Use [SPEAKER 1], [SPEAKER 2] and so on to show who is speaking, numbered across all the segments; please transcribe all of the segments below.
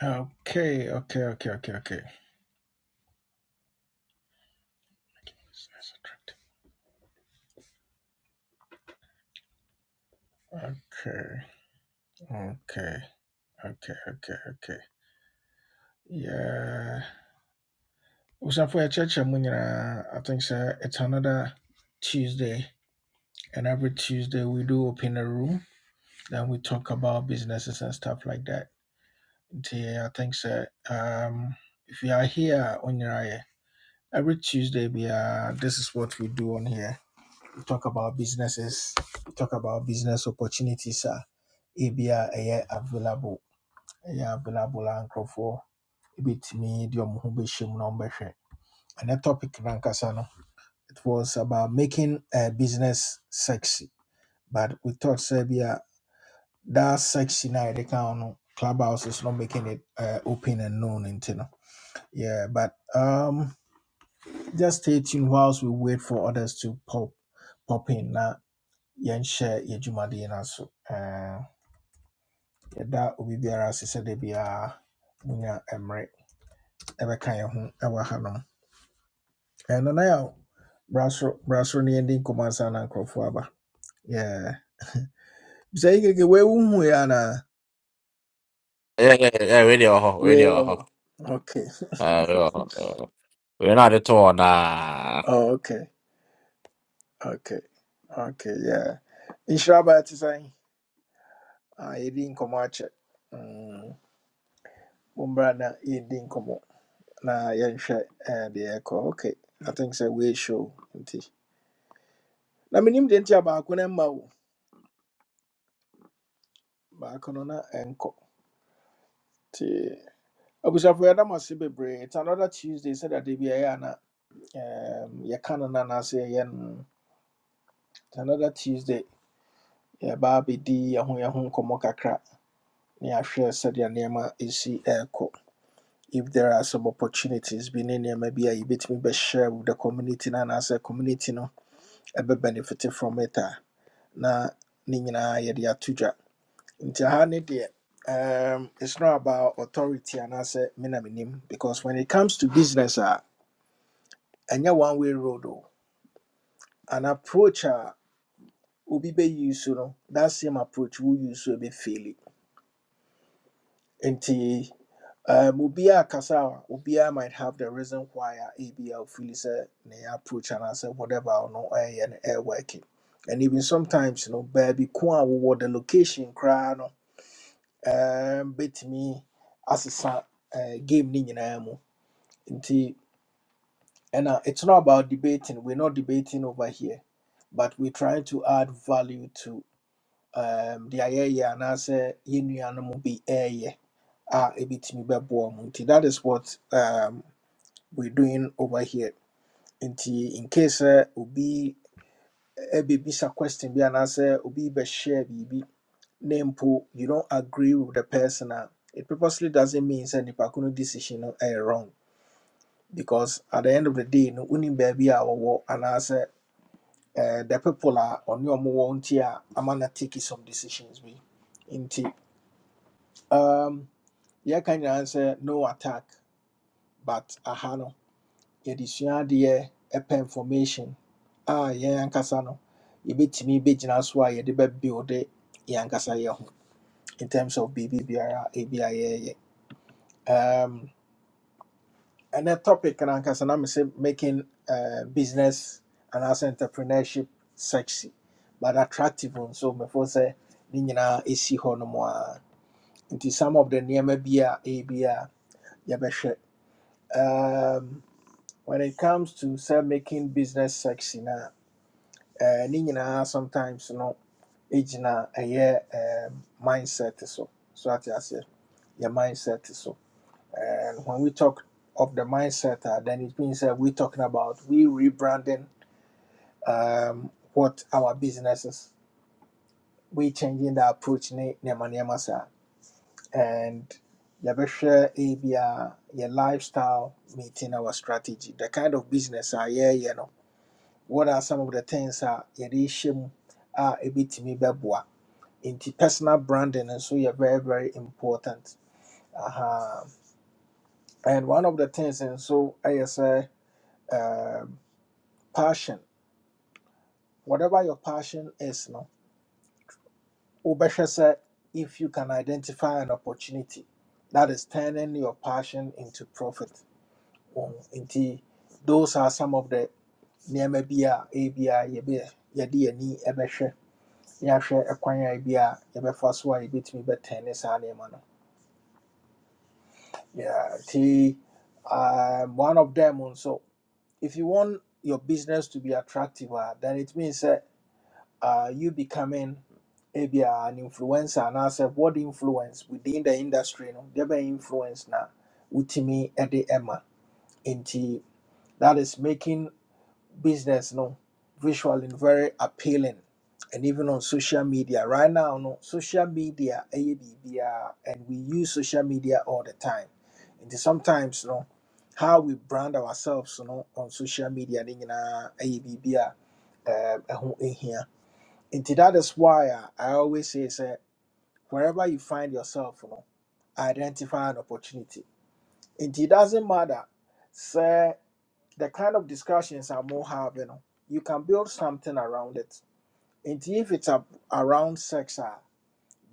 [SPEAKER 1] Okay, okay, okay, okay, okay. Okay, okay, okay, okay, okay. Yeah. for a church, i think sir, it's another Tuesday, and every Tuesday we do open a room, then we talk about businesses and stuff like that. Yeah, I think sir, um, if you are here on your every Tuesday, we are, this is what we do on here. We talk about businesses, we talk about business opportunities Sir, ebi a ɛyɛ available, ɛyɛ available a nkurɔfoɔ ebetumi de wɔn ho bɛhyɛ mu na wɔbɛhwɛ. Ɛnɛ topic nankasa no, it was about making a business sexy, but we thought sɛ bi that sexy na yɛde ka no, clubhouse is not making it uh, open and known nti no. Yeah, but um, just stay tuned whilst we wait for others to pop pop in. Now yɛnhyɛ yɛdwumadeɛ no aso Eh, yɛda obi biara ase sɛ da biara munya mmerɛ ɛbɛka yɛn ho ɛwɔ hanom Eh, nana yɛ bra soro bra soro ne yɛde nkɔmmɔ ansa na nkurɔfoɔ aba Yeah. bisa yi keke wei wohu yɛ anaa
[SPEAKER 2] Yeah, yeah, yeah, radio ho,
[SPEAKER 1] wei
[SPEAKER 2] radio ho.
[SPEAKER 1] wɔ hɔ okay
[SPEAKER 2] Uh, radio ho. uh, We're not at all, nah.
[SPEAKER 1] oh, okay okay okay yeah nhyira baa te sɛn Ah, yɛdi nkɔmmɔ akyɛ Mm, mommra na yɛdi nkɔmmɔ na yɛnhwɛ eh, deɛ ɛkɔ okay i think sɛ wei show nti na menim deɛ nti a baako no mma wo baako no na ɛnkɔ nti abusuafo yɛda mo ase bebree it's another tuesday sɛdeɛ da bi a ɛyɛ a na um, yɛka no no anaasɛ yɛyɛ no no. it's another tuesday yɛba abɛdi yɛho yɛho nkɔmmɔ kakra na yɛahwɛ sɛdeɛ nneɛma ɛsi ɛrekɔ if there are some opportunities bi ne nneɛma bi a yɛbɛtumi share with the community no anaasɛ community no e be benefit from it a na ne nyinaa yɛde ato dwa Nti aha ne deɛ, um, it's not about authority and I say na menim because when it comes to business a ɛnyɛ one way road o. An approach a obi bɛyi so no that same approach wo use so bɛfeeli. Nti um, obiaa kasa a obiaa might have the reason why a ebia ofili sɛ ne yɛ approach anaasɛ whatever no, ɔno ɛyɛ no ɛyɛ working. And even sometimes no baabi ko a wowɔ the location koraa no um, bɛtumi asesa uh, game ne nyinaa mu Nti, and uh, it's not about debating. We're not debating over here, but we're trying to add value to um the ayɛyɛ anaasɛ yɛn nuanom bi ɛɛyɛ a ebitumi bɛboa mu. Nti that is what um we're doing over here. Nti in case sɛ obi ɛbɛbisa question bi anaasɛ obi bɛhyɛ biribi na mpo you don't agree with the person a, it purposely doesn't mean sɛ nipa ko no decision no ɛyɛ wrong because at the end of the day no wonim baabi a wɔwɔ anaasɛ eh, the people a ɔne ɔmo wɔ nti a ama na take some decisions bi nti um, yɛka nyinaa sɛ no attack but aha no yɛde sua adeɛ ɛpɛ information a yɛn ankasa no yɛbɛtumi bɛgyina so a yɛde bɛbuilde yɛn ankasa yɛ ho in terms of biribi biara ebi a yɛyɛ. um. And that topic and I'm making uh, business and as entrepreneurship sexy, but attractive one. So before say ne nyinaa ɛsi hɔ nom a nti some of the nneɛma bi a ebi a yɛbɛhwɛ um, when it comes to say making business sexy na uh, ne nyinaa sometimes no ɛgyina ɛyɛ um, mindset so so ate aseɛ yɛ mindset so. And when we talk of the mindset, uh, then it means that we're talking about we rebranding um, what our business is. We changing the approach ne nema nema saa. and yɛbɛhwɛ ebi a your lifestyle meeting our strategy. The kind of business are yeah you know. What are some of the things You're yɛde hyɛ mu a bit me bɛboa? into personal branding and so you're very very important. Aha. And one of the things and so I say. uh, passion, whatever your passion is, no, wobɛhwɛ sɛ if you can identify an opportunity that is turning your passion into profit. Um, Nti, those are some of the nneɛma bi a ebi a yɛbɛ yɛde yɛni ɛbɛhwɛ na yɛahwɛ ɛkwan a ebi a yɛbɛfa so a yɛbɛtumi bɛtɛn saa nneɛma no. Yeah, nti um, one of them nso, if you want your business to be attractive, ah, then it means that. uh, you becoming maybe an influencer and as a what influence within the industry no there be influence na utimi ede emma nti that is making business no visually very appealing and even on social media right now no social media ɛyɛ biribiara, and we use social media all the time nti sometimes no how we brand ourselves no on social media ne nyinaa ɛyɛ biribi a um, ɛho hia Nti that is why I, I always say sɛ wherever you find yourself no, identify an opportunity. Nti it doesn't matter sɛ the kind of discussions I'm more having no, you can build something around it. Nti if it's a, around sex a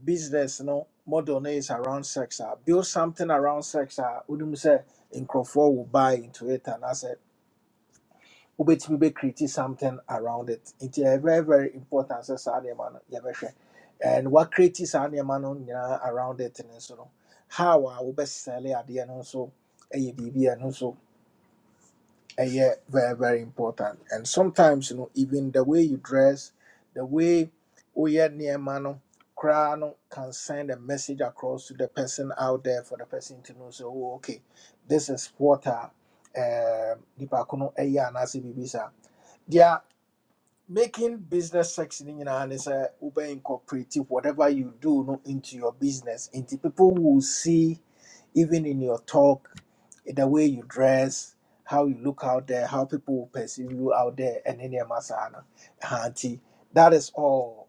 [SPEAKER 1] business no model no is around sex a build something around sex a wonim sɛ nkurɔfoɔ will buy into it And I say wobɛtumi bɛ create something around it nti ɛyɛ very very important sɛ saa nneɛma no yɛbɛhwɛ and what woacreate saa nneɛma no nyinaa around it no nso no how a wobɛsɛle adeɛ no nso ɛyɛ biribi a ɛno nso ɛyɛ very very important and sometimes you know, even the way you dress the way woyɛ nneɛma no koraa no can send a message across to the person out there for the person to know sɛ oh, okay this is what a um, nipa ko no ɛyɛ anaasɛ biribi saa There making business sexy ne nyinaa ne a Uber incorporate whatever you do no into your business into people will see even in your talk the way you dress how you look out there how people will perceive you out there and nneɛma saa no Ɛha that is all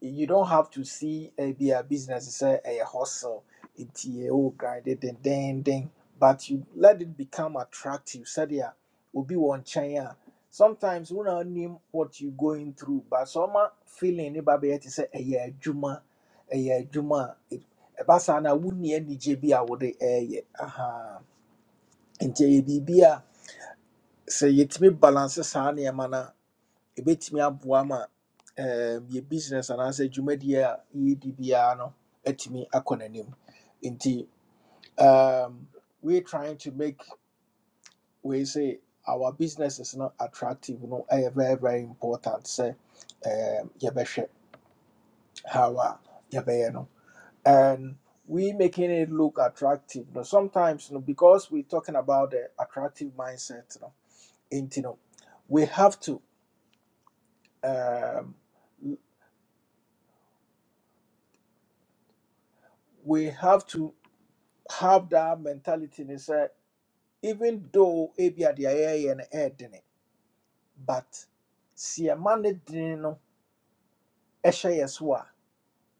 [SPEAKER 1] you don't have to see a be a business say a hustle it's a oh grind it and then then but you let it become attractive sadia will be one china sometimes we don't name what you're going through but some feeling about it is a yeah juma a yeah juma basana wouldn't any jb i would a yeah aha and jb say it's me balance Sanya mana ɛbɛtumi aboa ma um, yɛ business anaasɛ dwumadie a yɛredi no atumi akɔ nti um, we're trying to make we say our business is not attractive no ɛyɛ very very important say, um, yɛbɛhwɛ how a yɛbɛyɛ no and we making it look attractive no sometimes no because we're talking about the attractive mindset no nti no we have to um, we have to have that mentality and say even though ebi a deɛ yɛyɛ no ɛyɛ dene but si ɛma ne dene no ɛhyɛ yɛ so a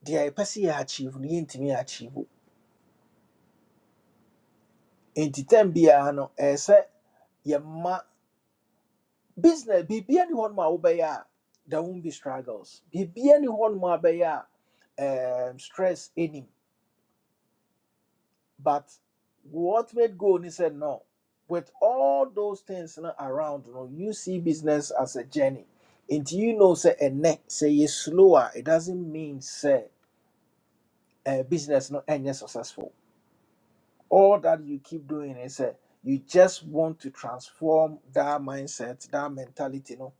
[SPEAKER 1] deɛ yɛpɛ sɛ yɛ achieve no yɛntumi achieve o. nti tam biara no ɛyɛ sɛ yɛma business biribia ni hɔnom a wobɛyɛ a there won't be struggles biribia ni hɔnom a bɛyɛ a um, stress anim. But what made go? And he said, no. With all those things na around, you, know, you see business as a journey. And you know, say a neck, say you slower. It doesn't mean say a business no end successful. All that you keep doing is say you just want to transform that mindset, that mentality, you know,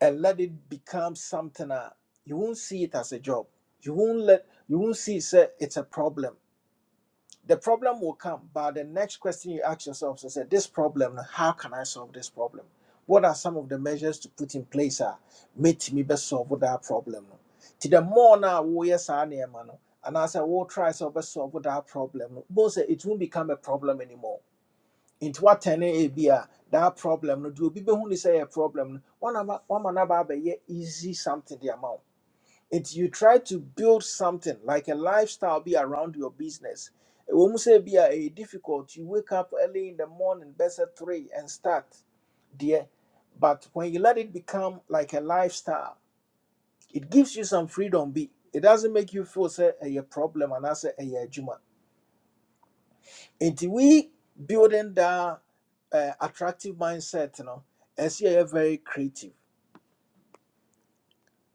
[SPEAKER 1] and let it become something. Uh, you won't see it as a job. You won't let you won't see say it's a problem The problem will come, but the next question you ask yourself is that this problem, how can I solve this problem? What are some of the measures to put in place that make me best solve that problem? no? To the more now we yes and as I say we'll try to best solve that problem. no, Both say it won't become a problem anymore. Into what ten a be a that problem no do People who say a problem. no, One of one man about easy something the amount. It's you try to build something like a lifestyle be around your business. When you say be a difficult, you wake up early in the morning, best at three, and start there. But when you let it become like a lifestyle, it gives you some freedom. Be it doesn't make you feel say a problem and that's a year juma. Until we building that uh, attractive mindset, you know, as you are very creative.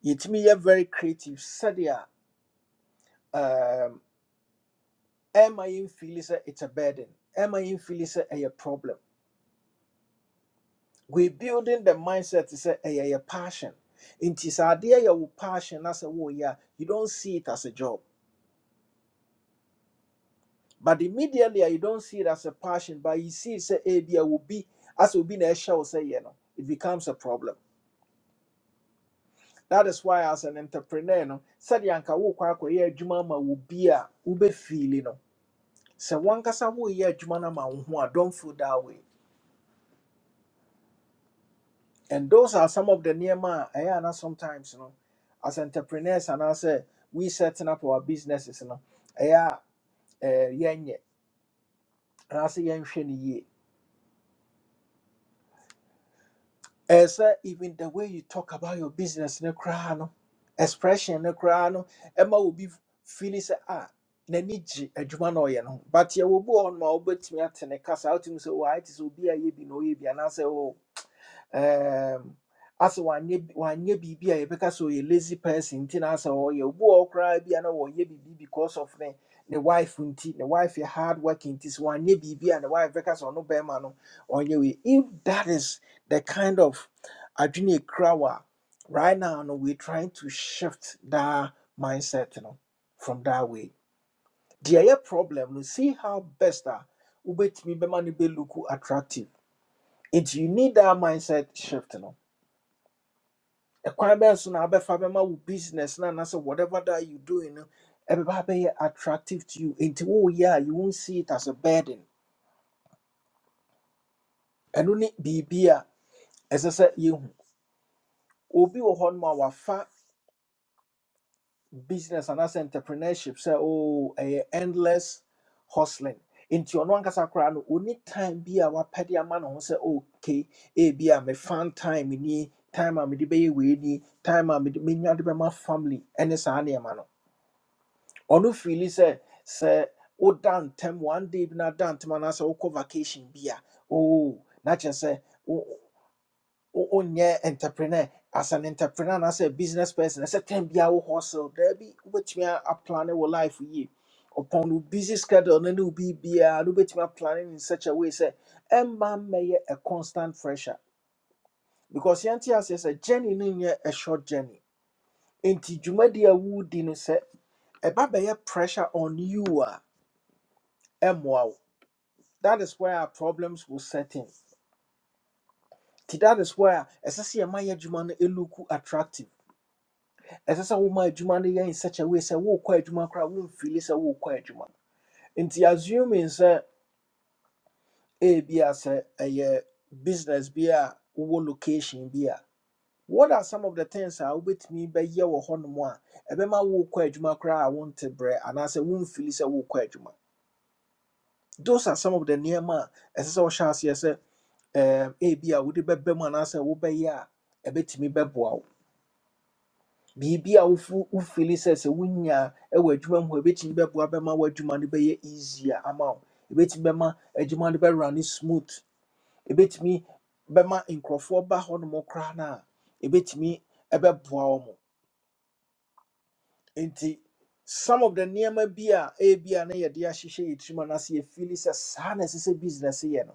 [SPEAKER 1] It me you very creative. Sadia ɛma in sɛ it's a burden ɛma yɛmfili sɛ a problem we building the mindset sɛ ɛyɛ a passion In this idea, yɛ wo passion na sɛ woyɛ a warrior, you don't see it as a job but immediately ah, you don't see it as a passion but you see it sɛ will be as asɛ obi na ɛhyɛ wo sɛ yɛ no it becomes a problem that is why as an entrepreneur no Said sɛdeɛ anka wokɔ akɔyɛ adwuma ama wo bi a ube feeling, no sɛ wankasa woyɛ adwuma no ama wo ye Jumana ma don't feel that way And those are some of the niyama I na sometimes, you know, as entrepreneurs and I say we setting up our businesses, you know, yeah, yenye, and I say yenye And so even the way you talk about your business, ne koraa no crano, expression, ne koraa no crano, Emma will be feeling say ah. n'ani gye adwuma no ɔyɛ no ho but yɛwɔ bi wɔ hɔ nom a wobɛtumi ate ne kasa wotumi sɛ wɔ it sɛ obi a yɛ bi na ɔyɛ bi anaasɛ um asɛ wanyɛ bi- wanyɛ biribi a yɛbɛka sɛ ɔyɛ lazy person nti na asɛ ɔyɛ obu a ɔkoraa bi a na wɔyɛ biribi because of ne ne wife nti ne wife yɛ hard work nti sɛ wanyɛ biribi a ne wife bɛka sɛ ɔno bɛrima no ɔnyɛ wei if that is the kind of adwene krawa right now no we trying to shift that mindset you know, from that way deɛ ɛyɛ problem no see how best a wobɛtumi bɛma no bɛluku attractive nti you need that mindset shift no ɛkwan bɛyɛ so na abɛfa bɛma wo business na na say whatever that you doing no ɛbɛba abɛyɛ attractive to you Into oh yeah, you won't see it as a burden ɛno ne biribi as I said, you, obi wɔ hɔ nom a wafa business and as entrepreneurship say oh ɛyɛ endless hustling nti ɔno ankasa koraa no ɔni time bi a wapɛde ama ne ho sɛ okay ebi a mefan time ni time a mede bɛyɛ wei ni time a mede menya de bɛma family ɛne saa nneɛma no ɔno fili sɛ sɛ woda ntɛm one day bi na da ntɛm anaasɛ wokɔ vacation bi a oo na kyerɛ sɛ wo- wo- wonyɛ entrepreneur as an entrepreneur anaasɛ a business person ɛsɛ time biara wo hustle daabi wobɛtumi a- aplane wɔ life yie upon wo busy schedule no ne wo biribiaa no wobɛtumi aplane no in such a way sɛ ɛmma mmɛyɛ a constant pressure because yɛnte aseɛ sɛ journey no nyɛ a short journey enti dwumadi a wodi no sɛ ɛba bɛyɛ pressure on you ɛmmoa that is where our problems will set in nti that is where ɛsɛ sɛ yɛma yɛ adwuma no ɛluku attractive ɛsɛ sɛ woma adwuma no yɛ in such a way sɛ worekɔ adwuma koraa womfili sɛ worekɔ adwuma nti assuming sɛ ebia sɛ ɛyɛ business bi a wowɔ location bi a what are some of the things I wait me? a wobɛtumi bɛyɛ wɔ hɔnom a ɛbɛma worekɔ adwuma koraa a wonte berɛ anaasɛ womfili sɛ worekɔ adwuma those are some of the nneɛma a ɛsɛ sɛ wɔhyɛ aseɛ um, ebi a wode bɛbɛ mu anaasɛ wobɛyɛ a ɛbɛtumi bɛboa wo biribi a wofu- wofili sɛ sɛ wonya wɔ adwuma mu hɔ ɛbɛtumi bɛboa bɛma w'adwuma no bɛyɛ easier ama wo ɛbɛtumi bɛma adwuma no bɛrane smooth ɛbɛtumi bɛma nkurɔfoɔ ba hɔ nom koraa no a ɛbɛtumi ɛbɛboa wo mo nti some of the nneɛma bi a ebi a na yɛde ahyehyɛ yɛ tirim anaasɛ yɛfili sɛ saa na ɛsɛ sɛ business yɛ no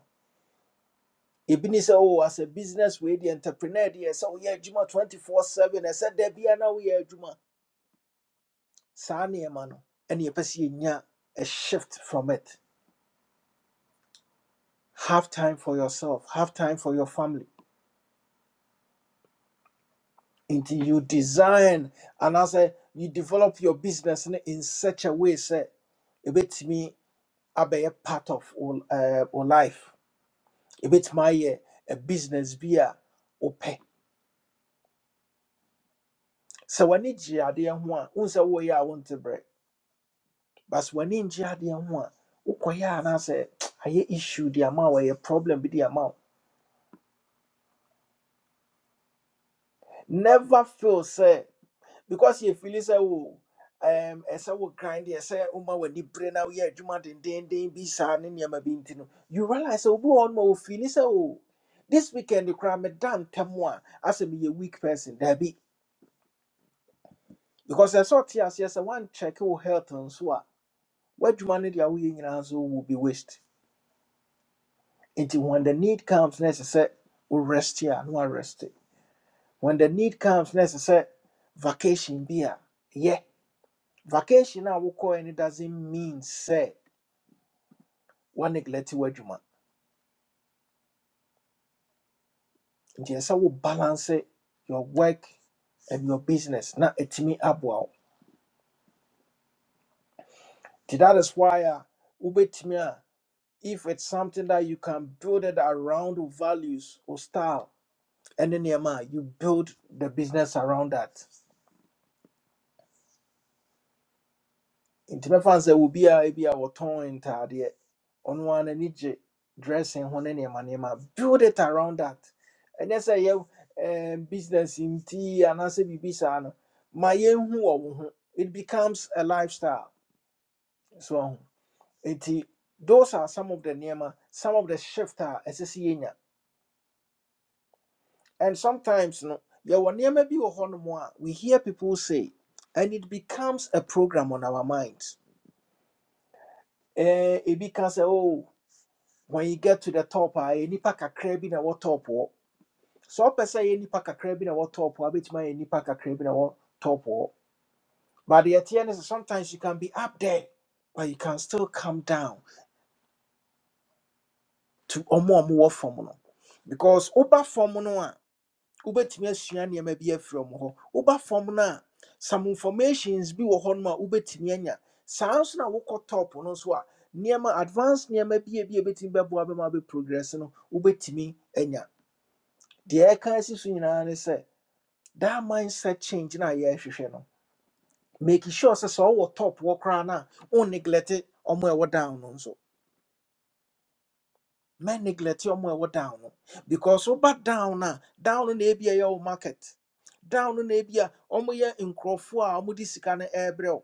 [SPEAKER 1] ebini sɛ oh as a business wey the entrepreneur deɛ sɛ woyɛ adwuma 24 7 ɛsɛ da bia na woyɛ adwuma saa nneɛma no ɛne yɛpɛ sɛ yɛnya a shift from it have time for yourself have time for your family until you design and anaasɛ you develop your business no in such a way sɛ ɛbɛtumi abɛyɛ part of wo eh, wo life ɛbɛtumi ayɛ a business bi a wopɛ sɛ w'ani gye adeɛ ho a wohu sɛ woyɛ a wonte brɛ But when nkyɛ adeɛ ho a wokɔyɛ a anaasɛ ayɛ issue de ama wo ɛyɛ problem bi de ama wo never feel say, because you yɛfili sɛ wo um, as I wo grind ɛsɛ woma w'ani bere na woyɛ adwuma dendenden bi saa ne nneɛma bi nti no you realize sɛ wobi wɔ hɔ no ma wɔfili sɛ this weekend koraa meda ntɛm a as me a weak person daabi because I ɛsɛ ɔte aseɛ one check, wo health nso a w'adwuma no de a woyɛ nyinaa nso will be waste Nti when the need comes na ɛsɛ sɛ wo rest a na warest. When the need comes na ɛsɛ sɛ vacation bi a yeah, vacation I will call and it doesn't mean say wa neglect w'adwuma. Nti ɛsɛ sɛ we balance your work and your business na ɛtumi aboa wo. Nti that is why a wobɛtumi a if it's something that you can build it around wo values or style and then yeah, a you build the business around that. nti mɛfa no sɛ obiara bi a wɔtɔn ntaadeɛ ɔno ara n'ani gye dressing ho ne nneɛma nneɛma build it around that ɛnyɛ sɛ yɛ ɛɛm, business nti anaasɛ biribi saa no ma yɛnhu wɔ wo ho it becomes a lifestyle so ɔho nti those are some of the nneɛma some of the shift a ɛsɛ sɛ yɛnya and sometimes no yɛwɔ nneɛma bi wɔ hɔnom a we hear people say and it becomes a program on our minds ɛɛ ebi ka sɛ oh. when you get to the top I any pack a bi na ɛwɔ top hɔ so ɔpɛ sɛ ɛyɛ nipa kakra bi na ɛwɔ top hɔ abɛtumi ayɛ nipa kakra bi na ɛwɔ top hɔ but the ɛteɛ is sometimes you can be up there but you can still come down to ɔmo a ɔmo wɔ fam no because woba fam no a wobɛtumi asua nneɛma bi afiri ɔmo hɔ woba fam no some informations bi wɔ hɔ a wobɛtumi anya saa nso na wokɔ top no nso a nneɛma advanced nneɛma bi a bi a ebɛtumi bɛboa bɛma bɛ progress no wobɛtumi anya deɛ ɛka asi so nyinaa ne that mindset change na yɛrehwehwɛ no make sure sɛ so ɔwɔ top wɔ koraa no a wo kra na o neglect ɔmo a ɛwɔ down no nso ma neglect ɔmo a ɛwɔ down no because wo back down a down no na ebi a ɛyɛ wo market down no na ebi a ɔmoyɛ nkurɔfoɔ a ɔmode sika no ɛrebrɛ wo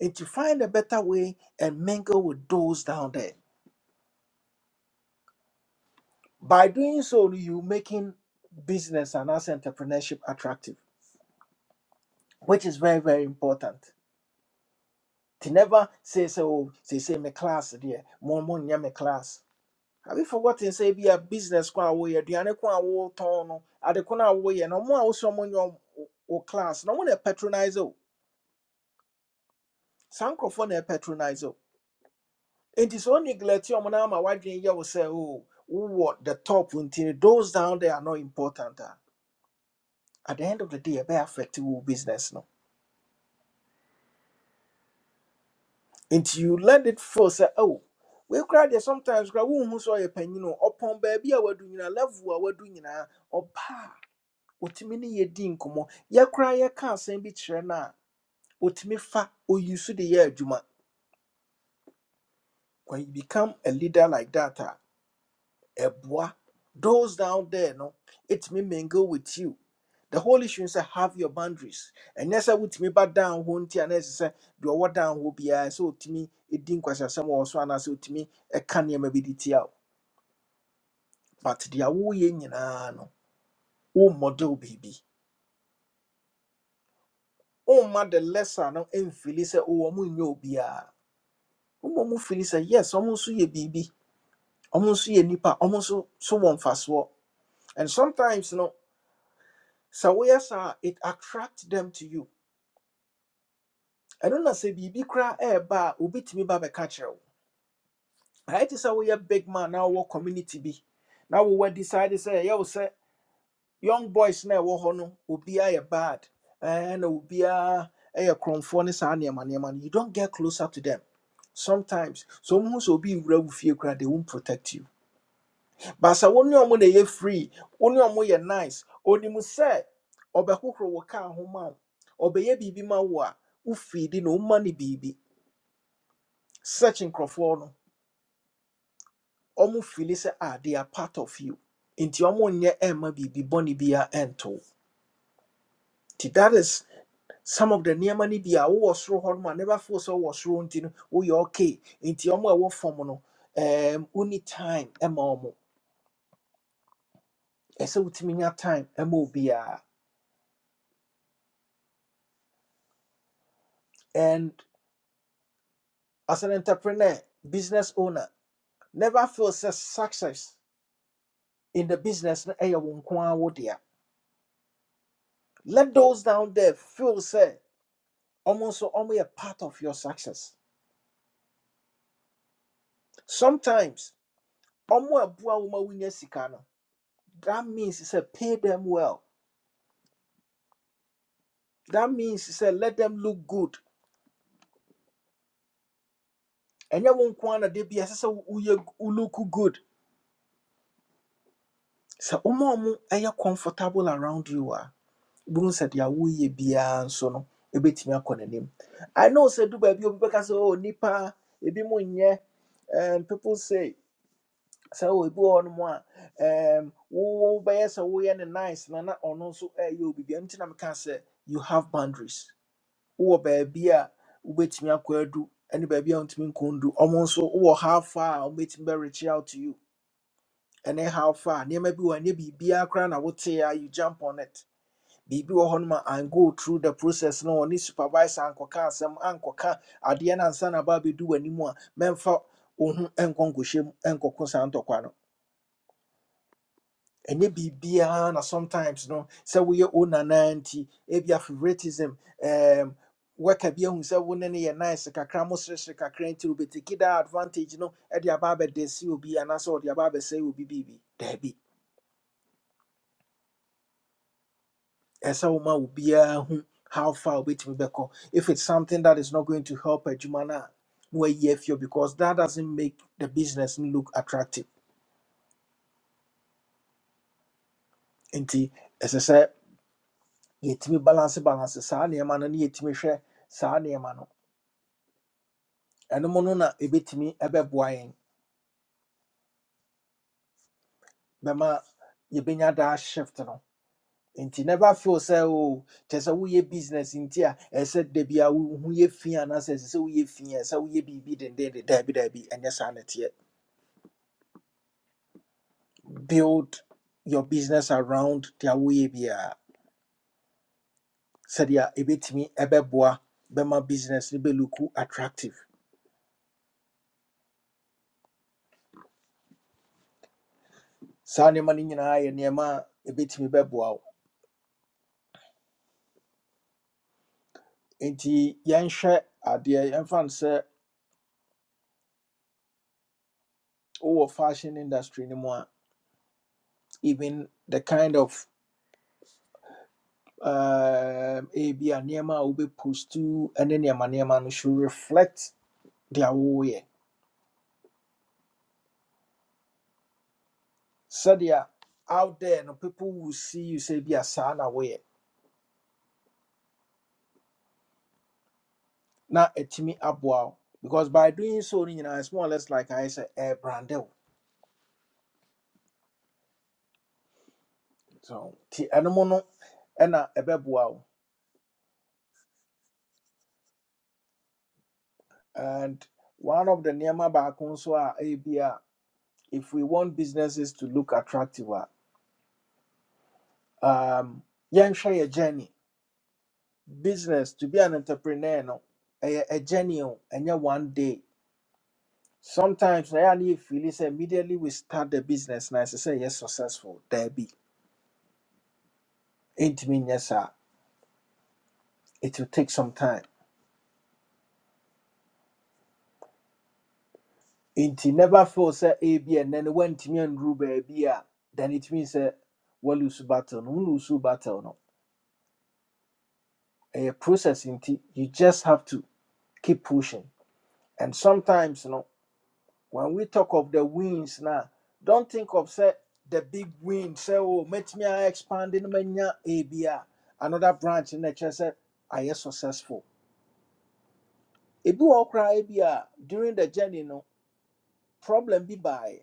[SPEAKER 1] And to find a better way and mingle with those down there by doing so no you making business and as entrepreneurship attractive which is very very important They never say sɛ o say say me class there. More mo nyɛ me class have you forgotten say bi a business ko a woyɛ aduane ko a wotɔn no ade ko no a woyɛ no ɔmo a wosɛ ɔmo nyɛ ɔmo- wo so mo nyo o class No ɔmo na patronize o saa nkorɔfoɔ na patronize o nti sɛ o neglect ɔmo na ama wadwene yɛ wo sɛ o wowɔ the top nti those down there are not important a at the end of the day ɛbɛyɛ affect wo business no nti you let it feel sɛ oh we cry there sometimes cry wohu sɛ ɔyɛ panyin o ɔpɔn baabi a wadu nyinaa level a wadu nyinaa ɔba a otumi ne yɛdi nkɔmmɔ yɛkora yɛka asɛm bi kyerɛ no a otumi fa oyi so de yɛ adwuma when you become a leader like that Ebwa. Those down there, no, it may mingle with you. The whole issue is uh, have your boundaries. And yes, I would me back down won't and as I do what down will be I so to me it didn't question some or so and I so to me a can you maybe detail. But the awo yen no oh model baby. Oh ma lesser no and Phyllis oh mu nyo be a umu Phyllis yes almost ye baby almost ye nipa almost so so one fast walk. And sometimes no so yes it attract them to you ɛno na sɛ biribi koraa ɛɛba a obɛtumi ba bɛka kyerɛ wo ayɛ te we a big man now. wowɔ community bi na wowɔ decide say, ɛyɛ wo sɛ young boys na ɛwɔ hɔ no obiaa a bad and na obiaa ɛyɛ krɔmfoɔ ne saa nneɛma nneɛma no you don't get closer to them sometimes Some who so be wura wo fie koraa they won't protect you but sɛ wo ne ɔmo na ɛyɛ free wo ne ɔmo yɛ nice onim sɛ ɔbɛhohoro wo kaa ho ma wo ɔbɛyɛ biribi ma wo a wofii di na woma no biribi Searching nkurɔfoɔ no ɔmo fili sɛ ah they are part of you nti ɔmo nyɛ ɛmma biribi bɔne bia ɛnto wo. nti that is some of the nneɛma no bi a wowɔ soro hɔ no ma never feel sɛ wowɔ soro nti no woyɛ okay nti ɔmo a ɛwɔ fam no um, woni time ɛma ɔmo ɛsɛ wotumi nya time ɛma obiara and as an entrepreneur business owner never feel sɛ success in the business no ɛyɛ wo nko ara wo dea let those down there feel sɛ. Omo so omo a part of your success sometimes omo ɛboa wo ma wonya sika no that means sɛ pay them well that means sɛ let them look good ɛnyɛ wo nko ara na da bi ɛsɛ look good So omo omo ɛyɛ comfortable around you a Bun said deɛ woyɛ biara nso no ɛbɛtumi akɔ n'anim i know sɛ do baby obi bɛka sɛ oh nipa ebi mo nyɛ and people say. sɛ obi wɔ hɔnom a ɛɛm wo wo- wobɛyɛ sɛ woyɛ ne nice na na ɔno nso ɛyɛ obi bia i na meka sɛ you have boundaries wowɔ baabi a wobɛtumi akɔ adu ɛne baabi a do. nkɔndu ɔmo nso wowɔ how far a wobɛtumi bɛ reach out to you ɛne how far nneɛma bi wɔ hɔ a ɛnyɛ biribiaa koraa na wotee a you jump on it biribi wɔ hɔnom a and go through the process no ɔne supervisor ankɔka asɛm ankɔka adeɛ no ansa na aba abɛdu w'anim a mɛmfa wo ho nkɔ nkɔhyɛ mu nkɔko saa ntɔkwa no ɛnyɛ biribiara na sometimes no sɛ woyɛ o nanaa nti ebia favoritism um, worker bi ahu sɛ wo ne no yɛ nice kakra mo seresere kakra nti wobɛtiki daa advantage no de aba abɛde se obi anaasɛ wɔde aba abɛsɛe obi biribi daabi ɛsɛ sɛ woma obiara hu how far wobɛtumi bɛkɔ if it's something that is not going to help adwuma no a na wayi afio because that doesn't make the business no look attractive nti ɛsɛ sɛ yɛtumi balance balance saa nneɛma no ne yɛtumi hwɛ saa nneɛma no ɛno mu no na ebetimi ɛbɛboa yɛn bɛma yɛbɛnya daa shift no nti never feel sɛ o kyɛ sɛ woyɛ business nti a ɛsɛ sɛ da bi a wohu yɛ fi anaasɛ ɛsɛ sɛ woyɛ fi a ɛsɛ sɛ woyɛ biribi dendenden daabi daabi ɛnyɛ saa na ɛteɛ build your business around deɛ woyɛ biara sɛdeɛ ɛbɛtumi ɛbɛboa bɛma business no bɛluku attractive saa nneɛma no nyinaa yɛ nneɛma a ɛbɛtumi bɛboa wo nti yɛnhwɛ adeɛ yɛmfa no sɛ wowɔ fashion industry no mu a even the kind of uh, a be a nneɛma a wobɛpost ne nneɛma nneɛma no should reflect their deɛ woyɛ sɛdeɛ out there no people will see you say be a saa away. Now, na ɛtumi aboa because by doing so you know it's more or less like I say a wo so nti ɛnom no ɛna ɛbɛboa wo and one of the nneɛma baako nso a be a if we want businesses to look attractive um, um, share a journey business to be an entrepreneur no ɛyɛ a journey oh, and ɛnyɛ one day sometimes na yɛa ne yɛfili immediately we start the business and ɛsɛ say yes, successful There be daabi ɛntumi Yes, sir. it will take some time nti never feel sɛ ebi ɛnɛ no woantumi anduru baabi a then it means sɛ woalose battle no wolose battle no A process nti you just have to keep pushing and sometimes no when we talk of the wins now, don't think of say the big win. Say, oh, met me expanding many ABA, another branch in the church said I am successful. Ebi wɔ cry ABA during the journey, no problem be by.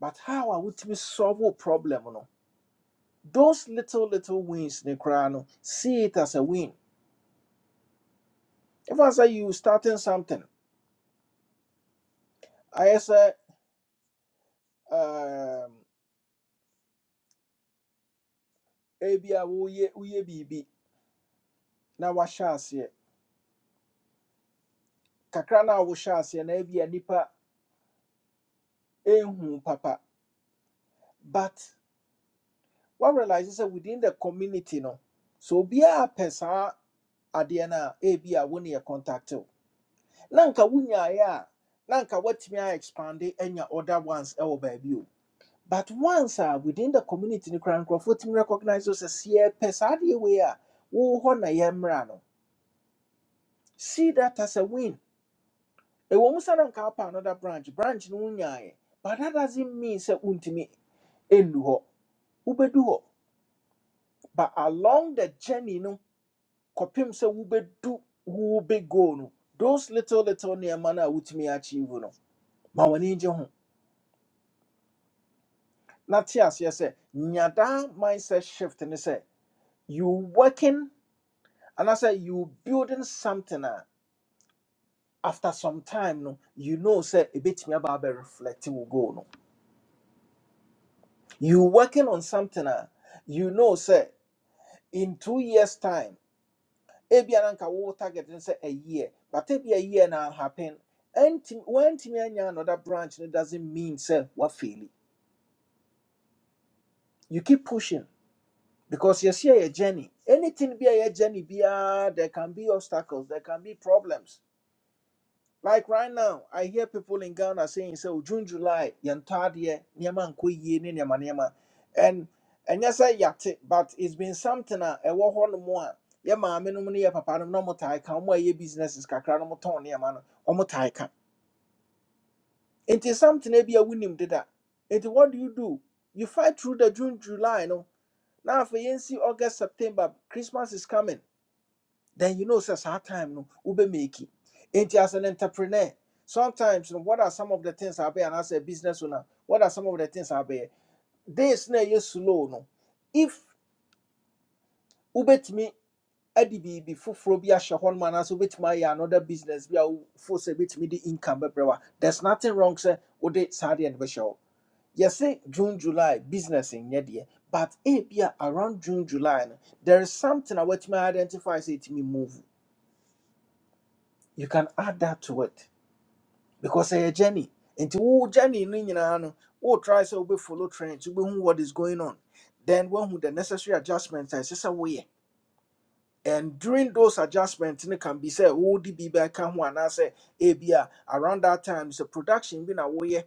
[SPEAKER 1] But how are we to solve a problem? No, those little little wins, ne cry no, see it as a win. If I say you starting something, I say um ABA uye uye bibi na washasi. Kakrana no a wohyɛ aseɛ nipa ehu papa but one realizes sɛ within the community no so be a saa adeɛ no a ebia wo ne yɛ contact wo na nka wonyaeɛ a na nka a expand anya other ones ɛwɔ baabi o but once a within the community no koraa nkurɔfoɔ tumi recognize wo sɛ sɛ yɛpɛ saa adeɛ wei a wowɔ hɔ na yɛmmra no see that as a win ɛwɔ mu sɛ na nka another branch branch no wonyaeɛ but that doesn't mean say wontumi ɛnnu hɔ wobɛdu hɔ but along the journey no kopim say ubedu, wo big goal no those little little nneɛma no a achieve no ma w'ani gye ho na te aseɛ sɛ nya mindset shift ne say you working and I say you building something a after some time no you know sɛ ɛbɛtumi aba abɛreflect wo goal no you working on something a you know sɛ in two years time ebia na nka wo target no say a year but ebia a year now happen ɛntimi wantimi anya another branch it doesn't mean say sɛ wafeeli you keep pushing because you see a journey anything be a journey. Be biara there can be obstacles there can be problems Like right now, I hear people in Ghana saying, so June, July, yantadie, niema nko yie, ne niema And and yes, I yate, but it's been something uh, a ɛwɔ hɔ nom a yɛ maame nom ne yɛ papa nom na ɔmo taa ka ɔmo a ɛyɛ businesses kakra no ɔmo tɔn nneɛma no ɔmo taa ka. Nti something ebi a wonim deda. Nti what do you do? You fight through the June, July no. Now afei yɛnsi August, September, Christmas is coming then you know sɛ saa time no will be making, Enti as an entrepreneur sometimes no what are some of the things I be and as a business owner what are some of the things I bear? this na ɛyɛ slow no if wobɛtumi ade biribi foforɔ bi ahyɛ hɔ noma anaasɛ wobɛtumi my yeah, another business bi a wofo sɛ me the income bɛbrɛ wa there's nothing wrong sɛ wode saa deɛ no bɛhyɛ hɔ say june july business nyɛ deɛ but eh be around june july no there is something a me identify sɛ ɛtumi move you can add that to it because ɛyɛ journey nti wo journey no nyinaa no wo try sɛ wobɛfollow trends wobɛhu what is going on then woahu the necessary adjustments a ɛsɛ sɛ woyɛ and during those adjustments no can be sɛ wode bi bɛka ho anaasɛ ebia around that time sɛ production bi na woyɛ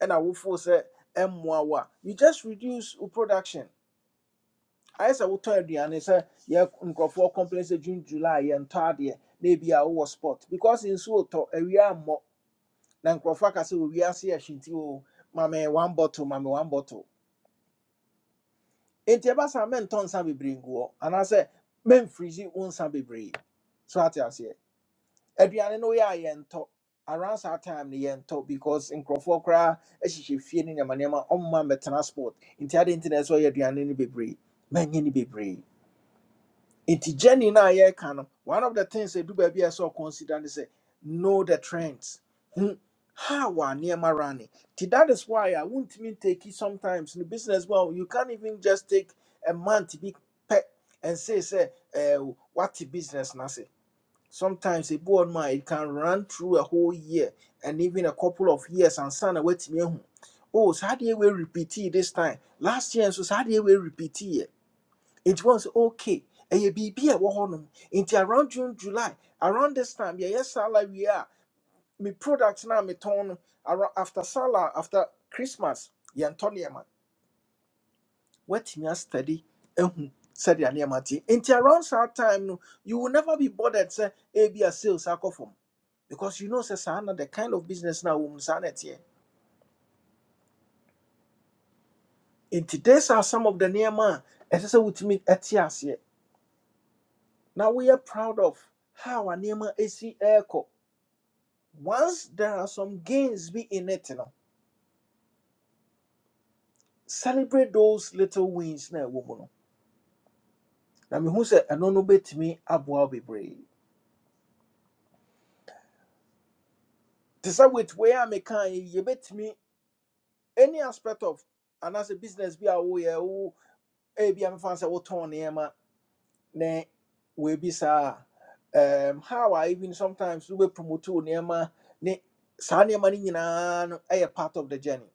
[SPEAKER 1] ɛna wofoo sɛ ɛmmoa wo a you just reduce wo production ayɛ sɛ wotɔ aduane sɛ yɛ nkurɔfoɔ complain sɛ june july yɛntɔ adeɛ na ebia wowɔ spot because nsuo tɔ awia mmɔ na nkurɔfoɔ aka sɛ wɔ wiase ahye nti o mame one bottle mame one bottle enti ɛba saa mentɔ nsa bebree ngu hɔ anaasɛ memfirigye wo nsa bebree so ate aseɛ aduane no woyɛ a yɛntɔ around that time no yɛntɔ because nkurɔfoɔ koraa ahyehyɛ fie no nneɛma nneɛma ɔmma mmɛtena transport. nti ade nti na ɛsɛ sɛ ɔyɛ aduane no bebree manyɛ no bebree Iti Jenny na ye kano. One of the things they do baby I saw consider is say know the trends. Hmm. How are near running? That is why I won't mean take it sometimes in the business. Well, you can't even just take a month to be pet and say, say, uh, what the business na say. Sometimes a board man it can run through a whole year and even a couple of years and son wait me. Oh, so how do you repeat it this time? Last year, so how do you repeat it? nti wɔn sɛ okay ɛyɛ biribi a ɛwɔ hɔnom nti around june july around this time yɛyɛ sala wie a me product no a metɔn no around after sala after christmas yeah, Antonia, man. What nneɛma woatumi astudy ahu sɛdeɛ nneɛma te Into around that time no you will never be bothered sɛ ebi a sales akɔ fam because you know say, "Sana the kind of business na wɔn saa na ɛteɛ nti these are some of the Nema, as I a ɛsɛ sɛ etias ɛte Now we are proud of how a nneɛma esi ɛɛkɔ once there are some gains be in it, you know, celebrate those little wins na ɛwɔ mu no. Na mehu sɛ ɛno no bɛtumi aboa bebree. Te sɛ with wei a meka yi, yɛbɛtumi any aspect of and as a business bi a woyɛ wo ebi a mefa sɛ wotɔn ma. na we be sa, um, how I even sometimes we wobɛpromote wo ma. ne saa nneɛma no nyinaa no ɛyɛ part of the journey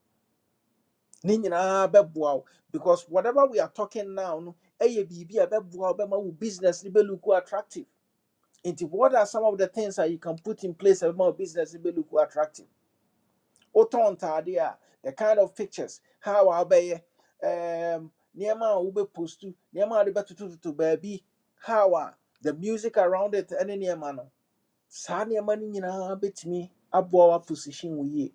[SPEAKER 1] ne nyinaa bɛboa wo because whatever we are talking now no ɛyɛ biribi a bɛboa wo bɛma wo business no bɛlook wo attractive nti what are some of the things that you can put in place a bɛma wo business no bɛlook wo attractive wotɔn ntaade a the kind of pictures how a wobɛyɛ um, nneɛma a wobɛpostu nneɛma a wode bɛtotototo baabi how a the music around it ɛne nneɛma no saa nneɛma no nyinaa bɛtumi aboa wo aposition wo yie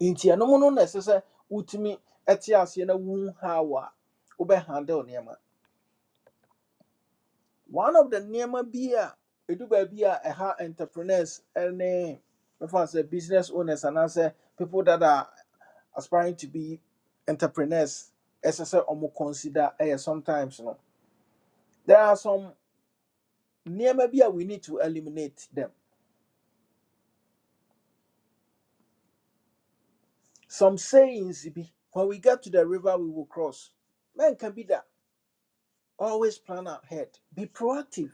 [SPEAKER 1] nti ɛno mu no na ɛsɛ sɛ wotumi ɛte aseɛ na wu how a wobɛhandle nneɛma one of the nneɛma bi a ɛdu baabi a ɛha entrepreneurs ne mɛfa sɛ business owners anaasɛ people that are aspiring to be entrepreneurs ɛsɛ sɛ ɔmo consider ɛyɛ sometimes no there are some nneɛma bi a we need to eliminate them some sayings bi when we get to the river we will cross Men can be that. always plan ahead be proactive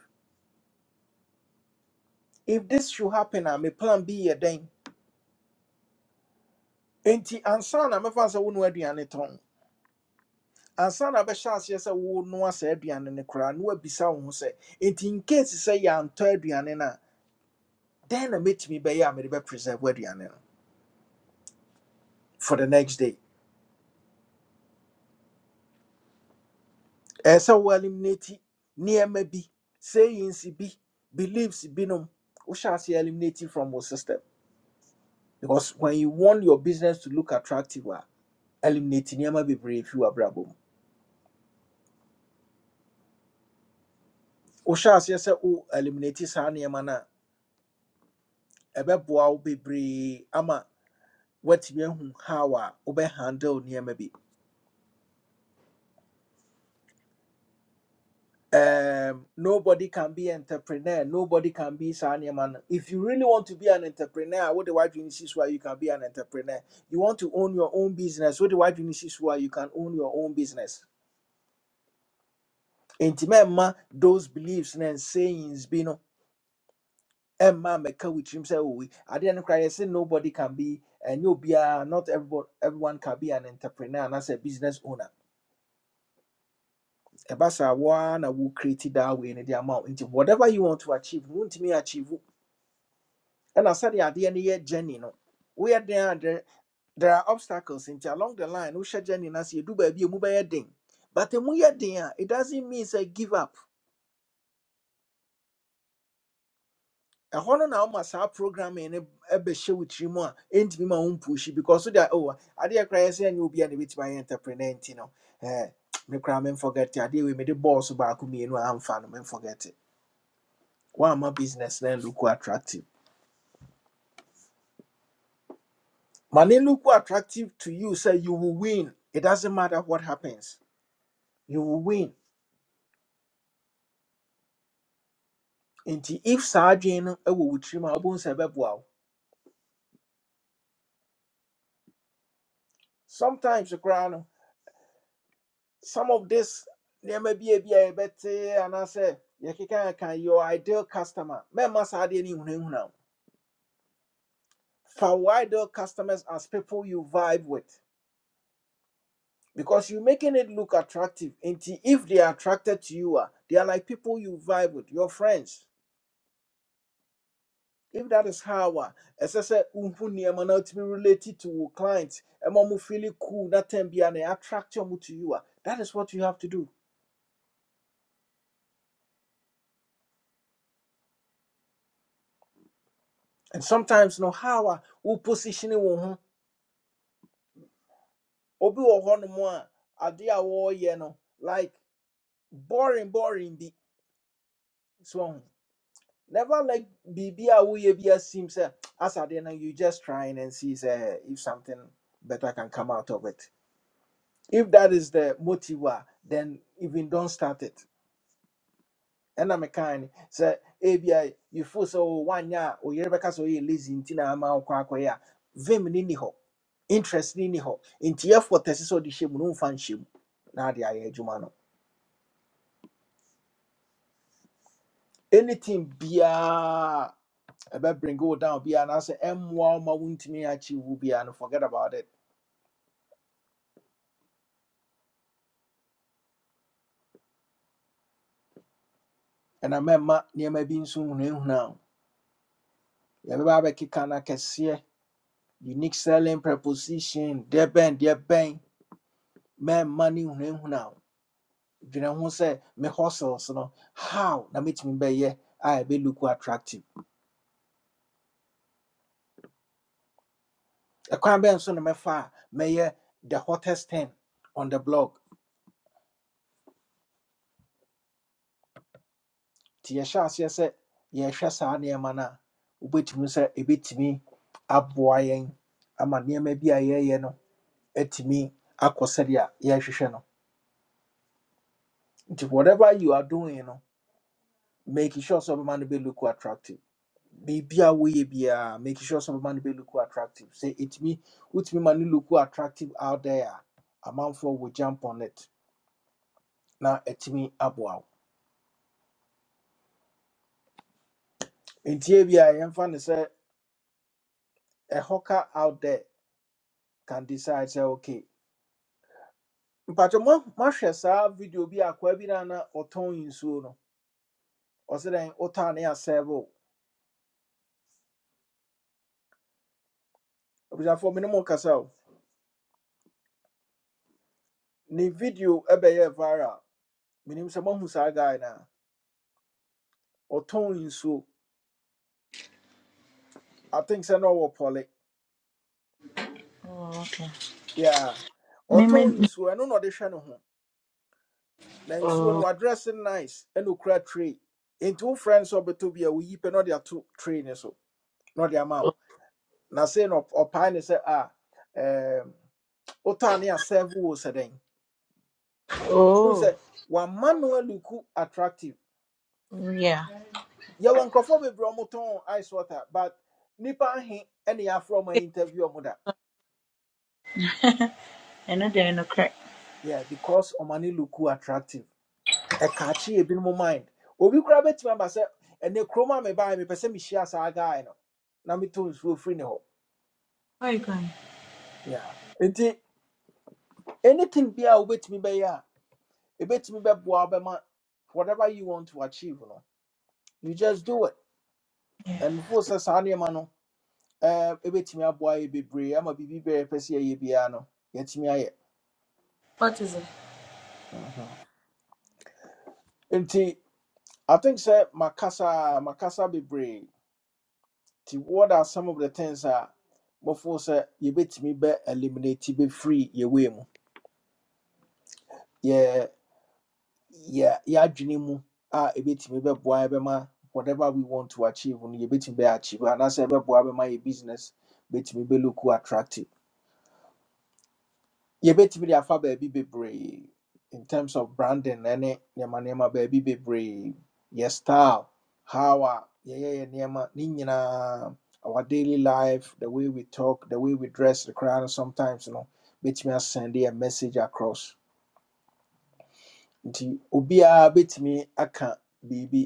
[SPEAKER 1] if this should happen a me plan B yɛ dɛn nti ansa na mɛfa sɛ wo no aduane tɔn ansa na bɛhyɛ aseɛ sɛ wo noa saa aduane no koraa na woabisa wo ho sɛ nti in case sɛ yɛantɔ aduane no a dɛn na mɛtumi bɛyɛ a mede bɛpreserve aduane no for the next day ɛɛ sɛ wo eliminate nneɛma bi sayings bi beliefs binom wohyɛ aseɛ eliminate from wo system because when you want your business to look attractive a eliminate nneɛma bebree fi w'abrabɔ mu wohyɛ aseɛ sɛ eliminate saa nneɛma no a ɛbɛboa wo bebree ama woatumi ahu how a wobɛ handle nneɛma bi um, nobody can be entrepreneur nobody can be saa nneɛma no if you really want to be an entrepreneur what the white si where you can be an entrepreneur you want to own your own business What the white so where you can own your own business enti those beliefs and sayings bi no Emma McCowitrim said, Oh, we- I didn't cry. I said, Nobody can be, and you'll be, a, not everybody, everyone can be an entrepreneur and as a business owner. Ebasa, one, I will create it that way in the amount. Into whatever you want to achieve, won't me achieve. And I said, The idea in the journey, no. We are there, there, there are obstacles into along the line. We share journey, and as you do, baby, you move by a thing. But the more you are there, it doesn't mean say give up ɛhɔ no na woma saa programming no ɛbɛhyɛ wo tiri mu a ɛntumi ma own pushy, because so that oh adeɛ koraa yɛ sɛ ɛnyɛ obi a na ɛbɛtumi ayɛ entrepreneur nti no ɛɛ me koraa memforget it. adeɛ wei mede bɔɔso baako I am amfa no forget it. woamma business then? look who attractive ma ne look who attractive to you sɛ you will win it doesn't matter what happens you will win nti if sergeant, adwene no ɛwɔ wo tiri mu a wobɛhu sɛ sometimes koraa no some of this there may be a bi a better and I say, anaasɛ yɛkeka can your ideal customer mɛma must adeɛ no nhunahuna wo fa ideal customers as people you vibe with because you are making it look attractive nti if they are attracted to you a they are like people you vibe with your friends if that is how a ɛsɛ sɛ wohu nneɛma no wotumi relate to wo clients ɛma mo feel cool that time be an na attract ɔmo to you a that is what you have to do and sometimes no how a wo positioning wo ho obi wɔ hɔnom a adeɛ a wɔreyɛ no like boring boring bi so never like biribi a woyɛ bi asim sɛ as adeɛ no you just trying and see sɛ if something better can come out of it if that is the motive a then even don't start it I ɛna mekaa ni sɛ ebia you feel sɛ o wanyɛ a oyere bɛka sɛ oyɛ lazy nti ama wokɔ akɔyɛ a vim ni ni hɔ interest ni ni hɔ nti effort ɛsɛ sɛ ɔde hyɛ no mfa nhyɛ na ade ayɛ adwuma no anything biaa ɛbɛ bring wo down biaa anaasɛ ɛmmoa wo ma wontumi achieve wo biaa no forget about it ɛna mɛma nneɛma bi nso hunahuna now. yɛbɛba abɛkeka kikana akɛseɛ unique selling preposition deɛ bɛn deɛ bɛn mɛma ne hunahuna wo dwene ho sɛ me hustles no how na metimi be ye? I be ɛbɛlook attractive ɛkwan bɛn so na mɛfa a mɛyɛ the hottest thing on the block nti yɛhyɛ aseɛ sɛ yɛrehwɛ saa nneɛma no a wobɛtumi sɛ ɛbɛtumi aboa yɛn ama nneɛma bi a yɛreyɛ no atumi akɔ sɛdeɛ yɛrehwehwɛ no nti whatever you are doing no make sure sɛ ɔbɛma no bɛlook attractive biribia woyɛ biara make sure sɛ ɔbɛma no bɛlook attractive sɛ ɛtumi wotumi ma no look attractive out there a amanfoɔ will jump on it na ɛtumi aboa wo nti ebia yɛmfa no sɛ a hawker out there can decide sɛ okay. mpatwɛ mo mahwɛ saa video bi a akwaa bi na na ɔtɔn nsuo no ɔsɛ dɛn wotɔa ne asɛbe o abusuafoɔ mene mo nkasa o ne video ɛbɛyɛɛ viral menim sɛ moahu saa guy no a ɔtɔn nsuo i think sɛ na ɔwɔ pɔle
[SPEAKER 3] Oh, okay.
[SPEAKER 1] yeah
[SPEAKER 3] Me me.
[SPEAKER 1] ɔtɔn nsuo ɛno na ɔde hwɛ ne ho na nsuo no
[SPEAKER 3] Oh,
[SPEAKER 1] wadress nice eno okura tray into wo frɛ bi a woyi pɛ na ɔde ato tray ne so No de
[SPEAKER 3] oh,
[SPEAKER 1] amount. na ɔde ama wo na sei na ɔp- ɔpae ne sɛ a ɛɛm, wotɔa ne wo sɛ dɛn who
[SPEAKER 3] oh,
[SPEAKER 1] say one manual look attractive.
[SPEAKER 3] yeah.
[SPEAKER 1] Yeah, one crofo be bromoton ice water, but nipa he any afro my interview omoda.
[SPEAKER 3] And then no crack.
[SPEAKER 1] Yeah, because omani look attractive. A catchy a bit more mind. Obi grab it to my and the chroma me buy me person me share saga. No, na me to will free no.
[SPEAKER 3] Where you going?
[SPEAKER 1] Yeah, Enti, anything be a wait me by ya, a bit me by whatever you want to achieve. No, you just do it
[SPEAKER 3] Yeah.
[SPEAKER 1] and force us on your man. ɛɛ ebɛtumi aboa yɛ bebree ama biribi bɛrɛ pɛ sɛ yɛyɛ biara no yɛatumi ayɛ
[SPEAKER 3] What is it?
[SPEAKER 1] Mhm. nti i think sɛ makasa a, makasa bebree nti what are some of the things we're a mɔfoɔ sɛ yɛbɛtumi bɛ eliminate bɛfiri yɛwei mu yɛ yɛ yɛadwene mu a ebɛtumi bɛboa yɛ bɛma whatever we want to achieve no yɛbɛtumi bɛ achieve And anaasɛ ɛbɛboa bɛma yɛ business bɛtumi bɛlook attractive yɛbɛtumi de afa baabi bebree in terms of branding ne ne nneɛma nneɛma baabi bebree yɛ style how a yɛyɛ yɛ nneɛma ne nyinaa our daily life the way we talk the way we dress the crowd no sometimes no bɛtumi asɛnde a message across nti obiara bɛtumi aka biribi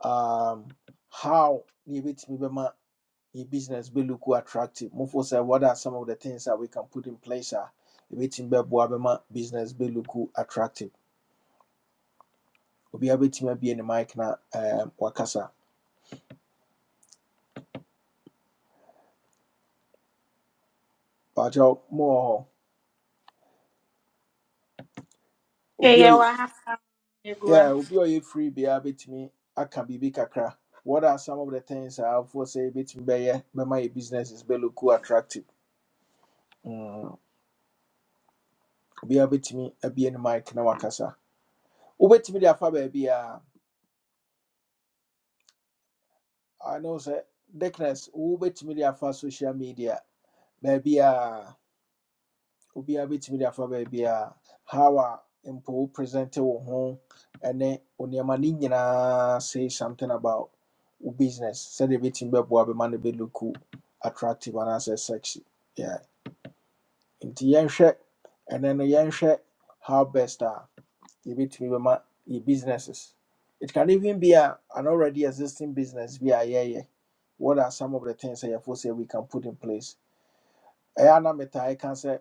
[SPEAKER 1] um, how ne yɛbɛtumi bɛma your business be look attractive. Move for say what are some of the things that we can put in place a ɛbɛtumi bɛboa bɛma business be look attractive. Obi a bɛtumi abie ne mic na um, wakasa. Bajo more
[SPEAKER 3] Okay,
[SPEAKER 1] obi a
[SPEAKER 3] yeah.
[SPEAKER 1] ɔyɛ-
[SPEAKER 3] What happened? You go.
[SPEAKER 1] yeah
[SPEAKER 3] ah.
[SPEAKER 1] obi a ɔyɛ free biara bɛtumi aka biribi kakra. What are some of the things a for say bɛtumi bɛyɛ bɛma business businesses be look attractive? Mm. Obi a bɛtumi abie ne mic na wakasa. Wobɛtumi de afa baabi I know say. Dickness, wobɛtumi de afa social media baabi a obiara bɛtumi de afa baabi a how a mpo wo presente wo ho ne wo nneɛma no nyinaa say something about business. Said a bit business sɛdeɛ bɛtumi a bɛma no bɛluku attractive and anaasɛ sexy yeah. nti yɛnhwɛ ɛnɛ no yɛnhwɛ how best a yɛbɛtumi bɛma yɛ businesses it can even be a, an already existing business bi a yɛyɛ what are some of the things that yɛfo say we can put in place I am not metaa ɛka sɛ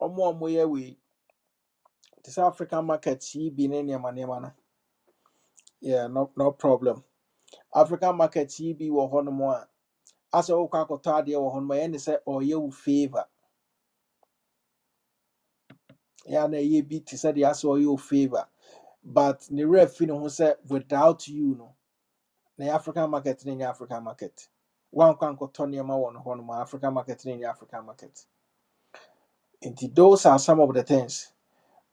[SPEAKER 1] ɔmo a ɔmo We this african market yi bi ne nneɛma nneɛma no yeah no no problem african market yi bi wɔ mo. a asɛ wokɔ akɔtɔ adeɛ wɔ hɔnom a ɛyɛ ne sɛ ɔyɛ wo favour yɛ ana ɛyɛ bi te sɛ deɛ asɛ ɔyɛ wo favour but ne werɛ fi ho sɛ without you no na african market no nyɛ african market woankɔ ankɔtɔ nneɛma wɔ no hɔnom a african market no nyɛ african market nti those are some of the things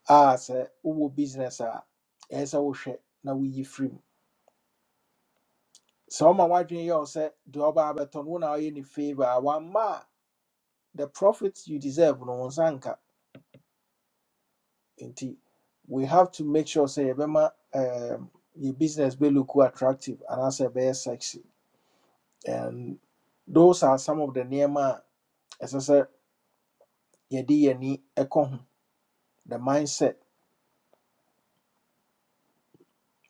[SPEAKER 1] a sɛ wowɔ business a ɛyɛ sɛ wohwɛ na woyi firi mu So my wife yɛ wo sɛ deɛ ɔba abɛtɔ no wo na ɔyɛ any favor a ma, the profits you deserve no one's nsa Indeed, we have to make sure Say, yɛbɛma um, yɛ business be look attractive and anaasɛ be sexy and those are some of the nneɛma As I said, your yɛni ɛkɔ ho the mindset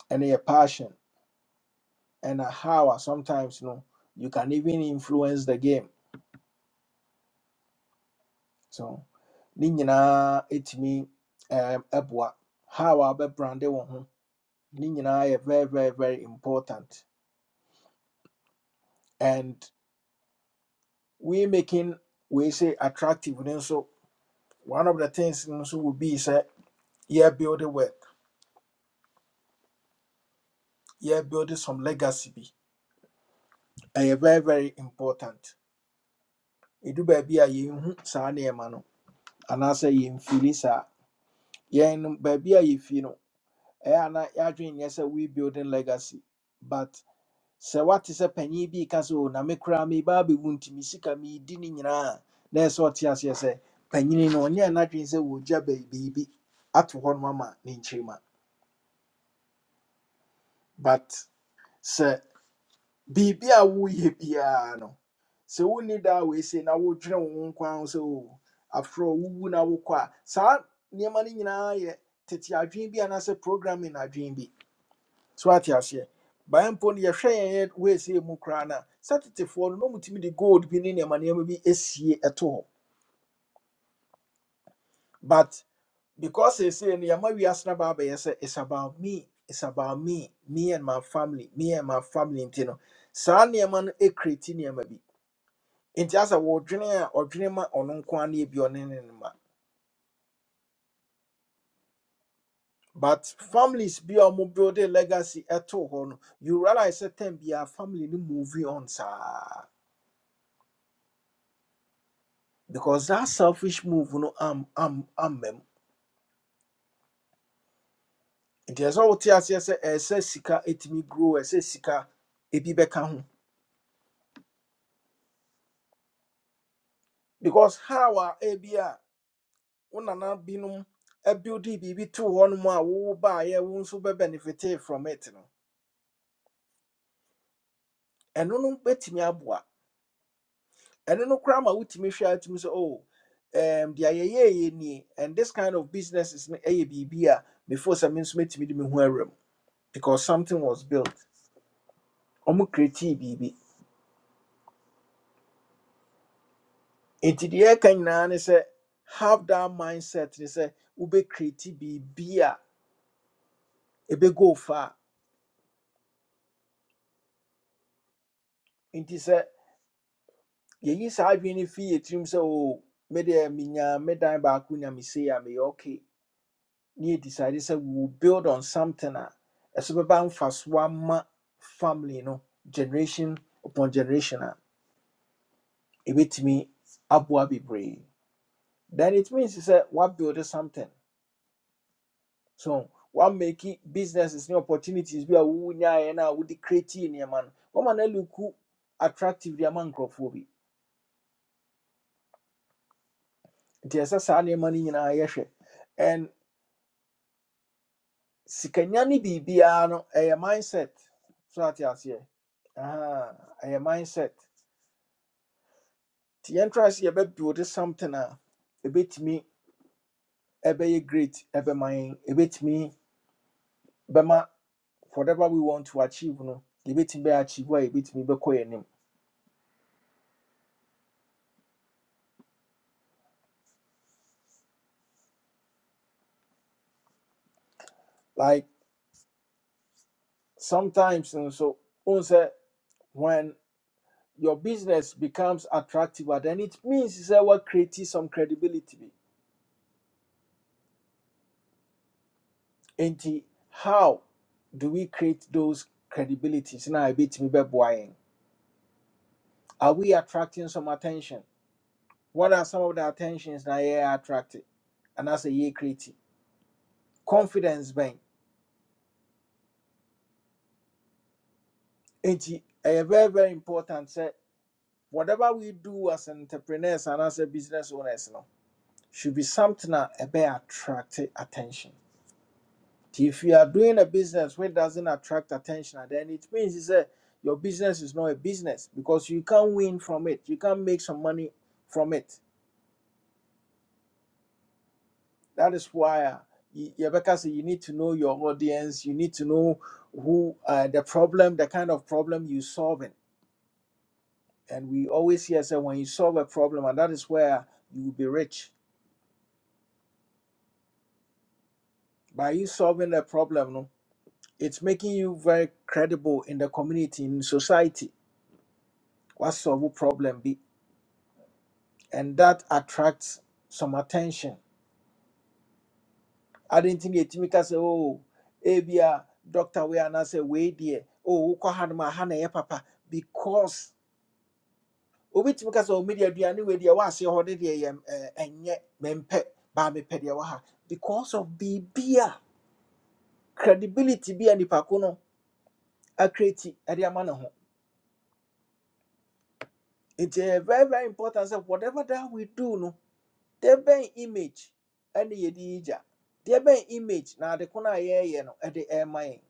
[SPEAKER 1] and your passion and how a sometimes no you can even influence the game so ne nyinaa ɛtumi ɛɛm, how a wobɛbrande wo ho ne nyinaa very very very important and we making we say attractive ne nso one of the things no will be sɛ yɛbuild work yeah building some legacy bi ɛyɛ very very important ɛdu baabi a yɛnhu saa nneɛma no anaasɛ yɛmfili saa yɛn no baabi a yɛfii no ɛyɛ a na yɛadwene nyɛ sɛ we building legacy but. sɛ wate sɛ panyin bi ka sɛ o na me koraa me ba bɛwu nti me sika meedi ne nyinaa a," na ɛsɛ sɛ ɔte aseɛ sɛ panyini no ɔnyɛ n'adwene sɛ wɔgya baabi- biribi ato hɔ no ama ne nkyirima but sɛ biribi a woyɛ biara no sɛ wonni daa weesei na wodwene wo ho nkwa ho sɛ o aforɔ wowu na wokɔ a saa nneɛma no nyinaa yɛ tete adwene bi anaasɛ programming adwene bi so ate aseɛ baɛ mpo no yɛhwɛ yɛn yɛ say, mu koraa no a sɛtetefoɔ no na ɔmutumi de gold bi ne nneɛma nneɛma bi asie ɛto but because ɛsei no yɛma wiase no baa bɛyɛ say, it's about me it's about me me and my family me and my family nti no saa nneɛma no ɛkreti nneɛma bi nti asɛ wɔdwene a ɔdwene ma ɔno nko a ne ebi ɔne ne no ma but families bi a ɔmo build a legacy ɛto hɔ no you realize that time biara family no moving on sir. because that selfish move no am am am mem nti ɛsɛ sɛ wote aseɛ sɛ ɛsɛ sika etumi grow ɛsɛ sika ebi bɛka ho because how a ebi a wo nana binom ɛbuildi biribi too hɔnom a wo baayɛ wo nso bɛ benefit from it no ɛno no bɛtumi aboa ɛno no koraa ma wotumi hwɛ a wotumi sɛ oh um, deɛ yɛyɛɛyɛ nie and this kind of business is a biribi a before sɛ me nso mɛtumi de me ho awura because something was built ɔmo createe biribi nti deɛ ɛka nyinaa ne sɛ have that mindset ne sɛ wobɛkreti biribi a ɛbɛgo fa a nti sɛ yɛyi saa adwene no fii yɛ tirim sɛ o medeɛ menya me dan baako nyamesei a meyɛ okay ne yɛdecide sɛ we will build on something a ɛso bɛba mfasoɔ ama family no generation upon generation a ɛbɛtumi aboa bebree then it means sɛ woabuild something so what make it businesses new opportunities bi a wonyaeɛ no a wode createe nneɛma no wama no look attractive de ama nkurɔfoɔ bi nti ɛsɛ saa nneɛma no nyinaa yɛhwɛ and sikanya ne be no a mindset so ate aseɛ Ah, a mindset The entrance yɛntra sɛ yɛbɛbuilde something a bit ɛbɛtumi ɛbɛyɛ great A be mine a bit me. Bema. whatever we want to achieve no A bit me achieve a yɛbɛtumi bɛkɔ yɛn Like. sometimes and so on say when your business becomes attractive then it means that we're creating some credibility and how do we create those credibilities now a bit buying are we attracting some attention what are some of the attentions that you are attracted and that's a year creative confidence bank and very very important say whatever we do as entrepreneurs and as a business owners no should be something that a attract attention If you are doing a business which doesn't attract attention, then it means is that your business is not a business because you can't win from it. You can't make some money from it. That is why uh, y- Rebecca said you need to know your audience. You need to know who uh, the problem, the kind of problem you solving. And we always hear say when you solve a problem, and that is where you will be rich. By you solving a problem, no, it's making you very credible in the community, in society. What solve problem be? and that attracts some attention. I didn't think it make us say, oh, ebia doctor we are not say way dear. Oh, wokɔ ha no ma ha na ɛyɛ papa because obetumi kasa media aduane we deɛ waase hɔ de deɛ yɛ ɛnyɛ mempe baa mepɛ deɛ wɔ because of biribi credibility bi a nipako no akreti ɛde ama ne ho. It's a very very important sɛ whatever that we do no There be image and yɛde yi gya deɛ bɛn image na ade ko no a yɛreyɛ no ɛde ɛrema yɛn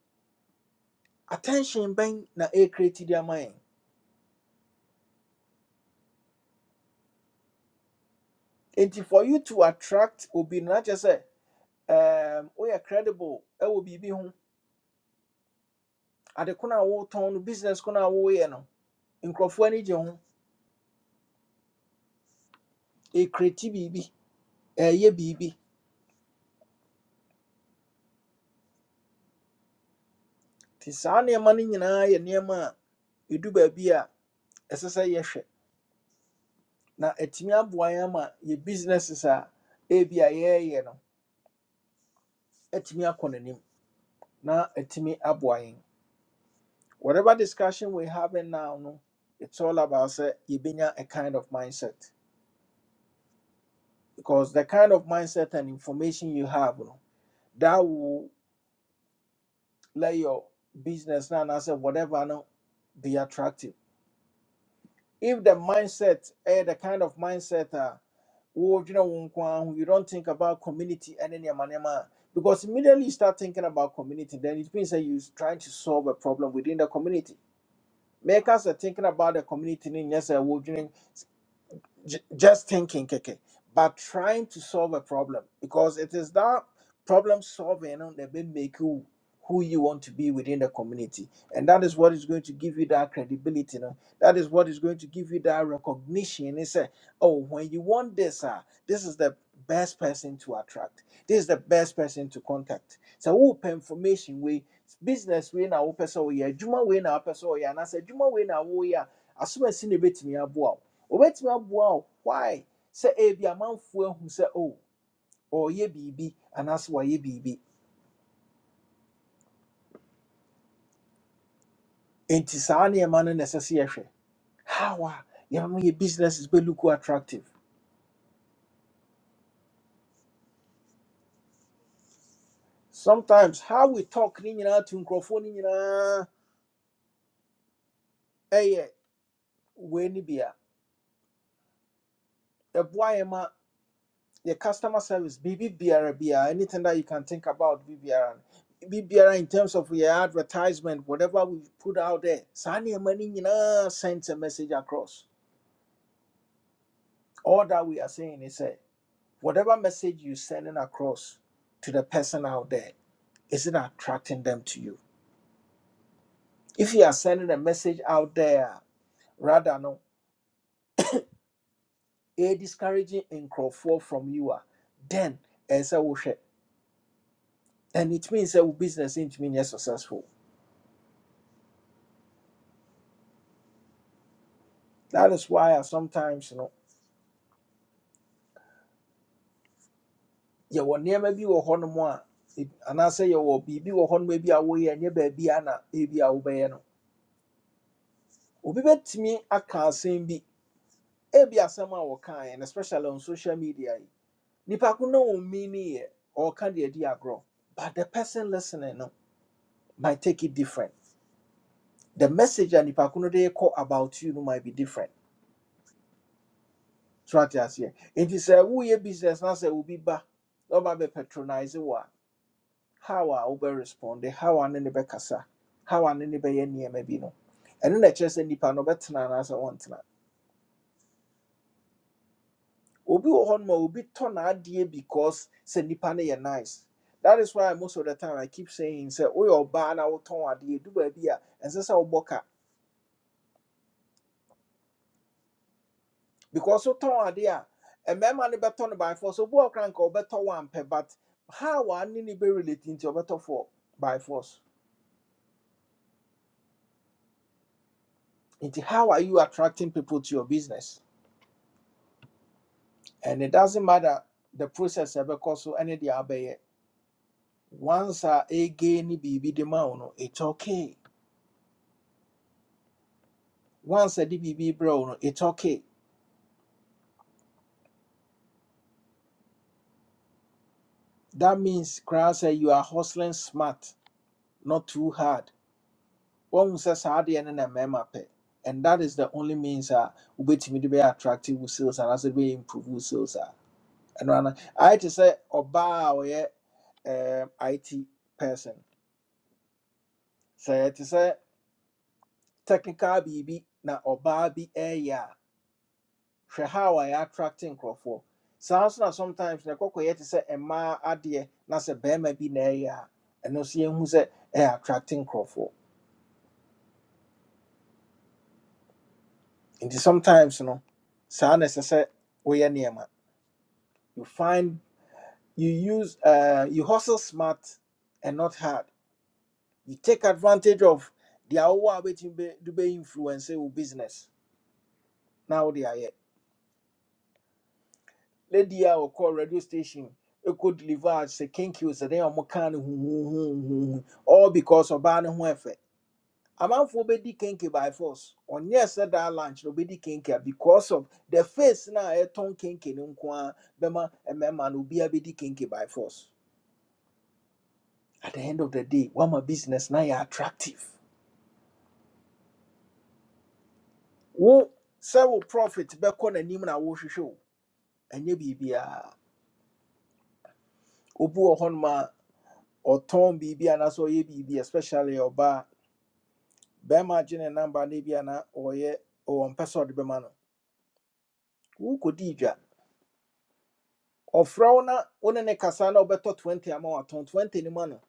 [SPEAKER 1] attention bɛn na ɛrekreti de ama mind. nti for you to attract obi no na kyerɛ um, we woyɛ credible ɛwɔ biribi ho ade ko no a woretɔn no business ko no a woreyɛ no nkurɔfoɔ ani gye ho ɛrekreti biribi ɛɛyɛ biribi nti saa nneɛma no nyinaa yɛ nneɛma a ɛdu baabi a ɛsɛ sɛ yɛhwɛ na atumi aboa yɛn ama yɛ businesses a ebi a yɛreyɛ no atumi akɔ na atumi aboa whatever discussion we having now no it's all about sɛ yɛbɛnya a kind of mindset because the kind of mindset and information you have no that will let your business now na anaasɛ whatever no be attractive if the mindset ɛyɛ the kind of mindset a wɔdwene wo nko ara ho you don't think about community and nneɛma nneɛma a because immediately you start thinking about community then it means that you're trying to solve a problem within the community Make us a thinking about the community in yes, I would j- just thinking, Keke, but trying to solve a problem because it is that problem solving that will make you who you want to be within the community, and that is what is going to give you that credibility. no? That is what is going to give you that recognition. It's a oh, when you want this, ah, this is the best person to attract. This is the best person to contact. So open information we business way na open so we are, Juma way na open so we are, and I said, "Juma way na we are as soon as you wɔbɛtumi aboa wo why sɛ ebi amanfoɔ ahu sɛ o ɔreyɛ biribi anaasɛ ye biribi nti saa nneɛma no na ɛsɛ sɛ yɛhwɛ how a yɛma yɛ businesses bɛlook attractive sometimes how we talk ne nyinaa to nkurɔfoɔ no nyinaa ɛyɛ wei no bi a ɛboa ma yɛ customer service biribi biara biara anything that you can think about biribiara no biribiara in terms of your advertisement whatever we put out there saa nneɛma no nyinaa send a message across All that we are saying is that whatever message you're sending across to the person out there, is it attracting them to you? If you are sending a message out there, rather no, a discouraging in fall from you are, then as a worship, and it means that business into mean yes successful. That is why I sometimes you know you will never be a honor and I say you will be be a honor maybe away and your baby anna baby away no. Obi betimi aka asɛm be. ebi asɛm a wɔkae and especially on social media yi nipa ko na wɔn mini yɛ ɔka deɛ di agorɔ but the person listening no might take it different the message and nipa ko no dey call about you no might be different so that's ate aseɛ nti sɛ woyɛ business na say, obi ba na ɔba bɛ patronize wɔ a how a wobɛ respond how a ne be bɛkasa how a ne ne bɛyɛ nneɛma bi no ɛno na ɛkyerɛ sɛ nipa no ɔbɛtena anaasɛ wɔntena obi wɔ hɔ noma obi tɔ n'adeɛ because sɛ nipa no yɛ nice that is why most of the time i keep saying sɛ woyɛ ɔbaa na wotɔn adeɛ du baabi a ɛnsɛ sɛ wobɔ ka because wotɔn adeɛ a mmarima no bɛtɔ no by force obi wɔ kora nka wɔbɛtɔ wampɛ but how a ne ne bɛrelate nti ɔbɛtɔ for by force nti how are you attracting people to your business and it doesn't matter the process a ɛbɛkɔ so ɛne deɛ abɛyɛ once a ɛgɛ ne biribi de ma wo no it's okay Once a DBB bro, no, it's okay. That means crowd say you are hustling smart, not too hard. One says hard and then a memape. And that is the only means uh which me to be attractive with sales and as it be improve with sales are. And when I to say oba or yeah um IT person. Say to say technical BB na oba bi hwɛ how a attracting nkurɔfoɔ saa na sometimes na ɛkɔkɔyɛ te se ema adeɛ na sɛ barima bi na ɛyɛ a ɛno nso yɛhu sɛ attracting nkurɔfoɔ nti sometimes no saa na ɛsɛ sɛ woyɛ nneɛma you find you use uh, you hustle smart and not hard you take advantage of the awowɔ a wobɛtumi bɛ- de bɛinfluence wo business na wode ayɛ lady a call radio station ɛkɔ deliver sɛ kinkils ɛdɛn a ɔmo kaa no huhuhuhuhu all because ɔbaa ne ho ɛfɛ amanfoɔ bɛdi kenke by force ɔnyɛ sɛ daa lunch na ɔbɛdi kenke a because of the face na e ton kenke no nko ara bɛma mmarima no obiara bɛdi kenke by force at the end of the day what my business na yɛ attractive wo sɛ wo profit bɛkɔ n'anim na nim na wo wohwehwɛ o ɛnyɛ biribiara obi wɔ hɔnom a ɔtɔn biribi anaasɛ ɔyɛ biribi especially ɔbaa bɛrima gye ne namba ne na oye o mpɛ sɛ ɔde bɛma no wokɔdii dwa ɔfrɛ wo na wo ne kasana obeto 20 ama watɔn 20 no ma no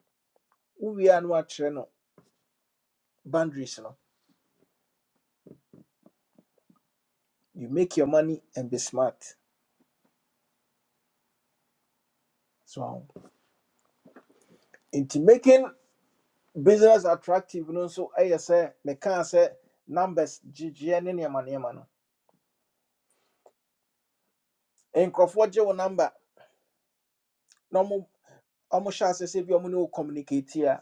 [SPEAKER 1] wowie a no no boundaries no you make your money and be smart so into making business attractive no nso ɛyɛ sɛ mekaa sɛ numbers gyegyeɛ ne nneɛma nneɛma no nkurɔfoɔ gye wo number na ɔmo ɔmo hyɛ ase sɛ bi ɔmo ne communicate here.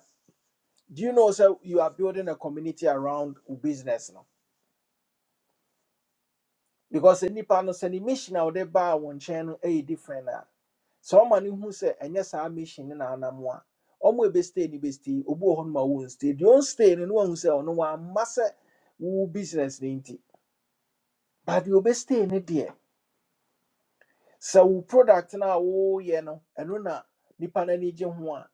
[SPEAKER 1] do you know sir? you are building a community around business no because nipa no sɛ ne mission a wɔde baa wɔn nkyɛn no yɛ different a sɛ ɔma no hu sɛ ɛnyɛ saa mission no na anam a ɔmo ebestay no bestay obi wɔ hɔ no ma wɔn stay deɛ ɔn stay no no wɔn sɛ ɔno wɔama sɛ wo business ne nti but deɛ obestay no deɛ sɛ wo product no a wɔreyɛ no ɛno na nipa no ani gye ho a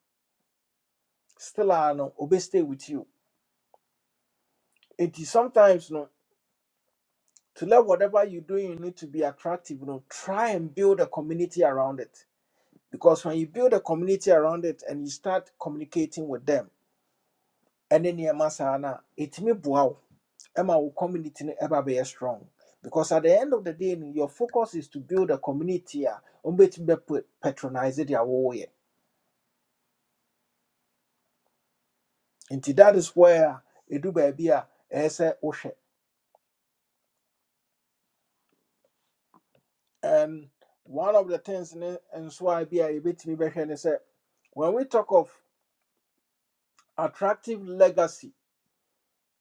[SPEAKER 1] still a no obestay with you nti sometimes no to let whatever you doing need to be attractive no try and build a community around it because when you build a community around it and you start communicating with them and then you masana it may wow emma will community ever be strong because at the end of the day no, your focus is to build a community a umbetumi patronize it way and that is where it do be a ɛsɛ wohwɛ and one of the things ne nso a bi a yɛbɛtumi bɛhwɛ ne sɛ when we talk of attractive legacy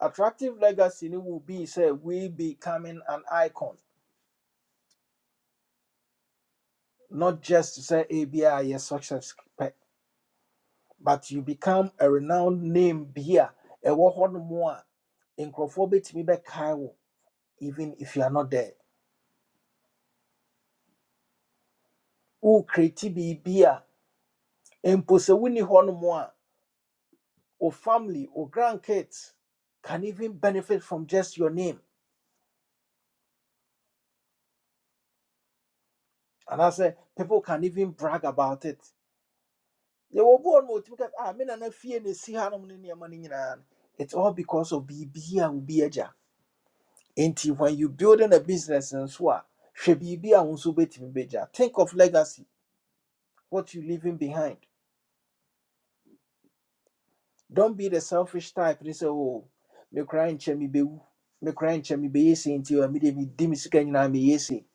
[SPEAKER 1] attractive legacy ne will be say we becoming an icon not just to say a be a yes success pɛ, but you become a renowned name beer A hɔ no mu a nkurɔfoɔ bɛtumi even if you are not there who kreti biribi a mpo sɛ wonni hɔ no family wo grandkids can even benefit from just your name And I say people can even brag about it They bi hɔ no ɔtumi ka ah me nana fie na ɛsi hanom ne nneɛma no no." it's all because of biribi a wobi Nti when you building a business and so a hwɛ biribi a wo nso wobɛtumi bɛgya. Think of legacy, what you leaving behind. Don't be the selfish type ne say, oh mekora nkyɛ mebɛwu mekora nkyɛ mebɛyɛ chemi nti Until mede medi me sika nyinaa meyɛ sei.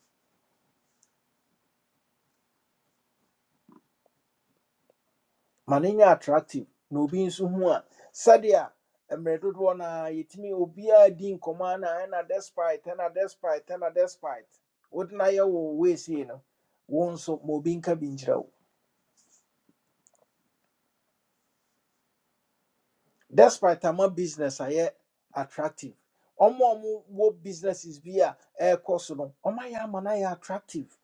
[SPEAKER 1] Ma no nyɛ attractive na obi nso hu a sɛdeɛ mmerɛ dodoɔ no being so one. Sadia, a yɛtumi obiara di nkɔmmɔ a na ɛna despite ɛna despite ɛna despite wode no ayɛ wo wei sei no wo nso ma obi nka despite ama business ayɛ attractive ɔmo a ɔmo businesses be a ɛɛkɔ so no ɔmo ayɛ man? no ayɛ attractive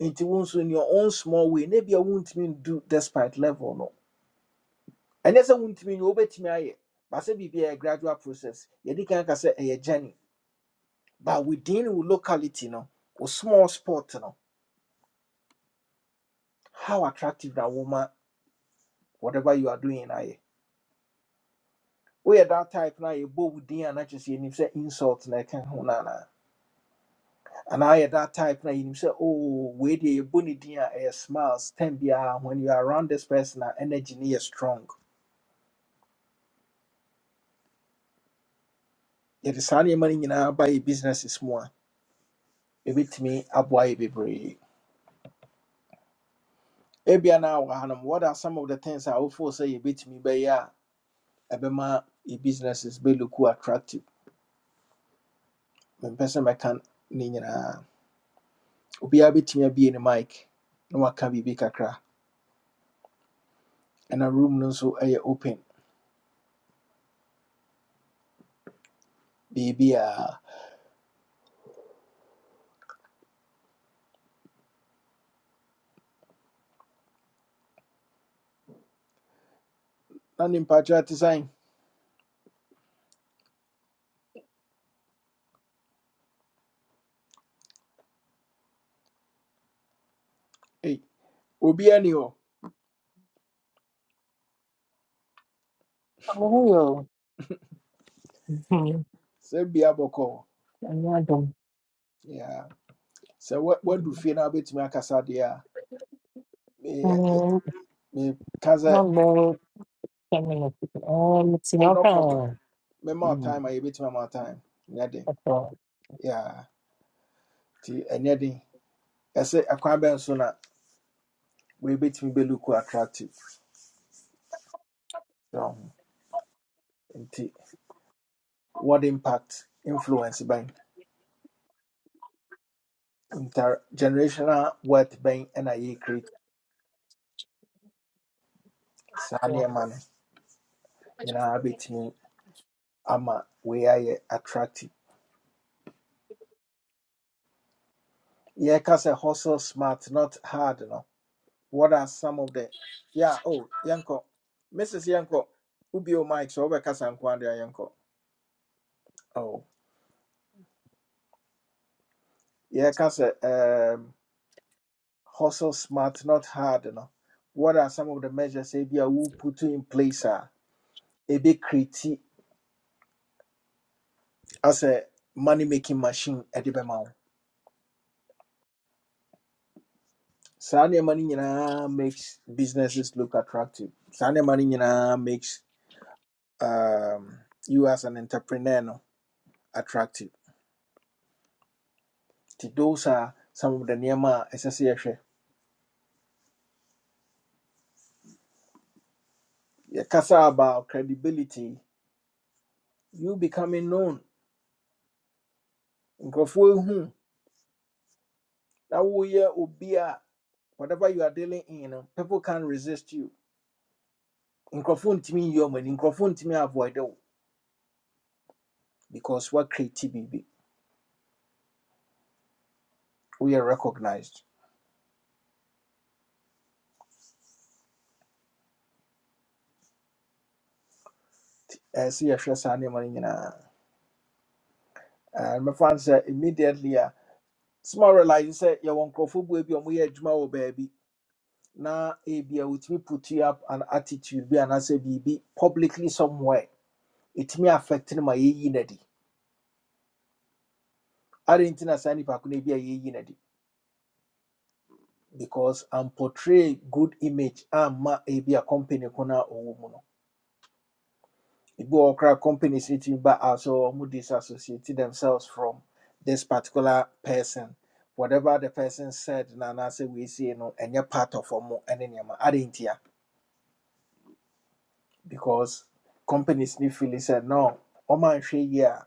[SPEAKER 1] nti wo in your own small way maybe na bia wontumi do despite level no And yes, I won't ɛnyɛ sɛ wontumi nyɛ wobɛtumi ayɛ baasɛ be a ɛyɛ gradual process yɛdi kan ka sɛ ɛyɛ journey but within wo locality no or small spot, no how attractive that woman, whatever you are doing ayɛ woyɛ that type no a yɛbɔ within and a na kyerɛ sɛ insult na can ho no And I at that type na you say, oh, where the bunny dia air smiles, ten biya when you are around this person, our energy near strong. Yet the sunny money in our buy business is more. A bit me up why be brave. Ebia now, Hanum, what are some of the things I will force say a bit me by ya? Ebema, your businesses be look who attractive. When person I can nina. Ubia bit me be in the mic. No one can be big kakra. And a room no so air open. be ah, not in patriot design. Hey, Ubia ni ho.
[SPEAKER 4] Hallelujah. Mhm.
[SPEAKER 1] Say be bia bɔkɔ
[SPEAKER 4] Another.
[SPEAKER 1] yeah So what wa- wadu fie bit me akasa deɛ a me-
[SPEAKER 4] Mm,
[SPEAKER 1] me- meka
[SPEAKER 4] One minute, ten minutes. Um, it's in
[SPEAKER 1] oh
[SPEAKER 4] your
[SPEAKER 1] no problem
[SPEAKER 4] hand.
[SPEAKER 1] Me more
[SPEAKER 4] Mm,
[SPEAKER 1] time a bit me more time nyɛ den
[SPEAKER 4] that's all.
[SPEAKER 1] yeah nti ɛnyɛ I ɛsɛ ɛkwan bɛn so na we bit me be look attractive. ho. nti what impact influence by intergenerational wealth by bɛn ɛna yɛcreate saa
[SPEAKER 4] Yeah.
[SPEAKER 1] nneɛma no bit me ama we ayɛ attractive Yeah, cause a hustle smart not hard no What are some of the yeah, oh, Yanko. Mrs. Yanko, Ubio Mike, so over Casan Quandria Yanko. Oh. Yeah, Casa um hustle smart, not hard, you know. What are some of the measures Abia who put in place are a big critique as a money making machine at the Bemau. Saa money no nyinaa makes businesses look attractive. Saa money no nyinaa makes um, you as an entrepreneur no attractive. Nti those are some of the nneɛma a ɛsɛ sɛ yɛhwɛ yɛkasa about credibility you becoming known nkurɔfoɔ ehu na woyɛ obi a whatever you are dealing in no people can resist you nkurɔfoɔ ntumi nyi ɔmo ani nkurɔfoɔ ntumi avoid wo because what create biribi woyɛ recognized ɛsɛ yɛhwɛ saa nneɛma no nyinaa Eh, mɛfa n sɛ immediately a small realize sɛ yɛwɔ nkurɔfoɔ bu bi a ɔmo yɛ adwuma wɔ baabi na ebi a wotumi put you up an attitude bi anaasɛ biribi publicly somewhere ɛtumi affect no ma yɛyi no adɛn nti na saa nnipa ko no bi a yɛyi no de because amportray good image amma ebi a company ko no no ebi wɔ hɔ koraa companies no tumi ba a sɛ ɔmo disassociate themselves from this particular person whatever the person said na na say "We see no any part of ɔmo ne nneɛma adɛn nti a because companies no feel said, no ɔma nhwɛ yie a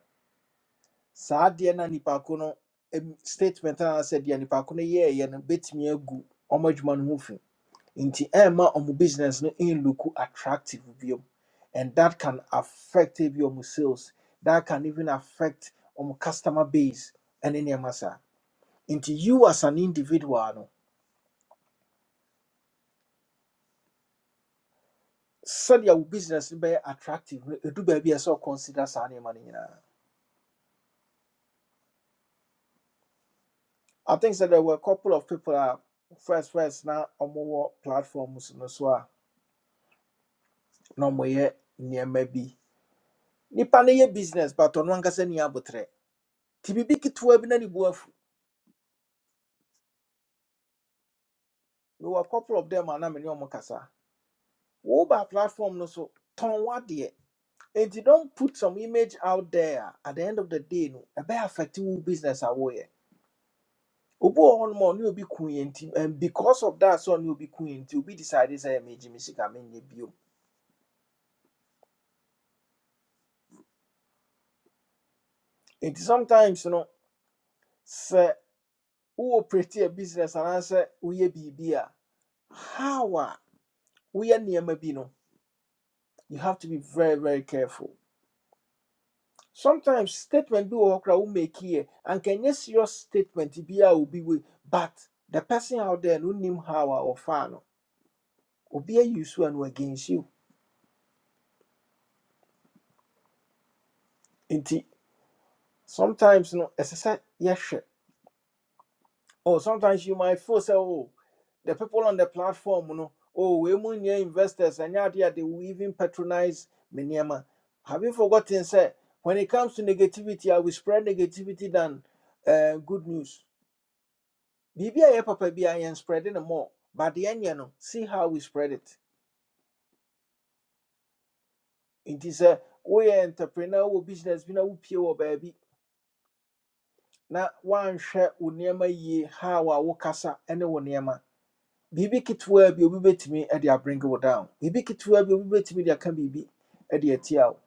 [SPEAKER 1] saa adeɛ na nipa ko no em- statement a anaasɛ deɛ nipa ko no yɛɛyɛ no bɛtumi agu ɔmo adwuma no ho fi nti ɛma ɔmo business no in look attractive bio and that can affect your sales that can even affect ɔmo customer base ɛne nneɛma saa nti you as an individual no sɛdeɛ your business be attractive no do be a ɛsɛ consider saa money no i think that there were a couple of people a first first now, ɔmo wɔ platforms no so a na ɔmo yɛ nneɛma bi nipa no yɛ business but ɔno ankasa ni abotire ti biribi ketewa bi na ne bu afu We were a couple of them and I'm in ɔmo kasa woba platform no so tɔn and you don't put some image out there at the end of the day no ɛbɛyɛ affect wo business away. woyɛ obi wɔ hɔnom a ɔne obi and because of that so ɔne obi ku yɛ nti obi decide sɛ megye me Jimmy sika menyɛ bio nti sometimes no sɛ wo operate a business and anaasɛ woyɛ be a how a woyɛ nneɛma bi no you have to be very very careful sometimes statement bi wɔ hɔ koraa womake and can ɛnyɛ serious statement biaa obi wei but the person out there no nim how a ɔfaa no obi ayi so a use one against you nti sometimes no ɛsɛ sɛ yɛhwɛ oh sometimes you might feel say, oh the people on the platform no oh we mu nyɛ investors and adeɛ they will even patronize me nneɛma have you forgotten sɛ when it comes to negativity i will spread negativity than uh, good news Biibi a yɛ papa bi a spread no more. But the end, you know, see how we spread it. It is a we entrepreneur wɔ business bi na wopie wɔ baabi na woanhwɛ wo nneɛma yie how a wokasa ne wo nneɛma. Biribi ketewa bi obi bɛtumi de abring wo down. Bibi ketewa bi obi bɛtumi de aka biribi de atia wo.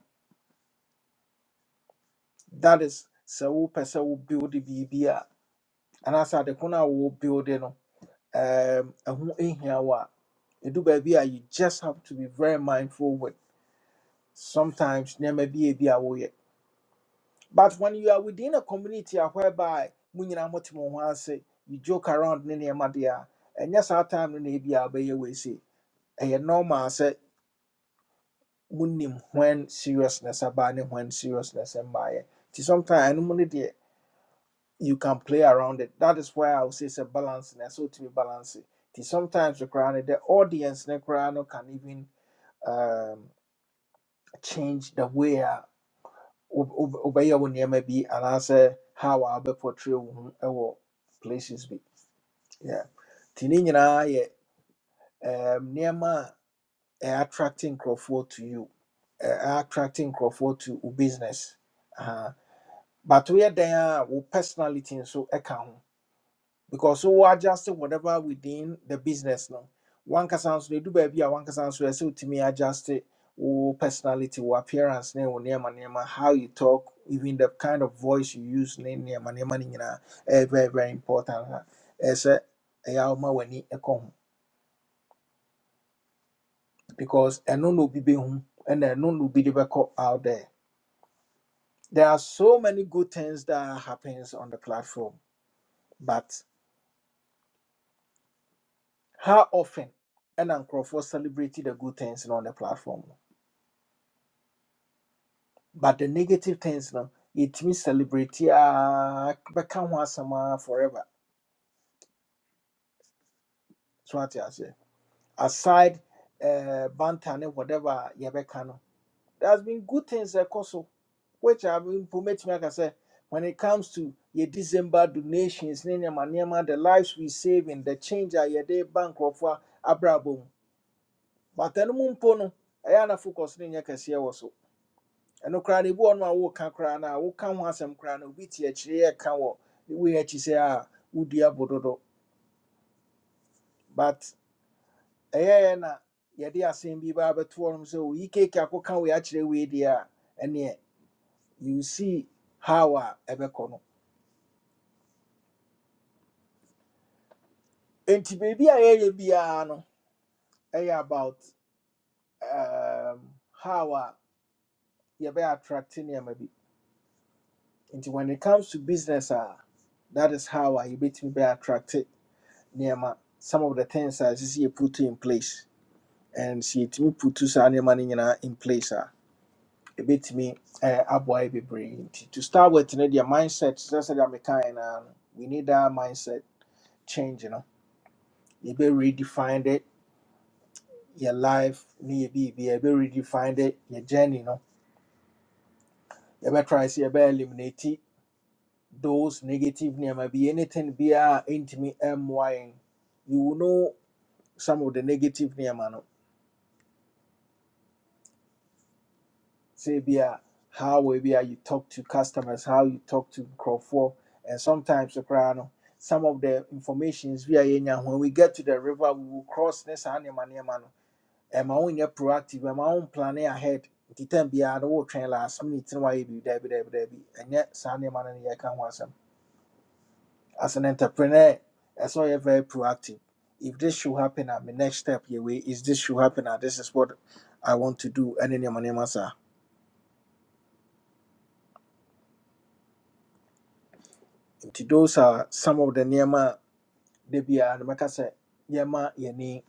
[SPEAKER 1] That is sɛ wo sɛ wo build biribi a anaasɛ ade ko no wo build no um, ɛho hia wa edu ɛdu baabi a you just have to be very mindful with sometimes there may be a ebi a woyɛ but when you are within a community a whereby mo nyinaa ho ase you joke around ne nneɛma deɛ a ɛnyɛ saa time no na ebi a wobɛyɛ wei normal sɛ monim when seriousness about ne when seriousness and by sometimes ɛnom no deɛ you can play around it that is why i would say it is a balance and so to be balanced. sometimes the no the audience ne koraa no can even um, change the way wob- wob- wobɛyɛ wo nneɛma bi anaasɛ how a wobɛpɔtray wo ho wɔ places bi yeah. nti ne nyinaa yɛ um, nneɛma a ɛyɛ attracting nkurɔfoɔ to you ɛyɛ attracting nkurɔfoɔ to wo business Aha. but woyɛ dɛn a wo personality nso ka ho because so adjust whatever within the business no one person they do baabi one person kasa say to me adjust wo personality wo appearance ne wo nneɛma nneɛma how you talk even the kind of voice you use ne nneɛma nneɛma no nyinaa very very important a ɛsɛ ɛyɛ a woma w'ani ɛkɔ ho because ɛno na obi home and ɛno na obi de bɛkɔ out there there are so many good things that happens on the platform but how often ɛna Crawford celebrated the good things no on the platform But the negative things no, it means celebrity ah become one summer forever. So what I say. Aside uh banter ne whatever you no. There has been good things that so which I've been permit like I say when it comes to your December donations, ne nneɛma- nneɛma, the lives we save in the change are your day bank of abrabom. But then mumpono, I focus in your case And no ebi wɔ hɔ nom a woka koraa no a woka ho asɛm koraa no obi te akyire yɛ ka wɔ ne wei akyi sɛ a wodua bododo but ɛyɛyɛ na yɛde asɛm bi baa bɛto hɔ nom sɛ oyi keke akɔka wei akyerɛ wei deɛ a ɛneɛ you see how a ɛbɛkɔ no enti biribi a yɛyɛ biara no ɛyɛ about um, how a yɛbɛyɛ attract nneɛma bi nti when it comes to business ah, that is how a yɛbɛtumi bɛyɛ attract nneɛma some of the things a ɛsɛ sɛ put in place and sɛ yɛtumi putu saa nneɛma no nyinaa in place a ɛbɛtumi eh, aboa yɛ bebree brain. to start with no deɛ mindset sɛ sɛdeɛ mekaeɛ naa no we need that mindset change You know, no be redefined it your life ne be biribia be redefined it your journey You know. you know, try. See, you yɛbɛ eliminate it, those negative nneɛma Be anything biaa ɛntumi ɛmmoa yɛn you will know some of the negative nneɛma no say be a how we you talk to customers, how you talk to Crawford, and sometimes the crown. Some of the informations we are in when we get to the river, we will cross this animal near man. And my own proactive, and my own planning ahead. The time be a whole train last minute, and why be there, be there, be there, be and yet Sunday man and year can once. As an entrepreneur, that's why you're very proactive. If this should happen at my next step, your way is this should happen, and this is what I want to do, and then your money, nti those are some of the nneɛma a da biara no sɛ nneɛma yɛni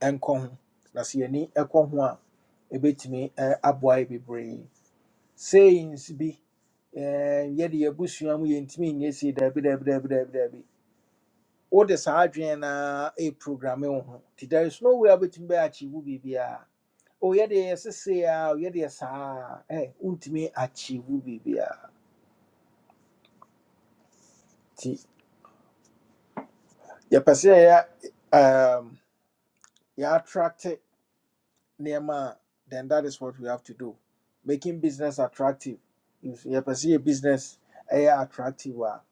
[SPEAKER 1] nkɔ ho na sɛ yɛni ɛkɔ ho a ɛbɛtumi ɛ, aboa yɛ bebree sayings bi ɛɛ, yɛde yɛabusua mu yɛntumi nyɛ sei daabi daabi daabi daabi daabi wode saa adwene na ɛprogramme wo ho nti there is no way a wobɛtumi bɛyɛ akyiwo biribiaa o yɛde yɛ sesee a o yɛde yɛ saa a, ɛ wontumi akyiwo biribiaa nti yɛpɛ sɛ yɛyɛ um, yɛattracte nneɛma then that is what we have to do making business attractive if you perceive a business ɛyɛ attractive a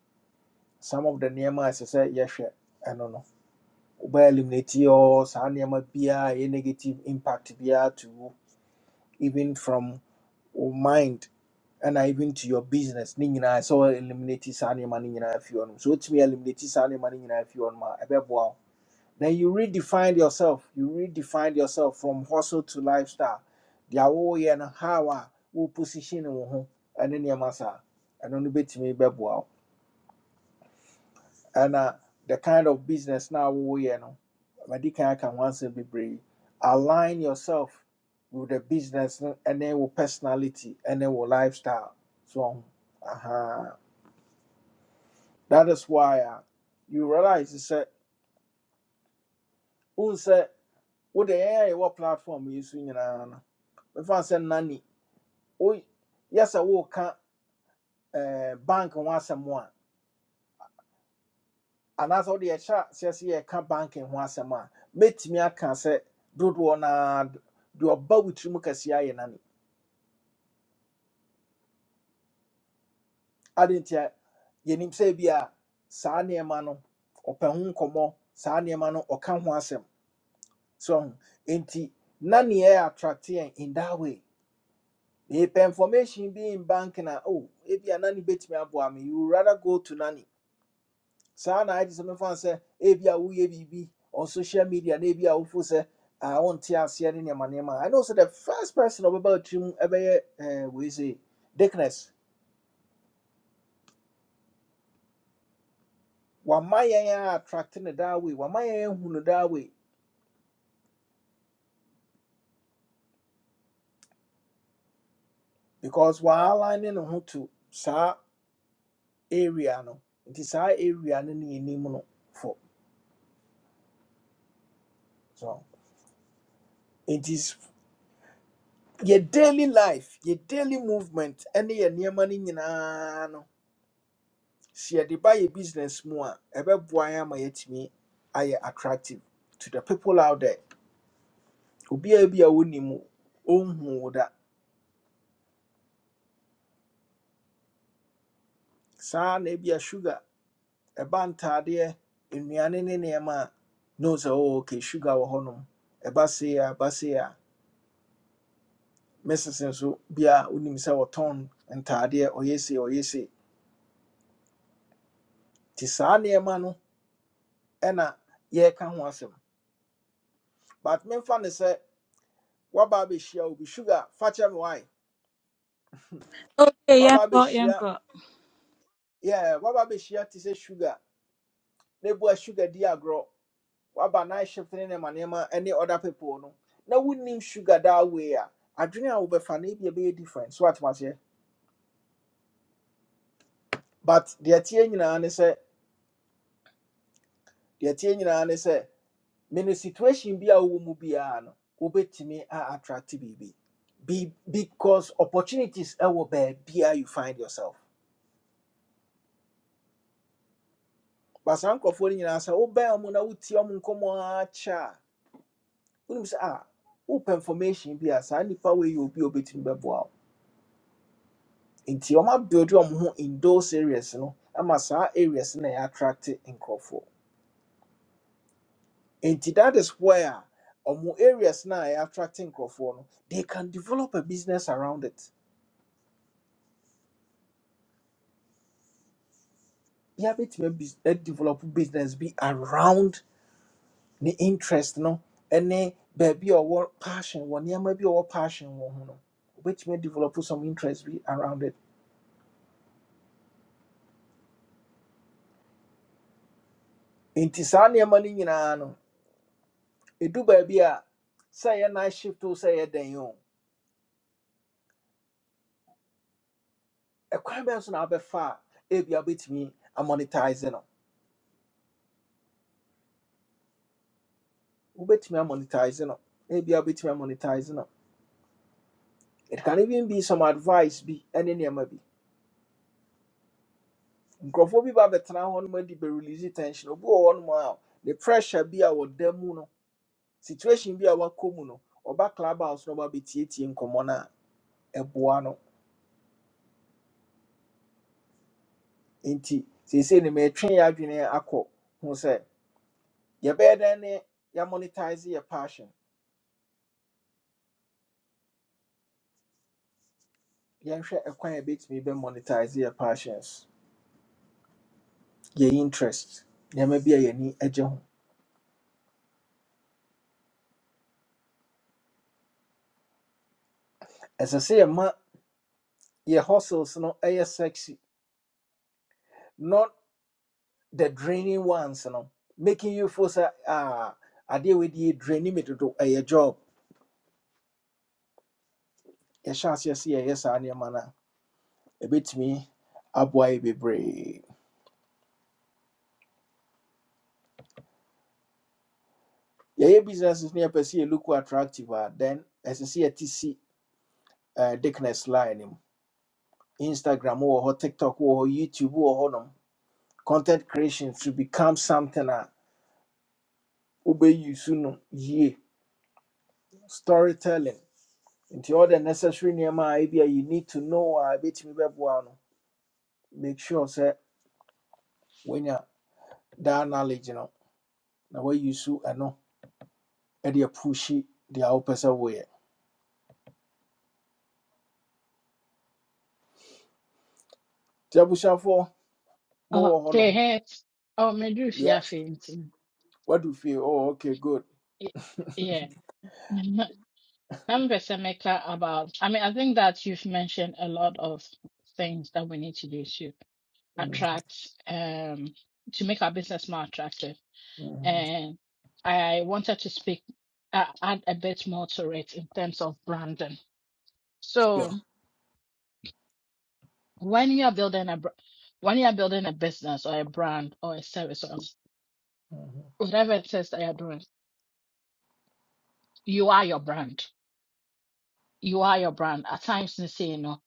[SPEAKER 1] some of the nneɛma a ɛsɛ sɛ yɛhwɛ ɛno no wobɛyɛ eliminate or saa nneɛma biara a ɛyɛ negative impact biara to wo even from wo mind and even to your business ne nyinaa ɛsɛ sɛ eliminate saa nneɛma no nyinaa afi hɔ nom so wotumi eliminate saa nneɛma no nyinaa afi hɔ nom a ɛbɛboa wo then you redefine yourself. You redefine yourself from hustle to lifestyle. The whole year and how I will position you, and then your massa and only bit me bebo. And uh, the kind of business now we you know, my dick I can once be brave. Align yourself with the business and then with personality and then with lifestyle. So, uh-huh. that is why uh, you realize it's a unse What the a ɛwɔ platform you swing so nyinaa no mefa sɛ Oh, yes, yɛ sɛ woka eh, bank ho asɛm a anaasɛ wode yɛhyɛ aseɛ sɛ yɛka bank ho asɛm a mɛtumi aka sɛ dodoɔ naa deɛ ɔba wo tirim kɛseɛ ayɛ nani ade nti a yɛnim sɛ be a saa nneɛma no ɔpɛ ho nkɔmmɔ saa nneɛma no ɔka ho asɛm so enti nani ɛ attract yɛn in that way if information bi in bank na oh ebi a nani betumi aboa me abo am, you rather go to nani saa na agye sɛ mefa sɛ ebi a woyɛ be on social media na ebi a wofo I want to aseɛ ne nneɛma nneɛma i know sɛ the first person about ɔbɛba otiri mu ɛbɛyɛ say wei sɛ dickness wama yɛn attracting attract that way wama yɛn ahu no that way because waala ne ne ho to saa area no nti saa area no ne yɛnim no for so. it is. your daily life your daily movement Any your nneɛma no nyinaa no sɛ yɛde ba yɛ business mu a ɛbɛboa yɛn ama me ayɛ attractive to the people out there obiara bi a wonim wo, ɔnhu wo da saa na ebia sugar ɛba ntaadeɛ nnuane ne nneɛma a ne wo oh, okay sugar wɔ hɔnom ɛba sei a ɛba sei a mrs nso bi a wonim sɛ wɔtɔn ntaadeɛ ɔyɛ sei ɔyɛ sei nti saa nneɛma no ɛna yɛreka ho asɛm but memfa ne sɛ waba abɛhyia be sugar fa kyɛ me wae
[SPEAKER 3] Okay, yeah,
[SPEAKER 1] waba
[SPEAKER 3] go, yeah,
[SPEAKER 1] abɛhyia
[SPEAKER 3] go.
[SPEAKER 1] yeah, waba abɛhyia te say sugar They ebua sugar di agorɔ waba night shift ne nema nneɛma ne other people no Now we name sugar that way a adwene a wobɛfa be funny be a ɛbɛyɛ different so atomaseɛ but deɛ tie nyinaa ne sɛ deɛ tie nyinaa ne sɛ me no situation be a woman be biara no wobɛtumi a attract biribi Be, because opportunities ɛwɔ be a you find yourself But saa nkurɔfoɔ no nyinaa sɛ wobɛn ɔmo na wotie ɔmo nkɔmmɔ ara kyɛ a wonim sɛ information bi a saa nnipa wei yɛ obi a obɛtumi bɛboa wo nti ɔmo ho in those areas no ama saa areas no na ɛyɛ attract nkurɔfoɔ nti that is where ɔmo areas no a ɛyɛ attract nkurɔfoɔ no they can develop a business around it yɛabɛtumi abis- adevelop business be around ne interest no ɛne baabi a ɔwɔ passion wɔ nneɛma bi a ɔwɔ passion wɔ ho no obɛtumi develop some interest bi around it nti saa nneɛma no nyinaa no ɛdu baabi a sɛ yɛ night shift o sɛ yɛ dan o ɛkwan bɛn so na wobɛfa a ebia wobɛtumi amonetize no wobɛtumi amonetize no ebia wobɛtumi amonetize no it can even be some advice bi ɛne nneɛma bi nkurɔfoɔ bi ba bɛtena hɔ nom adi bɛrelease tension obi wɔ hɔ nom a the pressure bi a wɔda mu no situation bi a wakɔ mu no ɔba club house na ɔba bɛtietie nkɔmmɔ no a ɛboa no nti seesei no enti sese ne metwe yɛ adwene akɔ ho sɛ yɛbɛyɛ dɛn ne ya monetize your passion yɛnhwɛ ɛkwan a yɛbɛtumi monetize your passions Your interest nneɛma bi a yɛni agye ho ɛsɛ sɛ yɛma yɛ hustles no ɛyɛ sexy not the draining ones no making you feel sɛ ah adeɛ a wɔdi yɛ draini me dodo ɛyɛ job yɛhyɛ aseɛ sɛ yɛyɛ saa nneɛma no a ɛbɛtumi aboa yɛ bebree yɛyɛ businesses no yɛpɛ sɛ yɛlook attractive a then ɛsɛ sɛ yɛte si eh, thickness line no mu instagram wɔ hɔ tiktok wɔ hɔ youtube wɔ hɔnom content creation should become something a wobɛyisu no yie storytelling nti all the necessary nneɛma a ebia you need to know a ɛbɛtumi bɛboa wo no make sure sɛ woanya that knowledge no na wayisu ɛno ɛde apushe deɛ wopɛ sɛ woyɛ nti abusuafoɔ
[SPEAKER 5] Oh,
[SPEAKER 1] mowɔ
[SPEAKER 5] fair
[SPEAKER 1] hɔnom
[SPEAKER 5] hair. Oh, me do fear
[SPEAKER 1] Yes.
[SPEAKER 5] fainting.
[SPEAKER 1] What do you feel? Oh, okay, good.
[SPEAKER 5] Y- Yeah. Let me first Emeka, about. I mean, I think that you've mentioned a lot of things that we need to do to
[SPEAKER 1] Mhm,
[SPEAKER 5] attract, um, to make our business more attractive.
[SPEAKER 1] mhm,
[SPEAKER 5] And I wanted to speak, uh, add a bit more to it in terms of branding. So
[SPEAKER 1] Sure.
[SPEAKER 5] when you are building a, br- when you are building a business or a brand or a service or
[SPEAKER 1] mhm,
[SPEAKER 5] whatever it is that you're doing, you are your brand you are your brand. At times, they say, you know,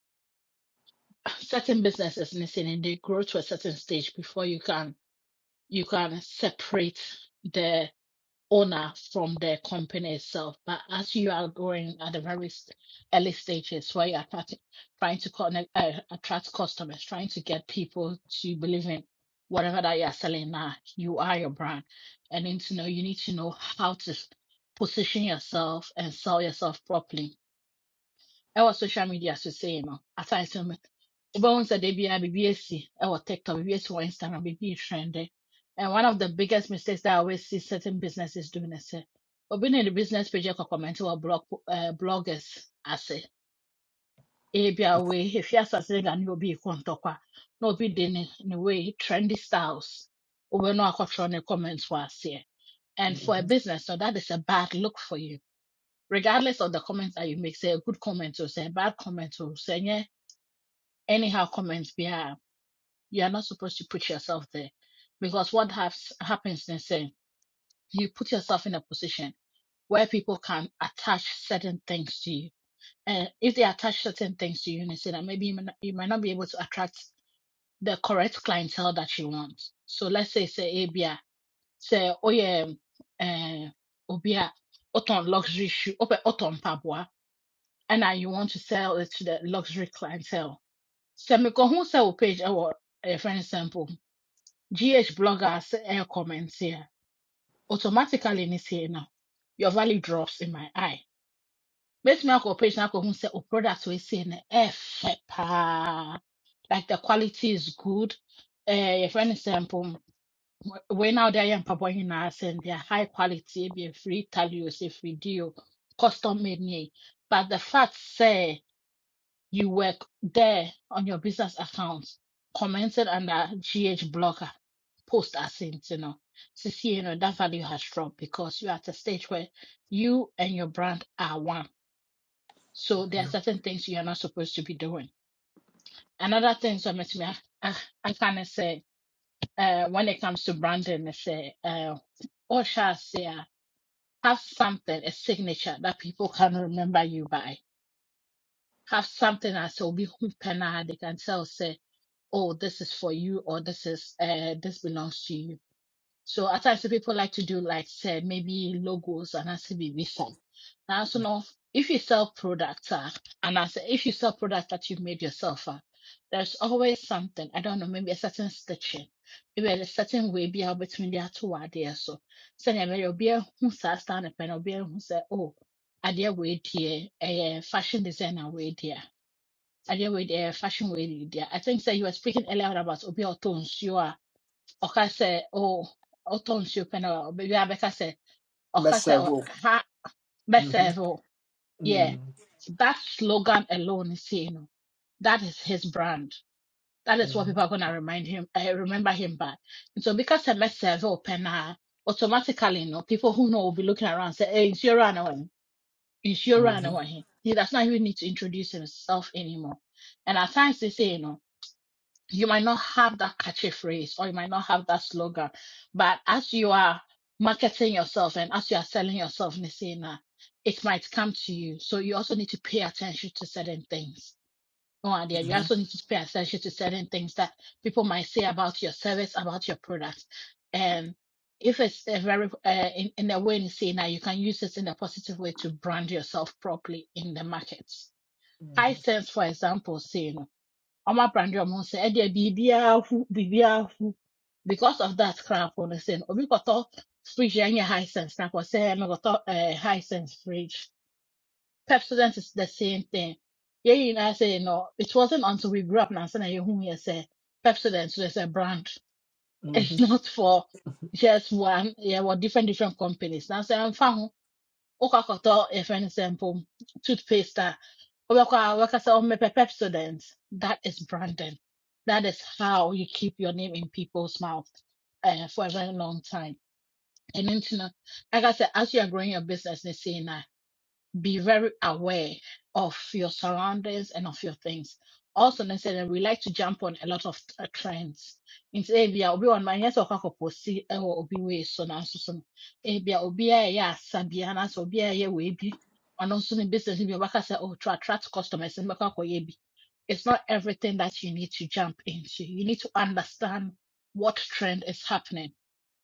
[SPEAKER 5] certain businesses, they say, and they grow to a certain stage before you can you can separate the owner from the company itself. But as you are growing at the very s- early stages, where you're attract, trying to trying to connect, uh, attract customers, trying to get people to believe in whatever that you're selling now, you are your brand, and then to know you need to know how to s- position yourself and sell yourself properly ɛwɔ social media so sei no asane sɛ me- wobɛhu sɛ da biara biribi asi ɛwɔ tiktok biribi asi wɔ instagram biribi trende and one of the biggest mistakes that i always see certain businesses doing is sɛ obi ne the business page ɛkɔ comment wɔ blog uh, bloggers ase ebia wei efi asase da ne gane obi kɔ ntɔkwa na obi de ne ne wei trendy styles wobɛno akɔtwerɛ ne comments wɔ aseɛ and for a
[SPEAKER 1] mhm,
[SPEAKER 5] business so that is a bad look for you regardless of the comments that you make say a good comment or say a bad comment or say anyhow comments be ah, you are not supposed to put yourself there because what has, happens is saying you put yourself in a position where people can attach certain things to you and if they attach certain things to you and they say that maybe you might, not, you might not be able to attract the correct clientele that you want so let's say say abia say oh yeah uh obia oton luxury shoe oton pabwa and now you want to sell it to the luxury clientele sɛ mekɔhu sɛ wo page ɛwɔ ɛyɛ friend sample. GH bloggers air comments here. Automatically in here now. Your value drops in my eye. Make me go page now who say oh products we see in F pa. like the quality is good. Eh, for example, when out there and papa in us and they're high quality, be free talios if we do custom made. yeah." But the fact say you were there on your business account, commented under GH Blogger post as sent, you know. To see, you know, that value has dropped because you're at a stage where you and your brand are one. So there are certain things you're not supposed to be doing. Another thing, so Miss me, I, I I kind of say, uh, when it comes to branding, I say, uh, or shall I say, uh, have something, a signature that people can remember you by. Have something as obi hu pɛ na they can tell. say, oh, this is for you or this is uh this belongs to you. So at times the people like to do like say maybe logos and I say baby form. Now so now if you sell products uh, and I say if you sell products that you've made yourself uh, there's always something, I don't know, maybe a certain stitching, maybe a certain way be out between the two ideas. So send maybe you'll be a who stand up and be who say, Oh, idea way dear, a fashion designer way dear adeɛ wei deɛ fashion wei ne deɛ i think sɛ you were speaking earlier on about obi a ɔtɔ nsuo a ɔka sɛ oh ɔtɔ nsuo pɛ na ɔbɛbi abɛka sɛ ɔka sɛ ɔ-
[SPEAKER 1] Mesevo.
[SPEAKER 5] ha
[SPEAKER 1] mhm,
[SPEAKER 5] bɛsɛɛve yeah
[SPEAKER 1] mhm,
[SPEAKER 5] that slogan alone is you know that is his brand that is what
[SPEAKER 1] mhm,
[SPEAKER 5] people are gonna remind him uh, remember him by and so because sɛ bɛsɛɛve wo pɛ automatically you know people who know will be looking around say hey nsuo ra na wɔn
[SPEAKER 1] mhm,
[SPEAKER 5] nsuo
[SPEAKER 1] mhm,
[SPEAKER 5] ra na
[SPEAKER 1] mhm, mhm,
[SPEAKER 5] wɔn he does not even need to introduce himself anymore and at times they say you know. you might not have that catchy phrase or you might not have that slogan, but as you are marketing yourself and as you are selling yourself, Nisina, it might come to you. So you also need to pay attention to certain things. Oh, and yeah, you also need to pay attention to certain things that people might say about your service, about your product. And if it's a very, uh, in, in a way, Nisina, you can use this in a positive way to brand yourself properly in the market. High sense, for example, say, ọma prandi ọmụ nsị ẹdịẹ biribia hụ biribia hụ because of that crap on the sin obi kọtọ fridge any high sense na kọ sẹ ẹmi kọtọ high sense fridge pepsodent is the same thing yẹn nyinaa sẹ you know I say no. it wasn't until we grew up na sẹ na who hu yẹ sẹ pepsodent sẹ sẹ brand it's
[SPEAKER 1] mhm,
[SPEAKER 5] not for just one Yeah, wọ different different companies na I'm ho ụkakọta efense example, toothpaste a ọbịakwa wekasa omepe pepsodent that is branding that is how you keep your name in people's mouth uh, for a very long time and then you know, like i said as you are growing your business they say nah be very aware of your surroundings and of your things. Also, necessarily, we like to jump on a lot of uh, trends. Nti ebi a obi on my yes okwa koposi ewo obi we so na so so. Ebi a obi a ya sabia na so obi a ye we bi. Ono so ne business bi obaka say oh to attract customers and makwa koye bi. It's not everything that you need to jump into. You need to understand what trend is happening.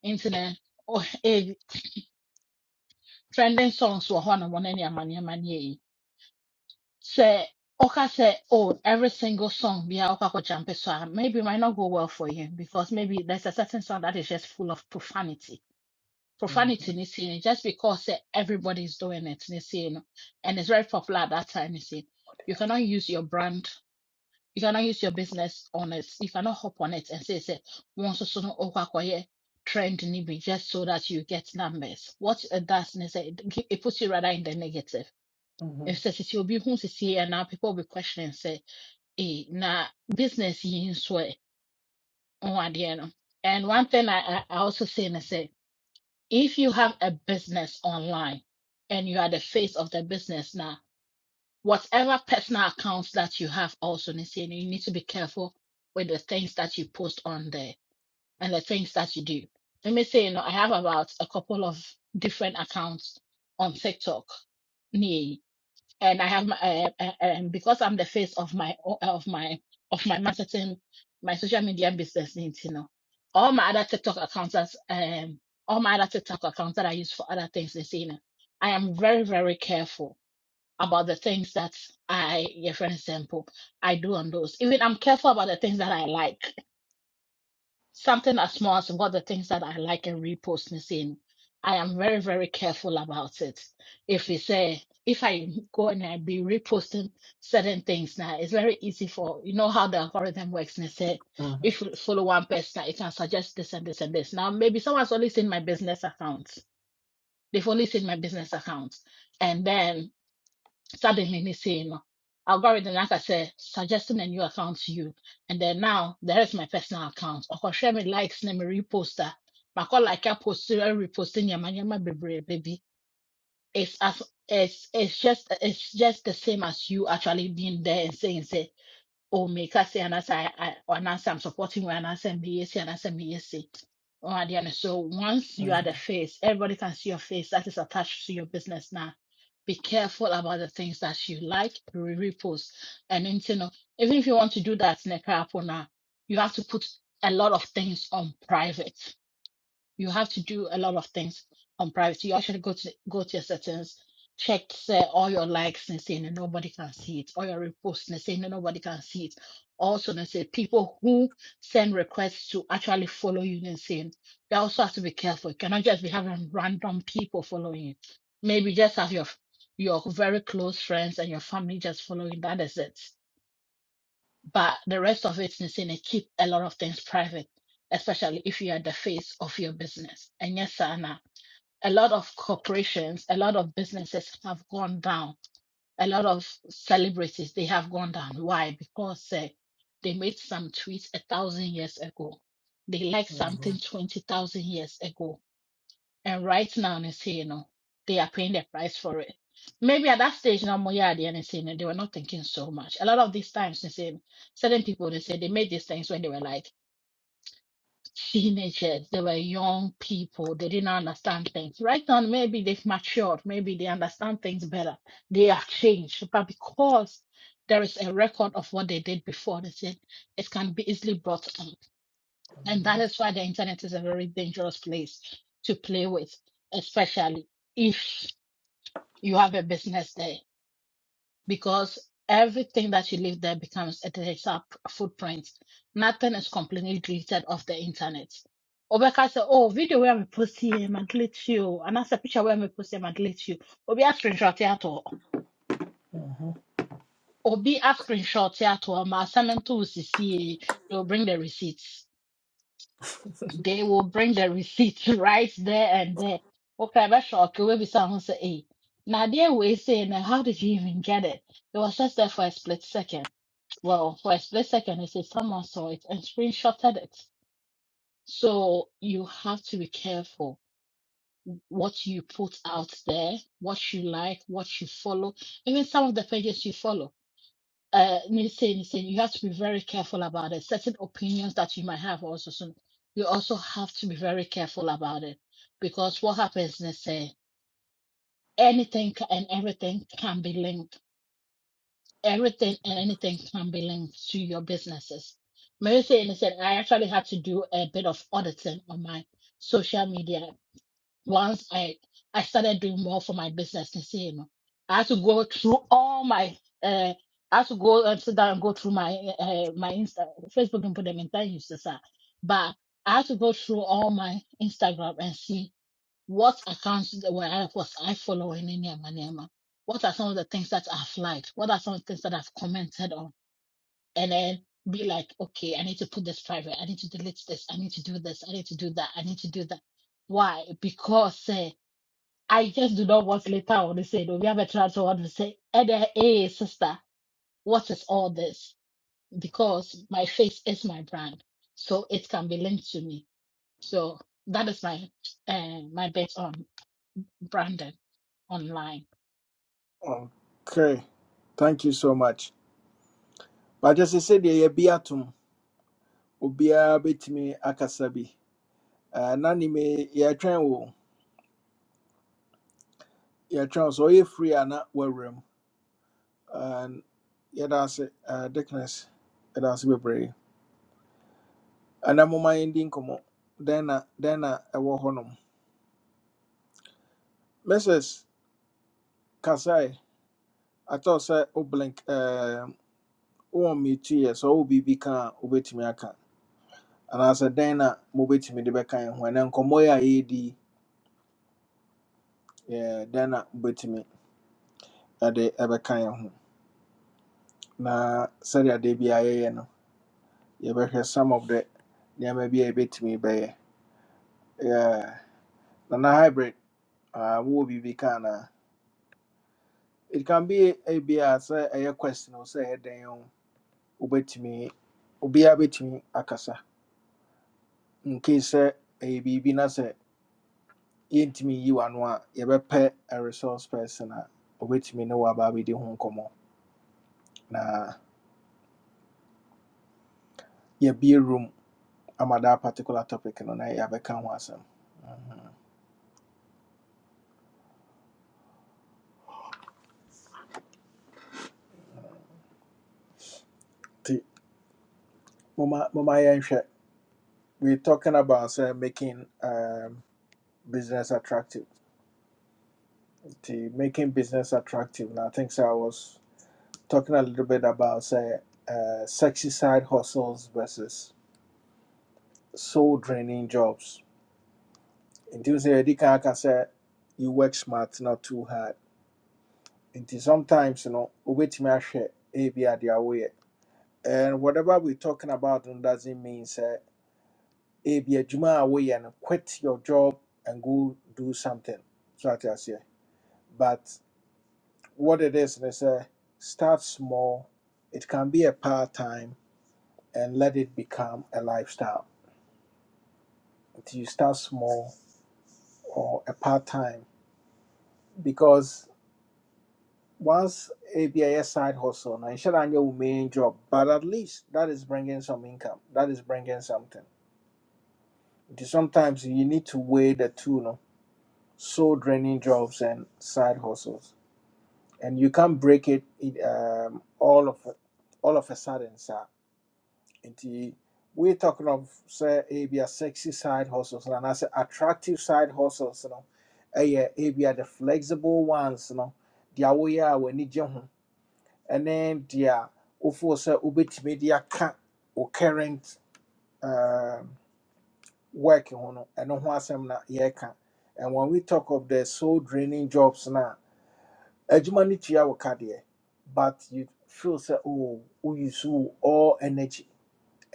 [SPEAKER 5] Internet oh eh trending songs were one on one any amani amani Say, Oka say, oh every single song be Oka ko jampe so a maybe it might not go well for you because maybe there's a certain song that is just full of profanity profanity ne sei no just because say everybody is doing it ne sei no and it's very popular at that time ne sei you cannot use your brand you cannot use your business on it you cannot hop on it and say say, once nso so no Oka ko akɔyɛ trend Nibi just so that you get numbers what it does ne sɛ it gi- it puts you rather in the negative
[SPEAKER 1] mhm,
[SPEAKER 5] ɛfiri sɛ sisi obi ho sisi anaa people will be questioning say, eh na business yi nso ɛ ɔho no and one thing I, I I also say na say, if you have a business online and you are the face of the business now whatever personal accounts that you have also ne no, you need to be careful with the things that you post on there and the things that you do let me say you know I have about a couple of different accounts on TikTok Nee, and I have my uh, uh, and because I'm the face of my of my of my marketing my social media business you know all my other TikTok accounts that's, um all my other TikTok accounts that I use for other things is you know I am very very careful about the things that I yeah for example I do on those even I'm careful about the things that I like something as small as what the things that I like and repost and saying, I am very, very careful about it. If it's a, if I go and I be reposting certain things now, it's very easy for, you know how the algorithm works. And say, if you follow one person, it can suggest this and this and this. Now, maybe someone's only seen my business account. They've only seen my business account. And then start the mini saying no. Algorithm, like I said, suggesting a new account to you. And then now there is my personal account. Or share me likes, name me reposter. But call like a poster, reposting your man, baby, baby. It's as it's it's just it's just the same as you actually being there and saying say or make us say and as I, I or and as I'm supporting you and as I may say and as I may say. Oh, and then, so once you are the
[SPEAKER 1] mhm,
[SPEAKER 5] face, everybody can see your face that is attached to your business now. Be careful about the things that you like, re- repost, and then, you know, even if you want to do that, Nekra Apona, you have to put a lot of things on private you have to do a lot of things on privacy. You actually go to go to your settings, check uh, all your likes and saying that nobody can see it, all your reposts and saying that nobody can see it. Also, they say people who send requests to actually follow you and saying you also have to be careful. You cannot just be having random people following you. Maybe just have your your very close friends and your family just following. That is it but the rest of it is in a keep a lot of things private, especially if you are the face of your business. And yes, Anna, a lot of corporations, a lot of businesses have gone down. A lot of celebrities they have gone down. Why? Because eh, they made some tweets a thousand years ago. They liked
[SPEAKER 1] mhm,
[SPEAKER 5] something twenty thousand years ago and right now, they say, you know, they are paying the price for it. Maybe at that stage, now more yeah, they say, they were not thinking so much. A lot of these times, they say certain people they say they made these things when they were like teenagers, they were young people, they didn't understand things. Right now, maybe they've matured, maybe they understand things better, they have changed. But because there is a record of what they did before, they said it can be easily brought on. And that is why the internet is a very dangerous place to play with, especially if you have a business there, because everything that you leave there becomes a digital p- footprint. Nothing is completely deleted off the internet. Obeka say, oh, video where me post here, ma delete you. And that's a picture where me post here, ma delete you. Obi a screenshot here to,
[SPEAKER 1] mhm.
[SPEAKER 5] Obi a screenshot here to, ma send them to CC, they'll bring the receipts. they will bring the receipts right there and there. Okay, that's shock. It will be someone say, hey. Now there we say, now how did you even get it? It was just there for a split second. Well, for a split second, they say someone saw it and screenshotted it. So you have to be careful what you put out there, what you like, what you follow, even some of the pages you follow uh listen, listen, you have to be very careful about it. Certain opinions that you might have also so you also have to be very careful about it because what happens is uh, anything ca- and everything can be linked. Everything and anything can be linked to your businesses. Mary said, listen, I actually had to do a bit of auditing on my social media once I I started doing more for my business and say, you know, I had to go through all my uh I had to go and sit down and go through my uh, my Insta Facebook and put them in time uses are. But I had to go through all my Instagram and see what accounts that were I was I following in Yama Yama. What are some of the things that I've liked? What are some of the things that I've commented on? And then be like, okay, I need to put this private. I need to delete this. I need to do this. I need to do that. I need to do that. Why? Because eh, I just do not want later on to say, no, we have a transfer want to say, and then, hey, sister, what is all this? Because my face is my brand, so it can be linked to me. So that is my uh, my bet on Brandon online.
[SPEAKER 1] Okay. Thank you so much. But just say the Yabiatum, Ubia Betimi Akasabi. Nanime Yatran, Yatran, so you free and not well room. And yet, I say, Dickness, it has to be brave. And I'm ɛna momma yɛndi nkɔmmɔ dɛn na dɛn na ɛwɔ hɔnom mrs kasae atɔ sɛ wo blink ɛɛm, wowɔ mmetuiɛ sɛ wowɔ biribi ka a wobɛtumi aka anaasɛ dɛn na mobɛtumi de bɛka yɛn ho ɛnɛ nkɔmmɔ yɛ a yɛredi yi, ɛɛ, dɛn na mobɛtumi de ɛbɛka yɛn ho na sɛdeɛ adeɛ bi a yɛyɛ no yɛbɛhwɛ some of the nneɛma bi a yɛbɛtumi bɛyɛ Yeah. nana hybrid ah, wowɔ biribi ka anaa it can be a bia sɛ ɛyɛ question o sɛ ɛyɛ dɛn o wobɛtumi obiara bɛtumi akasa nkei sɛ ɛyɛ biribi na sɛ yɛntumi yi w'ano a yɛbɛpɛ a resource person a obɛtumi ne wɔaba abɛdi ho nkɔmmɔ na yɛabie room ama that particular topic no na yɛabɛka ho asɛm nti moma moma yɛnhwɛ we talking about say making um, business attractive The making business attractive na i think sɛ i was talking a little bit about say uh, sexy side hustles versus soul draining jobs nti wo sɛ yɛdi kan aka sɛ you work smart not too hard nti sometimes no wobɛtumi ahwɛ ebi adeɛ a woyɛ and whatever we talking about no doesn't mean sɛ ebi adwuma a woyɛ no quit your job and go do something so ate aseɛ but what it is ne say, start small it can be a part time and let it become a lifestyle Until you start small or a part time because once a BIS side hustle, now should have your main job, but at least that is bringing some income. That is bringing something. It is Sometimes you need to weigh the two, no, soul draining jobs and side hustles, and you can't break it in, um, all of all of a sudden, sir. And we're talking of say maybe a sexy side hustles and I say attractive side hustles, you know, eh, yeah, maybe the flexible ones, you know, the way ɛne deɛ wofoɔ sɛ wobɛtumi Media can, wo current um, work ho no ɛno ho asɛm na yɛreka and when we talk of the soul draining jobs na adwuma no tua wo ka deɛ but you feel so oh wouse wo all energy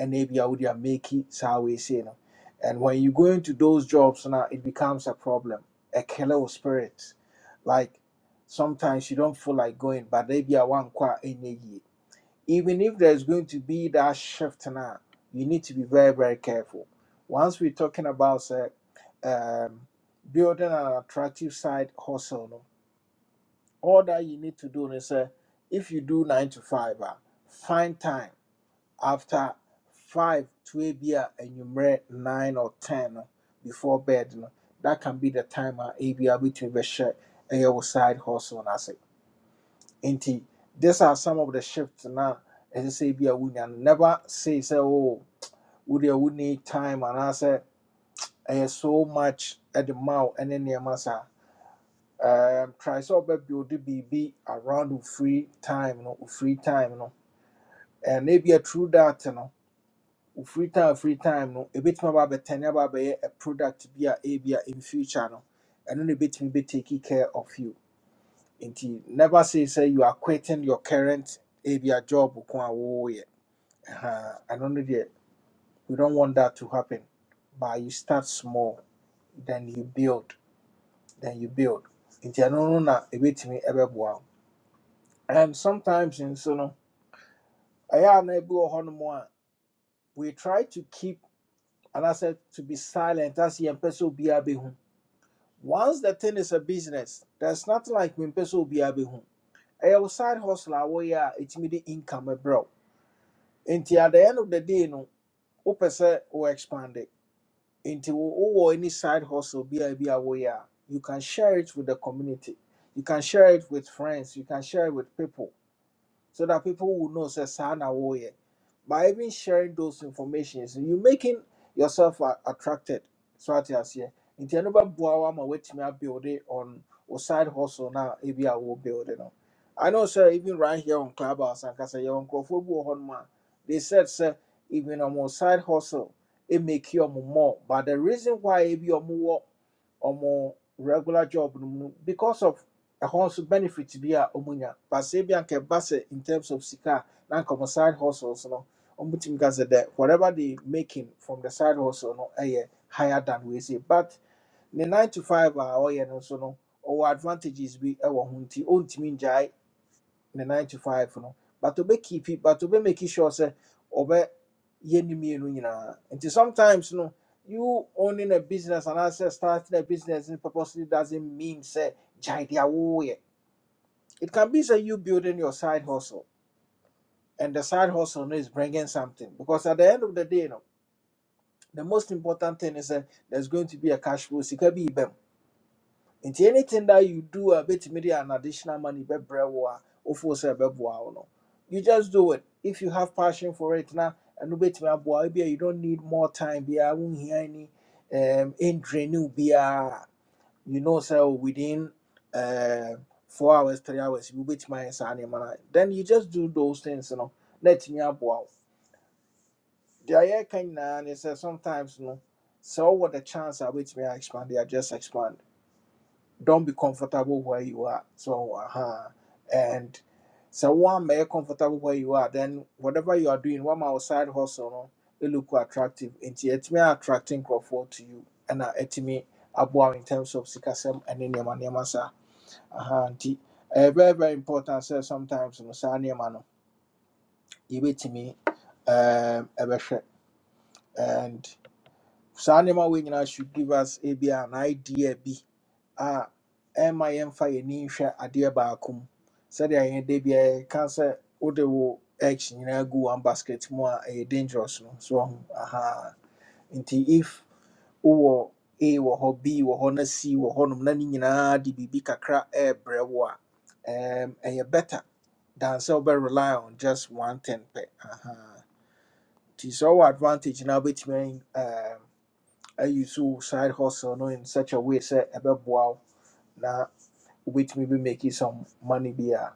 [SPEAKER 1] and maybe ɛna make it. So we say no and when you go into those jobs now, it becomes a problem a killer of spirit like sometimes you don't feel like going but ebia woankɔ a ɛnyɛ yie even if there's going to be that shift now, you need to be very, very careful. Once we're talking about say, um, building an attractive side hustle, no, all that you need to do is uh, if you do nine to five, ah, find time after five to a beer and you marry nine or ten no, before bed. No, that can be the time ah, a beer between the share and your side hustle. And I say. Nti, these are some of the shifts na ɛsɛ sɛ bi a wonya no never say sɛ oh, wo deɛ wo need time anaasɛ ɛyɛ so much at the mouth, ɛne nneɛma saa um, try sɛ ɔbɛbuild biribi around wo free time no wo free time no and ebia through that no wo free time free time no ebɛtumi aba abɛtɛne aba abɛyɛ a product bi a ebia in future no ɛno na ebɛtumi bɛtake care of you nti never say sɛ you are quitting your current ebia job ko a wɔwɔ yɛ uh, I don't know yet. We don't want that to happen. But you start small, then you build, then you build. Nti ɛno no na ɛbɛtumi ɛbɛboa wo. And sometimes nso no, ɛyɛ a na ebi wɔ hɔnom a, we try to keep and I said to be silent as yɛmpɛ sɛ obiara bɛhu. Once the thing is a business, there's nothing like mempɛ sɛ obiara bɛhu. Ɛyɛ wo side hustle a wɔyɛ a ɛtumi de income ɛbrɛ wo. Nti at the end of the day no, wopɛ sɛ wo expand it. Into or any side hustle be bi a woyɛ a you can share it with the community you can share it with friends you can share it with people so that people will know say sana woye. By even sharing those informations, you making yourself a- attracted. So at yes here. Nti ɛno bɛboa wo ama build it on wo side hustle na ebi a wɔbuilde no. I know sir, even right here on Clubhouse and yɛwɔ nkurɔfoɔ bi wɔ hɔnom they said sir. even ɔmo side hustle it make you more but the reason why if ebi more wɔ more regular job no mu no, because of a horse benefit to be a omunya. but sɛ ebi anka ɛba in terms of sika a, side hustles no ɔmo tumi whatever they making from the side hustle no ɛyɛ higher than we say but the nine to five a ɔyɛ no nso no ɔwɔ advantages be ɛwɔ ho nti ɔntumi ngyae ne nine to five no but ɔbɛ keep it but to be make sure sɛ ɔbɛ yɛ ne mmienu nyinaa nti sometimes no you owning a business and as starting a business and purposely doesn't mean sɛ gyae deɛ awoyɛ it can be that you building your side hustle, and the side hustle no is bringing something. Because at the end of the day, you know, the most important thing is that there's going to be a cash flow. Sika be ibem. Into anything that you do, a bit maybe an additional money, be brewa, ofo se be boa no. You just do it if you have passion for it now. And bit me aboa, you don't need more time. Be I won't hear any um in draining. be a you know so within uh four hours three hours you which my son then you just do those things you know let me up wow the air can is that sometimes you know so what the chance I which may I expand they are just expand don't be comfortable where you are so uh-huh and so one may comfortable where you are then whatever you are doing one outside hustle no, it look attractive and yet may attracting crowd to you and uh, it may aboa in terms of sikasɛm ne nneɛma nneɛma Aha, nti ɛyɛ very very important sɛ sometimes no saa nneɛma no yɛbɛtumi um, ɛbɛhwɛ and saa nneɛma wei nyinaa should give us a ebi an idea bi a ɛma yɛmfa yɛni nhwɛ adeɛ baako mu sɛdeɛ yɛn da biara yɛka sɛ wode wo eggs nyinaa gu one basket mu a ɛyɛ dangerous no so ɔho aha nti if wowɔ A wɔ hɔ B wɔ hɔ na C wɔ hɔnom na ne nyinaa de biribi kakra ɛrebrɛ wo a um, ɛyɛ better than sɛ rely on just one thing pɛ Aha. nti sɛ ɔwɔ advantage na wobɛtumi um, ayi so side hustle no in such a way sɛ ɛbɛboa wo na wobɛtumi bi make some money bi a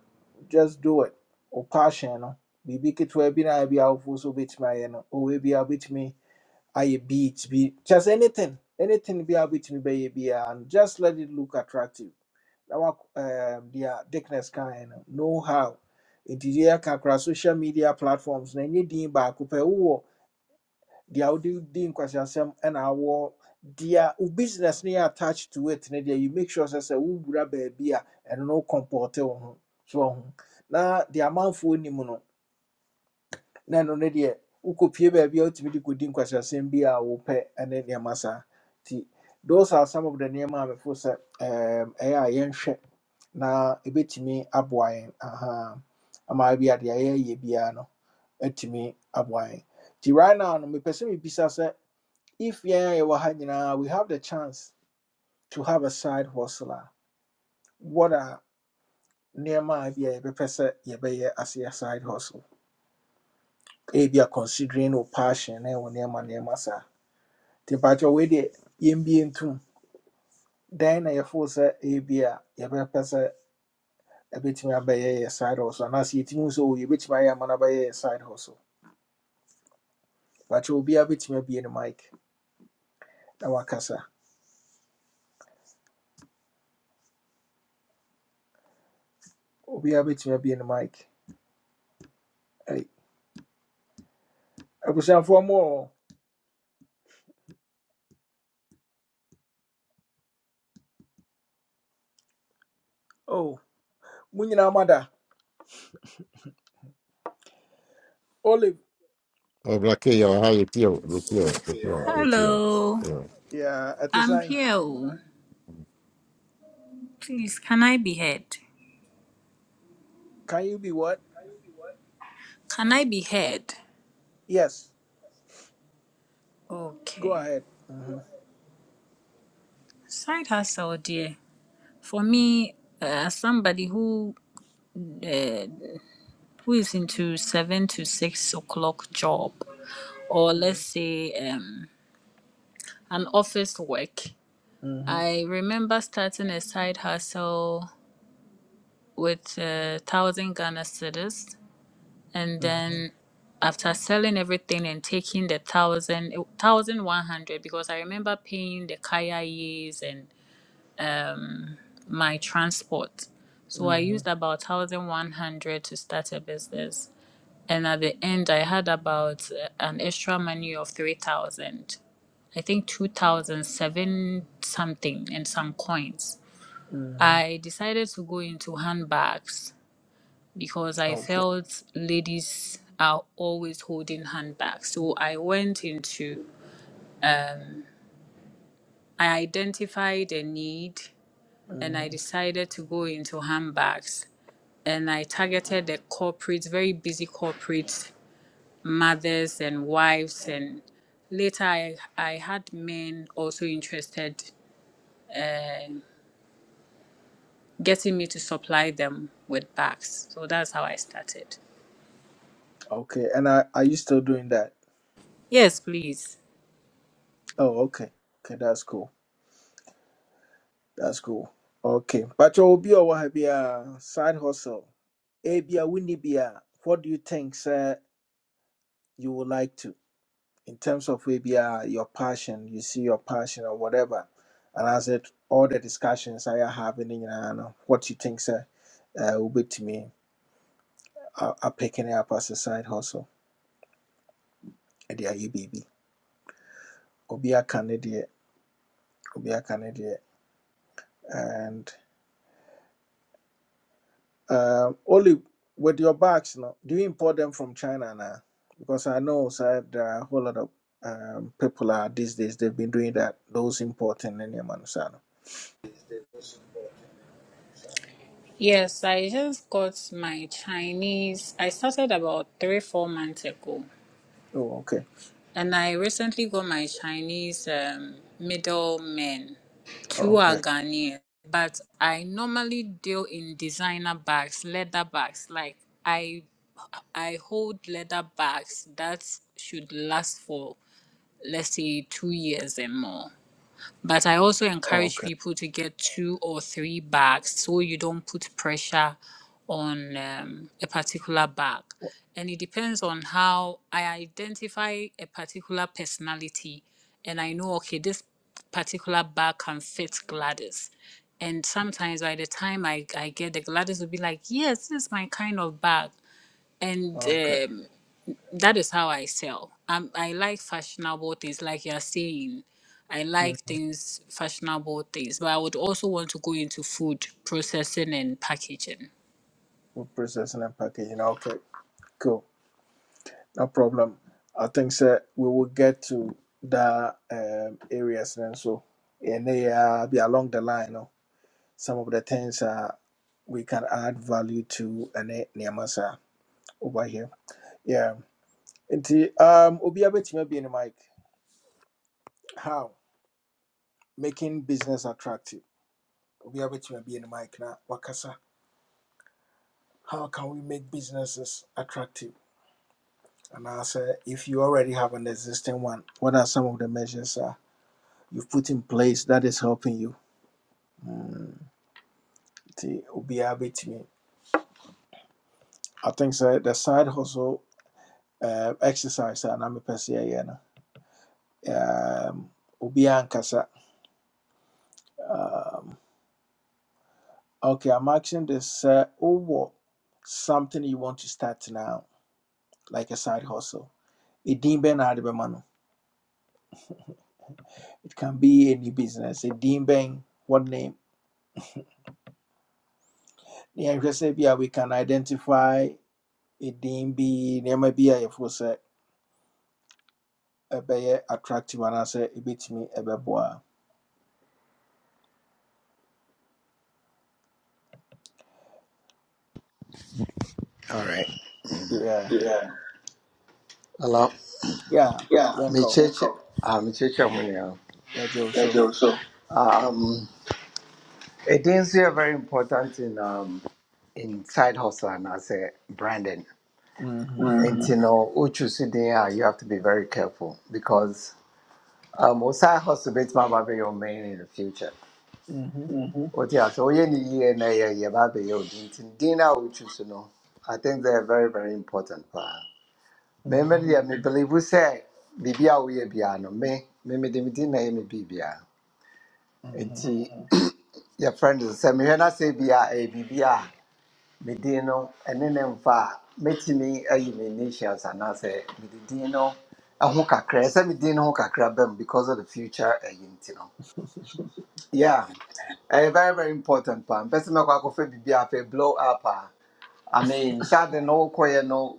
[SPEAKER 1] just do it wo passion no biribi ketewa bi na bi a wofoɔ so wobɛtumi ayɛ no ɔwɔ bi a wobɛtumi ayɛ beat bi kyerɛ anything anything be a wobɛtumi bɛyɛ biara and just let it look attractive Now, wa um, dea dickness kaeɛ no know how It is here yɛka social media platforms na ɛnyɛ din baako pɛ wowɔ deɛ wode di nkwaseasɛm ɛna and our their business no attached to it ne deɛ you make sure say, sɛ wowura baabi a beer and no comporte on. ho so wo ho na deɛ amanfoɔ nim no na ɛno no deɛ wokɔpie baabi a wotumi de kɔdi nkwahyɛsɛm bi a wopɛ ne nneɛma saa those are some of the nneɛma a mefo sɛ ɛɛm, ɛyɛ a yɛnhwɛ na ɛbɛtumi aboa aha ama bi adeɛ a yɛyɛ biara no atumi aboa yɛn nti right now no mepɛ sɛ mebisa sɛ if yɛn a yɛwɔ ha nyinaa we have the chance to have a side hustler, what are nneɛma a bi a yɛbɛpɛ sɛ yɛbɛyɛ a side hustle ebia considering wo passion na ɛwɔ nneɛma nneɛma saa nti mpakyɛ wei deɛ yɛmbie ntom dan na yɛfoo sɛ ebi a yɛbɛpɛ sɛ ɛbɛtumi abɛyɛ yɛ side hustle anaasɛ yɛtumi hu sɛ o yɛbɛtumi ayɛ ama no abɛyɛ yɛ side hustle mpakyɛ a bɛtumi abie no mic na wakasa Obi a bɛtumi abie no mic Ɛi, abusuafoɔ mu o. Oh, mo nyinaa mada olive
[SPEAKER 6] Eh, Blackio, how you feel? You feel? You feel? You feel?
[SPEAKER 7] Hello,
[SPEAKER 6] You.
[SPEAKER 1] yeah, at the
[SPEAKER 7] I'm
[SPEAKER 1] sane
[SPEAKER 7] here. oh. Please, can I be heard?
[SPEAKER 1] can you be what
[SPEAKER 7] Can I be heard?
[SPEAKER 1] yes go
[SPEAKER 7] Okay.
[SPEAKER 1] ahead Mhm.
[SPEAKER 7] Side hustle, dear. For me, uh, somebody who uh, who is into seven to six o'clock job, or let's say um, an office work,
[SPEAKER 1] Mhm.
[SPEAKER 7] I remember starting a side hustle with uh, thousand Ghana cedis and
[SPEAKER 1] Mhm.
[SPEAKER 7] then after selling everything and taking the thousand thousand one hundred because I remember paying the kaya years and my transport. So I
[SPEAKER 1] Mhm.
[SPEAKER 7] used about thousand one hundred to start a business, and at the end I had about uh, an extra money of three thousand. I think two thousand seven something and some coins.
[SPEAKER 1] Mhm.
[SPEAKER 7] I decided to go into handbags because I
[SPEAKER 1] Okay.
[SPEAKER 7] felt ladies are always holding handbags. So I went into, I identified a need and I
[SPEAKER 1] Mhm.
[SPEAKER 7] decided to go into handbags. And I targeted the corporates, very busy corporate mothers and wives. And later I, I had men also interested uh, getting me to supply them with bags. So that's how I started.
[SPEAKER 1] Okay. And are, are you still doing that?
[SPEAKER 7] Yes, please.
[SPEAKER 1] Oh, okay. Okay, that's cool. That's cool. Okay. But you will be a wa- be side hustle. A be a what do you think, sir, you would like to in terms of maybe uh, your passion, you see your passion or whatever. And as it all the discussions I are having in know what you think, sir, uh will be to me are are picking it up as a side hustle. And yeah, you baby. Obi a Canadian, Obi a Canadian. Um, Oli, with your bags, no, do you import them from China now? Because I know, sir, there are a whole lot of um, people are these days. They've been doing that. Those importing any man, sir.
[SPEAKER 7] Yes, I just got my Chinese. I started about three, four months ago.
[SPEAKER 1] Oh, okay,
[SPEAKER 7] And I recently got my Chinese um, middlemen. Two are
[SPEAKER 1] okay,
[SPEAKER 7] Ghanaian. But I normally deal in designer bags, leather bags. Like I I hold leather bags that should last for let's say two years and more. But I also encourage
[SPEAKER 1] okay,
[SPEAKER 7] people to get two or three bags so you don't put pressure on um, a particular bag. And it depends on how I identify a particular personality. And I know, okay, this particular bag can fit Gladys. And sometimes by the time I, I get the Gladys will be like, yes, this is my kind of bag. And
[SPEAKER 1] okay.
[SPEAKER 7] um, that is how I sell. Um, I like fashionable things, like you're saying. I
[SPEAKER 1] Mm.
[SPEAKER 7] like things, fashionable things, but I would also want to go into food processing and packaging.
[SPEAKER 1] Food processing and packaging. Okay, cool. No problem. I think, sir, we will get to the um, areas then. so, and they uh, be along the line. No, some of the things uh, we can add value to and uh, over here. Yeah. Nti um obi abetuma be in the mic. How making business attractive. Obi abetuma be in the mic na wakasa. How can we make businesses attractive? And I say if you already have an existing one, what are some of the measures uh, you've put in place that is helping you? Mm, Nti obi abetumi. I think sir, the side hustle uh, exercise and I'm a person Um obi ankasa. Okay, I'm asking this. Uh, oh, what something you want to start now, like a side hustle? A din ben adibemano. It can be any business. A din ben, what name? The NHSABIA, we can identify a din be name be a force a be attractive and I say a bit me a beboa.
[SPEAKER 8] All right.
[SPEAKER 1] Yeah.
[SPEAKER 8] Yeah. Hello.
[SPEAKER 1] Yeah.
[SPEAKER 8] Yeah. Me
[SPEAKER 1] Yanko.
[SPEAKER 8] Welcome. Ah, me cheche mwenye.
[SPEAKER 1] Yeah, Joe.
[SPEAKER 8] Thank
[SPEAKER 1] So.
[SPEAKER 8] you so. Um, it is uh, very important in um in side hustle and as a branding. And
[SPEAKER 1] Mm-hmm.
[SPEAKER 8] Mm-hmm. you Mm-hmm. know, uchu si there, you have to be very careful because um, o side hustle bit ma be your main in the future.
[SPEAKER 1] Mm-hmm.
[SPEAKER 8] Mm-hmm. What yeah, so ye need ye na ye ye ba be your din tin din na uchu si no. I think they're very very important. Me me
[SPEAKER 1] Mm-hmm.
[SPEAKER 8] deɛ me believe sɛ biribi a woyɛ biara no me me mede me din na ɛyɛ me biribiara
[SPEAKER 1] Mm-hmm.
[SPEAKER 8] nti yɛfrɛ no sɛ mehwɛ no sɛ bi a ɛyɛ biribi a me din no ɛne ne mfa a mɛtumi ayi me initials anaasɛ mede din no eh, ho kakra ɛsɛ me din no ho kakra bɛm because of the future ɛyi nti no yeah ɛyɛ very very important paa mpɛ sɛ mɛkɔ akɔfa biribi a afei blow up a. I mean, shade no koye no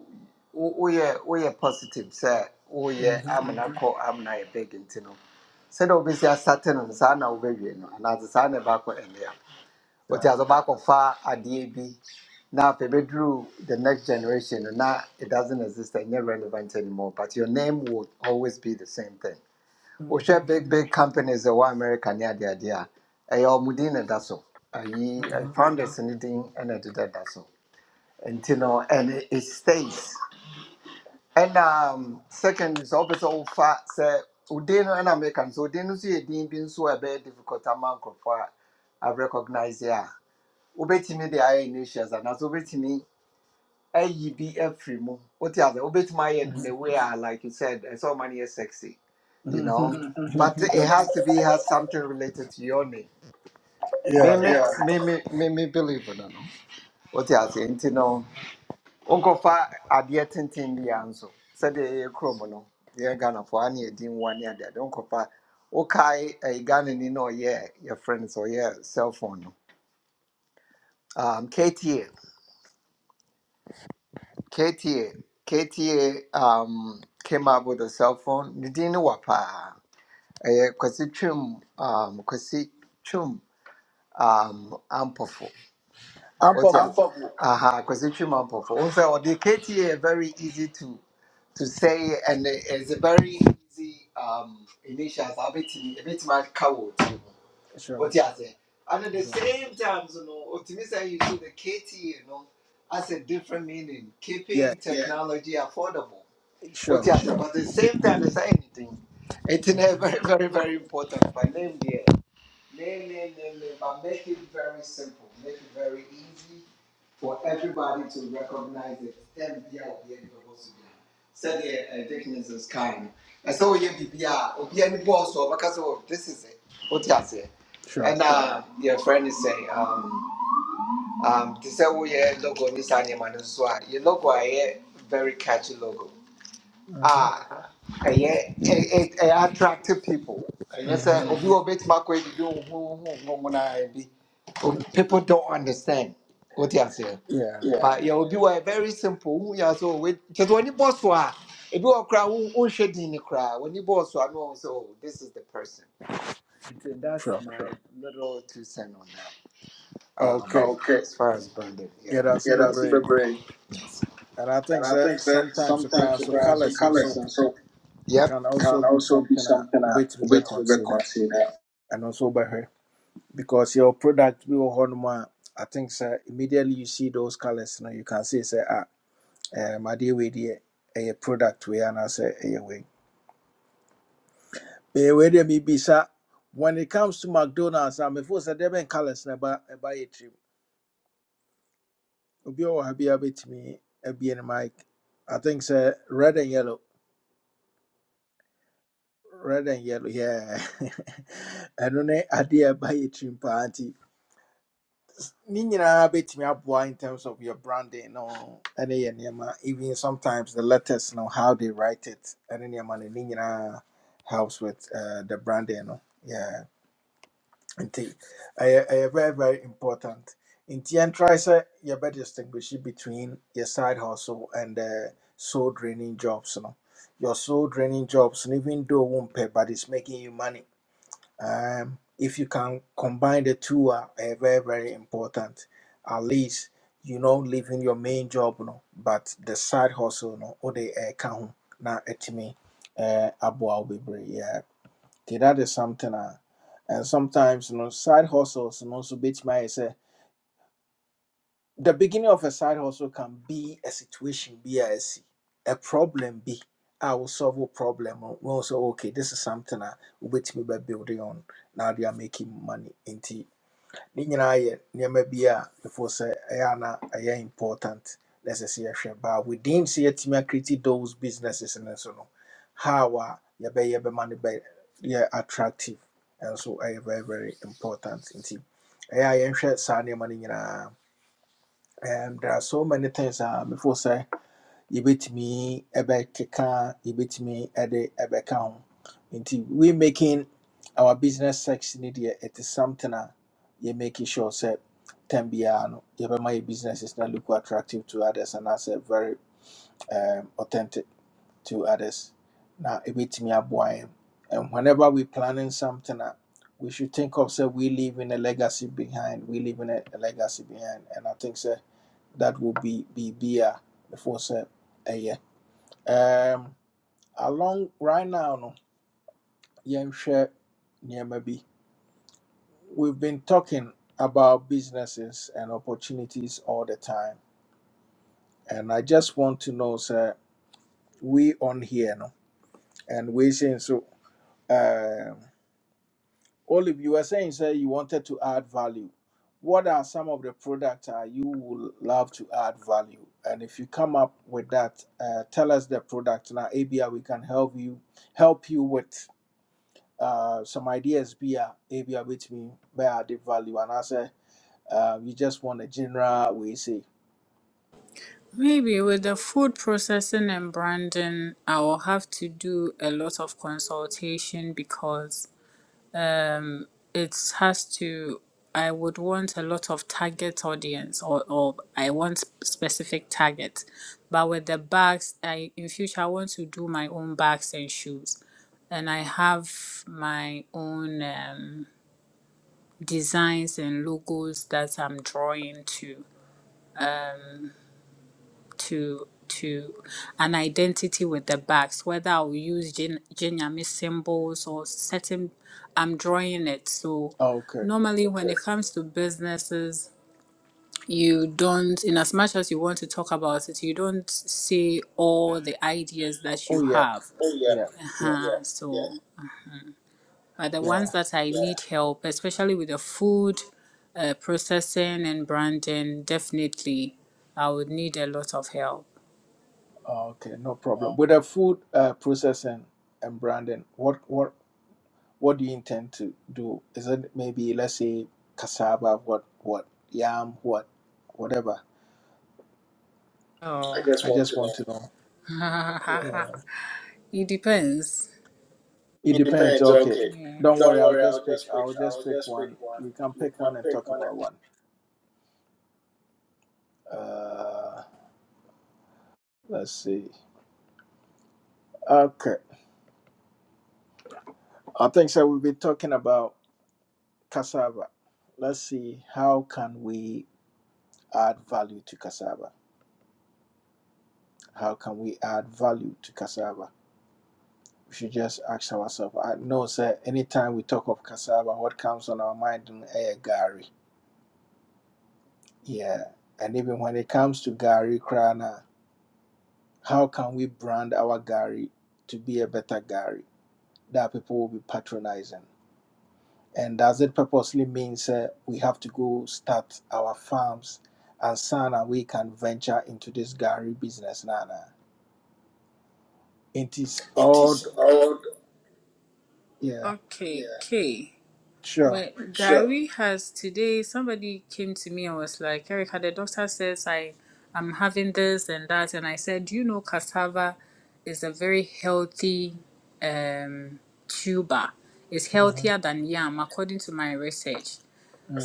[SPEAKER 8] woyɛ woyɛ positive sɛ woyɛ
[SPEAKER 1] Mm-hmm.
[SPEAKER 8] amena kɔ amena yɛ big nti no sɛdeɛ wobɛsi asate and no saa na wobɛwie no anaasɛ saa na ɛbaakɔ ɛnea wɔte
[SPEAKER 1] Yeah.
[SPEAKER 8] asɛ wobɛakɔfa adeɛ bi na afei bɛduru the next generation no na it doesn't exist and not relevant anymore but your name will always be the same thing share
[SPEAKER 1] Mm-hmm.
[SPEAKER 8] big big companies ɛwɔ america ne adeadeɛ a ɛyɛ ɔmo din na ɛda so ayi eh, founders no din ɛna ɛdeda da so and you know, and it, it stays. And um, second is obviously all fat say Udin and American, so Udin see a dean being so a bit difficult amount of what I recognize yeah. Ubeti me the iron issues and as ubeti me a be a free mo. What the other ubeti my
[SPEAKER 1] Mm-hmm.
[SPEAKER 8] end in a way I like you said, it's all money is sexy, you
[SPEAKER 1] Mm-hmm.
[SPEAKER 8] know. Mhm. But
[SPEAKER 1] Mm-hmm.
[SPEAKER 8] it has to be has something related to your name. Me
[SPEAKER 1] Yeah.
[SPEAKER 8] me Yeah. me me me me believe in it. No? What the other, you know. wonkɔfa adeɛ tenten biara nso sɛdeɛ yɛyɛ kurom no yɛyɛ ghanafoɔ a ne yɛdi nwa ne adeade wonkɔfa wokae ɛyɛ ghanani na ɔyɛ yɛfrɛ no sɛ ɔyɛ cellphone no um, kta kta kta um, came up with a cell phone ne din ne wa paa ɛyɛ kwasi twam um, kwasi twam um, ampɔfo
[SPEAKER 1] I'm
[SPEAKER 8] wote
[SPEAKER 1] powerful.
[SPEAKER 8] ase aha kwasi twam ampɔfo wo sɛ ɔde kta yɛ very easy to to say, and it's a very easy um, initial. so A bit a bit much coward.
[SPEAKER 1] Sure.
[SPEAKER 8] What you say? And at the
[SPEAKER 1] sure.
[SPEAKER 8] same time, you know, what you say, see the KT, you know, has a different meaning,
[SPEAKER 1] Yeah,
[SPEAKER 8] keeping Yeah. technology affordable. What
[SPEAKER 1] sure.
[SPEAKER 8] you say? But at the same time, it's anything. It's a
[SPEAKER 1] Mm-hmm.
[SPEAKER 8] very, very, very important. By name there. Nay, nay, nay, nay, but make it very simple. Make it very easy for everybody to recognize it. Then be out here in the boss again. Said the Dickens is kind. I saw you be be out be any boss or because oh, this is it. What you say?
[SPEAKER 1] Sure.
[SPEAKER 8] And uh, your friend is saying, um, um, this is oh yeah, logo, this animal, so your logo, I very catchy logo.
[SPEAKER 1] Mm-hmm.
[SPEAKER 8] Ah, ɛyɛ ɛ- ɛ- ɛyɛ attractive people. Ɛyɛ
[SPEAKER 1] Mm-hmm.
[SPEAKER 8] sɛ obi wɔ bɛtumi akɔ edidi ohun mu naa bi. O- People don't understand. O ti aseɛ.
[SPEAKER 1] Yeah,
[SPEAKER 8] Yeah. But yɛ obi wɔ very simple. Ohun yɛ sɛ owe kyerɛ wɔn ni bɔs a ebi wɔ who o nhwɛ the cry when you boss bɔs a no so oh this is the person. So that's
[SPEAKER 1] sure.
[SPEAKER 8] my little two cents on that. Um,
[SPEAKER 1] Okay.
[SPEAKER 8] Okay. as far as branding, yeah.
[SPEAKER 1] Yeah, that's
[SPEAKER 8] Yeah,
[SPEAKER 1] super
[SPEAKER 8] that's super
[SPEAKER 1] brave.
[SPEAKER 8] great.
[SPEAKER 1] And I
[SPEAKER 8] And
[SPEAKER 1] think
[SPEAKER 8] I
[SPEAKER 1] that
[SPEAKER 8] think that
[SPEAKER 1] sometimes the
[SPEAKER 8] sometimes
[SPEAKER 1] crowd
[SPEAKER 8] the
[SPEAKER 1] so
[SPEAKER 8] brands so
[SPEAKER 1] colors and
[SPEAKER 8] colors
[SPEAKER 1] so
[SPEAKER 8] and so Yep.
[SPEAKER 1] can also
[SPEAKER 8] can
[SPEAKER 1] be
[SPEAKER 8] also be
[SPEAKER 1] something a
[SPEAKER 8] something that
[SPEAKER 1] bit we
[SPEAKER 8] we
[SPEAKER 1] will
[SPEAKER 8] to be
[SPEAKER 1] consider and also by her. Because your product we will hold more I think sir immediately you see those colors now you can say say ah um I deal with a product we and I say a way. Eh, wei be mebisa, when it comes to McDonald's, I'm a force seven colors never buy a trim. Obi or have you bit me a B and mic. I think sir red and yellow. Red and yellow, yeah. And only idea buy a trim party. Ne nyinaa bɛtumi aboa in terms of your branding no ɛne yɛ even sometimes the letters know how they write it ɛne nneɛma no ne nyinaa helps with uh, the branding no Yeah. nti ɛyɛ ɛyɛ very very important nti yɛntrae sɛ yɛbɛ distinguish between your side hustle and uh, soul draining jobs no your soul draining jobs no even though pay, but it's making you money um, if you can combine the two a ɛyɛ very very important at least you know leaving your main job no but the side hustle no or wode ɛɛka ho na ɛtumi uh, aboa wo bebree yeah. Nti that is something a and sometimes you know side hustles and also, so bit my say the beginning of a side hustle can be a situation be a see a problem be I will solve a problem uh, we also okay this is something I will me by building on now they are making money into ne nyinaa yɛ nneɛma bi a before say, ɛyɛ ana important necessary." ɛsɛ sɛ yɛhwɛ but within sɛ yɛatumi akriti those businesses and so no how a yɛbɛyɛ bɛma no bɛ- yɛ attractive and so ɛyɛ very very important nti ɛyɛ a yɛnhwɛ saa nneɛma no nyinaa Um, there are so many things a before say yɛbɛtumi ɛbɛkeka yɛbɛtumi ɛde ɛbɛka ho nti we making our business section ne deɛ it is something a yɛ making sure sɛ tam biara no yɛbɛma yɛ businesses na look attractive to others and anaasɛ very um, authentic to others na ɛbɛtumi aboa yɛn and whenever we planning something a we should think of say we leaving a legacy behind we leaving a, a legacy behind and i think sɛ that will be be be a before sɛ ɛyɛ um, along right now, no, yɛnhwɛ nneɛma bi. We've been talking about businesses and opportunities all the time, and I just want to know, sir, we on here, no, and we saying so. Um, Olive, you were saying, sir, you wanted to add value. What are some of the products uh, you would love to add value? And if you come up with that, uh, tell us the product. Now, ABI, we can help you help you with. uh, some ideas be a eh, be a betumi bɛyɛ ade value And anaasɛ uh, you just want a general we say
[SPEAKER 7] Maybe with the food processing and branding, I will have to do a lot of consultation because um it has to i would want a lot of target audience or, or i want specific target but with the bags i in future i want to do my own bags and shoes and i have my own um, designs and logos that i'm drawing to Um, to to an identity with the bags, whether I'll use Jin- Jinyami symbols or certain I'm drawing it. So
[SPEAKER 1] okay
[SPEAKER 7] normally when it comes to businesses, you don't in as much as you want to talk about it, you don't say all the ideas that you
[SPEAKER 1] oh yeah
[SPEAKER 7] have. Oh yeah,
[SPEAKER 1] yeah yeah
[SPEAKER 7] Uh-huh. yeah, So, yeah. but the
[SPEAKER 1] yeah
[SPEAKER 7] ones that I yeah, need help, especially with the food uh, processing and branding, definitely I would need a lot of help. yeah.
[SPEAKER 1] okay no problem with the food uh, processing and branding what what what do you intend to do is it maybe let's say cassava what what yam what whatever
[SPEAKER 7] I Oh, just
[SPEAKER 1] i
[SPEAKER 7] want
[SPEAKER 1] just
[SPEAKER 7] to
[SPEAKER 1] want
[SPEAKER 7] know.
[SPEAKER 1] to know yeah
[SPEAKER 7] it depends.
[SPEAKER 1] it
[SPEAKER 7] It
[SPEAKER 1] depends
[SPEAKER 7] depends.
[SPEAKER 1] okay
[SPEAKER 7] Okay, Yes.
[SPEAKER 1] don't worry
[SPEAKER 7] don't
[SPEAKER 1] i'll
[SPEAKER 7] worry.
[SPEAKER 1] just
[SPEAKER 7] I'll
[SPEAKER 1] pick
[SPEAKER 7] just pick.
[SPEAKER 1] i'll just
[SPEAKER 7] I'll
[SPEAKER 1] pick
[SPEAKER 7] just pick
[SPEAKER 1] one
[SPEAKER 7] one.
[SPEAKER 1] we can
[SPEAKER 7] You
[SPEAKER 1] pick
[SPEAKER 7] can
[SPEAKER 1] one and
[SPEAKER 7] pick
[SPEAKER 1] talk
[SPEAKER 7] one.
[SPEAKER 1] about one Uh. Let's see. Okay. I think so we'll be talking about cassava. Let's see how can we add value to cassava? How can we add value to cassava? We should just ask ourselves. I know sir anytime we talk of cassava, what comes on our mind is gari. Yeah. And even when it comes to gari, Krana, how can we brand our gari to be a better gari that people will be patronizing? And does it purposely means uh, we have to go start our farms and son and we can venture into this Gary business nana? It is
[SPEAKER 7] It
[SPEAKER 1] all,
[SPEAKER 7] is old.
[SPEAKER 1] yeah,
[SPEAKER 7] Okay, Yeah, okay.
[SPEAKER 1] sure.
[SPEAKER 7] Well, sure. Gary has today, somebody came to me and was like, Erica, the doctor says I, I'm having this and that. And I said, Do you know cassava is a very healthy um, tuber? It's healthier
[SPEAKER 1] Mm-hmm,
[SPEAKER 7] than yam, according to my research.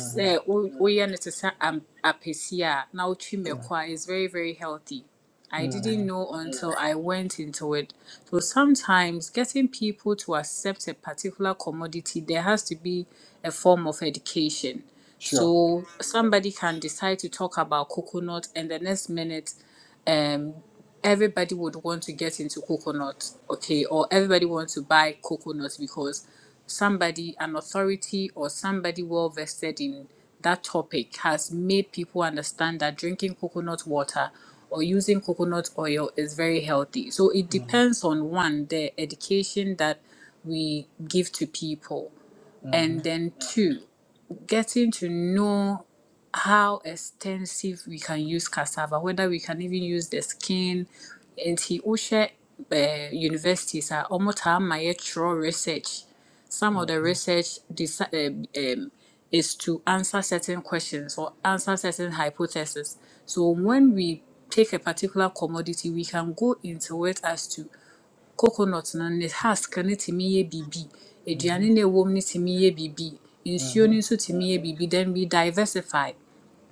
[SPEAKER 7] sɛ wo- woyɛ no te sɛ am- apɛsi a na wotwi mmɛkɔ a is very very healthy. I
[SPEAKER 1] mm-hmm,
[SPEAKER 7] didn't know until I went into it. So sometimes getting people to accept a particular commodity, there has to be a form of education.
[SPEAKER 1] sure.
[SPEAKER 7] So somebody can decide to talk about coconut, and the next minute um everybody would want to get into coconut okay or everybody wants to buy coconut because somebody an authority or somebody well vested in that topic has made people understand that drinking coconut water or using coconut oil is very healthy so it
[SPEAKER 1] Mm-hmm,
[SPEAKER 7] depends on one the education that we give to people
[SPEAKER 1] mm-hmm,
[SPEAKER 7] and then Yeah. two getting to know how extensive we can use cassava, whether we can even use the skin. Nti wohwɛ eh, universities a wɔtaa ma yɛtwerɛ research. Some of the research desi- um, um, is to answer certain questions or answer certain hypotheses. So when we take a particular commodity, we can go into it as to coconut no ne husk no tumi yɛ biribi,
[SPEAKER 1] mm-hmm,
[SPEAKER 7] aduane no a ɛwɔ mu no tumi yɛ biribi, nsuo
[SPEAKER 1] mm-hmm,
[SPEAKER 7] no nso tumi yɛ biribi. Then we diversify.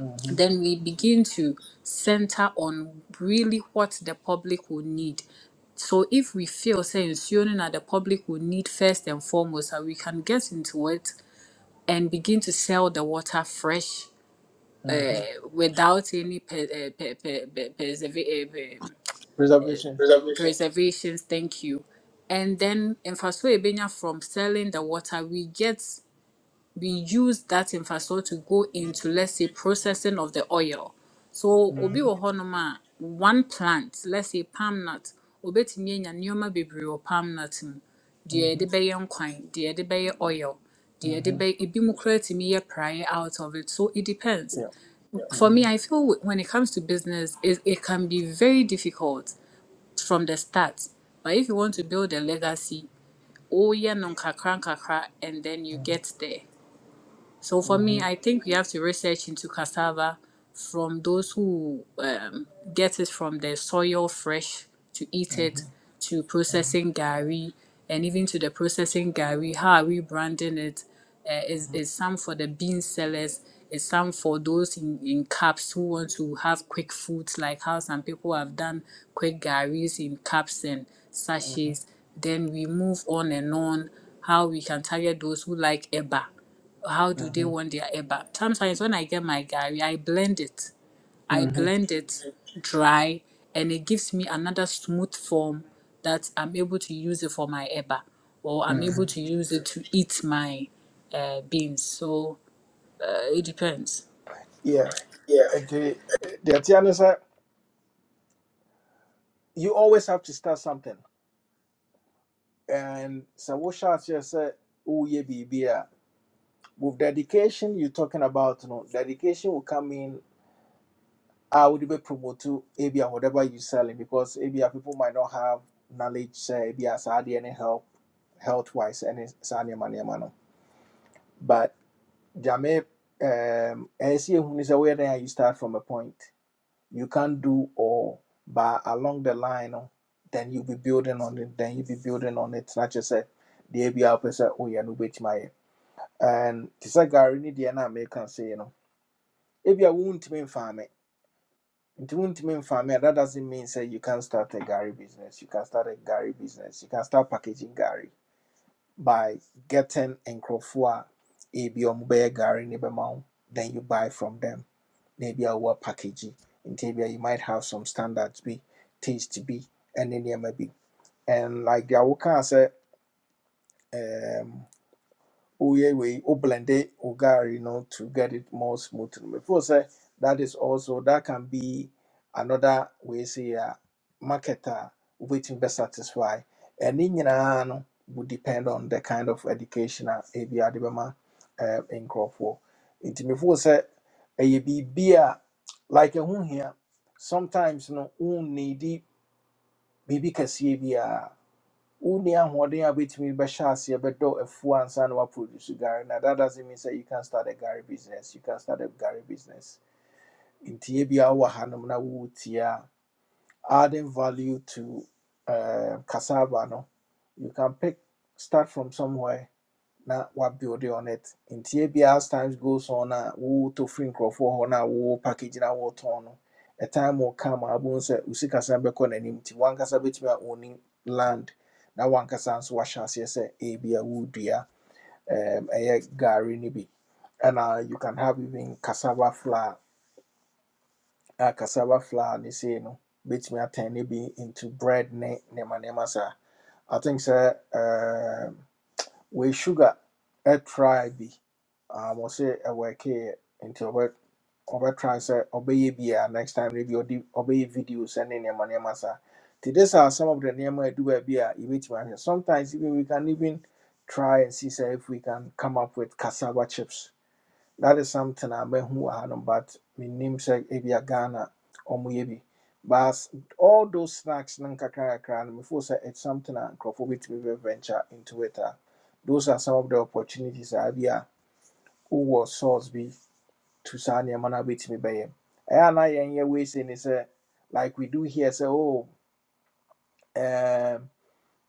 [SPEAKER 1] mm-hmm,
[SPEAKER 7] Then we begin to center on really what the public will need. So if we feel say ensuring that the public will need first and foremost, and we can get into it and begin to sell the water fresh
[SPEAKER 1] mm-hmm.
[SPEAKER 7] eh, without any per, uh, per, per, per,
[SPEAKER 1] Preservation.
[SPEAKER 7] Reservations. reservations thank you and then infrastructure ebenya from selling the water we get we use that infrastructure to go into let's say processing of the oil so obi
[SPEAKER 1] Mm-hmm,
[SPEAKER 7] wɔ hɔnom a one plant let's say palm nut obetumi anya nneɛma bebree wɔ palm nut mu deɛ yɛde
[SPEAKER 1] mm-hmm,
[SPEAKER 7] bɛyɛ nkwan deɛ yɛde bɛyɛ oil deɛ yɛde
[SPEAKER 1] mm-hmm,
[SPEAKER 7] bɛyɛ ebi mu koraa tumi yɛ praeɛ out of it so it depends
[SPEAKER 1] yeah.
[SPEAKER 7] for me i
[SPEAKER 1] Mm-hmm,
[SPEAKER 7] feel wh- when it comes to business it, it can be very difficult from the start. But if you want to build a legacy, oh yeah, non kakra kakra, and then you get there. So for me,
[SPEAKER 1] mm-hmm,
[SPEAKER 7] I think we have to research into cassava from those who um, get it from the soil fresh to eat it,
[SPEAKER 1] mm-hmm,
[SPEAKER 7] to
[SPEAKER 1] mm-hmm,
[SPEAKER 7] processing gari, and even to the processing gari. How are we branding it? Uh, is is some for the bean sellers? Is some for those in, in cups who want to have quick foods, like how some people have done quick garis in cups and
[SPEAKER 1] mm-hmm,
[SPEAKER 7] sachets. Then we move on and on. How we can target those who like eba how do they
[SPEAKER 1] mm-hmm,
[SPEAKER 7] want their eba? Sometimes when I get my gari, I blend it. I
[SPEAKER 1] mm-hmm.
[SPEAKER 7] blend it dry, and it gives me another smooth form that I'm able to use it for my eba, or I'm able
[SPEAKER 1] mm-hmm.
[SPEAKER 7] to use it to eat my uh, beans. So uh, it depends.
[SPEAKER 1] Yeah.
[SPEAKER 7] Yeah.
[SPEAKER 1] nti eh, deɛ tea ne sɛ you always have to start something and so what wohyɛ aseɛ say? Oh, yeah, a with dedication you are talking about you know dedication will come in I would be promote to ebia whatever you selling because ebia people might not have knowledge sɛ ebia saa adeɛ ne help health wise ɛne saa money nneɛma no but gyame um, ɛyɛ sɛ Who is aware then? you start from a point you can't do all, but along the line, no, then you'll be building on it, then you'll be building on it. Not just say, the ABR person, oh, yeah, no, which my. And this is Gary, need the American can say, you know, if you won't mean farm it. It won't mean farm it. That doesn't mean say you can start a Gary business. You can start a Gary business. You can start packaging Gary by getting and crofua ABM bear Gary neighbor Then you buy from them Maybe ebi a wɔwɔ package nti ebi you might have some standards be, taste bi ɛne nneɛma be. and like deɛ wokaa sɛ um, we blend it, ugar, you know, to get it more smooth. Before say that is also that can be another way say a marketer waiting best satisfy. And in no would depend on the kind of educational a ebi adibema um in for. It before say a be a like a here sometimes no un needy baby can see wonni ahoɔden a wobɛtumi bɛhyɛ aseɛ bɛdɔ afuo ansa what produce gari now that doesn't mean that you can start a gari business you can start a gari business In bi a wowɔ hanom na wowɔ tie a adding value to um cassava no you can pick start from somewhere na what build on it In ebi as times goes on a wotɔ firi nkurɔfoɔ for no a wowɔ package na wotɔn no a time will come I wobɛhu sɛ wo sikasɛm bɛkɔ n'anim nti wankasa bɛtumi a owning land na wankasa nso wahyɛ aseɛ sɛ ebia wodua um, ɛyɛ gari no and ɛna you can have even cassava flour a cassava flour and say, you sei no bɛtumi a tiny bi into bread ne nneɛma nneɛma saa i think sir, um wei sugar ɛtry bi um, ɔsɛ ɛwɔɛkeeɛ nti ɔbɛ ɔbɛtry sɛ ɔbɛyɛ bi a work here into work over transfer obey be next time no bi obey videos and nneɛma nneɛma saa nti this are some of the nneɛma ɛdu baabi a yɛbɛtumi ahwɛ sometimes even we can even try and see sɛ if we can come up with cassava chips that is something I met who I had, but my name said Ebia Ghana or Muyebi. But all those snacks, Nankakakran, before say it's something I with to venture into it. a, Those are some of the opportunities I have here. Who was source be to Sanya Mana with me by him. And I, and yeah, we saying is like we do here, say, oh, um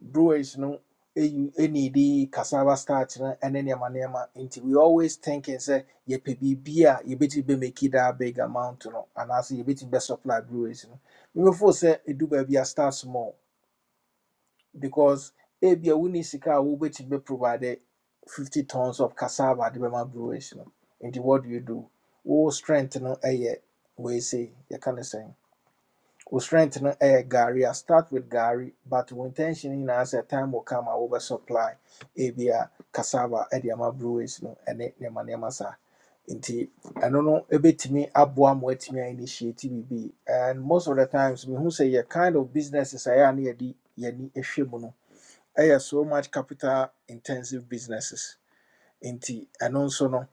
[SPEAKER 1] brewers no any enidi cassava starch no ɛne nneɛma nneɛma nti we always thinking sɛ yɛpɛ biribi a yɛbɛtumi bɛmaki that big amount no anaasɛ be bɛsupply brewers no memefo sɛ ɛdu baabi a start small because ebia wonni sika a be bɛprovide 50 tons of cassava de bɛma brewers no nti what do you do wo strength no ɛyɛ wei sei yɛka ne say we strength no ɛyɛ gari I start with Gary, but wo intention as a time will come a wobɛ supply ebia cassava ɛde ama breweries no ɛne nneɛma nneɛma saa nti ɛno no ɛbɛtumi aboa ma woatumi a bit me, Abuam, wet me, initiative be, and most of the times me who say yɛ kind of businesses a ɛyɛ a na yɛde yɛni hwɛ no so much capital intensive businesses nti ɛno nso no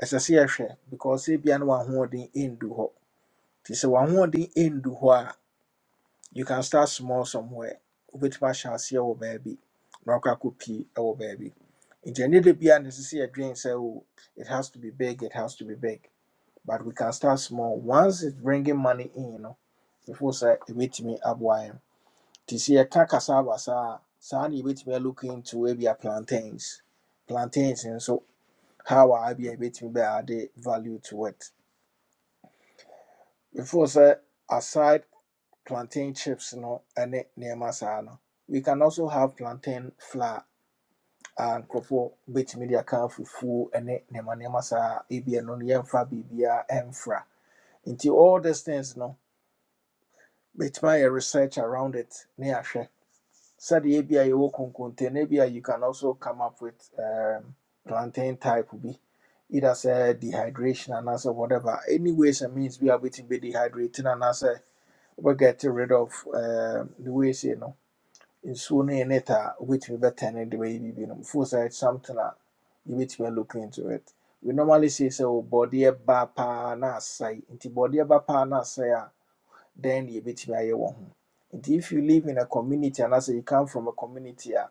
[SPEAKER 1] ɛsɛ a yɛhwɛ because ebia na wahoɔden ɛndu hɔ nti sɛ wahoɔden ɛndu hɔ you can start small somewhere wobɛtumi ahyɛ here wɔ baabi na wakɔ akɔpii wɔ baabi nti ɛnyɛ da bia ne sisi yɛdwen sɛ o it has to be big it has to be big but we can start small once it's bringing money in no before sɛ ɛbɛtumi aboa yɛn nti sɛ yɛka cassava saa a, saa ne yɛbɛtumi look into maybe a plantains plantains and so how I be a ebia yɛbɛtumi bɛ the value to it before say aside. plantain chips no ɛne nneɛma saa no we can also have plantain flour and nkurɔfoɔ bɛtumi de aka fufu, ɛne nneɛma nneɛma saa ebi ɛno no yɛmfa biribiara ɛmfra all these things no bɛtumi ayɛ research around it ne ahwɛ sɛdeɛ ebi a yɛwɔ konkonte no ebi you can also come up with um, plantain type bi either sɛ dehydration and anaasɛ whatever any ways and means we are a wobɛtumi dehydrating and no we get rid of um, the ways you know. nsuo no yɛ net a wobɛtumi bɛtɛne de bɛyɛ biribi no mfo sɛ it's something a yɛbɛtumi a look into it we normally say sɛ wo bɔdeɛ ba paa na asɛe nti bɔdeɛ ba paa na asɛe a dɛn ne yɛbɛtumi ayɛ wɔ ho nti if you live in a community and anaasɛ you come from a community a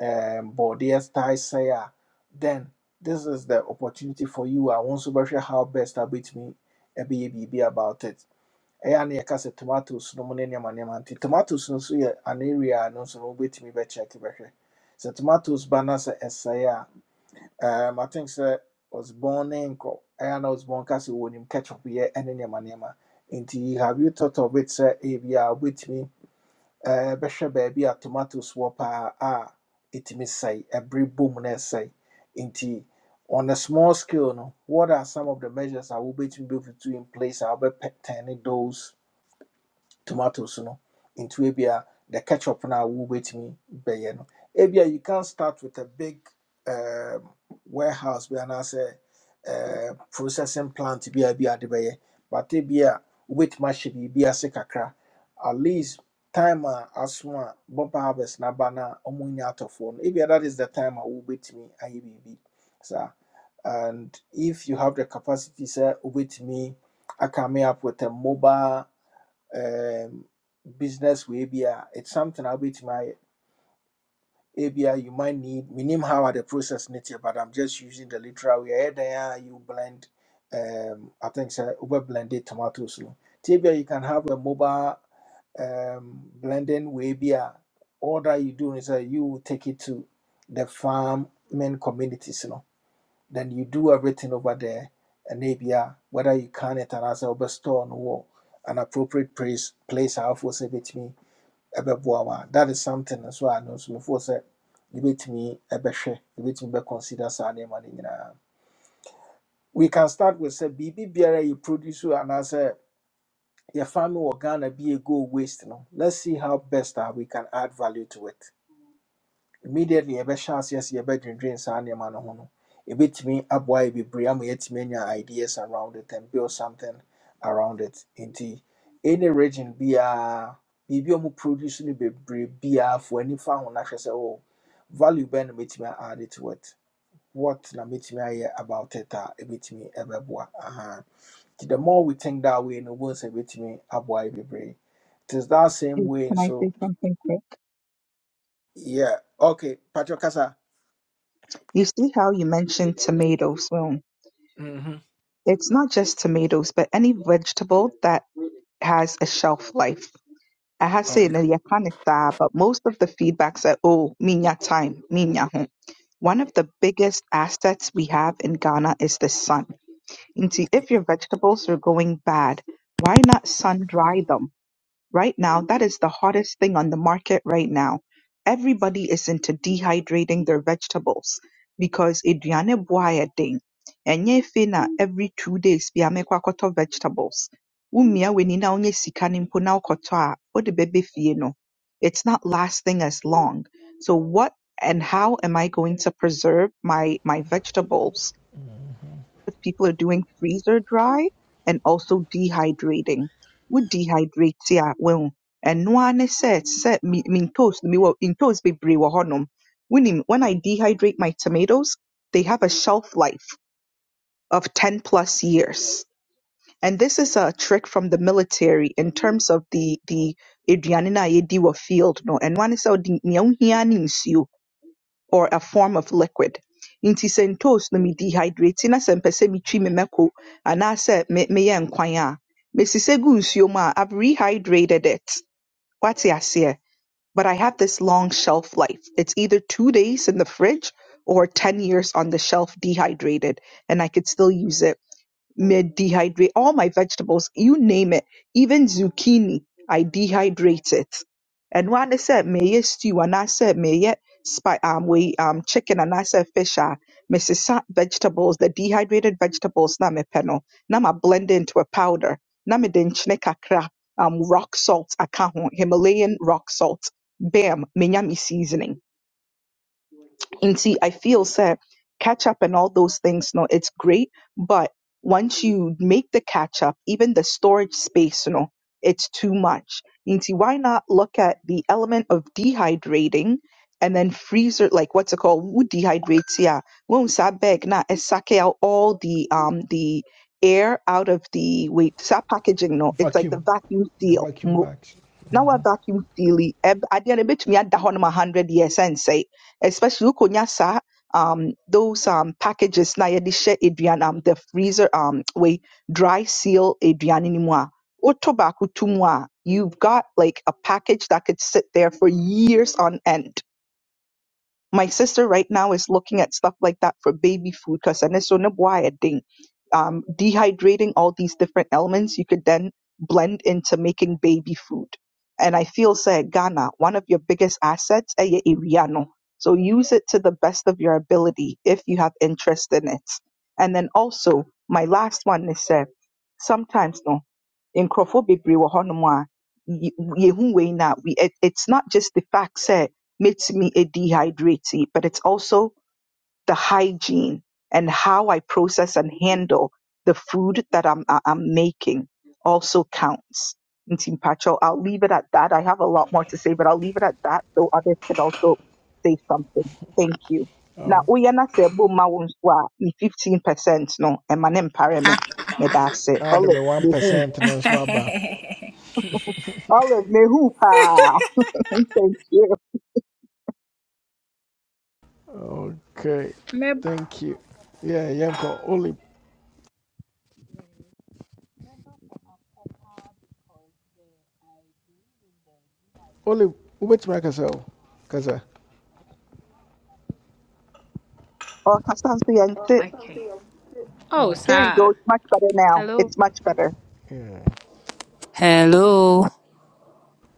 [SPEAKER 1] um, bɔdeɛ tae sɛe a then this is the opportunity for you a wo nso bɛhwɛ how best a wobɛtumi ɛbɛyɛ biribi about it ɛyɛ a na yɛka sɛ tomatoes no mu ne nneɛma nneɛma nti tomatoes no nso yɛ an area a no nso no wobɛtumi bɛkyɛke bɛhwɛ sɛ tomatoes ba na sɛ ɛsɛe a um, i think sɛ osborn ne nkɔ ɛyɛ a na osborn ka sɛ wɔnim ketchup yɛ ne nneɛma nneɛma nti have you thought of it sɛ ebi a wobɛtumi eh, bɛhwɛ baabi a tomatoes wɔ paa a ɛtumi sɛe ɛbere bom na ɛsɛe nti on a small scale no what are some of the measures I a wobɛtumi bɛfutu in place a turning those tomatoes no into ebia the ketchup na wo betimi be ye no ebia you can start with a big um, warehouse bi anaasɛ uh, processing plant be a bi ade bɛyɛ but ebia wobɛtumi be biribi se kakra at least time a aso bumper harvest na aba na ɔmo nya atɔfoɔ no ebia that is the time a wobɛtumi aye biribi So and if you have the capacity say sɛ wobɛtumi I me up with a mobile um, business way bia it's something I'll be to my ABI you might need minimum how are the process nature, but I'm just using the literal way Hey, there you blend um I think so over blended tomatoes. no. Nti you can have a mobile um blending way bia all that you do is that you take it to the farming communities, you know. Then you do everything over there and maybe uh, whether you can it and as a store no wɔ an appropriate place place out for say ɛbɛboa that is something as well. no nso mefoɔ sɛ me, ɛbɛhwɛ yɛbɛtumi bɛconsider saa nneɛma no nyinaa we can start with say, biribi biara yɛ produce o anaasɛ yɛfa no wɔ ghana bi a ɛgo waste no let's see how best a we can add value to it immediately yɛbɛhyɛ yes, sɛ yɛbɛdwendwen saa nneɛma no ho no ɛbɛtumi aboa yɛ bebree ama yɛatumi anya ideas around it and build something around it nti any region biaa biribi a ɔmo produce no bebree biaa fo ani fa ho na hwɛ sɛ oh, value bɛn na mɛtumi aade to it what na mɛtumi ayɛ about it a ɛbɛtumi ɛbɛboa aha nti the more we think that way no wobɛhu sɛ ɛbɛtumi aboa yɛ bebree It is that same
[SPEAKER 9] Hey,
[SPEAKER 1] way
[SPEAKER 9] Can I say
[SPEAKER 1] So
[SPEAKER 9] something quick?
[SPEAKER 1] yeah okay patro kasa
[SPEAKER 9] You see how you mentioned tomatoes. Well,
[SPEAKER 1] mhm
[SPEAKER 9] it's not just tomatoes, but any vegetable that has a shelf life. I have said that you can't tell, but most of the feedback said, oh, minya time, minya home. One of the biggest assets we have in Ghana is the sun. And see, if your vegetables are going bad, why not sun dry them? Right now, that is the hottest thing on the market right now. Everybody is into dehydrating their vegetables because aduane boa yɛden. Ɛnyɛ afei na every two days bi a mekɔ akɔtɔ vegetables. Womia w'ani na wonyɛ sika no mpo na wokɔtɔ a, wode bɛbɛ fie no. It's not lasting as long. So what and how am I going to preserve my my vegetables? if people are doing freezer dry and also dehydrating. What dehydrates ya well? and ara ne sɛ, sɛ me mean toast me ntoos, mewɔ ntoos bebree wɔ When Wonim, when I dehydrate my tomatoes, they have a shelf life of 10 plus years. And this is a trick from the military in terms of the the aduane no field no. And one is sɛ ɔde nea wohia ne nsuo or a form of liquid. Nti sɛ ntoosi no me dehydrate na sɛ mpɛ sɛ metwi me mako anaasɛ me meyɛ nkwan a, mesi sɛ gu nsuo mu i I've rehydrated it. Wate aseɛ? But I have this long shelf life. It's either two days in the fridge or 10 years on the shelf dehydrated, and I could still use it mid dehydrate all my vegetables, you name it, even zucchini, I dehydrate it. And when I said may stew and I said may spy um we um chicken and I said fish ah Mrs. vegetables, the dehydrated vegetables na me peno, na ma blend into a powder, na me den chine kakra, um rock salt akaho, Himalayan rock salt, bam, minyami seasoning. And see, I feel set, catch up and all those things. No, it's great. But once you make the catch up, even the storage space, you know, it's too much. And see, why not look at the element of dehydrating and then freezer, like what's it called? Who dehydrates? Yeah. When that bag, na, it suck out all the, um, the air out of the, wait, that packaging, no, it's like the
[SPEAKER 1] vacuum
[SPEAKER 9] vacuum
[SPEAKER 1] the
[SPEAKER 9] seal
[SPEAKER 1] vacuum bags
[SPEAKER 9] na wa vacuum seal yi ɛb- adeɛ no ebetumi ada hɔ nom a hundred years ɛnsɛe especially wokonya saa um those um packages na yɛde hyɛ aduane um the freezer um wei dry seal aduane no mu a woto baako to mu a you've got like a package that could sit there for years on end my sister right now is looking at stuff like that for baby food because and it's so why thing. Um, dehydrating all these different elements you could then blend into making baby food. And I feel say Ghana, one of your biggest assets, eh, your area no. So use it to the best of your ability if you have interest in it. And then also, my last one is say sometimes no, in bebree wɔ hɔnom ye- yehu wei no we- it- it's not just the fact say makes me a dehydrate, but it's also the hygiene and how I process and handle the food that I'm, I- I'm making also counts. Ntim Pacho, I'll leave it at that. I have a lot more to say, but I'll leave it at that so others can also say something. Thank you. Now,
[SPEAKER 1] oh
[SPEAKER 9] Uyana Sebo Mawunswa, me 15% no, emanem pareme, me that's Medase,
[SPEAKER 1] now the
[SPEAKER 9] Olive,
[SPEAKER 1] me one
[SPEAKER 9] mehu,
[SPEAKER 1] percent and so
[SPEAKER 9] olive, mehu pa. Thank you.
[SPEAKER 1] okay
[SPEAKER 7] Remember-
[SPEAKER 1] thank you yeah yeah go only only which make us oh cause uh,
[SPEAKER 9] Oh, Kasansu Yente.
[SPEAKER 7] Okay. Oh,
[SPEAKER 1] oh
[SPEAKER 9] There you
[SPEAKER 7] sir.
[SPEAKER 9] go. It's much better now.
[SPEAKER 7] Hello.
[SPEAKER 9] It's much better.
[SPEAKER 1] yeah
[SPEAKER 7] Hello.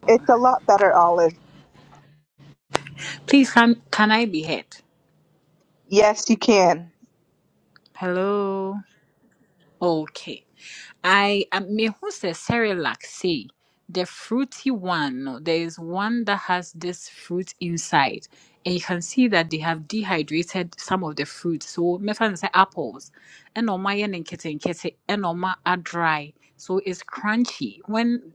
[SPEAKER 9] It's a lot better, Olive.
[SPEAKER 7] Please, can can I be heard?
[SPEAKER 9] Yes, you can.
[SPEAKER 7] Hello. Okay. I um, me. Who says Cerelac See the fruity one, no, there is one that has this fruit inside, and you can see that they have dehydrated some of the fruit. So mefa no say apples, ɛna ɔmo ayɛ no nketenkete, ɛna ɔmo adry. So it's crunchy. When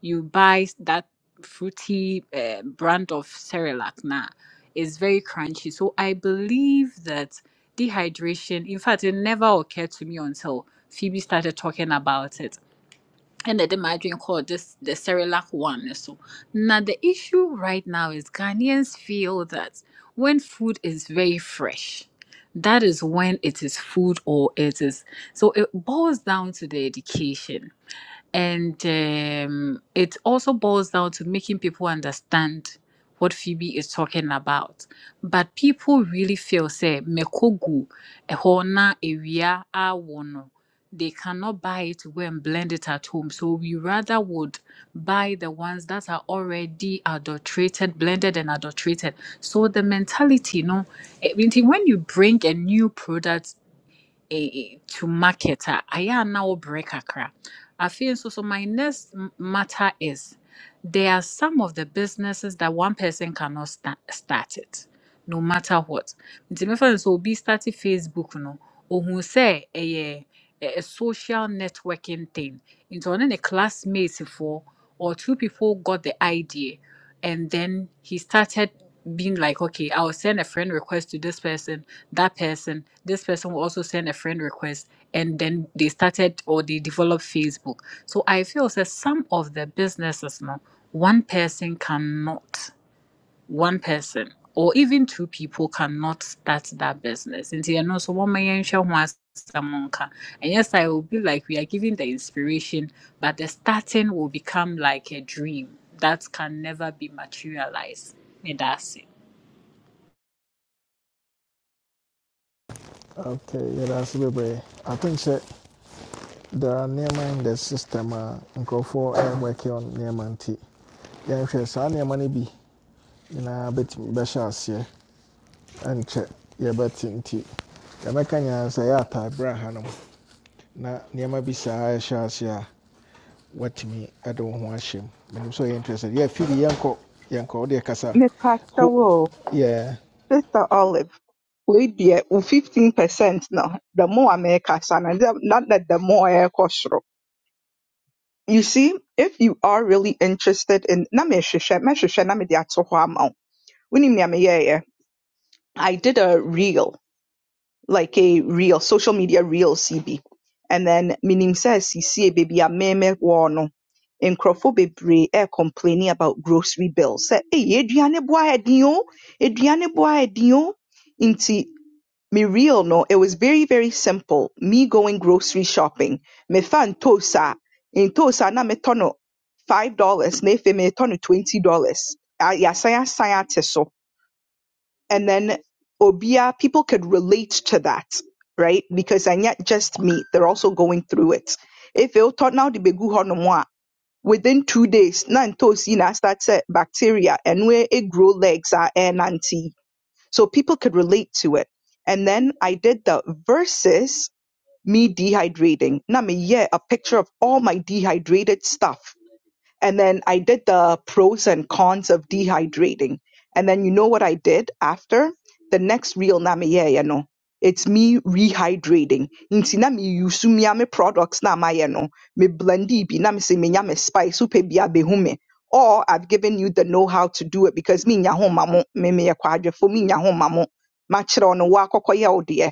[SPEAKER 7] you buy that fruity uh, brand of Cerelac now is very crunchy. So I believe that dehydration, in fact, it never occurred to me until Phoebe started talking about it. And the Dimadrin called this the Cerelac one. So now the issue right now is Ghanaians feel that when food is very fresh, that is when it is food or it is so it boils down to the education and um, it also boils down to making people understand what Phoebe is talking about. But people really feel say mekogu ehona area awono. They cannot buy it to go and blend it at home. So we rather would buy the ones that are already adulterated, blended and adulterated. So the mentality, you know, eh, when you bring a new product eh, to market a ayɛ a na wobrɛ kakra afei nso so my next m- matter is there are some of the businesses that one person cannot sta- start it no matter what nti mefa no sɛ obi starte facebook no ohun sɛ ɛyɛ a, a social networking thing. Into one a classmate for or two people got the idea, and then he started being like, okay, I'll send a friend request to this person, that person, this person will also send a friend request, and then they started or they developed Facebook. So I feel that some of the businesses now, one person cannot one person or even two people cannot start that business. And you know, so one man wants someone can. And yes, I will be like we are giving the inspiration, but the starting will become like a dream that can never be materialized. And that's it.
[SPEAKER 1] okay yeah that's a bit i think that there are nneɛma in the system a nkurɔfoɔ ɛyɛ working on nneɛma nti yɛnhwɛ saa nneɛma no bi nyinaa bɛtumi bɛhyɛ aseɛ ɛnkyɛ yɛbɛte nti yɛbɛka nyinaa sɛ ɛyɛ ataberɛ a hanom na nneɛma bi saa ɛhyɛ aseɛ a What me? I don't want him. I'm so interested yɛ fidi yanko, yɛnkɔ wodeɛ kasa ho
[SPEAKER 9] Nepacho,
[SPEAKER 1] yɛ
[SPEAKER 9] Sister Olive. We dear, 15% now. The more America, son, and not that the more air kosher. You see, if you are really interested in, na me hwehwɛ- mɛhwehwɛ na mede ato hɔ ama wo. Wonim nea meyɛeɛ? I did a reel like a reel, social media reel CB. And then minim says he see a baby a meme no. nkurɔfo bebree air complaining about grocery bills sɛ "Hey, aduane boy, ayɛ den o aduane bo ayɛ me real no it was very very simple me going grocery shopping Me ntos tosa. ntos tosa na me no five dollars na afei me no twenty dollars yɛasan asan ate so and then obia people could relate to that right because and yet just me they're also going through it if you thought now the begu honomwa within two days na ntosi start sɛ bacteria and where it grow legs are and anti so people could relate to it and then i did the versus me dehydrating na me yeah a picture of all my dehydrated stuff and then I did the pros and cons of dehydrating. And then you know what I did after? The next real namiye, you know. It's me rehydrating. Nti na mi use mi ame products na ma yeah, no. Me blendi bi na me se me nya me spice upe bi abehume. Or I've given you the know-how to do it because me nya ho mamo me me yakwadwe for me nya ho mamo. Ma chira ono wa kokoye odie.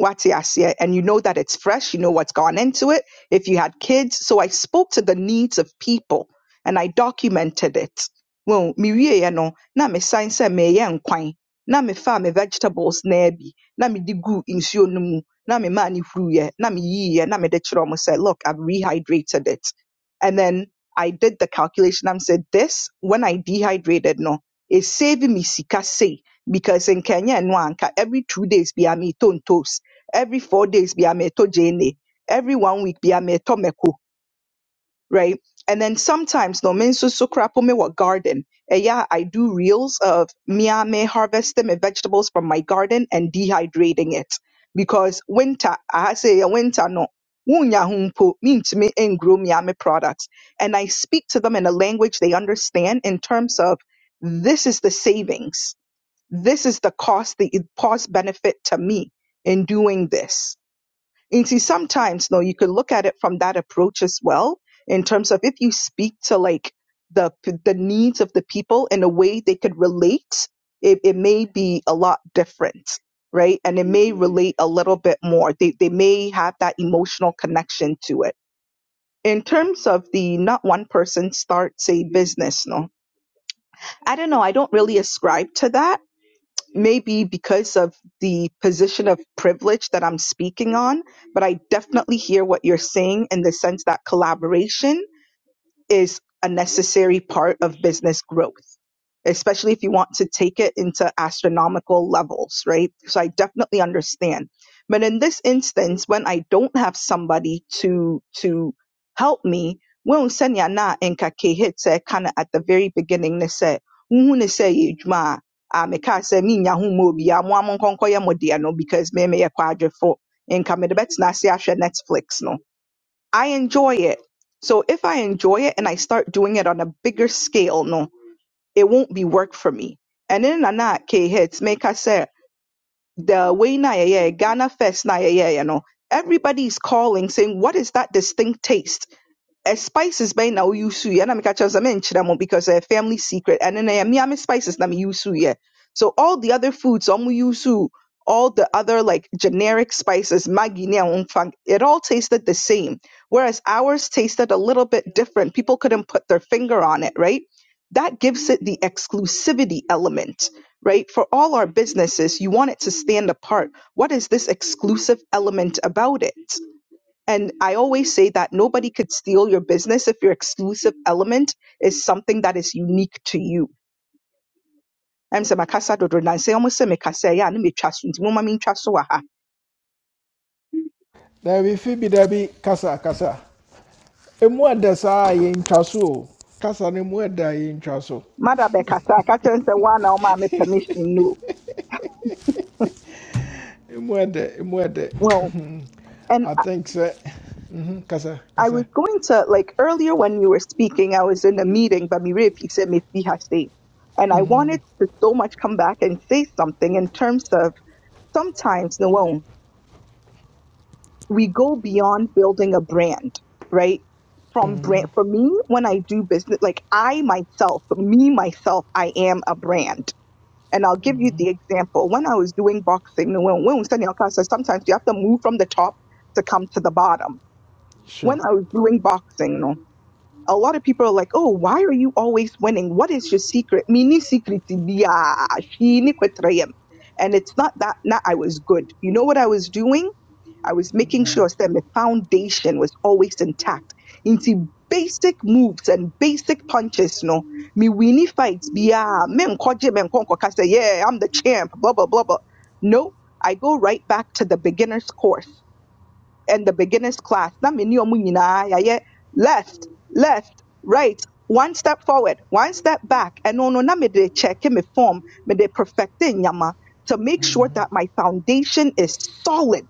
[SPEAKER 9] Wati asie and you know that it's fresh, you know what's gone into it if you had kids. So I spoke to the needs of people and I documented it. Well, me wie ye no, na mesan sɛ meyɛ nkwan, na mefaa me vegetables naa bi, na mede guu nsuo no mu, na memaa no huruiɛ, na me yi ye. na mede kyerɛɛ ɔmo sɛ, look, I've rehydrated it. And then I did the calculation. I said, this, when I dehydrated, no, is saving me sika say. Because in Kenya no, anka every two days, be a toast. Every four days, be a meto jene. Every one week, be a meto meko right? And then sometimes no mensu sukrapo me wa garden. Eh, yeah, I do reels of me a me harvesting my vegetables from my garden and dehydrating it because winter I say yeah, winter no wunya humpo means me and grow me a me products. And I speak to them in a language they understand in terms of this is the savings, this is the cost, the cost benefit to me in doing this you see, sometimes though, you could look at it from that approach as well, in terms of if you speak to like the the needs of the people in a way they could relate, it, it may be a lot different, right? And it may relate a little bit more. They they may have that emotional connection to it. In terms of the not one person starts a business, no, I don't know. I don't really ascribe to that maybe because of the position of privilege that I'm speaking on, but I definitely hear what you're saying in the sense that collaboration is a necessary part of business growth, especially if you want to take it into astronomical levels, right? So I definitely understand. But in this instance, when I don't have somebody to to help me, when senya na nka ke hit said kind of at the very beginning, they said, "Who ne say you juma?" Ah, me ka say me nyahu mo bi amu amu nkonko ye mo deɛ no because me me ye kwadwe fo. Nka me de betina se ahwɛ Netflix no. I enjoy it. So if I enjoy it and I start doing it on a bigger scale, no, it won't be work for me. And then na ke hits make I say the way na yeah, Ghana fest na yeah, you know. Everybody's calling saying, what is that distinct taste? uh, spices bɛn na woyi so yɛ na meka kyerɛ wo sɛ menkyerɛ mo because ɛyɛ family secret and then ɛyɛ me a spices na meyi so yɛ so all the other foods ɔmo yi so all the other like generic spices maggi ne a it all tasted the same whereas ours tasted a little bit different people couldn't put their finger on it right that gives it the exclusivity element right for all our businesses you want it to stand apart what is this exclusive element about it and I always say that nobody could steal your business if your exclusive element is something that is unique to you. I'm saying, Makasa Dodo, and say, almost se Mikasa, ya and me trust you. Mama mean trust so aha.
[SPEAKER 1] daabi fibi daabi kasa kasa ɛmu ɛdɛ saa yɛntwa so o kasa no ɛmu ɛdɛ a yɛntwa so
[SPEAKER 9] Mother Bekasa, ka chen se wa na oma my permission, no.
[SPEAKER 1] ɛmu
[SPEAKER 9] Well,
[SPEAKER 1] Mhm.
[SPEAKER 9] and
[SPEAKER 1] i
[SPEAKER 9] I,
[SPEAKER 1] think sɛ mhm, kasa
[SPEAKER 9] I was
[SPEAKER 1] kasa
[SPEAKER 9] going to, like, earlier when you were speaking, I was in a meeting, but Mire, if you said, me fi ha say. And I wanted to so much come back and say something in terms of sometimes, no. we go beyond building a brand, right? From brand, for me, when I do business, like I myself, me myself, I am a brand. And I'll give you the example. When I was doing boxing, when, when we studying our classes, sometimes you have to move from the top to come to the bottom. When
[SPEAKER 1] sure
[SPEAKER 9] I was doing boxing, you know, a lot of people are like, oh, why are you always winning? What is your secret? Mini secret. yeah, she ni kwetrayem. And it's not that, not I was good. You know what I was doing? I was making sure
[SPEAKER 1] no.
[SPEAKER 9] that my foundation was always intact. Into basic moves and basic punches, no. Me winnie fights, yeah, men koje men say, yeah, I'm the champ, blah blah blah blah. No, I go right back to the beginner's course and the beginner's class. Na me ni omu nyinaa yɛ ayɛ Left, left, right, one step forward, one step back. And no no na me de check me form, me de perfect nyama to make sure
[SPEAKER 1] Mhm,
[SPEAKER 9] that my foundation is solid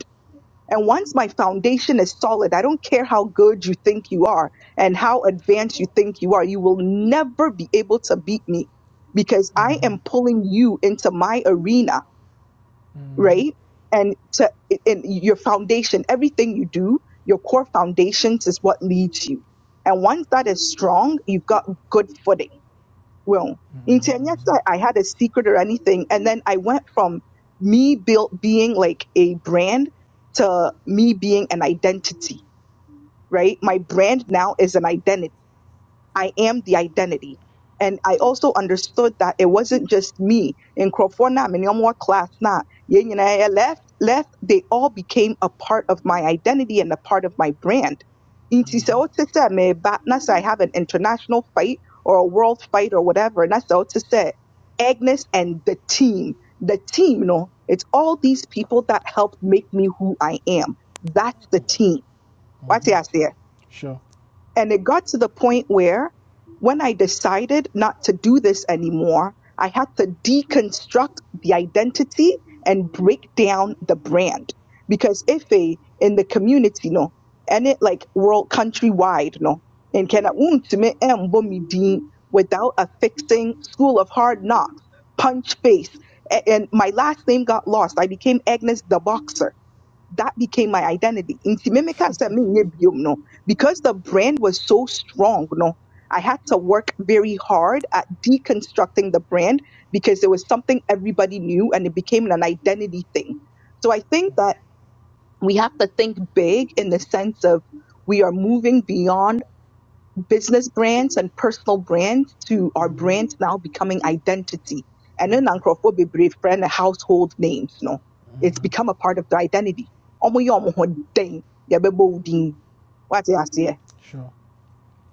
[SPEAKER 9] and once my foundation is solid, I don't care how good you think you are and how advanced you think you are, you will never be able to beat me because I
[SPEAKER 1] mhm,
[SPEAKER 9] am pulling you into my arena,
[SPEAKER 1] mhm, mhm,
[SPEAKER 9] right? And to in your foundation, everything you do, your core foundations is what leads you. And once that is strong, you've got good footing. Well, nti ɛnyɛ
[SPEAKER 1] mhm.
[SPEAKER 9] sɛ I had a secret or anything, and then I went from me built being like a brand to me being an identity, right? My brand now is an identity I am the identity. And I also understood that it wasn't just me. In Crofona, Minyomwa class, na, yɛn nyinaa yɛ left, left, they all became a part of my identity and a part of my brand. Nti sɛ wote sɛ mereba na sɛ I have an international fight or a world fight or whatever, na sɛ wote sɛ Agnes and the team, the team, no, it's all these people that helped make me who I am. That's the team. What's the idea?
[SPEAKER 1] sure
[SPEAKER 9] And it got to the point where when I decided not to do this anymore, I had to deconstruct the identity and break down the brand. Because ife in the community, no, and it like world countrywide, no, and can without affixing school of hard knocks, punch face. a- And my last name got lost. I became Agnes the Boxer that became my identity. Nti me meka sɛ menyɛ biom no, because the brand was so strong no, I had to work very hard at deconstructing the brand because it was something everybody knew and it became an identity thing. So I think that we have to think big in the sense of we are moving beyond business brands and personal brands to our brands now becoming identity. And then Ankrofo Bebre friend and household names, no. It's
[SPEAKER 1] mhm,
[SPEAKER 9] become a part of the identity. Omo yi omo ho den, yɛbɛbɔ wo din. Wate aseɛ?
[SPEAKER 1] sure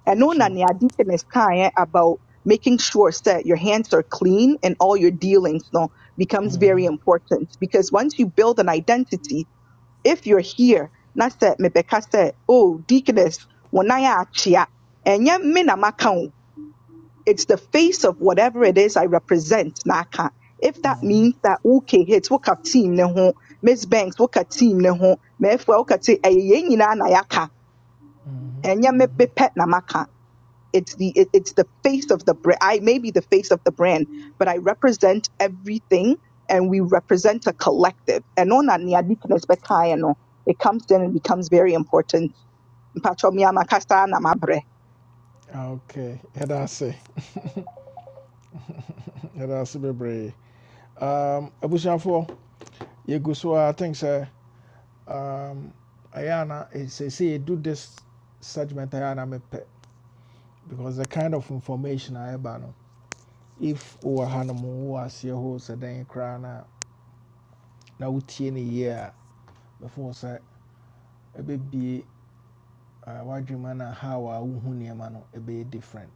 [SPEAKER 9] Ɛno na
[SPEAKER 1] sure
[SPEAKER 9] nea Deacon is kaeɛ about making sure that your hands are clean and all your dealings no becomes very
[SPEAKER 1] Mhm,
[SPEAKER 9] important because once you build an identity, if you're here, not that mebɛka sɛ, oh, deaconess, wɔn ayɛ akyea, ɛnyɛ me na maka o. It's the face of whatever it is I represent n'aka. If that means that okay, hits woka team ne ho, Miss Banks woka team ne ho, mefwa woka te ɛyɛ yɛn nyinaa na yaka,
[SPEAKER 1] mhm.
[SPEAKER 9] Enya me me pet na maka. It's the it, it's the face of the brand. I may be the face of the brand, but I represent everything, and we represent a collective. And on that, it comes in and becomes very important. Mpatcho, me ama na mabre.
[SPEAKER 1] Ah, okay ɛda ase ɛda ase bebree Um, abusuafoɔ go so I think sɛ um, ɛyɛ ana sɛsɛ yɛdu this segment ayana me pe because the kind of information a ɛba no if wowɔ ha no mu wowɔ aseɛ hɔ sɛ dɛn koraa no a na wotie no yie a bɛfoɔ sɛ ɛbɛbie uh, no a how a wohu nneɛma no different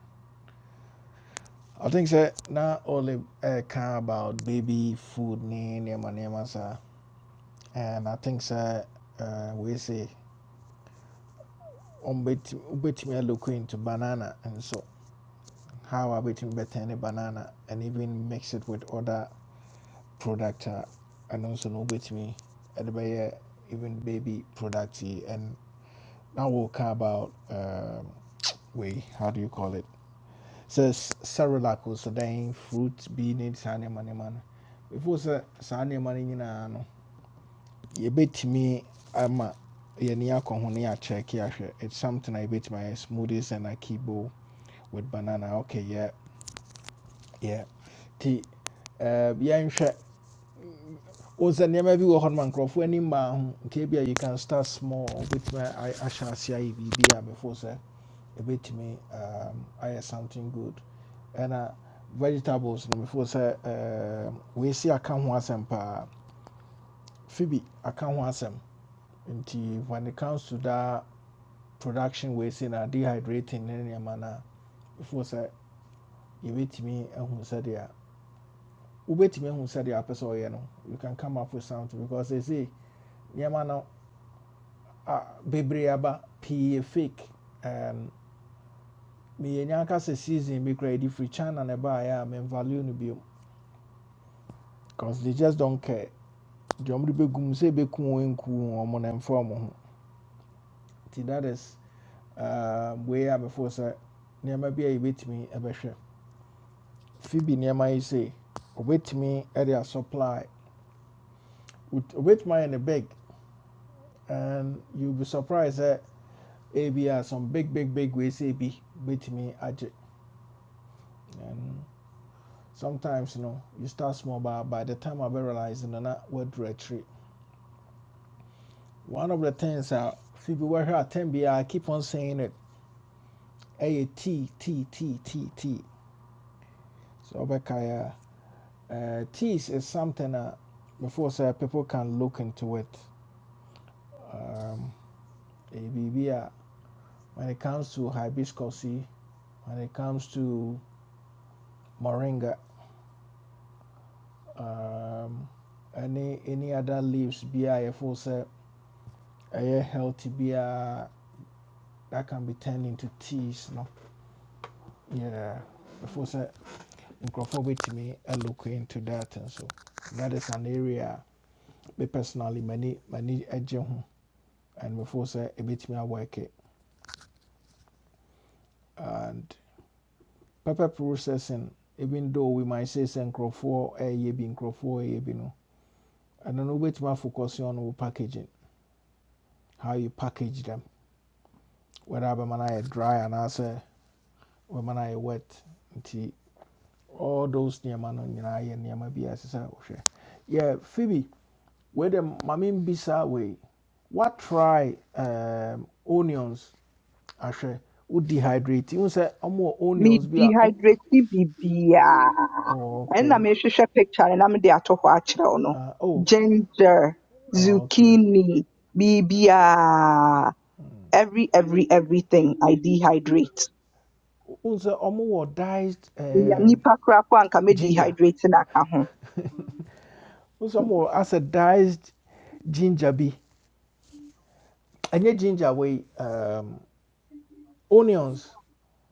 [SPEAKER 1] I think sɛ na Olive ɛka about baby food ne nneɛma nneɛma saa and I think sɛ uh, wei say ɔmbɛtumi wobɛtumi look into banana and so how I wobɛtumi bɛtɛn ne banana and even mix it with other product a ɛno nso no wobɛtumi ɛde even baby product and now we'll talk about um, way how do you call it says cerelac so then fruit bi ne saa nneɛma nneɛma no before sɛ saa nneɛma no nyinaa no yɛbɛtumi ama yɛni akɔ ho ne yɛakyɛke ahwɛ it's something I yɛbɛtumi my smoothies and akibo with banana okay yeah yeah ti uh, yeah, wo sɛ nneɛma bi wɔ hɔ no ma nkurɔfoɔ ani mmaa you can start small wobɛtumi ay- ahyɛ ase before biribi a before sɛ ɛbɛtumi um, I have something good ɛna vegetables no before sɛ um, weesi aka ho asɛm paa phoebe aka ho asɛm nti when it comes to that production we weesi na dehydrating ne nneɛma no a before sɛ yɛbɛtumi ahu sɛdeɛ wobɛtumi ahu sɛdeɛ apɛ sɛ ɔyɛ no you can come up with something because they say nneɛma no ah, aba pii fake um, meyɛnya nka sɛ season be credit free firi china na ɛbaeɛ a memvalue no biom because they just don't care deɛ ɔmde bɛgum sɛ ɛbɛku ɔ nku ɔmo na ɛmfa ɔmo ho nti that is um, wei a bɛfoɔ sɛ nneɛma bi a yɛbɛtumi ɛbɛhwɛ fibi nneɛma yi sei obetumi ɛde a supply obetumi ayɛ ne big and you be surprised that. A B R some big big big ways ebi betumi agye and sometimes you know you start small but by the time I realize no na wadura retreat. one of the things a Phoebe were here at bi a I keep on saying it A T T T T T. so ɔbɛkae a uh, teas is something that before say people can look into it ɛyɛ when it comes to hibiscus when it comes to moringa um, any any other leaves bi a yɛfo A healthy beer that can be turned into teas no yeah before say, sɛ me, I look into that and so that is an area me personally many many agye ho and before say, a bit me ɛbɛtumi work it and paper processing even though we might say sɛ nkurɔfoɔ ɛyɛ be nkurɔfoɔ ɛyɛ be no And then we wobɛtumi focus on wo packaging how you package them whether bɛma no ayɛ dry anaasɛ bɛma no ayɛ wet nti all those nneɛma no nyinaa yɛ nneɛma bi a ɛsɛ sɛ yeah phoebe wei de maame mbisa wei what try um, onions ahwɛ wo dehydrate wo sɛ ɔmo
[SPEAKER 9] me
[SPEAKER 1] onions bi a
[SPEAKER 9] dehydrate ni bibia
[SPEAKER 1] oh,
[SPEAKER 9] ɛna
[SPEAKER 1] okay
[SPEAKER 9] mehwehwɛ picture no na mede ato hɔ akyerɛw no
[SPEAKER 1] uh, oh
[SPEAKER 9] ginger
[SPEAKER 1] oh, okay
[SPEAKER 9] zucchini bibia every every everything i dehydrate
[SPEAKER 1] wo sɛ ɔmo diced
[SPEAKER 9] Minya
[SPEAKER 1] um,
[SPEAKER 9] nipa koraa anka me
[SPEAKER 1] ginger
[SPEAKER 9] dehydrate na aka ho
[SPEAKER 1] wo sɛ ɔmo wɔ diced ginger bi ɛnyɛ ginger wei um, onions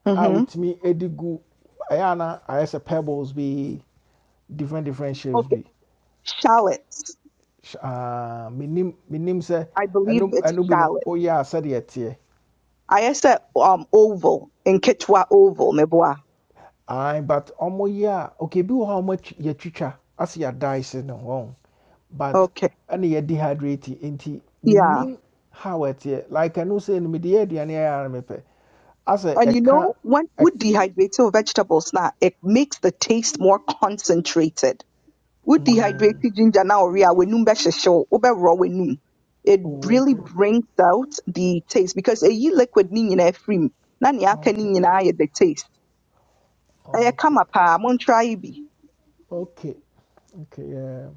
[SPEAKER 9] Mhm.
[SPEAKER 1] out me edigu. Ayana, I as a wotumi edi gu ɛyɛ ana ayɛ pebbles bi different different shapes
[SPEAKER 9] okay
[SPEAKER 1] bi
[SPEAKER 9] shallots
[SPEAKER 1] menim menim sɛ
[SPEAKER 9] i
[SPEAKER 1] ɛno
[SPEAKER 9] believe it's
[SPEAKER 1] ɛno bi no
[SPEAKER 9] shallot
[SPEAKER 1] woyɛ a sɛdeɛ teɛ
[SPEAKER 9] I said um oval in nketewa oval meboa
[SPEAKER 1] Aye, but ɔmo yɛ a okay bi how much? a ɔmo As yɛtwitwa dice yɛadaese ne but
[SPEAKER 9] okay
[SPEAKER 1] any yɛdi hydrate nti
[SPEAKER 9] yeah
[SPEAKER 1] menim how ɛteɛ like ɛno sɛ no mede yɛ aduane ayɛ ara na mepɛ asɛ
[SPEAKER 9] And you
[SPEAKER 1] ɛka
[SPEAKER 9] know what? With dehydrated vegetables now, it makes the taste more concentrated. With
[SPEAKER 1] mm,
[SPEAKER 9] dehydrated ginger now, we are wenum bɛhyehyɛw, wobɛworɔ w'anum. It
[SPEAKER 1] oh,
[SPEAKER 9] really
[SPEAKER 1] okay
[SPEAKER 9] brings out the taste because a ye liquid ni nyinaa free. mu. Na nea aka ni
[SPEAKER 1] okay
[SPEAKER 9] nyinaa yɛ the taste. Aye,
[SPEAKER 1] okay
[SPEAKER 9] kama paa, montry yi bi.
[SPEAKER 1] okay okay yeah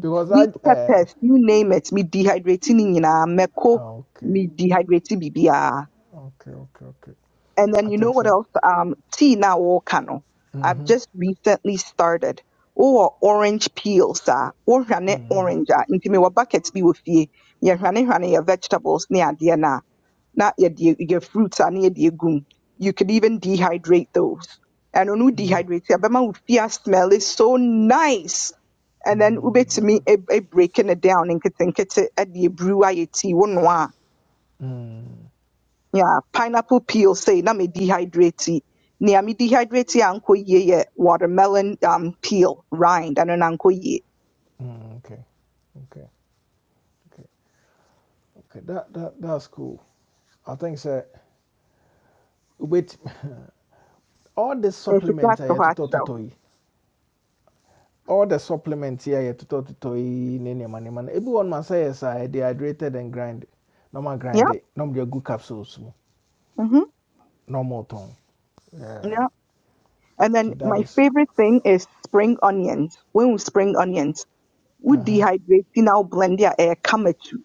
[SPEAKER 1] because i
[SPEAKER 9] Sweet
[SPEAKER 1] uh,
[SPEAKER 9] peppers, you name it, me dehydrating ni nyinaa, meko.
[SPEAKER 1] okay
[SPEAKER 9] me dehydrating bibiara.
[SPEAKER 1] okay okay okay
[SPEAKER 9] And then
[SPEAKER 1] i
[SPEAKER 9] you know
[SPEAKER 1] think
[SPEAKER 9] what
[SPEAKER 1] so
[SPEAKER 9] else? Um, tea na wo kano. I've
[SPEAKER 1] mm-hmm.
[SPEAKER 9] just recently started. Oh, orange peel, sir. Oh, hwane
[SPEAKER 1] Mm-hmm.
[SPEAKER 9] orange. ah. Nti me wa buckets bi wo fie. Ye hwane hwane your vegetables ne adeɛ na na your your fruits a ne ye gum. You could even dehydrate those. And onu
[SPEAKER 1] mm-hmm.
[SPEAKER 9] dehydrate abema wo fie ah, smell is so nice. And then ube to
[SPEAKER 1] Mm,
[SPEAKER 9] me a breaking it down and kitchen kitchen at the brew tea one
[SPEAKER 1] mm,
[SPEAKER 9] yeah, pineapple peel say na me dehydrate. yi. Nea me dehydrate yi a nkɔ yie yɛ watermelon um peel rind Ano na nkɔ yie.
[SPEAKER 1] mm, okay, okay, okay, okay. That that that's cool. I think so. Wait, all the
[SPEAKER 9] Ɛfita
[SPEAKER 1] supplements I
[SPEAKER 9] ato
[SPEAKER 1] had
[SPEAKER 9] hɔ
[SPEAKER 1] to talk to
[SPEAKER 9] akyerɛ wo.
[SPEAKER 1] toy. All the supplements here I had to talk to toy. Nene man, man. Everyone must say yes. I dehydrated and grind. Normal grind
[SPEAKER 9] Yeah.
[SPEAKER 1] it. Normal good capsules.
[SPEAKER 9] Mhm.
[SPEAKER 1] Normal tongue. Yeah.
[SPEAKER 9] Yeah. And then
[SPEAKER 1] okay, That
[SPEAKER 9] my
[SPEAKER 1] is.
[SPEAKER 9] favorite thing is spring onions. When we spring onions, we
[SPEAKER 1] Uh huh.
[SPEAKER 9] dehydrate yi Now blend ya air kamatu.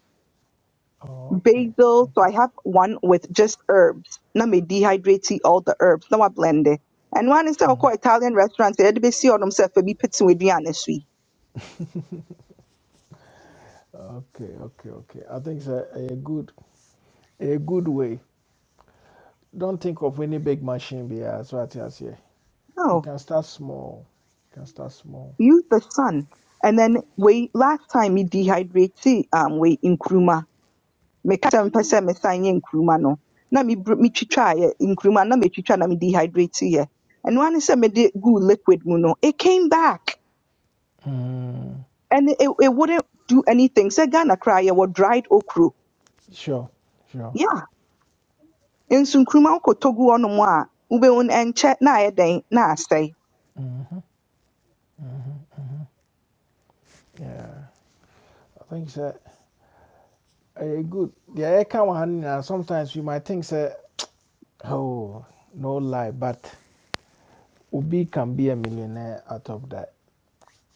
[SPEAKER 1] Oh, okay.
[SPEAKER 9] Basil, so I
[SPEAKER 1] Okay.
[SPEAKER 9] have one with just herbs. Na me dehydrate yi all the herbs. Na wa blend it. And one is sɛ wokɔ Italian restaurant sɛ yɛde besi themselves sɛ be bi with w'aduane so
[SPEAKER 1] Okay. Okay. Okay. I think so. A good a good way. Don't think of any big machine. Yeah. So I tell you.
[SPEAKER 9] yi.
[SPEAKER 1] You can start small. You can start small.
[SPEAKER 9] use the sun. And then we last time me dehydrate um we nkruma. Me kata mpɛ sɛ me san yɛ nkruma no. Na me br- me twitwa ye nkruma na me twitwa na me dehydrate yɛ. And one is me de guu liquid mu no, it came back
[SPEAKER 1] Mm.
[SPEAKER 9] and it, it wouldn't do anything. Sɛ Ghana koraa yɛwɔ dried okro.
[SPEAKER 1] Sure, sure.
[SPEAKER 9] Yeah. Nso nkruma wokɔtɔ gu hɔnom a wobɛhu no ɛnkyɛ na ayɛ dɛn na asɛe.
[SPEAKER 1] hmm Yeah, I think so. Uh, good. Yeah, I can one. uh, Sometimes you might think, say, oh, no lie, but Obi can be a millionaire out of that.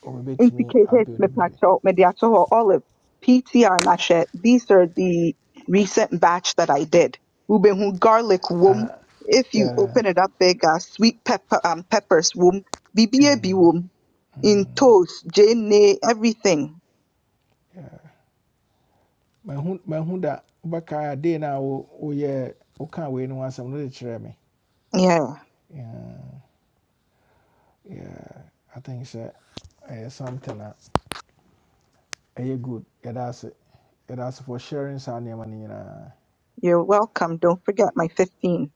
[SPEAKER 1] Or maybe to
[SPEAKER 9] nti
[SPEAKER 1] me,
[SPEAKER 9] Kate
[SPEAKER 1] I
[SPEAKER 9] Hicks
[SPEAKER 1] build a baby.
[SPEAKER 9] mepacho mediato olive PTR na These are the recent batch that I did. Ubehu garlic wom. If you
[SPEAKER 1] Yeah,
[SPEAKER 9] open it up big, uh, sweet pepper um, peppers wom. BBAB wom. In toast, jene, everything.
[SPEAKER 1] yeah. My hun, my hun that Baka day now. Oh oh, yeah, okay. We no one some really try me.
[SPEAKER 9] Yeah,
[SPEAKER 1] Yeah, yeah. I think so. Uh, something that uh, good. Yeah, that's it. That's for sharing Sanya Manina.
[SPEAKER 9] you're welcome. Don't forget my 15.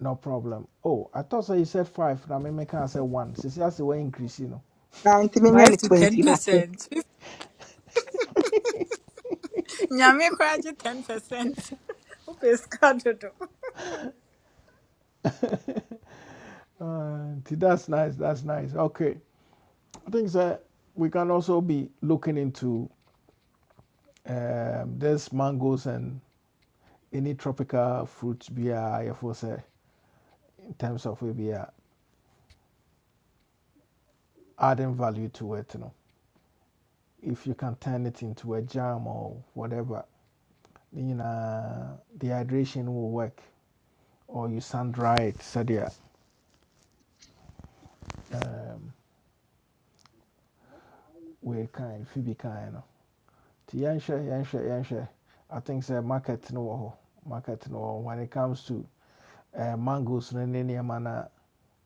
[SPEAKER 1] No problem. Oh, I thought so you said five. Now me can say one. Since that's the way increase, you know.
[SPEAKER 9] And
[SPEAKER 7] five
[SPEAKER 9] the
[SPEAKER 7] to ten
[SPEAKER 9] 20 matter.
[SPEAKER 7] percent. Nyame kuraje ten percent. Ope skadodo.
[SPEAKER 1] Uh, t- that's nice. That's nice. Okay. I think that we can also be looking into um, this mangoes and any tropical fruits be uh, if we say in terms of maybe uh, adding value to it, you know. If you can turn it into a jam or whatever, you know, dehydration will work. Or you sun dry it, so yeah We kind, fi kind, kan no nti yɛnhwɛ yɛnhwɛ yɛnhwɛ i think sɛ market no ho, hɔ market no when it comes to uh, mangoes no ne nneɛma no a,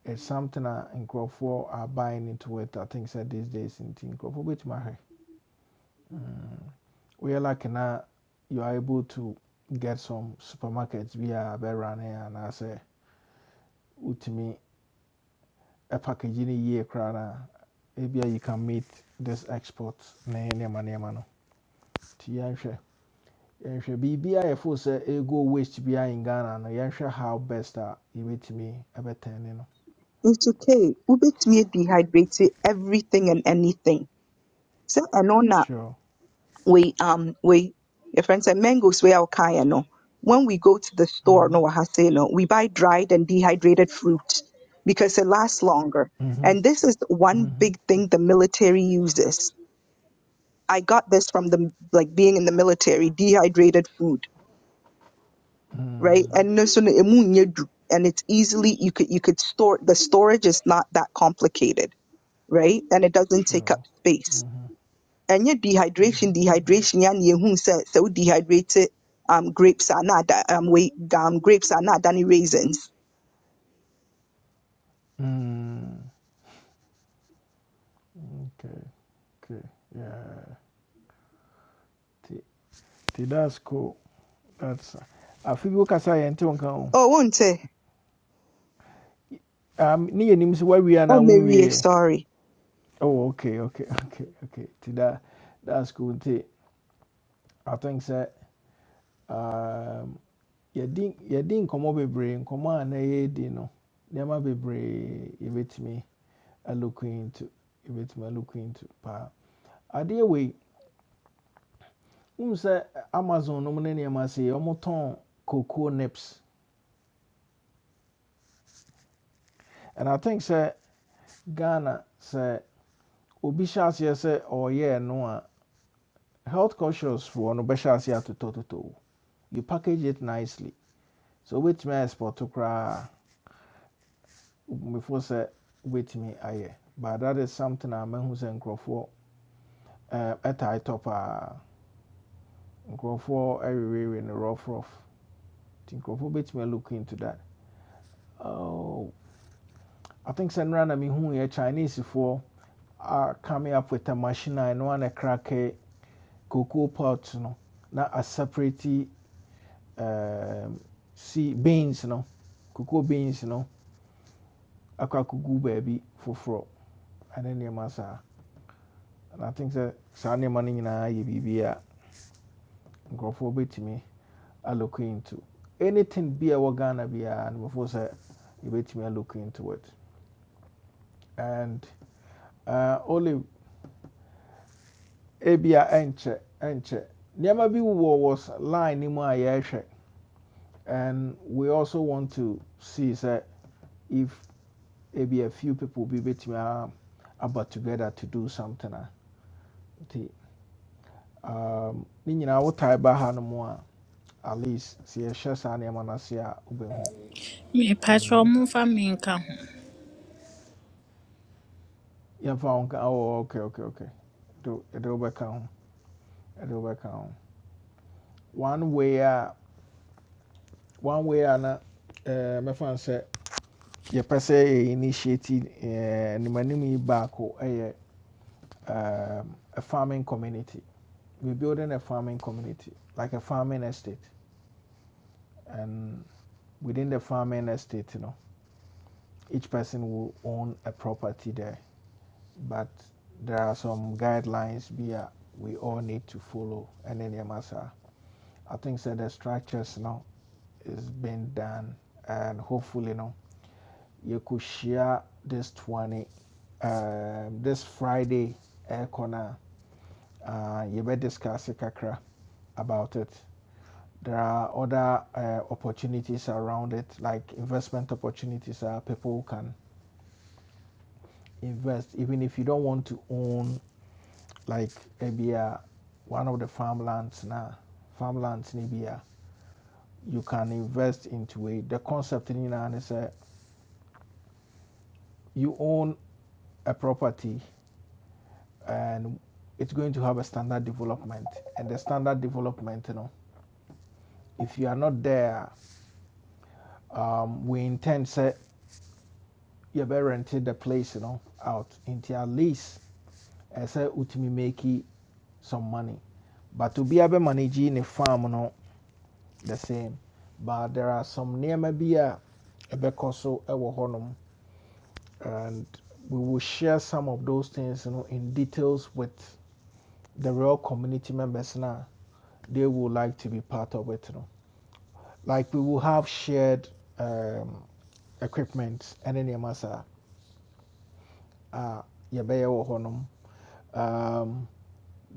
[SPEAKER 1] it's something a nkurɔfoɔ are buying into it i think sɛ these days in nti nkurɔfoɔ bɛtumi ahwɛ woyɛ like na you are able to get some supermarkets via a bɛrane anaasɛ wotumi eh, package a packaging koraa no a ebia you can meet this export na ne nneɛma nneɛma no Ti yɛnhwɛ yɛnhwɛ biribi a yɛfo sɛ ɛgo waste biara in ghana no yɛnhwɛ how best a yɛbɛtumi ɛbɛtɛne no
[SPEAKER 9] It's okay. Ubetumi dehydrate everything and anything. So, I know na
[SPEAKER 1] sure
[SPEAKER 9] we um we your friend said mangoes we are kaya no when we go to the store
[SPEAKER 1] Mhm.
[SPEAKER 9] no I say no we buy dried and dehydrated fruit because it lasts longer
[SPEAKER 1] Mhm.
[SPEAKER 9] and this is one
[SPEAKER 1] Mhm.
[SPEAKER 9] big thing the military uses i got this from the like being in the military dehydrated food right
[SPEAKER 1] Mm.
[SPEAKER 9] and no so no, emu nyɛ and it's easily you could you could store the storage is not that complicated right and it doesn't take up
[SPEAKER 1] sure
[SPEAKER 9] space ɛnyɛ dehydration dehydration ya na yɛhu sɛ sɛ dehydrated um, grapes are not ada um, wei, um, grapes are not any raisins
[SPEAKER 1] Mm. okay okay yeah T. that's cool that's uh, afi bi wokasa a yɛnte wo nka ho
[SPEAKER 9] oh won't it
[SPEAKER 1] um, ne yɛnim sɛ woawie
[SPEAKER 9] oh
[SPEAKER 1] anaa
[SPEAKER 9] Mary
[SPEAKER 1] wonwieɛ
[SPEAKER 9] sorry
[SPEAKER 1] oh okay okay okay okay ti da that's cool T. I think that. Um. yɛdi yɛdi nkɔmɔ bebree nkɔmɔ a na yɛredi no nneɛma bebree yɛbɛtumi look into yɛbɛtumi look into paa adeɛ wei n sɛ amazon nom ne nneɛma se wɔtɔn cocoa nips and i think say ghana say obi hyɛ say sɛ ɔreyɛ no a health conscious foɔ no bɛhyɛ aseɛ atotɔtotɔ wo you package it nicely so wobɛtumi a export koraa before sɛ wobɛtumi ayɛ but that is something a mahu sɛ nkurɔfoɔ eh, ɛtae tɔ paa nkurɔfoɔ ɛwewewe no rough rough Think nti bit me look into that oh, i think sɛ who na Chinese for are coming up with a machine and one a ɛno ana krake cocoa pot no na aseparate um, see beans no cocoa beans no akɔ akɔgu baabi foforɔ ɛne nneɛma saa and i think that saa nneɛma no nyinaa yɛ biribi a nkurɔfoɔ bɛtumi I look into. Anything be a wagana be and before say you bet me I look into it. And uh only ebia enche enche. Never be wo was line ni mu a And we also want to see say if maybe a few people be bet me um, about together to do something. a, nti, Um, ne nyinaa wo tie no at least sɛ yɛhyɛ saa nneɛma no ase
[SPEAKER 7] Me
[SPEAKER 1] And
[SPEAKER 7] patro mumfa me nka ho.
[SPEAKER 1] yɛmfa wo nka oh, ok ok ok Do- yɛde wobɛka ho yɛde wobɛka ho one way a one way a na eh, mɛfa no sɛ yɛpɛ sɛ yɛ initiate eh, animanim yi baako ɛyɛ um, a farming community we're building a farming community like a farming estate and within the farming estate you know each person will own a property there but there are some guidelines be we all need to follow and then yamasa. I think so the structures now is being done, and hopefully, you know, you could share this 20 um, this Friday. Air corner, uh, you better discuss it kakra about it. There are other uh, opportunities around it, like investment opportunities. Are people can invest even if you don't want to own, like maybe uh, one of the farmlands now, farmlands maybe. Uh, you can invest into it. The concept in Iran is a you own a property and it's going to have a standard development and the standard development you know if you are not there um, we intend say you better rented the place you know out into at least and say utimi make some money but to be able managing a farm you know the same but there are some nneɛma bi a ɛbɛkɔ so ɛwɔ and we will share some of those things you know in details with the real community members now. they would like to be part of it. You know? Like we will have shared um, equipment and then masa uh honum. Um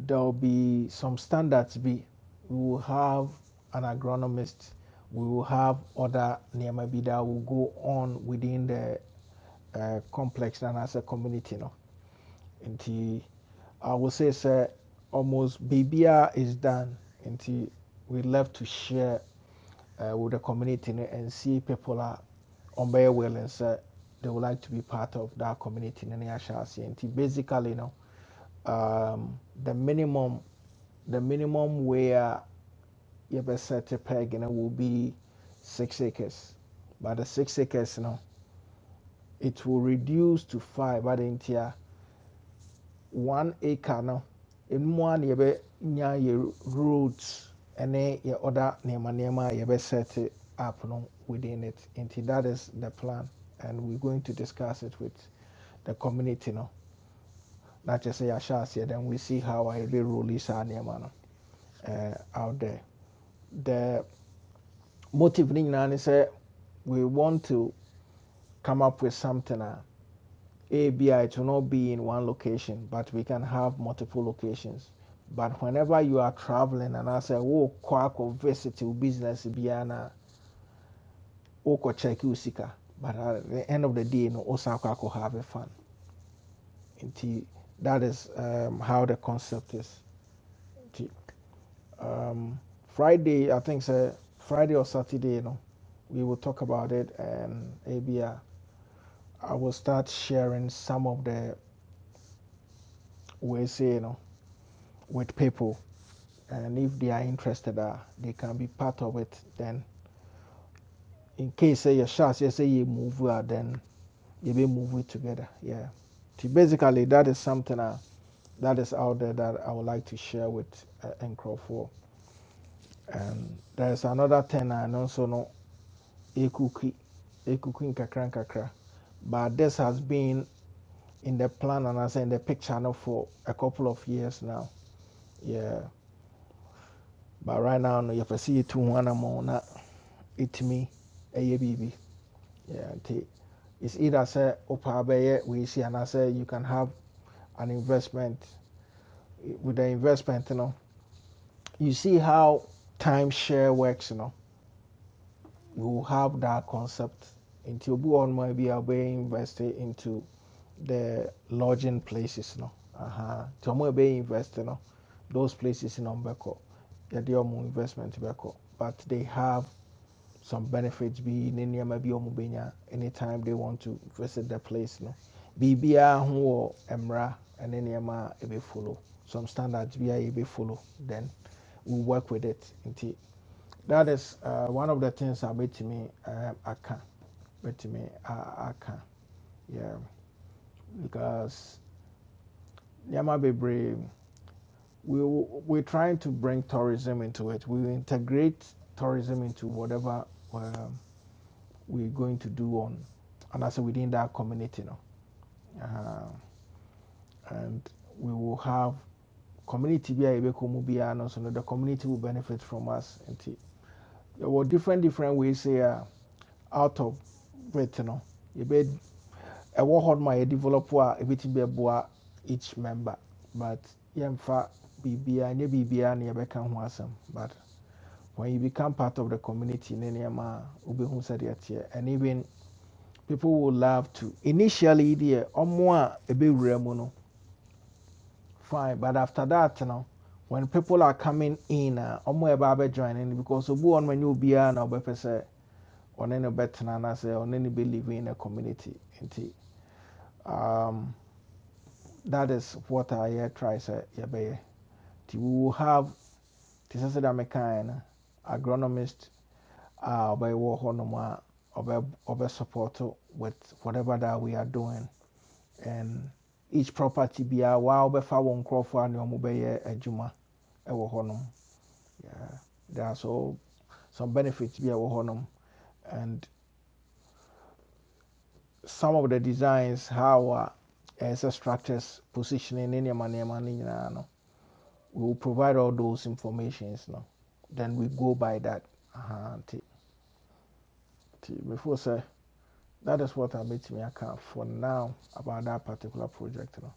[SPEAKER 1] there'll be some standards be we will have an agronomist, we will have other nearby that will go on within the uh, complex and as a community no. Nti I would say sir almost BBR is done. Nti we left to share uh, with the community no, and see people are on very willing sɛ they would like to be part of that community no ne ahyɛ aseɛ nti basically no um, the minimum the minimum where you're yɛbɛsɛte peg no will be six acres but the six acres you know, it will reduce to five But in here. one acre no ɛmu a na yɛbɛnya yɛ roads ɛne yɛ other nneɛma nneɛma a yɛbɛset up no within it nti that is the plan and we're going to discuss it with the community no Not just sɛ yɛahyɛ aseɛ then we see how a yɛbɛroli saa nneɛma no uh, out there the motive no nyinaa ne we want to come up with something a A B I it will not be in one location, but we can have multiple locations. But whenever you are traveling and I say, oh, quack or visit your business, Biana, or check Usika. But at the end of the day, no, Osaka could have a fun. Nti, that is um, how the concept is. Um, Friday, I think, say, Friday or Saturday, no, we will talk about it. And ABI, I I will start sharing some of the ways, you know, with people and if they are interested, uh, they can be part of it. Then, in case say your shots, you say you move, uh, then you be move it together. Yeah. So Basically, that is something uh, that is out there that I would like to share with uh, Nkrofo. And there's another thing I also know, so no, ekuki, ekuki nkakra nkakra. But this has been in the plan and I say in the picture now for a couple of years now. Yeah. But right now, no, you have to see it to one amount, uh, it me, a baby. Yeah. nti It's either say opa beye we see and I say you can have an investment. With the investment, you know, you see how timeshare works, you know. We will have that concept until we on might be invested into the lodging places, you know. Uh-huh. To more be invested, you know, those places in Umbeko. Yeah, they are investment back But they have some benefits bi ne nneɛma bi a wɔn bɛnya anytime they want to visit the place no biribiara ho wɔ mmara ne ma a ɛbɛ follow some standards bi a yɛbɛ follow then we we'll work with it nti that is uh, one of the things I bet a bɛtumi um, aka bɛtumi I I can. yeah because nneɛma bebree we we trying to bring tourism into it we integrate tourism into whatever. um we're going to do on, and also within that community, you know, Uh, and we will have community be a yɛbɛkɔ be biara no so no the community will benefit from us And there were different different ways here out of it no yɛbɛ ɛwɔ hɔ nom a yɛdevelop a ɛbɛtumi bɛboa each member but yɛmfa biribiara nyɛ biribiara na yɛbɛka ho asɛm but when you become part of the community ne nneɛma a wobɛhu sɛdeɛ teɛ and even people will love to. Initially, the omwa ebewura mu no fine, but after that, you know, when people are coming in, omwa uh, eba joining because obu on many obia na obepɛ sɛ ɔne no bɛtena na on any no believe in a community. Nti, um, that is what I uh, try say yɛbɛyɛ. we will have te sɛ sɛdeɛ mekaa no agronomist a ɔbɛwɔ hɔnom a ɔbɛ ɔbɛ support with whatever that we are doing. um, each property biara waa wɔbɛfa wɔn nkurɔfoɔ a ne wɔn bɛyɛ juma, ɛwɔ hɔnom Yeah, there are so some benefits bi a ɛwɔ and some of the designs how a ɛsɛ structures positioning ne nneɛma nneɛma ne no we will provide all those informations now. then we go by that Aha, nti before sɛ that is what I made abɛtumi account for now about that particular project no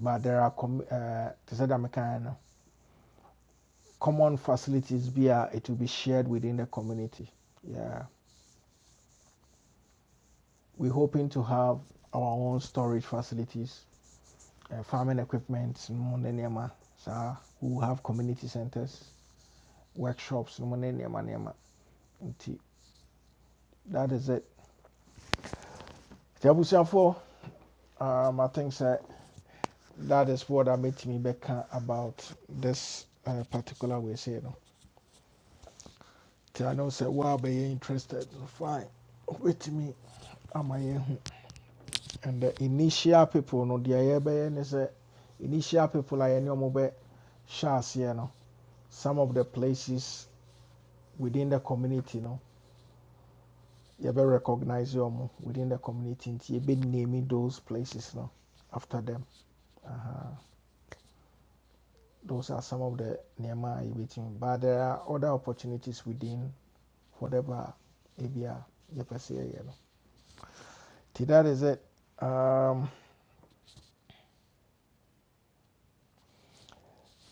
[SPEAKER 1] but there are com- uh, to say that kan no common facilities be are, it will be shared within the community. Yeah, we're hoping to have our own storage facilities, uh, farming equipment, Mondenema. So we have community centers, workshops, Mondenema, Nema. Nti, That is it. Tiabusiafo, um, I think sir, that is what I made me back about this uh, particular way. Say, no. Nti I know sir, why be interested? Fine, wait to me. Am I here? And the initial people no the yɛbɛyɛ ne sɛ initial people are any ɔmo bɛ hyɛ aseɛ no some of the places within the community no you yɛbɛ recognize ɔmo within the community you yɛbɛ name those places no after them. Aha, Those are some of the nneɛma a yɛbɛtumi but there are other opportunities within whatever area you yɛpɛ sɛ yɛyɛ no. Nti that is it. Um,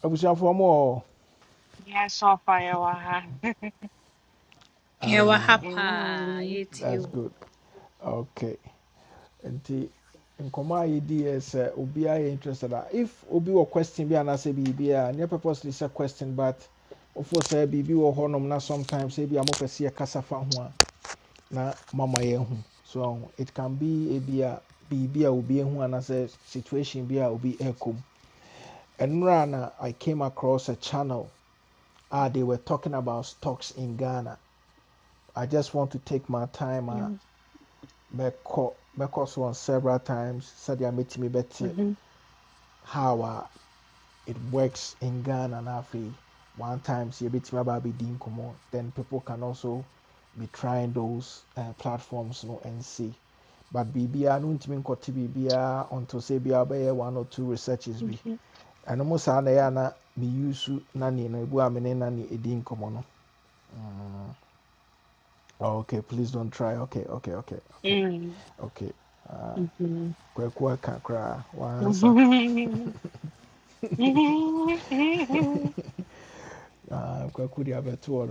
[SPEAKER 1] I wish mo wɔ more.
[SPEAKER 10] Yeah, so fire. Waha.
[SPEAKER 7] Yɛwɔ ha
[SPEAKER 1] Ah,
[SPEAKER 7] paa, yɛtie
[SPEAKER 1] that's
[SPEAKER 7] wo.
[SPEAKER 1] good. Okay. nti nkɔmɔ a yɛdi yɛ sɛ obiara yɛ interested a if obi wɔ question bi anaasɛ biribi a nyɛ purposely sɛ question but mofo sɛ biribi wɔ hɔnom na sometimes ebi a mopɛ sɛ yɛkasa fa ho a na mama yɛahu so it can be ebi a biribi a obi ahu anaasɛ situation bi a obi ɛrekɔ mu ɛnora na i came across a channel ah, they were talking about stocks in ghana i just want to take my time
[SPEAKER 10] Mm,
[SPEAKER 1] a mɛkɔ mɛkɔ so on several times sɛdeɛ mɛtumi bɛte how uh, it works in Ghana and Afi. One time, see a bit about abɛdi nkɔmmɔ. Then people can also be trying those uh, platforms no and see. But BBA no ntumi nkɔte BBA until say bia ɔbɛyɛ one or two researches bi.
[SPEAKER 10] mhm.
[SPEAKER 1] And mo saa na ɛyɛ na me use nani no ebu a nani Edin nkɔmmɔ no. Oh, okay, please don't try. Okay, okay, okay, okay,
[SPEAKER 10] Mm,
[SPEAKER 1] okay. Ah,
[SPEAKER 10] mhm.
[SPEAKER 1] kwaku aka koraa wansa.
[SPEAKER 10] Mm,
[SPEAKER 1] uh, kwaku de abɛto hɔ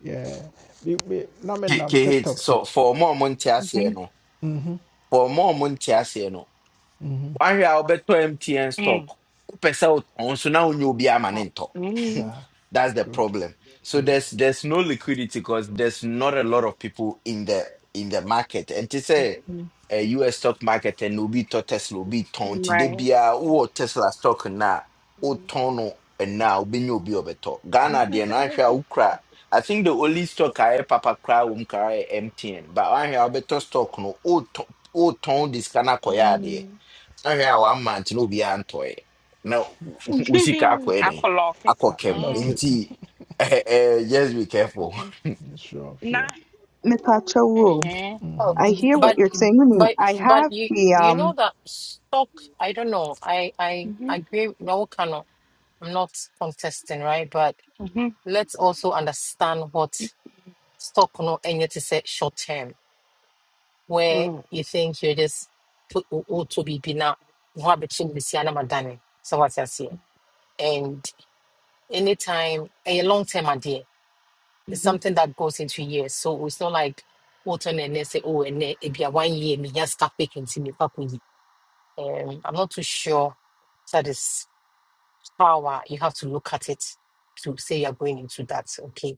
[SPEAKER 1] Yeah. Me, me, na me
[SPEAKER 11] K-
[SPEAKER 1] nam
[SPEAKER 11] KH,
[SPEAKER 1] TikTok so.
[SPEAKER 11] so for more Monte no,
[SPEAKER 1] Mhm.
[SPEAKER 11] for more Monte no,
[SPEAKER 1] Mhm.
[SPEAKER 11] wahwɛ a wobɛtɔ mtn stock wopɛ sɛ wotɔn so na wonyɛ obi ama ne
[SPEAKER 10] oh, mm,
[SPEAKER 1] Sir.
[SPEAKER 11] that's the
[SPEAKER 1] Good.
[SPEAKER 11] problem so
[SPEAKER 1] Good.
[SPEAKER 11] there's there's no liquidity because there's not a lot of people in the in the market and to say
[SPEAKER 10] mhm.
[SPEAKER 11] uh, us stock market and will be to tesla obi tɔn nti de
[SPEAKER 10] Right.
[SPEAKER 11] biara wowɔ tesla stock na wotɔn no and now obi a ɔbɛtɔ
[SPEAKER 1] But
[SPEAKER 11] ghana deɛ
[SPEAKER 1] uh,
[SPEAKER 11] no ahwɛ a
[SPEAKER 10] Mm.
[SPEAKER 11] wokura I think the only stock I papa cry wom kara MTN, but I have better stock no. Oh, oh, this kana koya ahwɛ a one month na obiara ntɔeɛ na wo sika akɔ
[SPEAKER 10] I
[SPEAKER 11] ɛdɛn
[SPEAKER 10] clock it.
[SPEAKER 11] akɔ
[SPEAKER 1] I, I
[SPEAKER 11] kɛm
[SPEAKER 1] like
[SPEAKER 10] Mm,
[SPEAKER 1] it.
[SPEAKER 11] nti eh, eh, just be careful
[SPEAKER 10] mhm.
[SPEAKER 1] Yeah, Sure, sure.
[SPEAKER 10] Nah.
[SPEAKER 9] mepacha wo
[SPEAKER 10] Uh-huh.
[SPEAKER 4] Oh,
[SPEAKER 9] I hear what
[SPEAKER 4] but
[SPEAKER 9] you're saying Wonim,
[SPEAKER 4] but
[SPEAKER 9] I
[SPEAKER 4] but
[SPEAKER 9] have
[SPEAKER 4] you
[SPEAKER 9] the
[SPEAKER 4] you
[SPEAKER 9] um
[SPEAKER 4] know that stock. I don't know. I I
[SPEAKER 10] Mhm,
[SPEAKER 4] agree. No, cannot. I'm not contesting, right? But
[SPEAKER 10] mhm,
[SPEAKER 4] let's also understand what stock no any to say short term. where
[SPEAKER 10] mm,
[SPEAKER 4] you think you're just put all to be now What between the Siana Madani. So what's I say? And anytime a long term idea it's
[SPEAKER 10] mhm.
[SPEAKER 4] something that goes into years. So it's not like what on and they say, oh, and it be a one year me just start picking to me. up with you. Um, I'm not too sure that is power. You have to look at it to say you're going into that. Okay.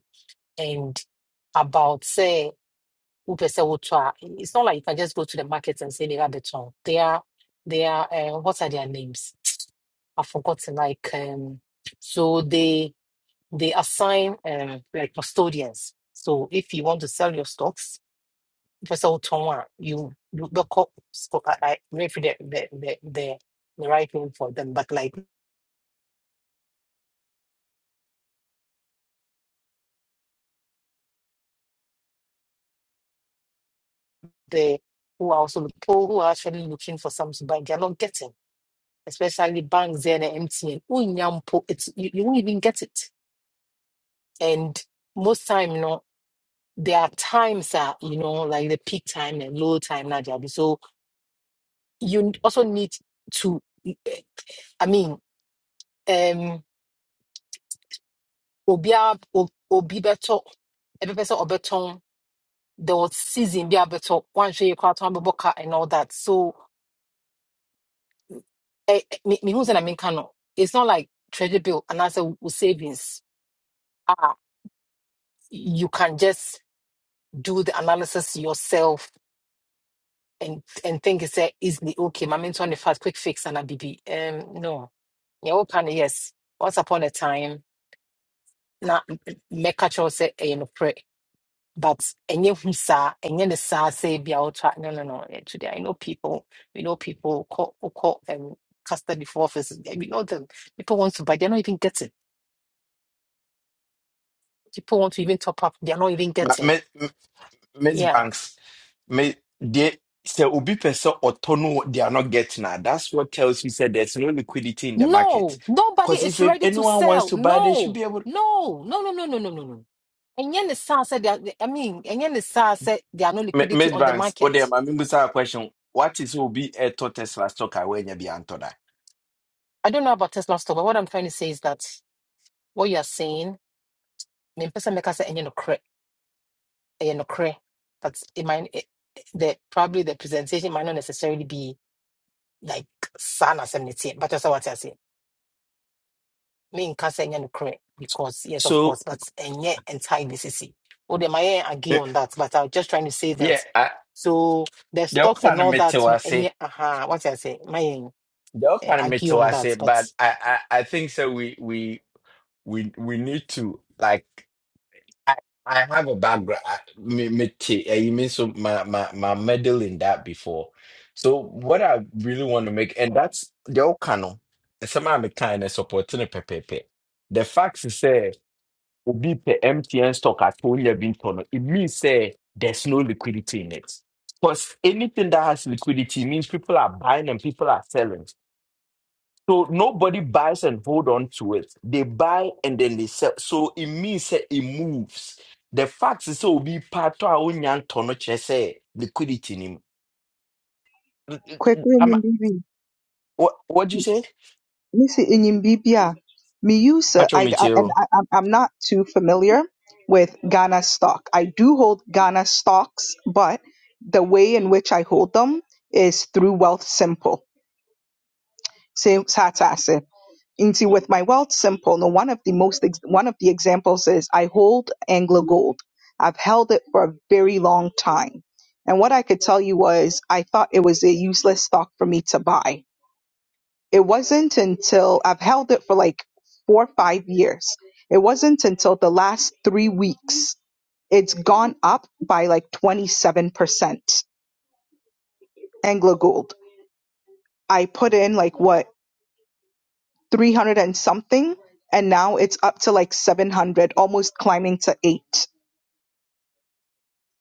[SPEAKER 4] And about say who per se would try. It's not like you can just go to the market and say they are beton. They are, they are, uh, what are their names? I've forgotten. Like, um, so they they assign um, like custodians. So if you want to sell your stocks, first of all, Tonwa, you you the cop. so I I refer the the the the the right name for them, but like the who are also people who are actually looking for something to buy, they are not getting. Especially banks and MTN. Unyampo, it's you, you won't even get it and most time you know there are times that you know like the peak time and low time na Jabi. so you also need to eh, i mean um obia obi beto every person obeton there was season be beto one show you kwat one boka and all that so eh, eh, me me who's in america no it's not like treasure bill and as a savings ah you can just do the analysis yourself and and think it's uh, easily okay. My mentor on the fast quick fix and a BB. Um, no, yeah, open yes. Once upon a time, na make a choice say you know pray, but any who sa any the sa say be out no no no. eh, Today I know people, we know people call who call um custody for office. eh, We know them. People want to buy, they're not even getting. People want to even top up, they're not even
[SPEAKER 11] Ma-
[SPEAKER 4] getting.
[SPEAKER 11] me- m- miss
[SPEAKER 4] Yeah.
[SPEAKER 11] banks me they sɛ obi pɛ sɛ ɔtɔ no wɔ- they are not getting that that's what tells you said there's no liquidity in the market
[SPEAKER 4] No, nobody
[SPEAKER 11] because if
[SPEAKER 4] is ready to
[SPEAKER 11] anyone wants
[SPEAKER 4] sell.
[SPEAKER 11] to buy they should
[SPEAKER 4] No,
[SPEAKER 11] be able
[SPEAKER 4] no, no, no, no, no, no, no, no. no. And yen is sad said they are, I mean, and yen is sad said there are no
[SPEAKER 11] Mi-
[SPEAKER 4] liquidity
[SPEAKER 11] Miss
[SPEAKER 4] on the
[SPEAKER 11] Banks, oh
[SPEAKER 4] market.
[SPEAKER 11] dear, my member a question. What is will be a to Tesla stock I when you be antoda?
[SPEAKER 4] I don't know about Tesla stock, but what I'm trying to say is that what you are saying, me person make us say no cre no cre. But it might it, the probably the presentation might not necessarily be like sana seventy, but that's what I say. Me in casa no cre because yes, of
[SPEAKER 11] So
[SPEAKER 4] course, but and yet entirely CC. Oh, they might agree
[SPEAKER 11] Eh,
[SPEAKER 4] on that, but I'm just trying to say
[SPEAKER 11] yeah,
[SPEAKER 4] that.
[SPEAKER 11] I,
[SPEAKER 4] So the
[SPEAKER 11] the
[SPEAKER 4] stocks and
[SPEAKER 11] kind of
[SPEAKER 4] all that,
[SPEAKER 11] metal
[SPEAKER 4] no,
[SPEAKER 11] I
[SPEAKER 4] and
[SPEAKER 11] say,
[SPEAKER 4] yet, aha, what I say, my.
[SPEAKER 11] the
[SPEAKER 4] eh,
[SPEAKER 11] kind of
[SPEAKER 4] argue
[SPEAKER 11] metal
[SPEAKER 4] on
[SPEAKER 11] I say,
[SPEAKER 4] that, but
[SPEAKER 11] but I, I, I think so. We we we we need to like I I have a background I- me me t- eh, you mean so my my my medal in that before. So what I really want to make and that's the old canon. Some I'm kind of supporting a pepepe. The fact is say obi pe MTN stock at only been turned. It means say there's no liquidity in it. Because anything that has liquidity means people are buying and people are selling. So nobody buys and hold on to it. They buy and then they sell. So it means that it moves. The fact is so be part of our own tono say liquidity in him.
[SPEAKER 9] quick
[SPEAKER 11] i
[SPEAKER 9] enyim bibi
[SPEAKER 11] what what do you say?
[SPEAKER 9] missy enyim bibi a me use uh,
[SPEAKER 11] Patrol
[SPEAKER 9] I, I and
[SPEAKER 11] Mitchell.
[SPEAKER 9] I, I'm I'm not too familiar with Ghana stock I do hold Ghana stocks but the way in which I hold them is through Wealth Simple se- satsase. Into with my wealth simple. Now, one of the most ex- one of the examples is I hold Anglo Gold. I've held it for a very long time, and what I could tell you was I thought it was a useless stock for me to buy. It wasn't until I've held it for like four or five years. It wasn't until the last three weeks it's gone up by like twenty seven percent. Anglo Gold. I put in like what 300 and something and now it's up to like 700 almost climbing to 8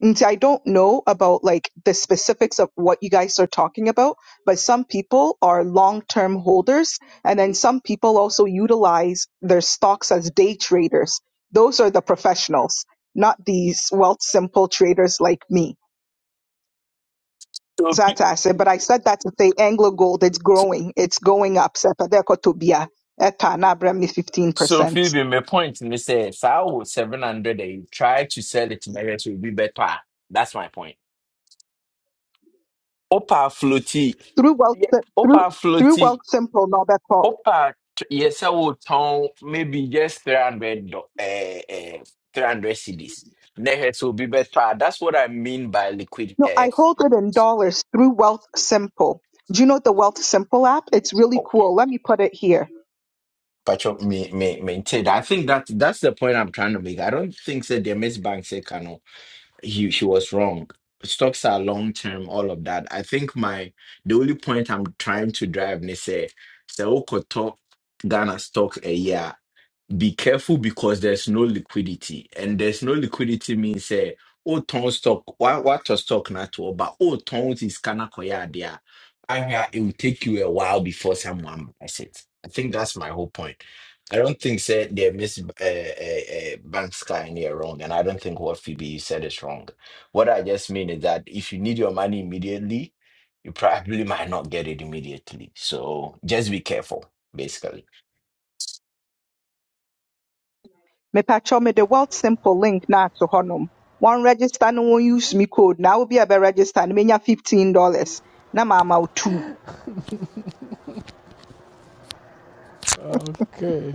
[SPEAKER 9] and see, I don't know about like the specifics of what you guys are talking about, but some people are long-term holders and then some people also utilize their stocks as day traders. Those are the professionals, not these wealth simple traders like me.
[SPEAKER 11] So,
[SPEAKER 9] So that's what I said, but I said that to say Anglo Gold, it's
[SPEAKER 11] so
[SPEAKER 9] growing, it's going up. Sepa deko tobia, eta na bra
[SPEAKER 11] so
[SPEAKER 9] 15%.
[SPEAKER 11] Phoebe, my point is say, Sao 700, they try to sell it to Marriott will be better. That's my point. Opa floaty.
[SPEAKER 9] through Wealth
[SPEAKER 11] Yeah.
[SPEAKER 9] Sim- through
[SPEAKER 11] Opa
[SPEAKER 9] through
[SPEAKER 11] floaty.
[SPEAKER 9] Wealth Simple, Norbeko.
[SPEAKER 11] Opa, yes, I would tone maybe just 300, uh, uh, 300 CDs. Next will be better. That's what I mean by liquid.
[SPEAKER 9] No,
[SPEAKER 11] Uh,
[SPEAKER 9] I hold it in dollars through Wealth Simple. Do you know the Wealth Simple app? It's really
[SPEAKER 11] oh,
[SPEAKER 9] cool. Let me put it here.
[SPEAKER 11] patch up, me, me, maintain. I think that that's the point I'm trying to make. I don't think that the Miss Bank said, Kano, he, she was wrong. Stocks are long term, all of that. I think my the only point I'm trying to drive, they say, say, Okoto Ghana stock a year. be careful because there's no liquidity and there's no liquidity means eh oh ton stock what what to stock not to but oh tons is kana koya there I mean, it will take you a while before someone buys it i think that's my whole point i don't think say they miss uh, uh, uh, banks guy in here wrong and i don't think what phoebe you said is wrong what i just mean is that if you need your money immediately you probably might not get it immediately so just be careful basically
[SPEAKER 9] Me pacho me the Wealth Simple link na to honum. One register no one use me code. Now will be a register and menya fifteen dollars. Na mama wo two.
[SPEAKER 1] Okay.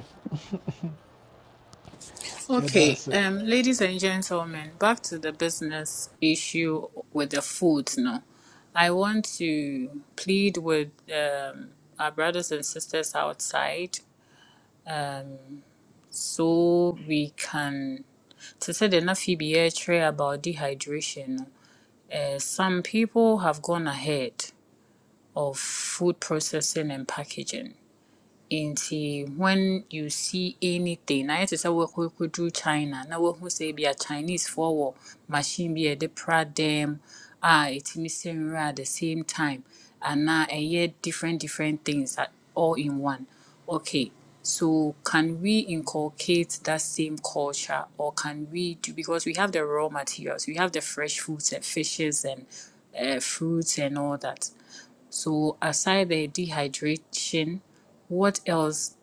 [SPEAKER 1] Yeah,
[SPEAKER 7] Okay,
[SPEAKER 1] that's it.
[SPEAKER 7] um, ladies and gentlemen, back to the business issue with the food. No, I want to plead with um, our brothers and sisters outside, um, so we can. To say the Nafibi tray about dehydration, uh, some people have gone ahead of food processing and packaging nti when you see anything na yɛte sɛ wɔkɔ kɔduru china na woahu sɛ ebia Chinese wɔ machine bi a yɛde pra dɛm a ɛtumi at the same time and now anaa ɛyɛ different different things at, all in one okay so can we inculcate that same culture or can we do because we have the raw materials we have the fresh foods and fishes and uh, fruits and all that so, aside the dehydration, what else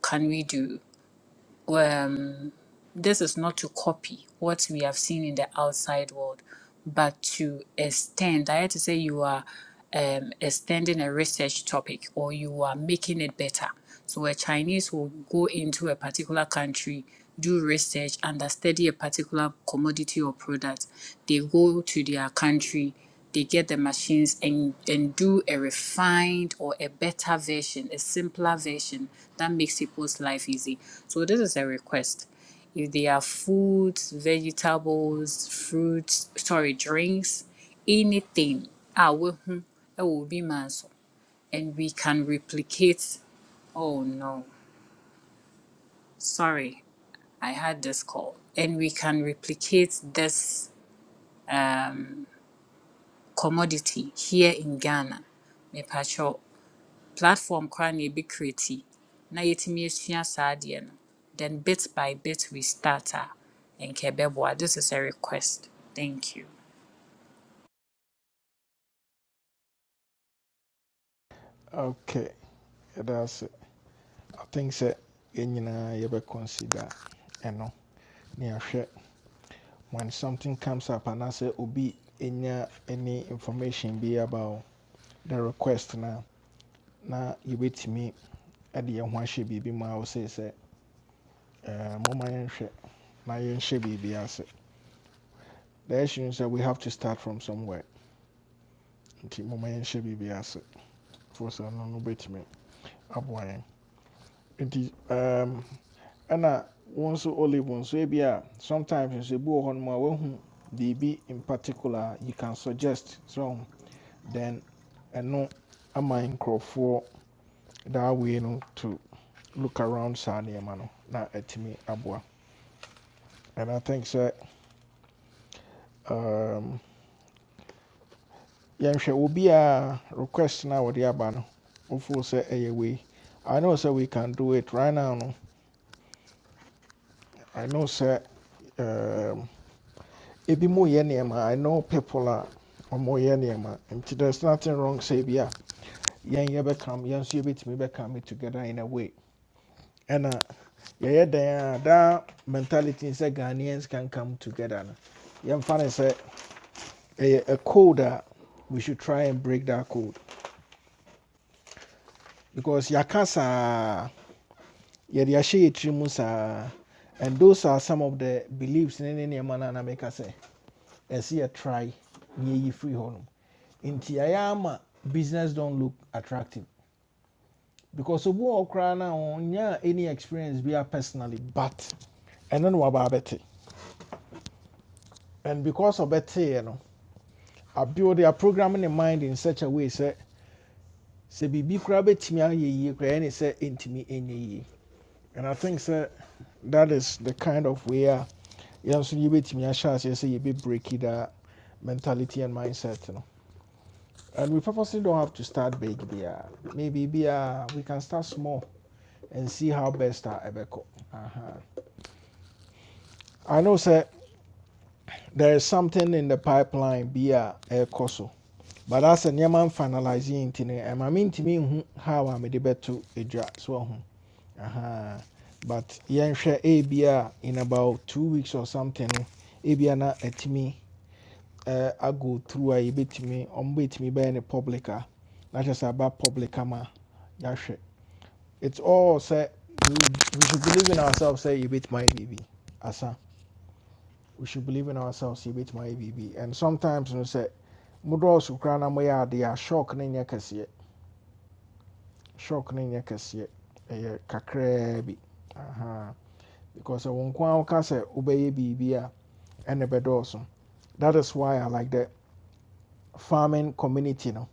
[SPEAKER 7] can we do? Um, this is not to copy what we have seen in the outside world, but to extend. I had to say you are um, extending a research topic or you are making it better. So a Chinese will go into a particular country, do research, and study a particular commodity or product. They go to their country, they get the machines and, and do a refined or a better version, a simpler version that makes people's life easy. So this is a request if they are foods, vegetables, fruits, sorry, drinks, anything, ah, we hmm, it will be manso. And we can replicate, oh no, sorry, I had this call. And we can replicate this um, commodity here in Ghana. Mepacho platform koraa na ebi create na yɛtumi esua saa adeɛ no. Then bit by bit we start a, nkɛ ɛbɛboa. This is a request. Thank you.
[SPEAKER 1] Okay. Yeah, that's it. I think so. yɛn nyinaa yɛbɛ consider ɛno ne ahwɛ when something comes up anaasɛ obi ɛnya any information bi about the request na na yɛbɛtumi ɛde yɛn ho ahyɛ biribi mu a wosɛ sɛ Uh, moma yɛnhwɛ na yɛnhyɛ biribi ase the issue is that we have to start from somewhere nti moma yɛnhyɛ biribi ase for some no no wobɛtumi aboa yɛn nti um, ɛna wo nso olive wo nso ebi a sometimes you ebi wɔ hɔ nom a woahu biribi in particular you can suggest so then ɛno ama nkurɔfoɔ that way no to look around saa nneɛma no na atumi aboa and i think that, um, Yansha will be a request now wɔde aba abano. wofoo sɛ ɛyɛ wei i know sɛ we can do it right now no i know sɛ um, ebi mo yɛ nneɛma i know people are ɔmo yɛ nneɛma there's nothing wrong sɛ bi a yɛn yɛbɛkam yɛn nso yɛbɛtumi bɛkam it together in a way ɛna yɛyɛ dan a daa mentality n sɛ ghanaians can come together no yɛmfa ne a code a we should try and break that code because yakasa. yɛde ahyɛ yɛ and those are some of the beliefs ne any nneɛma no a na meka sɛ ɛsɛ try ye yɛyi firi In nom business don't look attractive because of wɔ hɔ koraa no any experience we bia personally but ɛno no waba abɛte and because of that, you ɔbɛteeɛ no abuild their programming ne mind in such a way sɛ sɛ biribi koraa bɛtumi ayɛ yie any say sɛ ɛntumi ɛnyɛ yie and i think sɛ that is the kind of way uh, Yes, You bet me. yɛnso yɛbɛtumi ahyɛ aseɛ sɛ yɛbɛbreki da mentality and mindset no and we purposely don't have to start big biara maybe biara we can start small and see how best a Uh huh. i know sir. there is something in the pipeline bi a ɛrekɔ so but asɛ nneɛma mfinalise yi nti no ɛma mentumi nhu how a mede to adjust well? Uh huh. but Yan share A ebia in about two weeks or something no ebia na me. uh, I go through a bit me, bɛtumi bit me public a publica, kyerɛ sɛ aba public ama it's all say we, we should believe in ourselves Say sɛ yɛbɛtumi ayɛ biribi asa we should believe in ourselves yɛbɛtumi ayɛ biribi and sometimes no sɛ modɔɔso koraa na moyɛ adeɛ a shock no nyɛ shock no nyɛ kɛseɛ ɛyɛ Aha. because sɛ wo nko ara woka sɛ wobɛyɛ biribi a ɛne that is why i like the farming community no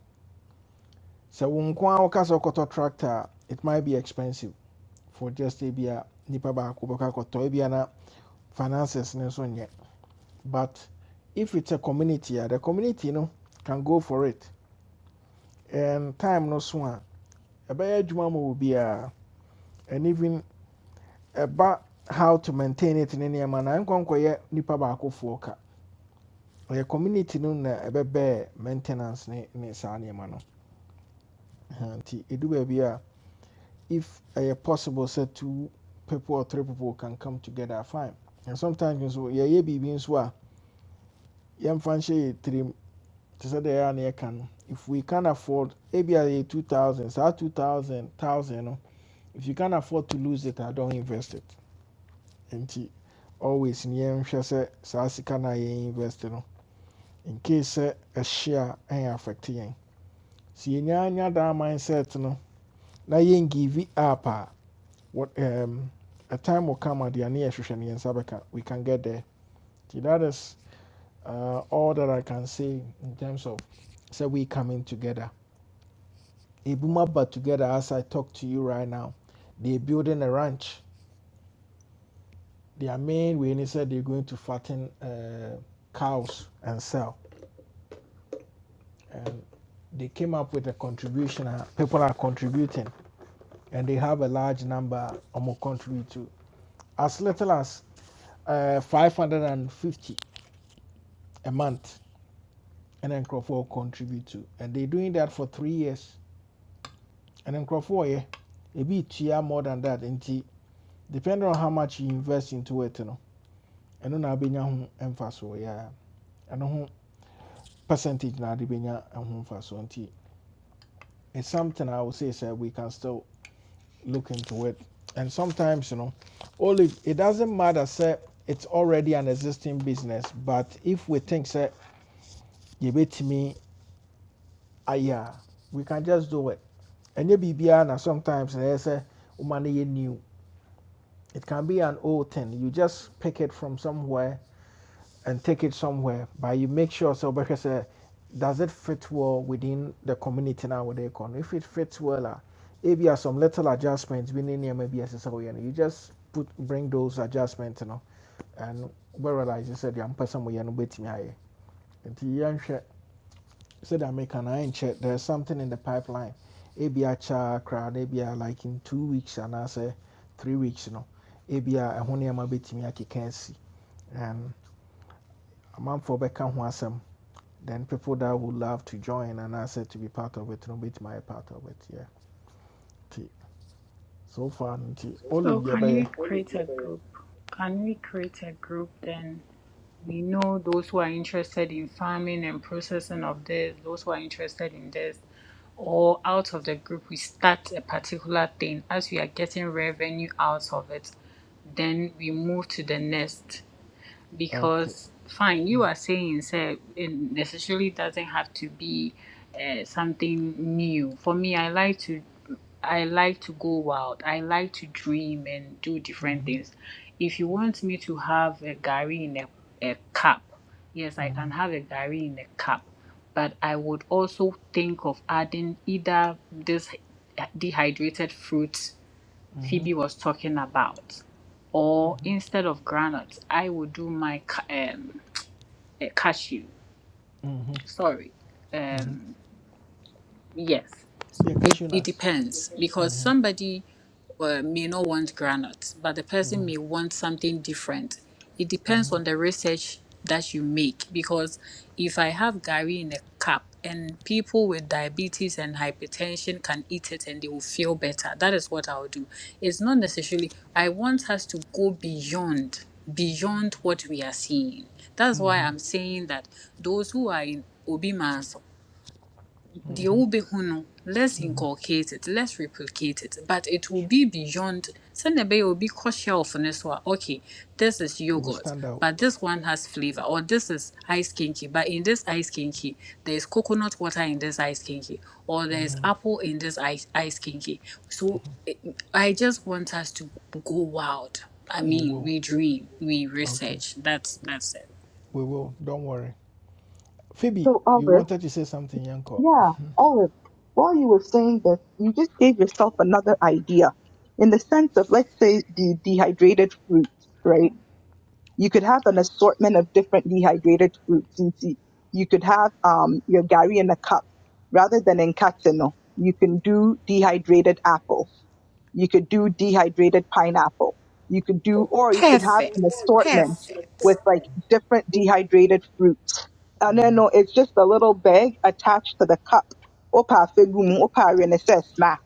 [SPEAKER 1] So wo nko ara woka tractor it might be expensive for just ebia nipa baako bɛkɔ akɔtɔ ebia na finances ne nso nyɛ but if it's a community the community no can go for it and time no so a ɛbɛyɛ adwuma ma obi a and even ɛba how to maintain it ne nneɛma na nkɔnkɔyɛ nipa baakofoɔ ka ɛyɛ community no na ɛbɛbɛɛ maintenance ne ne saa nneɛma no Ɛhã, nti ɛdu baabi a if a uh, possible sɛ two people or three people can come together fine and sometimes nso yɛyɛ biribi nso a yɛmfa nhyɛ yɛ tirim te they deɛ ɛyɛ a na yɛka no if we can afford ebi a two thousand saa two thousand thousand no if you can afford to lose it I don't invest it nti always ni yɛnhwɛ sɛ saa sika no a invest no in case sɛ ɛhye a ɛyɛ affect yɛn si yɛn nyinaa nya daa mindset no na yɛn give it up a what um, a time will come at the Aniashani and Sabeka. We can get there. See, that is uh, all that I can say in terms of say we coming together. Ibumaba together as I talk to you right now. They're building a ranch. Their main way they said they're going to fatten uh, cows and sell. And they came up with a contribution. uh, People are contributing, and they have a large number. Um, more contribute to as little as uh, 550 a month and then Crawford contribute to. And they're doing that for three years. And then Crawford, yeah, it be tia more than that. And depending on how much you invest into it, you know, and then I'll be emphasis, yeah, and ho percentage now, the benya and home for so it's something I would say, sir, we can still look into it. And sometimes, you know, all it, it doesn't matter, sir, it's already an existing business, but if we think, sir, you bet me, ah, yeah, we can just do it. And biribiara na sometimes they say, "Umani no new it can be an old thing you just pick it from somewhere and take it somewhere but you make sure So because, sɛ does it fit well within the community now where they come if it fits well a ebia some little adjustments bi ne maybe bi a ɛsɛ no you just put bring those adjustments you know, and wobɛrealise sɛ deɛ mpɛ sɛ moyɛ no wobɛtumi ayɛ nti yɛnhwɛ said American I ain't check there's something in the pipeline. ABI cha crowd, ABI like in two weeks and I say three weeks, you know. ABI a honeyama bit me can And a month for back awesome. Then people that would love to join and I said to be part of it, no bit my part of it, yeah. Nti, So far,
[SPEAKER 7] So
[SPEAKER 1] Olivia
[SPEAKER 7] can
[SPEAKER 1] Bayer.
[SPEAKER 7] we What do you create a think, Aaron? group? Can we create a group then? We know those who are interested in farming and processing of this, those who are interested in this, or out of the group we start a particular thing. As we are getting revenue out of it, then we move to the next
[SPEAKER 1] Okay.
[SPEAKER 7] because fine you are saying say it necessarily doesn't have to be uh, something new for me i like to i like to go wild i like to dream and do different
[SPEAKER 1] Mm-hmm,
[SPEAKER 7] things if you want me to have a gari in a, a cup yes i can
[SPEAKER 1] mm-hmm,
[SPEAKER 7] have a gari in a cup but i would also think of adding either this dehydrated fruit
[SPEAKER 1] mm-hmm.
[SPEAKER 7] Phoebe was talking about. Or instead of granite, I would do my ca- um, eh, cashew.
[SPEAKER 1] Mm-hmm.
[SPEAKER 7] Sorry.
[SPEAKER 1] Mm-hmm.
[SPEAKER 7] um. Yes. So
[SPEAKER 1] Yeah,
[SPEAKER 7] It,
[SPEAKER 1] cashew
[SPEAKER 7] it
[SPEAKER 1] nuts.
[SPEAKER 7] depends because
[SPEAKER 1] Mm-hmm,
[SPEAKER 7] somebody uh, may not want granite, but the
[SPEAKER 1] mm-hmm.
[SPEAKER 7] person may want something different. It depends on the research that you make because if I have Gary in a cup and people with diabetes and hypertension can eat it and they will feel better, that is what I'll do. It's not necessarily, I want us to go beyond beyond what we are seeing. That's why I'm saying that those who are in Obi the wobɛhu no let's inculcate it let's replicate it but it will be beyond sɛnea ɛbɛyɛ obi kɔ shelf no so okay this is
[SPEAKER 1] We will
[SPEAKER 7] yogurt
[SPEAKER 1] stand out.
[SPEAKER 7] but this one has flavor or this is ice kinky but in this ice kinky there's coconut water in this ice kinky or there's apple in this ice, ice kinky so eh, i just want us to go wild i
[SPEAKER 1] We
[SPEAKER 7] mean
[SPEAKER 1] will.
[SPEAKER 7] we dream we
[SPEAKER 1] Okay.
[SPEAKER 7] research that's that's it
[SPEAKER 1] We will. Don't worry. Phoebe,
[SPEAKER 9] So
[SPEAKER 1] you
[SPEAKER 9] Olive,
[SPEAKER 1] wanted to say something, Yanko.
[SPEAKER 9] yeah, Olive. While you were saying this, you just gave yourself another idea. In the sense of let's say the dehydrated fruits, right? you could have an assortment of different dehydrated fruits. You see, you could have um, your gari in a cup rather than in Katsuno. You can do dehydrated apple. You could do dehydrated pineapple. You could do, or you could have
[SPEAKER 7] Perfect.
[SPEAKER 9] an assortment
[SPEAKER 7] Perfect.
[SPEAKER 9] with like different dehydrated fruits. And then no, it's just a little bag attached to the cup. Opa fegumu, opa renese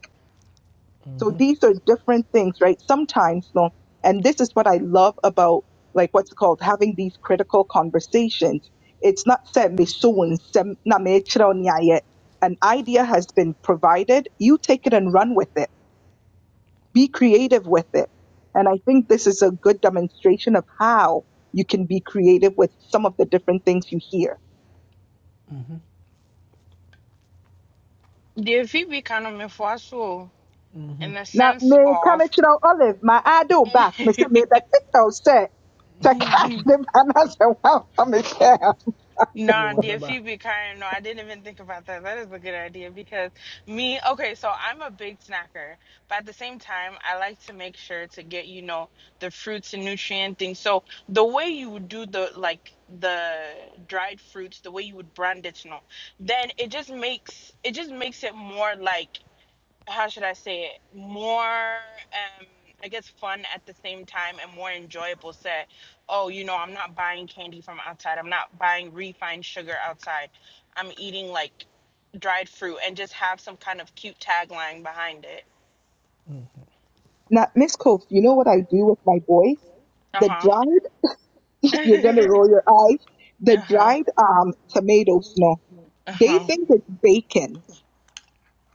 [SPEAKER 9] so these are different things, right? Sometimes, no. And this is what I love about like what's it called having these critical conversations. It's not said me so and sem- na me chira o nya an idea has been provided. You take it and run with it. Be creative with it. And I think this is a good demonstration of how you can be creative with some of the different things you hear.
[SPEAKER 10] Deɛ fi bi ka no so in
[SPEAKER 1] Mhm.
[SPEAKER 10] the
[SPEAKER 9] na
[SPEAKER 10] sense
[SPEAKER 9] meka
[SPEAKER 10] of
[SPEAKER 9] mekyerɛ wo, olive ma ade me se me back mese mebɛkeka say to catch them ne ba na sɛ woamfa me sɛ
[SPEAKER 10] No,
[SPEAKER 1] Oh, Abeba.
[SPEAKER 10] DFP be kind. No, I didn't even think about that. That is a good idea because me, okay, so I'm a big snacker, but at the same time, I like to make sure to get, you know, the fruits and nutrient things. So the way you would do the like the dried fruits, the way you would brand it, you know, then it just makes it just makes it more like how should I say it, more, um, I guess, fun at the same time and more enjoyable. Said, oh, you know, I'm not buying candy from outside. I'm not buying refined sugar outside. I'm eating like dried fruit and just have some kind of cute tagline behind it.
[SPEAKER 9] Now, Miss Cove, you know what I do with my boys?
[SPEAKER 10] Uh
[SPEAKER 9] The
[SPEAKER 10] huh.
[SPEAKER 9] dried, you're gonna
[SPEAKER 10] uh
[SPEAKER 9] roll your eyes, the
[SPEAKER 10] huh.
[SPEAKER 9] dried um tomatoes, no.
[SPEAKER 10] Uh
[SPEAKER 9] They
[SPEAKER 10] huh.
[SPEAKER 9] think it's bacon.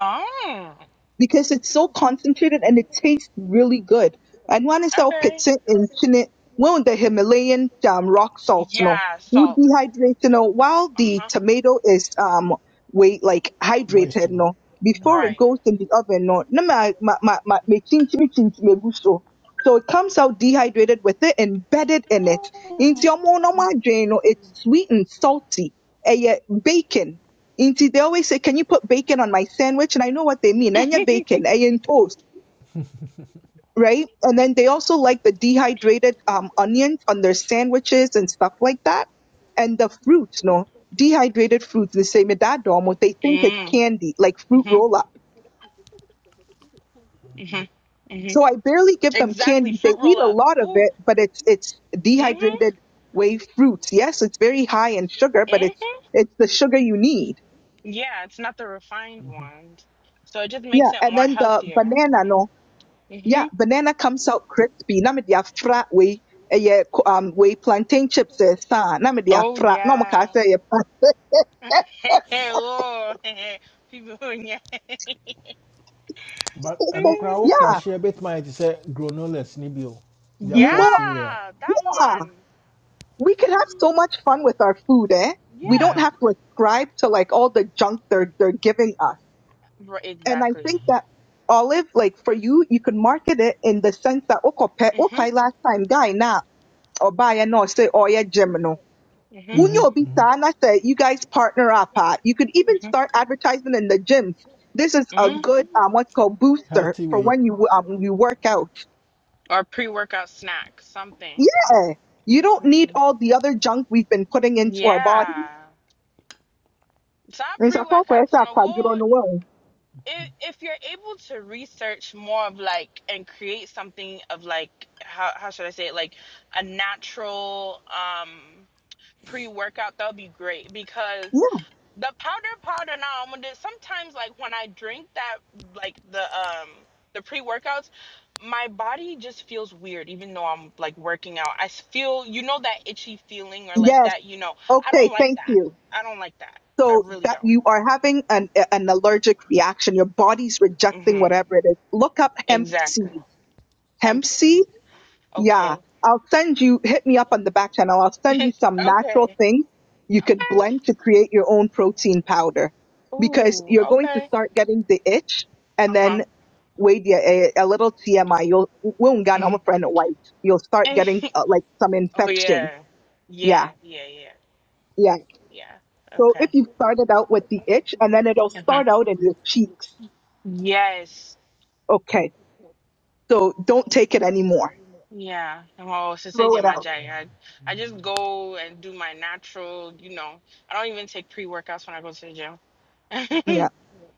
[SPEAKER 10] Oh,
[SPEAKER 9] because it's so concentrated and it tastes really good. I want to sell
[SPEAKER 10] okay.
[SPEAKER 9] pizza in Chinet, well, the Himalayan um, rock salt,
[SPEAKER 10] Yeah,
[SPEAKER 9] no, would
[SPEAKER 10] salt.
[SPEAKER 9] dehydrate, you know, while
[SPEAKER 10] Uh
[SPEAKER 9] the
[SPEAKER 10] huh.
[SPEAKER 9] tomato is um wait like
[SPEAKER 1] Moist,
[SPEAKER 9] hydrated,
[SPEAKER 1] no.
[SPEAKER 9] no, before
[SPEAKER 1] Okay.
[SPEAKER 9] it
[SPEAKER 10] Right.
[SPEAKER 9] goes in the oven, no, no, ma ma ma ma me chinchi me chinchi me gusto. So it comes out dehydrated with it embedded in it. Into your mono no, it's sweet and salty. Eh, yeah, bacon. Inti, they always say, Can you put bacon on my sandwich? And I know what they mean. Anya bacon, onion toast, right? And then they also like the dehydrated um, onions on their sandwiches and stuff like that. And the fruits, no, dehydrated fruits, they say medadom, what they think is
[SPEAKER 10] Mm.
[SPEAKER 9] candy, like fruit
[SPEAKER 10] Mm-hmm.
[SPEAKER 9] roll up.
[SPEAKER 10] Mm-hmm.
[SPEAKER 9] So I barely give them candy.
[SPEAKER 10] Exactly,
[SPEAKER 9] They
[SPEAKER 10] fruit
[SPEAKER 9] eat
[SPEAKER 10] roll
[SPEAKER 9] a
[SPEAKER 10] up.
[SPEAKER 9] lot of it,
[SPEAKER 10] Ooh,
[SPEAKER 9] but it's it's
[SPEAKER 10] mm-hmm,
[SPEAKER 9] dehydrated whey fruits. Yes, it's very high in sugar, but it's
[SPEAKER 10] mm-hmm.
[SPEAKER 9] it's the sugar you need.
[SPEAKER 10] Yeah, it's not the refined ones, so it just
[SPEAKER 9] Yeah.
[SPEAKER 10] makes it
[SPEAKER 9] And
[SPEAKER 10] more
[SPEAKER 9] then the
[SPEAKER 10] healthier.
[SPEAKER 9] banana, no. Yeah,
[SPEAKER 10] Mm-hmm.
[SPEAKER 9] banana comes out crispy. Na me dia fra we ɛyɛ um we plantain chips eh sa. Na me dia
[SPEAKER 10] Oh
[SPEAKER 9] fra. Na mo ka
[SPEAKER 10] yeah.
[SPEAKER 9] say eh, fra.
[SPEAKER 10] oh, people, yeah.
[SPEAKER 1] But I know crowd
[SPEAKER 10] Mm.
[SPEAKER 9] Yeah,
[SPEAKER 1] crash here, bit my say granolas, nibio, their
[SPEAKER 10] yeah,
[SPEAKER 1] fresh
[SPEAKER 9] more.
[SPEAKER 1] cereal,
[SPEAKER 10] that one.
[SPEAKER 9] We can have so
[SPEAKER 10] Mm,
[SPEAKER 9] much fun with our food, eh? We don't
[SPEAKER 10] yeah,
[SPEAKER 9] have to ascribe to like all the junk they're they're giving us.
[SPEAKER 10] Ri-
[SPEAKER 9] And I
[SPEAKER 10] exactly.
[SPEAKER 9] think that olive, like for you, you can market it in the sense that okay, okay,
[SPEAKER 10] Mm-hmm,
[SPEAKER 9] last time guy na or buy no say oh yeah
[SPEAKER 10] mm-hmm,
[SPEAKER 9] Unyo-san, I said, you guys partner up. Uh, you could even
[SPEAKER 10] mm-hmm,
[SPEAKER 9] start advertising in the gyms. This is a
[SPEAKER 10] hmm
[SPEAKER 9] good um, what's called booster
[SPEAKER 1] healthy
[SPEAKER 9] for
[SPEAKER 1] way.
[SPEAKER 9] when you um, you work out.
[SPEAKER 10] Or pre-workout snack, something.
[SPEAKER 9] Yeah, you don't need
[SPEAKER 10] Mm-hmm.
[SPEAKER 9] all the other junk we've been putting into our body.
[SPEAKER 10] Yeah. It's not
[SPEAKER 9] And so, kwa- kwa-
[SPEAKER 10] pre-workouts
[SPEAKER 9] sa-
[SPEAKER 10] no
[SPEAKER 9] kwa-
[SPEAKER 10] more.
[SPEAKER 9] juro no wa.
[SPEAKER 10] if if you're able to research more of like and create something of like how how should I say it like a natural um pre-workout that would be great because
[SPEAKER 9] Yeah.
[SPEAKER 10] the powder powder now I'm gonna do- sometimes like when I drink that like the um the pre-workouts my body just feels weird even though I'm like working out I s- feel you know that itchy feeling or like
[SPEAKER 9] Yes.
[SPEAKER 10] that you know I
[SPEAKER 9] Okay.
[SPEAKER 10] don't like
[SPEAKER 9] Thank
[SPEAKER 10] that
[SPEAKER 9] you.
[SPEAKER 10] I don't like that I
[SPEAKER 9] So
[SPEAKER 10] really
[SPEAKER 9] that
[SPEAKER 10] don't
[SPEAKER 9] you are having an an allergic reaction, your body's rejecting
[SPEAKER 10] mhm
[SPEAKER 9] whatever it is. Look up hemp
[SPEAKER 10] exactly
[SPEAKER 9] seed.
[SPEAKER 10] hemp
[SPEAKER 9] Hemp
[SPEAKER 10] seed
[SPEAKER 9] seed. Yeah,
[SPEAKER 10] Okay.
[SPEAKER 9] I'll send you, hit me up on the back channel. I'll send you
[SPEAKER 10] okay.
[SPEAKER 9] some natural
[SPEAKER 10] Okay.
[SPEAKER 9] things you could blend to create your own protein powder because
[SPEAKER 10] Ooh,
[SPEAKER 9] you're going to
[SPEAKER 10] okay.
[SPEAKER 9] start getting the itch and
[SPEAKER 10] Uh-huh.
[SPEAKER 9] then wait yeah, a, a little TMI. You'll, we'll get on a friend white. You'll start getting uh, like some
[SPEAKER 10] oh
[SPEAKER 9] infections.
[SPEAKER 10] yeah. Yeah,
[SPEAKER 9] Yeah,
[SPEAKER 10] yeah, yeah,
[SPEAKER 9] yeah.
[SPEAKER 10] yeah.
[SPEAKER 9] So if
[SPEAKER 10] Okay.
[SPEAKER 9] you started out with the itch and then it'll
[SPEAKER 10] Uh-huh.
[SPEAKER 9] start out in your cheeks.
[SPEAKER 10] Yes.
[SPEAKER 9] Okay. So don't take it anymore.
[SPEAKER 10] Yeah. Well, since I
[SPEAKER 9] Throw
[SPEAKER 10] did
[SPEAKER 9] it
[SPEAKER 10] my
[SPEAKER 9] out.
[SPEAKER 10] diet, I, I just go and do my natural, you know. I don't even take pre-workouts when I go to the gym.
[SPEAKER 9] Yeah.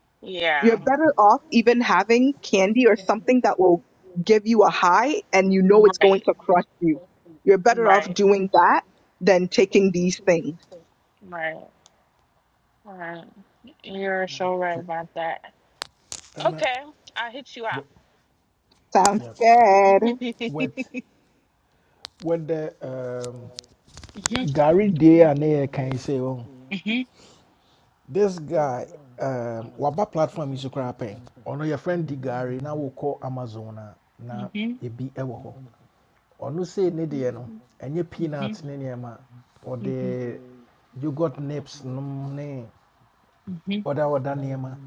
[SPEAKER 9] You're
[SPEAKER 10] yeah.
[SPEAKER 9] better off even having candy or something that will give you a high and you know it's going
[SPEAKER 10] Right.
[SPEAKER 9] to crush you. You're better off
[SPEAKER 10] Right.
[SPEAKER 9] doing that than taking these things.
[SPEAKER 10] Right. Right. You're so right about that.
[SPEAKER 1] And uh,
[SPEAKER 10] Okay, I'll hit you up.
[SPEAKER 1] wet-
[SPEAKER 9] Sounds
[SPEAKER 1] yeah,
[SPEAKER 9] good.
[SPEAKER 1] wet, wet the um, Gary Day and there can say, oh, this guy, um, Waba platform is a crap. Ono your friend Di Gary, now we call Amazona na
[SPEAKER 10] Mhm, mhm,
[SPEAKER 1] ebi ewo hɔ. ɔno sei ne deɛ no ɛnyɛ
[SPEAKER 10] mhm,
[SPEAKER 1] peanut ne nneɛma ɔde
[SPEAKER 10] mhm,
[SPEAKER 1] yogurt nips nom ne
[SPEAKER 10] mhm, mhm,
[SPEAKER 1] ɔda ɔda nneɛma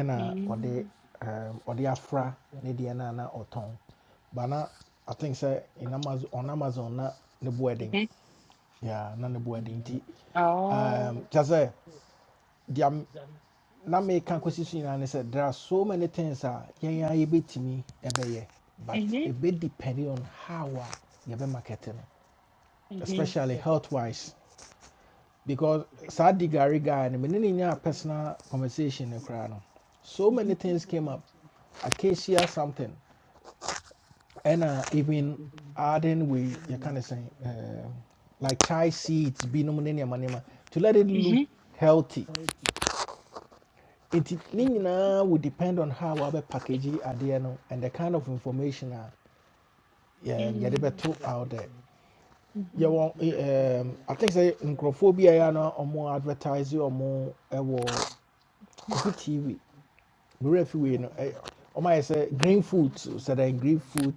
[SPEAKER 10] mhm, mhm.
[SPEAKER 1] ɔde um, ɔde afra ne deɛ no a na otong bana i think say in amazon on amazon na ne boaden yeah, na ne boaden ti
[SPEAKER 10] Oh.
[SPEAKER 1] um, kyɛ sɛ na me kɔsi so nyinaa ne there are so many things a yɛn a yɛbɛtumi ɛbɛyɛ but
[SPEAKER 10] Mhm,
[SPEAKER 1] it be depending on how a yɛbɛ market no
[SPEAKER 10] mhm,
[SPEAKER 1] especially health wise because saa digari guy no mene ne nyaa personal conversation no koraa no so many things came up acacia something ɛna even adding we yɛka ne sɛn um, like chai seeds be ne nneɛma nneɛma to let it look
[SPEAKER 10] mhm,
[SPEAKER 1] healthy It, ne nyinaa would depend on how wabɛ package adeɛ no and the kind of information a yeah,
[SPEAKER 10] mhm,
[SPEAKER 1] yɛde to out there
[SPEAKER 10] mhm,
[SPEAKER 1] yɛwɔ um, i think sɛ nkurɔfoɔ bi a yɛ a na ɔmo advertise ɔmo ɛwɔ kofi tv nwura fi wei no ɛ- ɔmayɛ sɛ green food sɛdɛn green food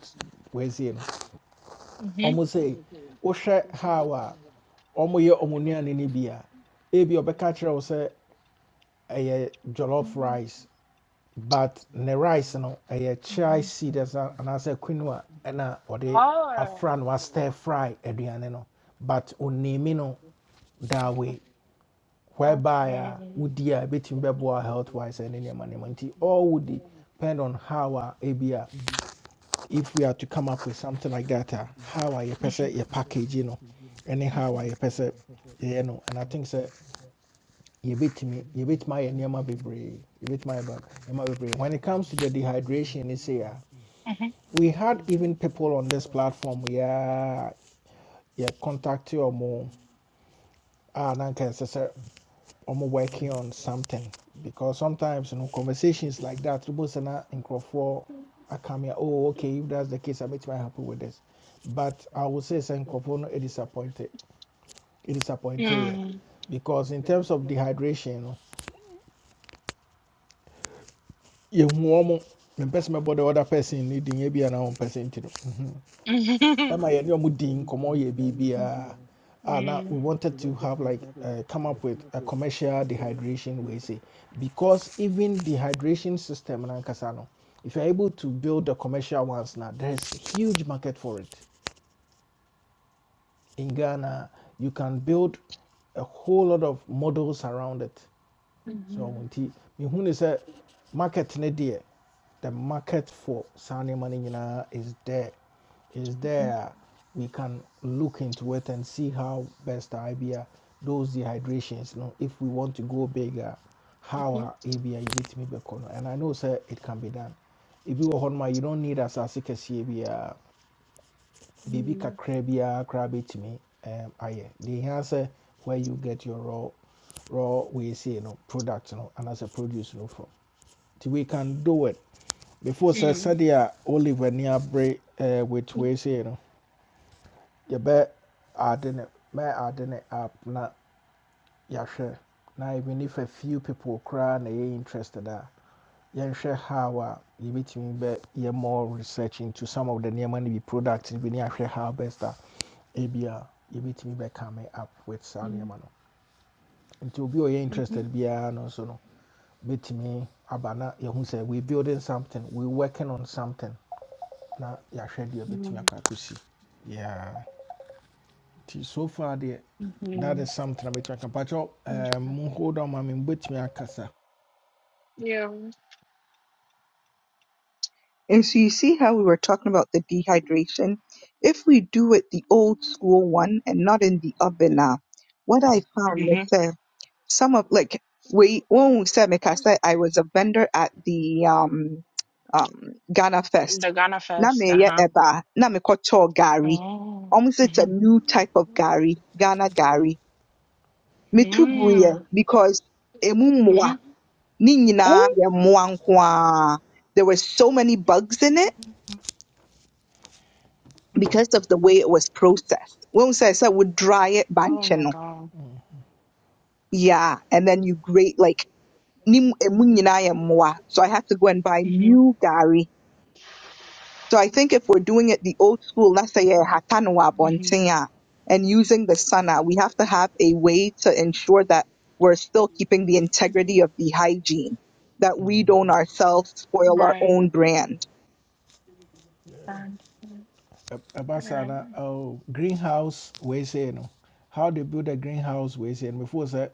[SPEAKER 1] wɔasie no
[SPEAKER 10] mhm.
[SPEAKER 1] ɔmo sɛ wohwɛ how a ɔmoyɛ ɔmo nnuane no bi a ebi ɔbɛka kyerɛ wo sɛ ɛyɛ jollof rice but ne rice no ɛyɛ chai seed ɛsa- anaasɛ quinoa ɛna ɔde
[SPEAKER 10] Oh.
[SPEAKER 1] afra no a or the afran was stir fry aduane no but onimi no that way whereby a wodi a ɛbɛtumi health wise and any nneɛma nti all would depend on how uh, a ebi if we are to come up with something like that a how are you person your package You know, anyhow are you person? eh, You know, and i think so. you sɛ yɛbɛtumi yɛbɛtumi ayɛ nneɛma bebree yɛbɛtumi ayɛ ba- nneɛma bebree when it comes to the dehydration it's here. we had even people on this platform yeah yeah contact you or more ah na nka I'm working on something because sometimes you know conversations like that both and for I come here oh okay if that's the case I make my happy with this but I would say some no it disappointed it
[SPEAKER 10] Okay.
[SPEAKER 1] disappointed yeah.
[SPEAKER 10] Mm,
[SPEAKER 1] because in terms of dehydration you know you the person about the other person needing maybe an own person to do
[SPEAKER 10] mhm,
[SPEAKER 1] ɛma yɛne ɔmo di nkɔmmɔ yɛ Ah, na we
[SPEAKER 10] mm,
[SPEAKER 1] wanted to have like uh, come up with a commercial dehydration way say because even dehydration system in Ankasano, if you're able to build the commercial ones now, there's a huge market for it in Ghana. You can build a whole lot of models around it so ɔmo nti mehu ne sɛ market ne deɛ the market for saa money no is there is there we can look into it and see how best I B a those dehydrations no if we want to go bigger how our a ebia yɛbɛtumi bɛkɔ no and i know sir, it can be done ebi wɔ hɔnom my, you don't need as asase kɛseɛ biara Baby, kakra biara koraa bɛtumi um, ayɛ deɛ hia where you get your raw raw wei sei no product no a produce no from nti we can do it before sɛ sɛdeɛ olive ani abere eh, with wei sei no didn't. ne I didn't. app na yɛahwɛ na even if a few people koraa na ɛyɛ interested a yɛnhwɛ how a yɛbɛtumi bɛ yɛ more research into some of the nneɛma no bi product no bi ne ahwɛ how best a ebi a yɛbɛtumi bɛ come up with saa nneɛma no nti obi a ɔyɛ interested biara no nso no bɛtumi aba na yɛhu sɛ we building something we working on something na yɛahwɛ deɛ bɛtumi akɔ akɔsi yeah so far deɛ that is something a bɛtumi aka mpakyɛw eh, mo hold on ma me mbɛtumi akasa
[SPEAKER 9] And so you see how we were talking about the dehydration? If we do it the old school one and not in the oven now, what I found is
[SPEAKER 10] mhm.
[SPEAKER 9] that some of like we when we said, like I said, I was a vendor at the um um Ghana Fest
[SPEAKER 10] The Ghana
[SPEAKER 9] na
[SPEAKER 10] Fest. Uh
[SPEAKER 9] meyɛ
[SPEAKER 10] huh.
[SPEAKER 9] ɛba a na mekɔtɔɔ gari.
[SPEAKER 10] Oh.
[SPEAKER 9] Ɔmo sɛ it's a
[SPEAKER 10] Mhm.
[SPEAKER 9] new type of gari, Ghana gari. Metu guiɛ
[SPEAKER 10] Mm,
[SPEAKER 9] because emu mmoa
[SPEAKER 10] mhm.
[SPEAKER 9] ne nyinaa
[SPEAKER 10] Ooh.
[SPEAKER 9] yɛ mmoa nko ara. There were so many bugs in it because of the way it was processed. When sɛ sɛ would dry it
[SPEAKER 10] Oh
[SPEAKER 9] banche
[SPEAKER 10] my
[SPEAKER 9] no,
[SPEAKER 10] God.
[SPEAKER 9] yeah, and then you grate like ne mu- emu nyinaa yɛ mmoa. So I had to go and buy
[SPEAKER 10] Mhm.
[SPEAKER 9] new gari So I think if we're doing it the old school, let's say eh, hatanwa
[SPEAKER 10] Mhm.
[SPEAKER 9] bontinya, and using the sana, we have to have a way to ensure that we're still keeping the integrity of the hygiene, that we don't ourselves spoil our
[SPEAKER 10] Right.
[SPEAKER 9] own brand.
[SPEAKER 10] And
[SPEAKER 1] Ɛ- ɛba oh, greenhouse wei sei no how they build a greenhouse wei sei no before that,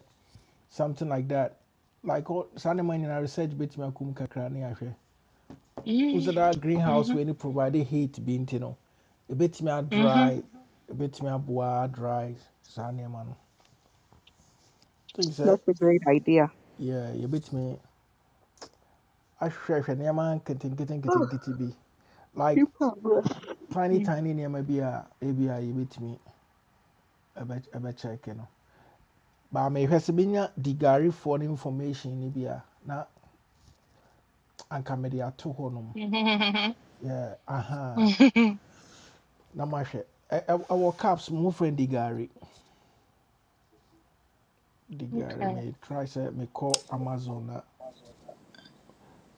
[SPEAKER 1] something like that like all- saa nneɛma nyinaa research bɛtumi akɔ mu kakra ne ahwɛ wosɛ
[SPEAKER 10] Mm,
[SPEAKER 1] that greenhouse
[SPEAKER 10] mhm,
[SPEAKER 1] when you provide heat bi you know, a bit me a dry
[SPEAKER 10] mhm,
[SPEAKER 1] a a a bit me a bois, dry, Sunday man, things that
[SPEAKER 9] That's a great idea.
[SPEAKER 1] yeah, saa nneɛma no think sɛ yɛ- yɛbɛtumi ahwehwɛhwɛ nneɛma nketenkete
[SPEAKER 9] Oh,
[SPEAKER 1] nketenkete be like
[SPEAKER 9] you probably.
[SPEAKER 1] tiny
[SPEAKER 10] mm,
[SPEAKER 1] tiny nneɛma maybe a ebi me. yɛbɛtumi ɛbɛ ɛbɛkyɛke no baama ehwɛ sɛ benya di gaarifoɔ no information no bi a na anka mɛde ato hɔ nom
[SPEAKER 10] mhm,
[SPEAKER 1] yɛ
[SPEAKER 10] mhm,
[SPEAKER 1] aha na mahwɛ Ɛ- ɛ- ɛwɔ caps mo friend di gaari di gaari
[SPEAKER 10] Okay.
[SPEAKER 1] may try sɛ mekɔ amazon na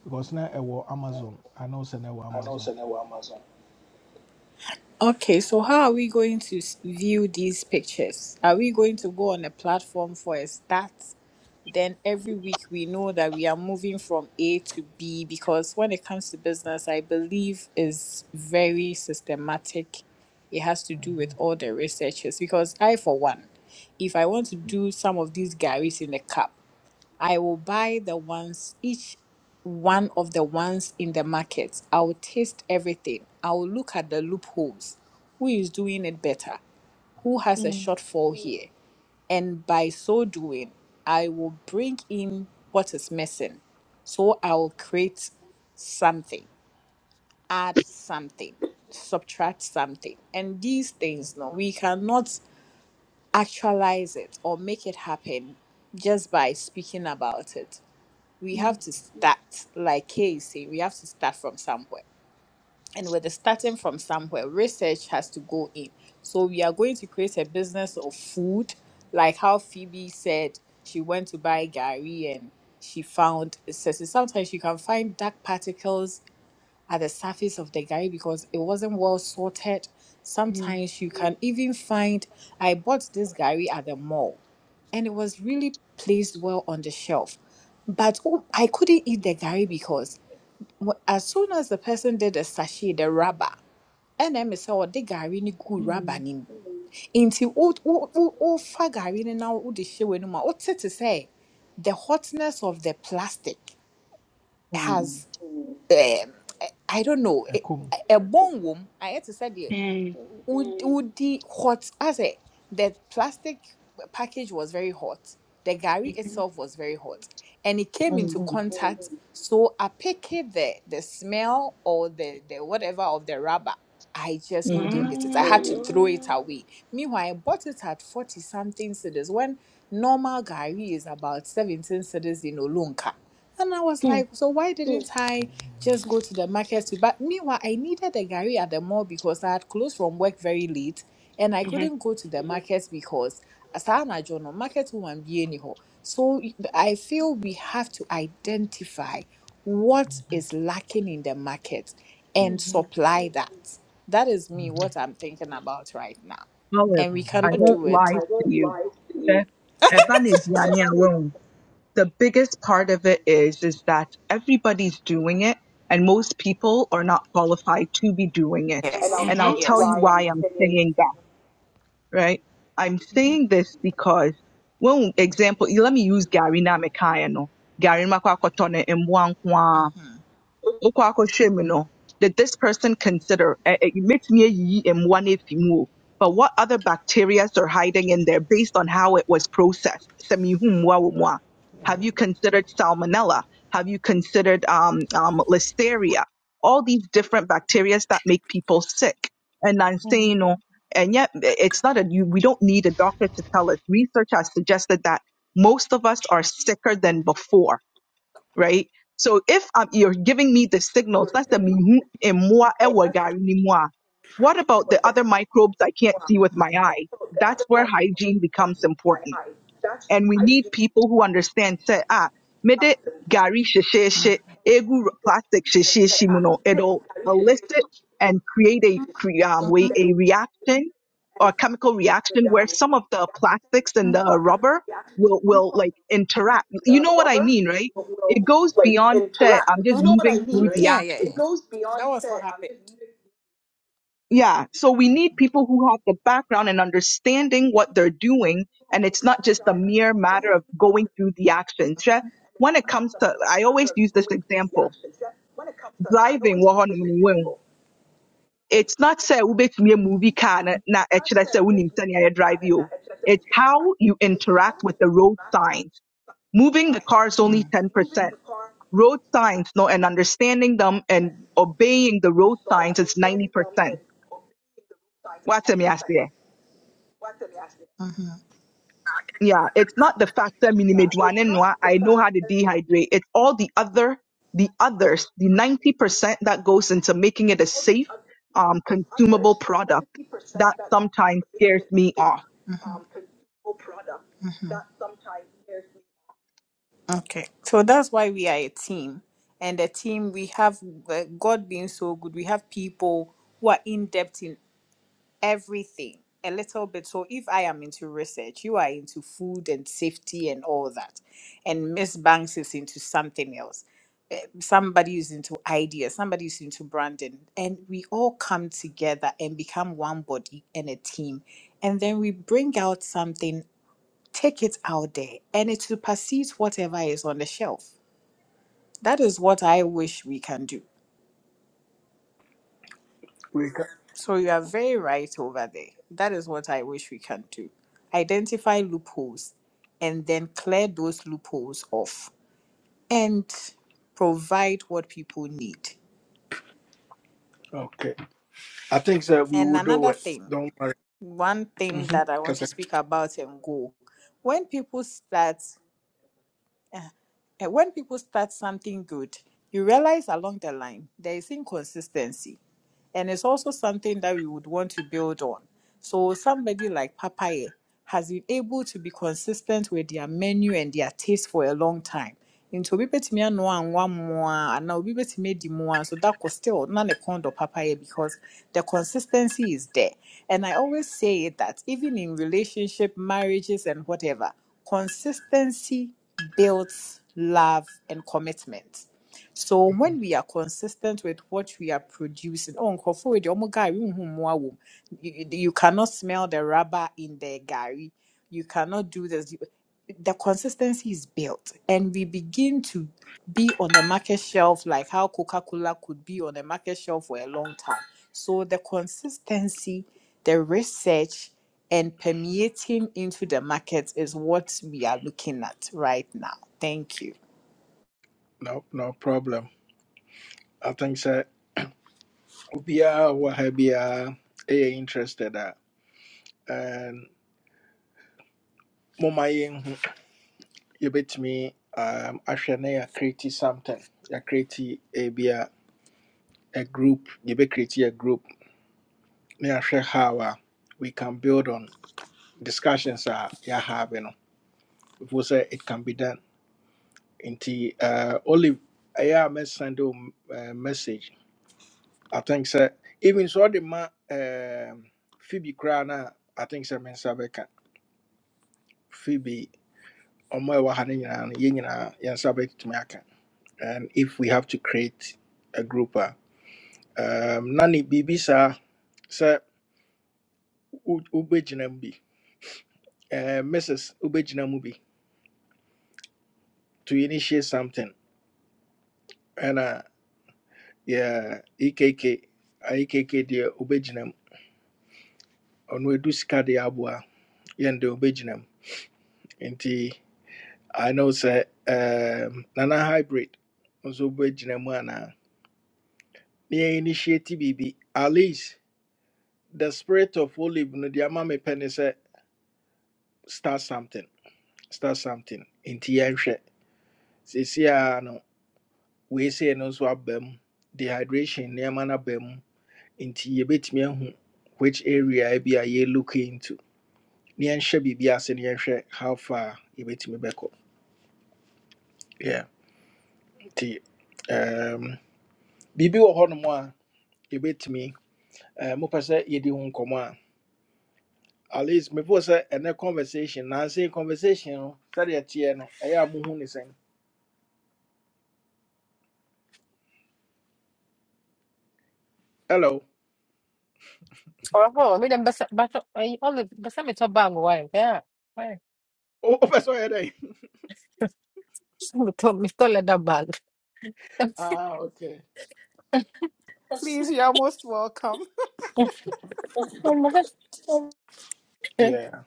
[SPEAKER 1] because na ɛwɔ amazon i know sɛ na ɛwɔ
[SPEAKER 7] I know it's
[SPEAKER 1] amazon
[SPEAKER 7] on Amazon. Okay, so how are we going to s- view these pictures? Are we going to go on a platform for a start? Then every week we know that we are moving from A to B because when it comes to business, I believe is very systematic. It has to do with all the researchers because I, for one, if I want to do some of these Garys in a cup, I will buy the ones, each one of the ones in the market. I will taste everything. I will look at the loopholes. Who is doing it better? Who has a
[SPEAKER 10] Mm,
[SPEAKER 7] shortfall here? And by so doing, I will bring in what is missing. So I will create something, add something, subtract something. And these things, no, we cannot actualize it or make it happen just by speaking about it we have
[SPEAKER 10] mm,
[SPEAKER 7] to start, like Kay is saying, we have to start from somewhere. And with the starting from somewhere, research has to go in. So we are going to create a business of food, like how Phoebe said she went to buy Gary and she found so so sometimes you can find dark particles at the surface of the Gary because it wasn't well sorted.
[SPEAKER 10] mm, mm,
[SPEAKER 7] Sometimes you can even find I bought this Gary at the mall and it was really placed well on the shelf. But oh, I couldn't eat the Gary because wh- as soon as the person did the sachet, the rubber, and then I saw oh, the Gary ni good rubber
[SPEAKER 10] mm,
[SPEAKER 7] ni. o o o o fa Gary ni now she we no more. What to say? The hotness of the plastic
[SPEAKER 9] Mm,
[SPEAKER 7] has um, I I don't know a
[SPEAKER 1] ɛkɔ mu
[SPEAKER 7] a bone womb. I had to say the
[SPEAKER 10] mhm,
[SPEAKER 7] would would the hot as a the plastic package was very hot. The gari itself was very hot, and it came into
[SPEAKER 9] mm,
[SPEAKER 7] contact. So I picked the the smell or the the whatever of the rubber. I just
[SPEAKER 9] mm.
[SPEAKER 7] couldn't eat it. I had
[SPEAKER 10] mm,
[SPEAKER 7] to throw it away. Meanwhile, I bought it at forty something cedis when normal gari is about seventeen cedis in Olunka. And I was like, so why didn't I just go to the market to buy? Meanwhile, I needed the gari at the mall because I had closed from work very late and I
[SPEAKER 10] mhm,
[SPEAKER 7] couldn't go to the market because Asana Jono, market woman be anyhow. So I feel we have to identify what is lacking in the market and
[SPEAKER 10] mhm,
[SPEAKER 7] supply that. That is me, what I'm thinking about right now.
[SPEAKER 9] Olive,
[SPEAKER 7] And we
[SPEAKER 9] I
[SPEAKER 7] cannot
[SPEAKER 9] won't
[SPEAKER 7] do it.
[SPEAKER 9] lie to you. The Eba ne biani awon. The biggest part of it is is that everybody's doing it, and most people are not qualified to be doing it. And I'll
[SPEAKER 10] mhm,
[SPEAKER 9] tell you why I'm saying that. Right? I'm saying this because, well, example, let me use Gary Namikaino. Gary Makwakotone Mwankwa. Okwakohwɛ mu no, did this person consider eh, eh, metumi ayiyi mmoa no afi mu o, but what other bacteria are hiding in there based on how it was processed? Sɛ mihu mmoa wɔ mu a, Have you considered salmonella? Have you considered um, um, listeria? All these different bacteria that make people sick. And I'm
[SPEAKER 10] mhm,
[SPEAKER 9] saying, no, and yet eh, it's not a, you, we don't need a doctor to tell us. Research has suggested that most of us are sicker than before right? So if um, you're giving me the signals, that's the mihu emua ewa gari ni mua. What about the other microbes I can't see with my eye? That's where hygiene becomes important and we need people who understand say ah mede gari sheshe egu plastic sheshe muno it'll elicit and create a cre- um, way a reaction or chemical reaction where some of the plastics and the rubber will will like interact you know what i mean right it goes beyond Say, i'm just moving through the action yeah. So we need people who have the background and understanding what they're doing. And it's not just a mere matter of going through the actions. Yeah. When it comes to, I always use this example, driving. wɔ hɔnom no, woehu. It's not say wobɛtumi movie car na na ɛkyerɛ sɛ wonim sɛnea yɛdrive yi o. It's how you interact with the road signs. Moving the car is only 10%. Road signs, no, and understanding them and obeying the road signs is 90%. What's me ask? yeah, it's not the factor minimedwanenwa. I know how to dehydrate. It's all the other, the others, the 90% that goes into making it a safe, um, consumable product that sometimes scares me off.
[SPEAKER 7] Okay. So that's why we are a team. And a team, we have uh, God being so good, we have people who are in depth in everything a little bit. So if I am into research, you are into food and safety and all that. And Miss Banks is into something else. Eh, Somebody is into ideas, somebody is into branding. And we all come together and become one body and a team. And then we bring out something Take it out there and it supersedes whatever is on the shelf. That is what I wish we can do.
[SPEAKER 1] We can.
[SPEAKER 7] So you are very right over there. That is what I wish we can do. Identify loopholes and then clear those loopholes off and provide what people need.
[SPEAKER 1] Okay. I think that we
[SPEAKER 7] And
[SPEAKER 1] will do
[SPEAKER 7] another
[SPEAKER 1] it.
[SPEAKER 7] thing,
[SPEAKER 1] Don't worry.
[SPEAKER 7] one thing
[SPEAKER 1] Mm-hmm.
[SPEAKER 7] that I want to speak about and go. When people start and when people start something good, you realize along the line there is inconsistency and it's also something that we would want to build on. So somebody like Papaye has been able to be consistent with their menu and their taste for a long time. Nti obi betumi ano anwa mmoa and obi betumi adi mmoa so that could still na ne kɔn Papaye because the consistency is there. And I always say that even in relationship, marriages and whatever, consistency builds love and commitment so when we are consistent with what we are producing, oh, nkorɔfo wei deɛ ɔmo gari nhum mmoa wom. You, you cannot smell the rubber in the gari. You cannot do this. You- The consistency is built, and we begin to be on the market shelf like how Coca Cola could be on the market shelf for a long time. So the consistency, the research, and permeating into the market is what we are looking at right now. Thank you.
[SPEAKER 1] No, no problem. I think so. obiara wɔ ha biara ɛyɛ interested a ɛn, momma yɛnhu yɛbɛtumi um, ahwɛ na yɛacreate something yɛacreate ebi a a group yɛbɛcreate a group na yɛahwɛ how a we can build on discussions a yɛahave no before sɛ it can be done nti uh, olive ɛyɛ a mɛsend wo uh, message i think sɛ even so, ɔde ma um, phoebe koraa no a i think sɛ mensa bɛka phoebe ɔmo a ha no nyinaa no yɛn nyinaa yɛn nsa bɛtumi aka and if we have to create a group a um, na ne biribi saa sɛ mu bi eh, mrs wobɛgyina mu bi to initiate something ɛna yɛ ekk ekk deɛ wobɛgyina mu ɔno ɛdu sika deɛ aboa yɛn deɛ wobɛgyina mu nti i know sɛ um, nana hybrid nso wobɛgyina mu anaa na yɛ initiate Bibi, at least the spirit of olive no deɛ ama mepɛ ne sɛ start something start something nti yɛnhwɛ seesei a no we say no nso aba dehydration nneɛma no aba mu nti yɛbɛtumi ahu which area bi a yɛ look into ne yɛnhyɛ biribi ase ne yɛnhwɛ how far yɛbɛtumi bɛkɔ yeah. nti um, biribi wɔ hɔnom a yɛbɛtumi eh, mopɛ sɛ yɛdi ho nkɔmmɔ a at least mefo sɛ ɛnɛ conversation nansei conversation no sɛdeɛ teɛ no ɛyɛ a mohu ne sɛn hello
[SPEAKER 4] oh, oh, me them basa basa eh, all the basa me to bag why yeah why
[SPEAKER 1] Oh, wopɛ sɛ ɔyɛ dɛn
[SPEAKER 4] So me to me to let that bag.
[SPEAKER 1] Ah, okay.
[SPEAKER 7] Please, you're most welcome.
[SPEAKER 1] yeah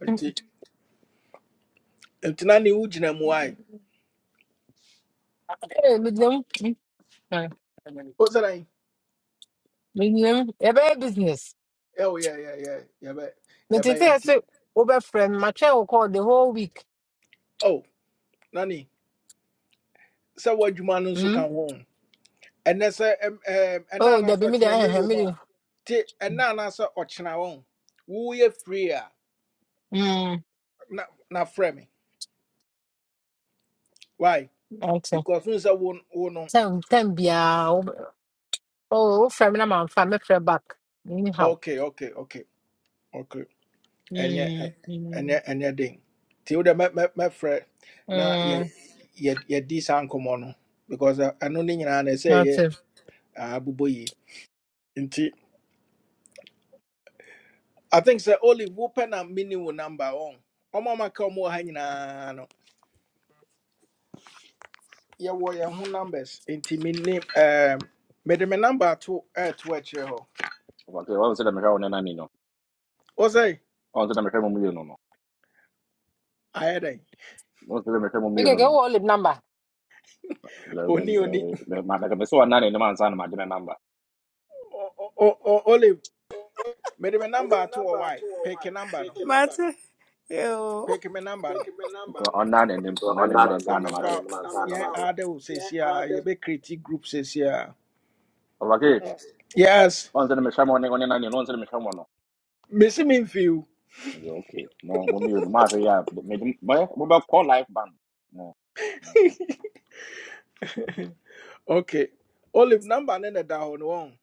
[SPEAKER 1] nti nti na ne wogyina mu ae
[SPEAKER 4] Eh, me dem eh,
[SPEAKER 1] wo sɛ
[SPEAKER 4] me dem eh, bad business.
[SPEAKER 1] Oh, yeah, yeah, yeah. Yeah, yɛ yɛbɛ-
[SPEAKER 4] Me te
[SPEAKER 1] yɛbɛyɛ
[SPEAKER 4] te
[SPEAKER 1] nti
[SPEAKER 4] say over friend my chair will call the whole week.
[SPEAKER 1] o na ne sɛ woadwuma no nso
[SPEAKER 4] Hmm.
[SPEAKER 1] ka ho ɛnɛ sɛ ɛm- ɛm, ɛna
[SPEAKER 4] Oh,
[SPEAKER 1] anaa
[SPEAKER 4] there
[SPEAKER 1] sɛ
[SPEAKER 4] be me there
[SPEAKER 1] ɔkyena mmere
[SPEAKER 4] eh eh,
[SPEAKER 1] wɔ
[SPEAKER 4] me
[SPEAKER 1] mu
[SPEAKER 4] there.
[SPEAKER 1] a te ɛna anaa sɛ ɔkyena wɔn woyɛ free a
[SPEAKER 4] Hmm.
[SPEAKER 1] na na frɛ me why
[SPEAKER 4] Okay.
[SPEAKER 1] because n sɛ wo wo no
[SPEAKER 4] Time time be ah oh friend me na man friend me friend back anyhow.
[SPEAKER 1] okay okay okay okay ɛnyɛ
[SPEAKER 4] Hmm.
[SPEAKER 1] ɛ-
[SPEAKER 4] Hmm.
[SPEAKER 1] ɛnyɛ ɛnyɛ den nti wode mɛ mɛ mɛfrɛ na yɛ
[SPEAKER 4] Hmm.
[SPEAKER 1] yɛ yɛdi saa nkɔmmɔ no because ɛ- ɛno ne nyinaa na ɛsɛ yɛ
[SPEAKER 4] okay.
[SPEAKER 1] abobɔ yie nti i think sɛ olive wopɛ na mene wo number wɔn ɔma ma ka ɔma wɔ ha nyinaa no yɛwɔ yɛn ho numbers nti mene ɛɛm, mede me number ato ɛɛto akyerɛ hɔ
[SPEAKER 2] Okay, once let me hear one nani no.
[SPEAKER 1] wo sɛ
[SPEAKER 2] Once let me hear mummy no no.
[SPEAKER 1] ayɛ dɛn
[SPEAKER 2] Once let me hear mummy
[SPEAKER 4] Okay,
[SPEAKER 2] no
[SPEAKER 4] get
[SPEAKER 2] no.
[SPEAKER 4] all the number.
[SPEAKER 2] Let me
[SPEAKER 1] oni oni
[SPEAKER 2] let me like me so nani no man sana madem number.
[SPEAKER 1] O- o- o- olive mede me
[SPEAKER 7] Mede
[SPEAKER 1] number
[SPEAKER 7] me
[SPEAKER 1] ato wɔ
[SPEAKER 7] number ato
[SPEAKER 1] wae
[SPEAKER 7] wɔ why.
[SPEAKER 1] peke number no
[SPEAKER 7] Peke number no. Mate, yo.
[SPEAKER 1] peke me number no
[SPEAKER 7] Peke me number
[SPEAKER 2] So
[SPEAKER 7] no.
[SPEAKER 2] On nani nim
[SPEAKER 7] Nti
[SPEAKER 2] on nani
[SPEAKER 7] ɔnna
[SPEAKER 2] no
[SPEAKER 7] ne
[SPEAKER 2] man
[SPEAKER 1] na
[SPEAKER 7] nim
[SPEAKER 2] sana
[SPEAKER 7] ɔnna ne
[SPEAKER 2] madem.
[SPEAKER 1] memfa
[SPEAKER 7] nim Na ansa
[SPEAKER 1] yɛn ade wo seesie a critic group seesie a
[SPEAKER 2] Okay,
[SPEAKER 1] yes
[SPEAKER 2] once let me hear one one nani no once let me hear one no.
[SPEAKER 1] mesi memfiw
[SPEAKER 2] Yeah, okay. No mummy no ma fe ya me me me call life band. No.
[SPEAKER 1] okay olive number ne na da hɔ no won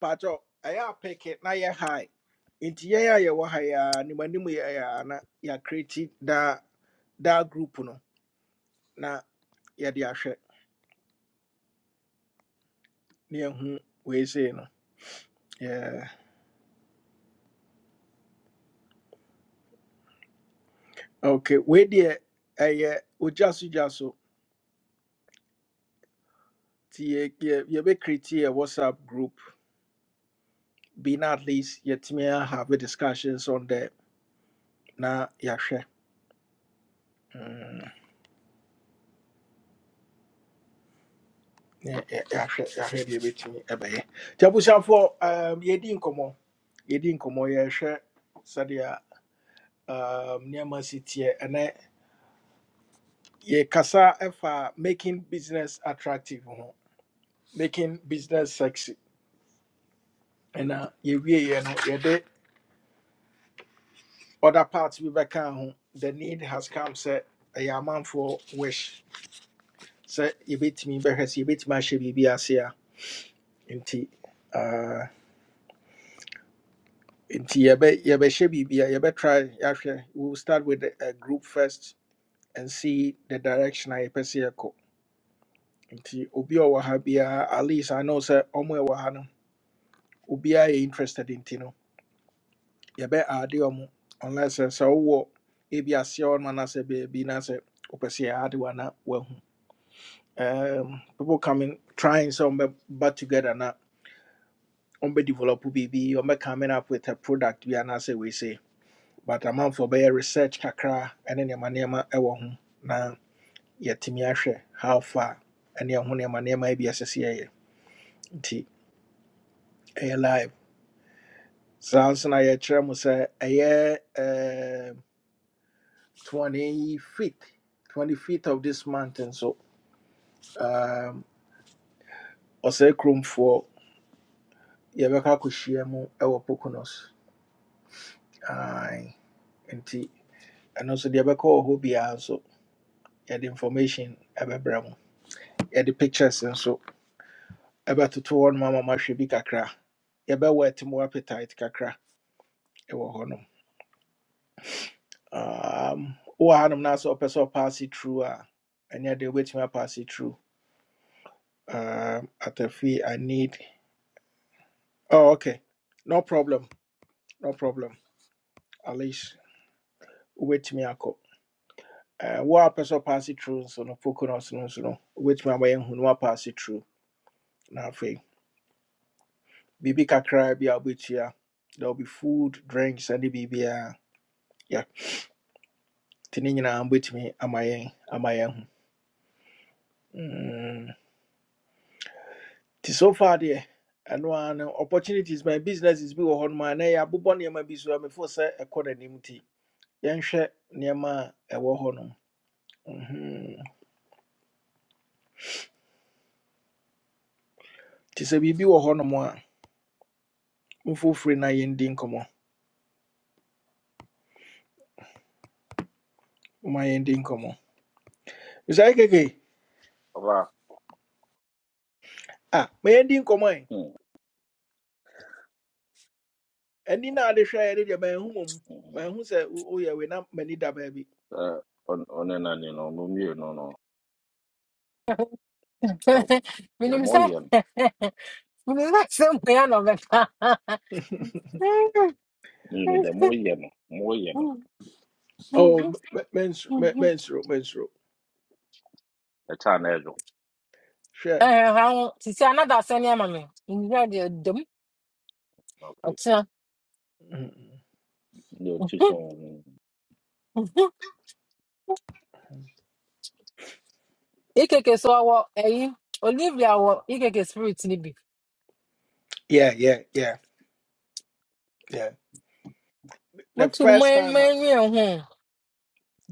[SPEAKER 1] pacho patɔ ɛyɛ apɛkɛ na yɛ high nti yɛn a yɛwɔ ha yɛa nimanim yɛyɛ a na ya critic da da group no na yɛde ahwɛ na yɛhu wei sei no Yeah. okay we deɛ ɛyɛ ogya so gya so nti yɛ- yɛ- yɛbɛkreti whatsapp group be not at least yɛtumi a have a discussions on the na yɛahwɛ Mm, yɛ- yɛ- yɛahwɛ yɛahwɛ deɛ ɛbɛtumi ɛbɛyɛ nti for. um, yɛdi nkɔmmɔ yɛdi nkɔmmɔ yɛhwɛ sɛdeɛ um, nneɛma si teɛ ɛnɛ yɛkasa ɛfa making business attractive ho making business sexy ɛna yɛwieɛ no yɛde other parts we bɛkaa ho the need has come say a man for wish Say you sɛ yɛbɛtumi bɛhwɛ sɛ yɛbɛtumi ahyɛ biribi ase a nti uh, nti yɛbɛ yɛbɛhyɛ biribi a try. yɛahwɛ we will start with a a group first and see the direction I yɛpɛ sɛ yɛkɔ obi Owa ɔwɔ ha biara at least i know sɛ ɔmo a ɛwɔ ha no obiara yɛ interested nti no yɛbɛ ade ɔmo unless sɛ sɛ wowɔ ebi aseɛ hɔ nom anaasɛ baabi na sɛ wopɛ sɛ yɛade wo ana woahu um, people coming trying some, but together na ɔmbɛdevelop biribi coming up with a product we are not say we say. but amanfoɔ bɛyɛ research kakra ɛne nneɛma nneɛma ɛwɔ ho na yɛatumi ahwɛ how far ɛne ɛho nneɛma nneɛma bi ɛsɛ sɛ yɛyɛ nti ɛyɛ live saa nso na yɛkyerɛ mu sɛ ɛyɛ twenty fifth twenty fifth of this month nso um, ɔsɛe kuromfoɔ yɛbɛkɔ akɔhyia mu ɛwɔ pokonos Aye. nti ɛno nso deɛ ɛbɛkɔ wɔ hɔ biara nso yɛde information ɛbɛbrɛ mu yɛde pictures nso ɛbɛtoto hɔ nom ama mahwɛ bi kakra yɛbɛwɔ atimo appetite kakra ɛwɔ hɔ nom Um, wowɔ ha nom na sɛ ɔpɛ sɛ ɔpaase tru a ɛneɛ deɛ wobɛtumi apass it through. Um, atafi i need oh, okay no problem no problem at least wobɛtumi akɔ Uh, wo a pɛ sɛ ɔpaase tru nso no poconos no nso no wobɛtumi abayɛ hu no apass it through. na afei biribi kakra bi a wobɛtua there will be food drinks ɛne biribiaa yeah nti ne nyinaa wobɛtumi ama yɛn ama yɛn Mm. Nti so far deɛ ɛno ara no opportunities my businesses bi wɔ hɔ nom a na yɛabobɔ nneɛma bi so a mefo sɛ ɛkɔ n'anim nti yɛnhwɛ nneɛma a ɛwɔ hɔ nom Mhm. nti sɛ biribi wɔ hɔ nom a mfofiri na yɛndi nkɔmmɔ ma yɛndi nkɔmmɔ bisae keke
[SPEAKER 2] Over.
[SPEAKER 1] ah ma yɛndi nkɔmmɔ ɛ
[SPEAKER 2] Hmm.
[SPEAKER 1] ani na ade hwɛ yɛde deɛ mahu mmom
[SPEAKER 2] Eh
[SPEAKER 1] mahu sɛ wo- woyɛ wei na m'ani da baabi
[SPEAKER 2] on on nani no mummy no no. Yeah,
[SPEAKER 4] Minim sɛ
[SPEAKER 2] more
[SPEAKER 4] minim sɛ sɛ mmea na ɔbɛka
[SPEAKER 2] Nina da moyema, moyema.
[SPEAKER 1] oh m- m- mensuro mensuro mensuro
[SPEAKER 2] A channel.
[SPEAKER 1] hwɛ
[SPEAKER 4] ɛhɛhawo sisi anada asɛ ne ama me nwura deɛ dom
[SPEAKER 2] Okay.
[SPEAKER 4] ɔtena
[SPEAKER 1] Mhm.
[SPEAKER 2] No too soon.
[SPEAKER 4] ekeke so ɔwɔ ɛyi olivia wɔ ekeke spirit no bi
[SPEAKER 1] yeah yeah yeah yeah the
[SPEAKER 4] motu no
[SPEAKER 1] first time
[SPEAKER 4] manwie ho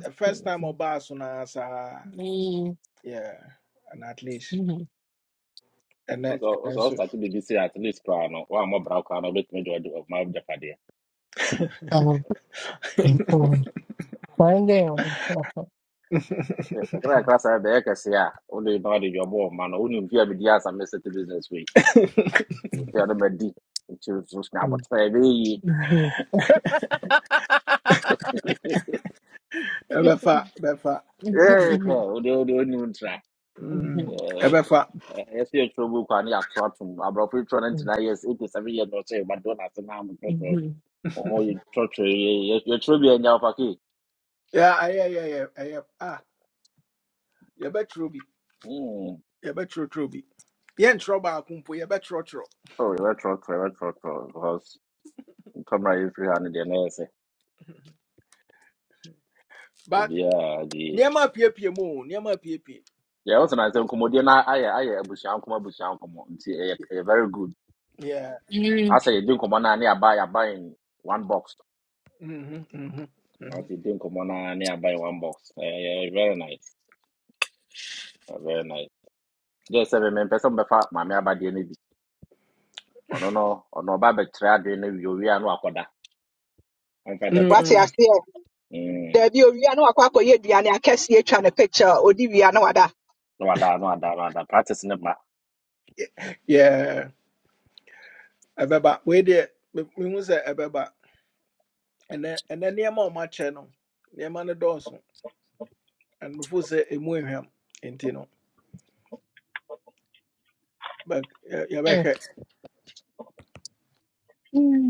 [SPEAKER 1] the first time I so no ara saa yeah and at least and ɛnɛ
[SPEAKER 2] So
[SPEAKER 1] ɛnɛ
[SPEAKER 2] so
[SPEAKER 1] nso
[SPEAKER 2] start to be say at least crown no. Wa mo bra crown no bit me do of my jafadia.
[SPEAKER 4] Find out.
[SPEAKER 2] The cry class I be ka say a only no dey your boy man. Only you fear be dey as a message business way. You fear no be nti nso na abotire ebe yi
[SPEAKER 1] ɛbɛfa ɛbɛfa
[SPEAKER 4] Mhm,
[SPEAKER 2] ee hwɛ
[SPEAKER 4] mhm,
[SPEAKER 2] ode ode oni mu ntra
[SPEAKER 1] mm,
[SPEAKER 4] mhm,
[SPEAKER 1] ɛbɛfa
[SPEAKER 2] ɛɛ ɛsi etwa ogu kwa ne yɛ ato ato mu aborɔfo etwa ne ntina years eighty seven years na ɔkyɛ yɛ ba do na ase na amu
[SPEAKER 4] mhm, mhm.
[SPEAKER 2] Oh, you talk to you, you, you should be in your pocket.
[SPEAKER 1] yeah yeah yeah yeah yeah yeah, ah yɛbɛtwerɛ bi
[SPEAKER 2] Hmm.
[SPEAKER 1] yɛbɛtwerɛtwerɛ bi yɛntwerɛ baako mpo yɛbɛtwerɛtwerɛ
[SPEAKER 2] Sorry, we us talk, we us talk, because camera is free and the nurse.
[SPEAKER 1] but
[SPEAKER 2] Yeah, the
[SPEAKER 1] nneɛma apiepie mu o nneɛma apiepie
[SPEAKER 2] yeah, also nice. Nkomo come na aye aye abusia nkomo abusia nkomo. Nti eh eh, very good.
[SPEAKER 1] yeah
[SPEAKER 2] I
[SPEAKER 4] Mm,
[SPEAKER 2] say, you drink nkomo na na buy buy in one box.
[SPEAKER 1] mhm, mm
[SPEAKER 2] I
[SPEAKER 1] mhm.
[SPEAKER 2] say, you drink nkomo na na buy one box. Eh yeah, very nice. Eh, Very nice. Just seven men person befa mama abade na bi. Ono no ono ba betra de na wi owi anu akoda. I'm
[SPEAKER 9] wate
[SPEAKER 1] Mm,
[SPEAKER 2] practice.
[SPEAKER 9] aseɛ daabi owia na wakɔ ye aduane akɛseɛ atwa ne picture odi wia na wada
[SPEAKER 2] No, I don't, no, I don't, no, I don't. Practice in the back.
[SPEAKER 1] yeah ɛbɛba wei deɛ me- mehu sɛ and then and then a ɔmakyɛ no nneɛma no dɔɔso and before sɛ ɛmu ehwam But yeah, yeah, but
[SPEAKER 4] mm,
[SPEAKER 1] hey,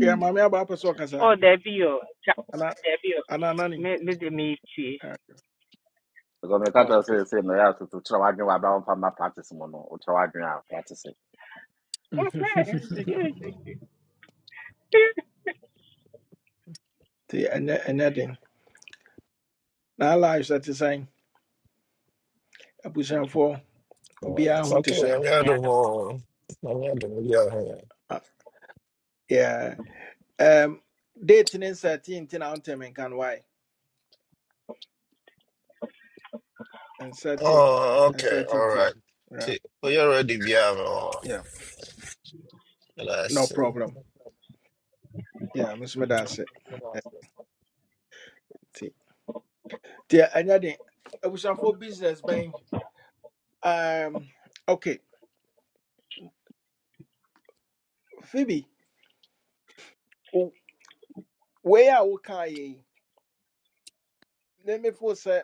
[SPEAKER 1] yeah, mommy, I'm about person kasa,
[SPEAKER 12] Oh, there be your
[SPEAKER 1] ana
[SPEAKER 12] there be your
[SPEAKER 1] ana nani.
[SPEAKER 12] me me de me tue.
[SPEAKER 2] Because my country
[SPEAKER 1] No, okay.
[SPEAKER 2] say, say, my house to to try to do what I for my brown farmer practice mono, or try to do our practice. it.
[SPEAKER 12] Oh, man, me
[SPEAKER 1] The and and nothing. Now lives that is saying abusan for ubia
[SPEAKER 13] It's
[SPEAKER 1] ho te
[SPEAKER 13] Okay,
[SPEAKER 1] saying.
[SPEAKER 13] I'm out of
[SPEAKER 12] adam.
[SPEAKER 13] one. Let me have the video here.
[SPEAKER 1] Yeah. Um, date ne certain out them can why and thirteen,
[SPEAKER 13] Oh,
[SPEAKER 1] and
[SPEAKER 13] okay,
[SPEAKER 1] thirteen,
[SPEAKER 13] all
[SPEAKER 1] yeah.
[SPEAKER 13] right.
[SPEAKER 1] Yeah.
[SPEAKER 13] See, we already be out
[SPEAKER 1] Yeah.
[SPEAKER 13] one.
[SPEAKER 1] No
[SPEAKER 13] Let's
[SPEAKER 1] problem. Yeah, Miss Medase.
[SPEAKER 13] see.
[SPEAKER 1] Yeah, and nothing. Abusan for business bang. Um, okay, Phoebe. Where are we? ne mefo sɛ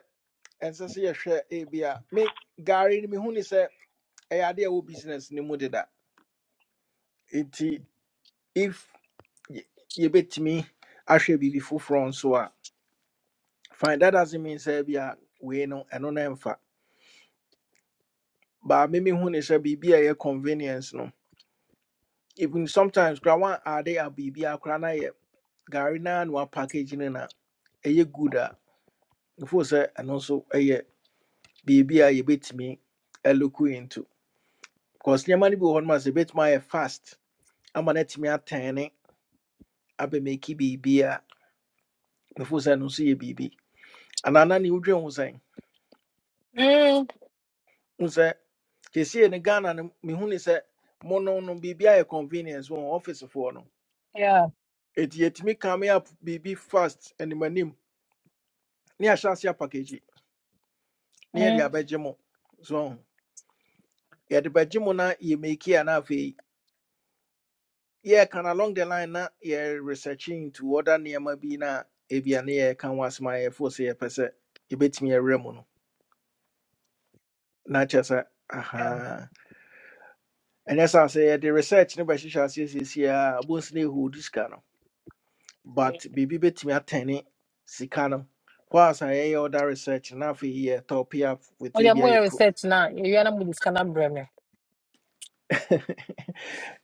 [SPEAKER 1] ɛnsɛ sɛ yɛhwɛ ebi a me gari no mehu ne sɛ ɛyɛ ade a ɛwɔ business no mu deda nti if y- yɛbɛtumi ahwɛ biribi foforɔ nso a fine that doesn't mean sɛ bi a wei no ɛno no ɛmfa But me mehu ne sɛ biribi a convenience no even sometimes kora wan ade a biribi akora na yɛ gari na na package no na ɛyɛ good a ɛfo sɛ ɛno nso ɛyɛ biribi a yɛbɛtumi ɛloku into Because nneɛma no bi wɔ hɔ no ma sɛ ɛbɛtumi ayɛ fast ama no atumi atɛne abɛmeki biribi a mefo sɛ no nso yɛ biribi anaa na ne wodwen ho sɛn
[SPEAKER 4] mm.
[SPEAKER 1] wo sɛ kɛsie no ghana no mehu ne sɛ mo no no biribi ayɛ convenience wɔ wɔn ɔfisefoɔ no
[SPEAKER 4] Yeah.
[SPEAKER 1] ɛti yɛtumi kame up biribi fast animanim ne yɛahyɛ ase apackage na yɛde
[SPEAKER 4] mm,
[SPEAKER 1] abɛgye mo so yɛde bɛgye mo na yɛmeki a na afei yeah, can along the line na yeah researching into other nneɛma bi na ebi a ne yɛ ka ho asɛm a yɛfo sɛ yɛpɛ no na kyerɛ sɛ
[SPEAKER 4] yeah.
[SPEAKER 1] aha And as I say, the research no bɛhyehyɛ aseɛ siesie a abonsi no ɛhɔɔdu sika no but Bibi bɛtumi atɛne sika no Kwa sa yɛyɛ other research na afei yɛtɔ pay up with
[SPEAKER 4] Oye, I'm
[SPEAKER 1] ebia.
[SPEAKER 4] going
[SPEAKER 1] a
[SPEAKER 4] to
[SPEAKER 1] yɛ pro
[SPEAKER 4] research now. You are not going to bring me.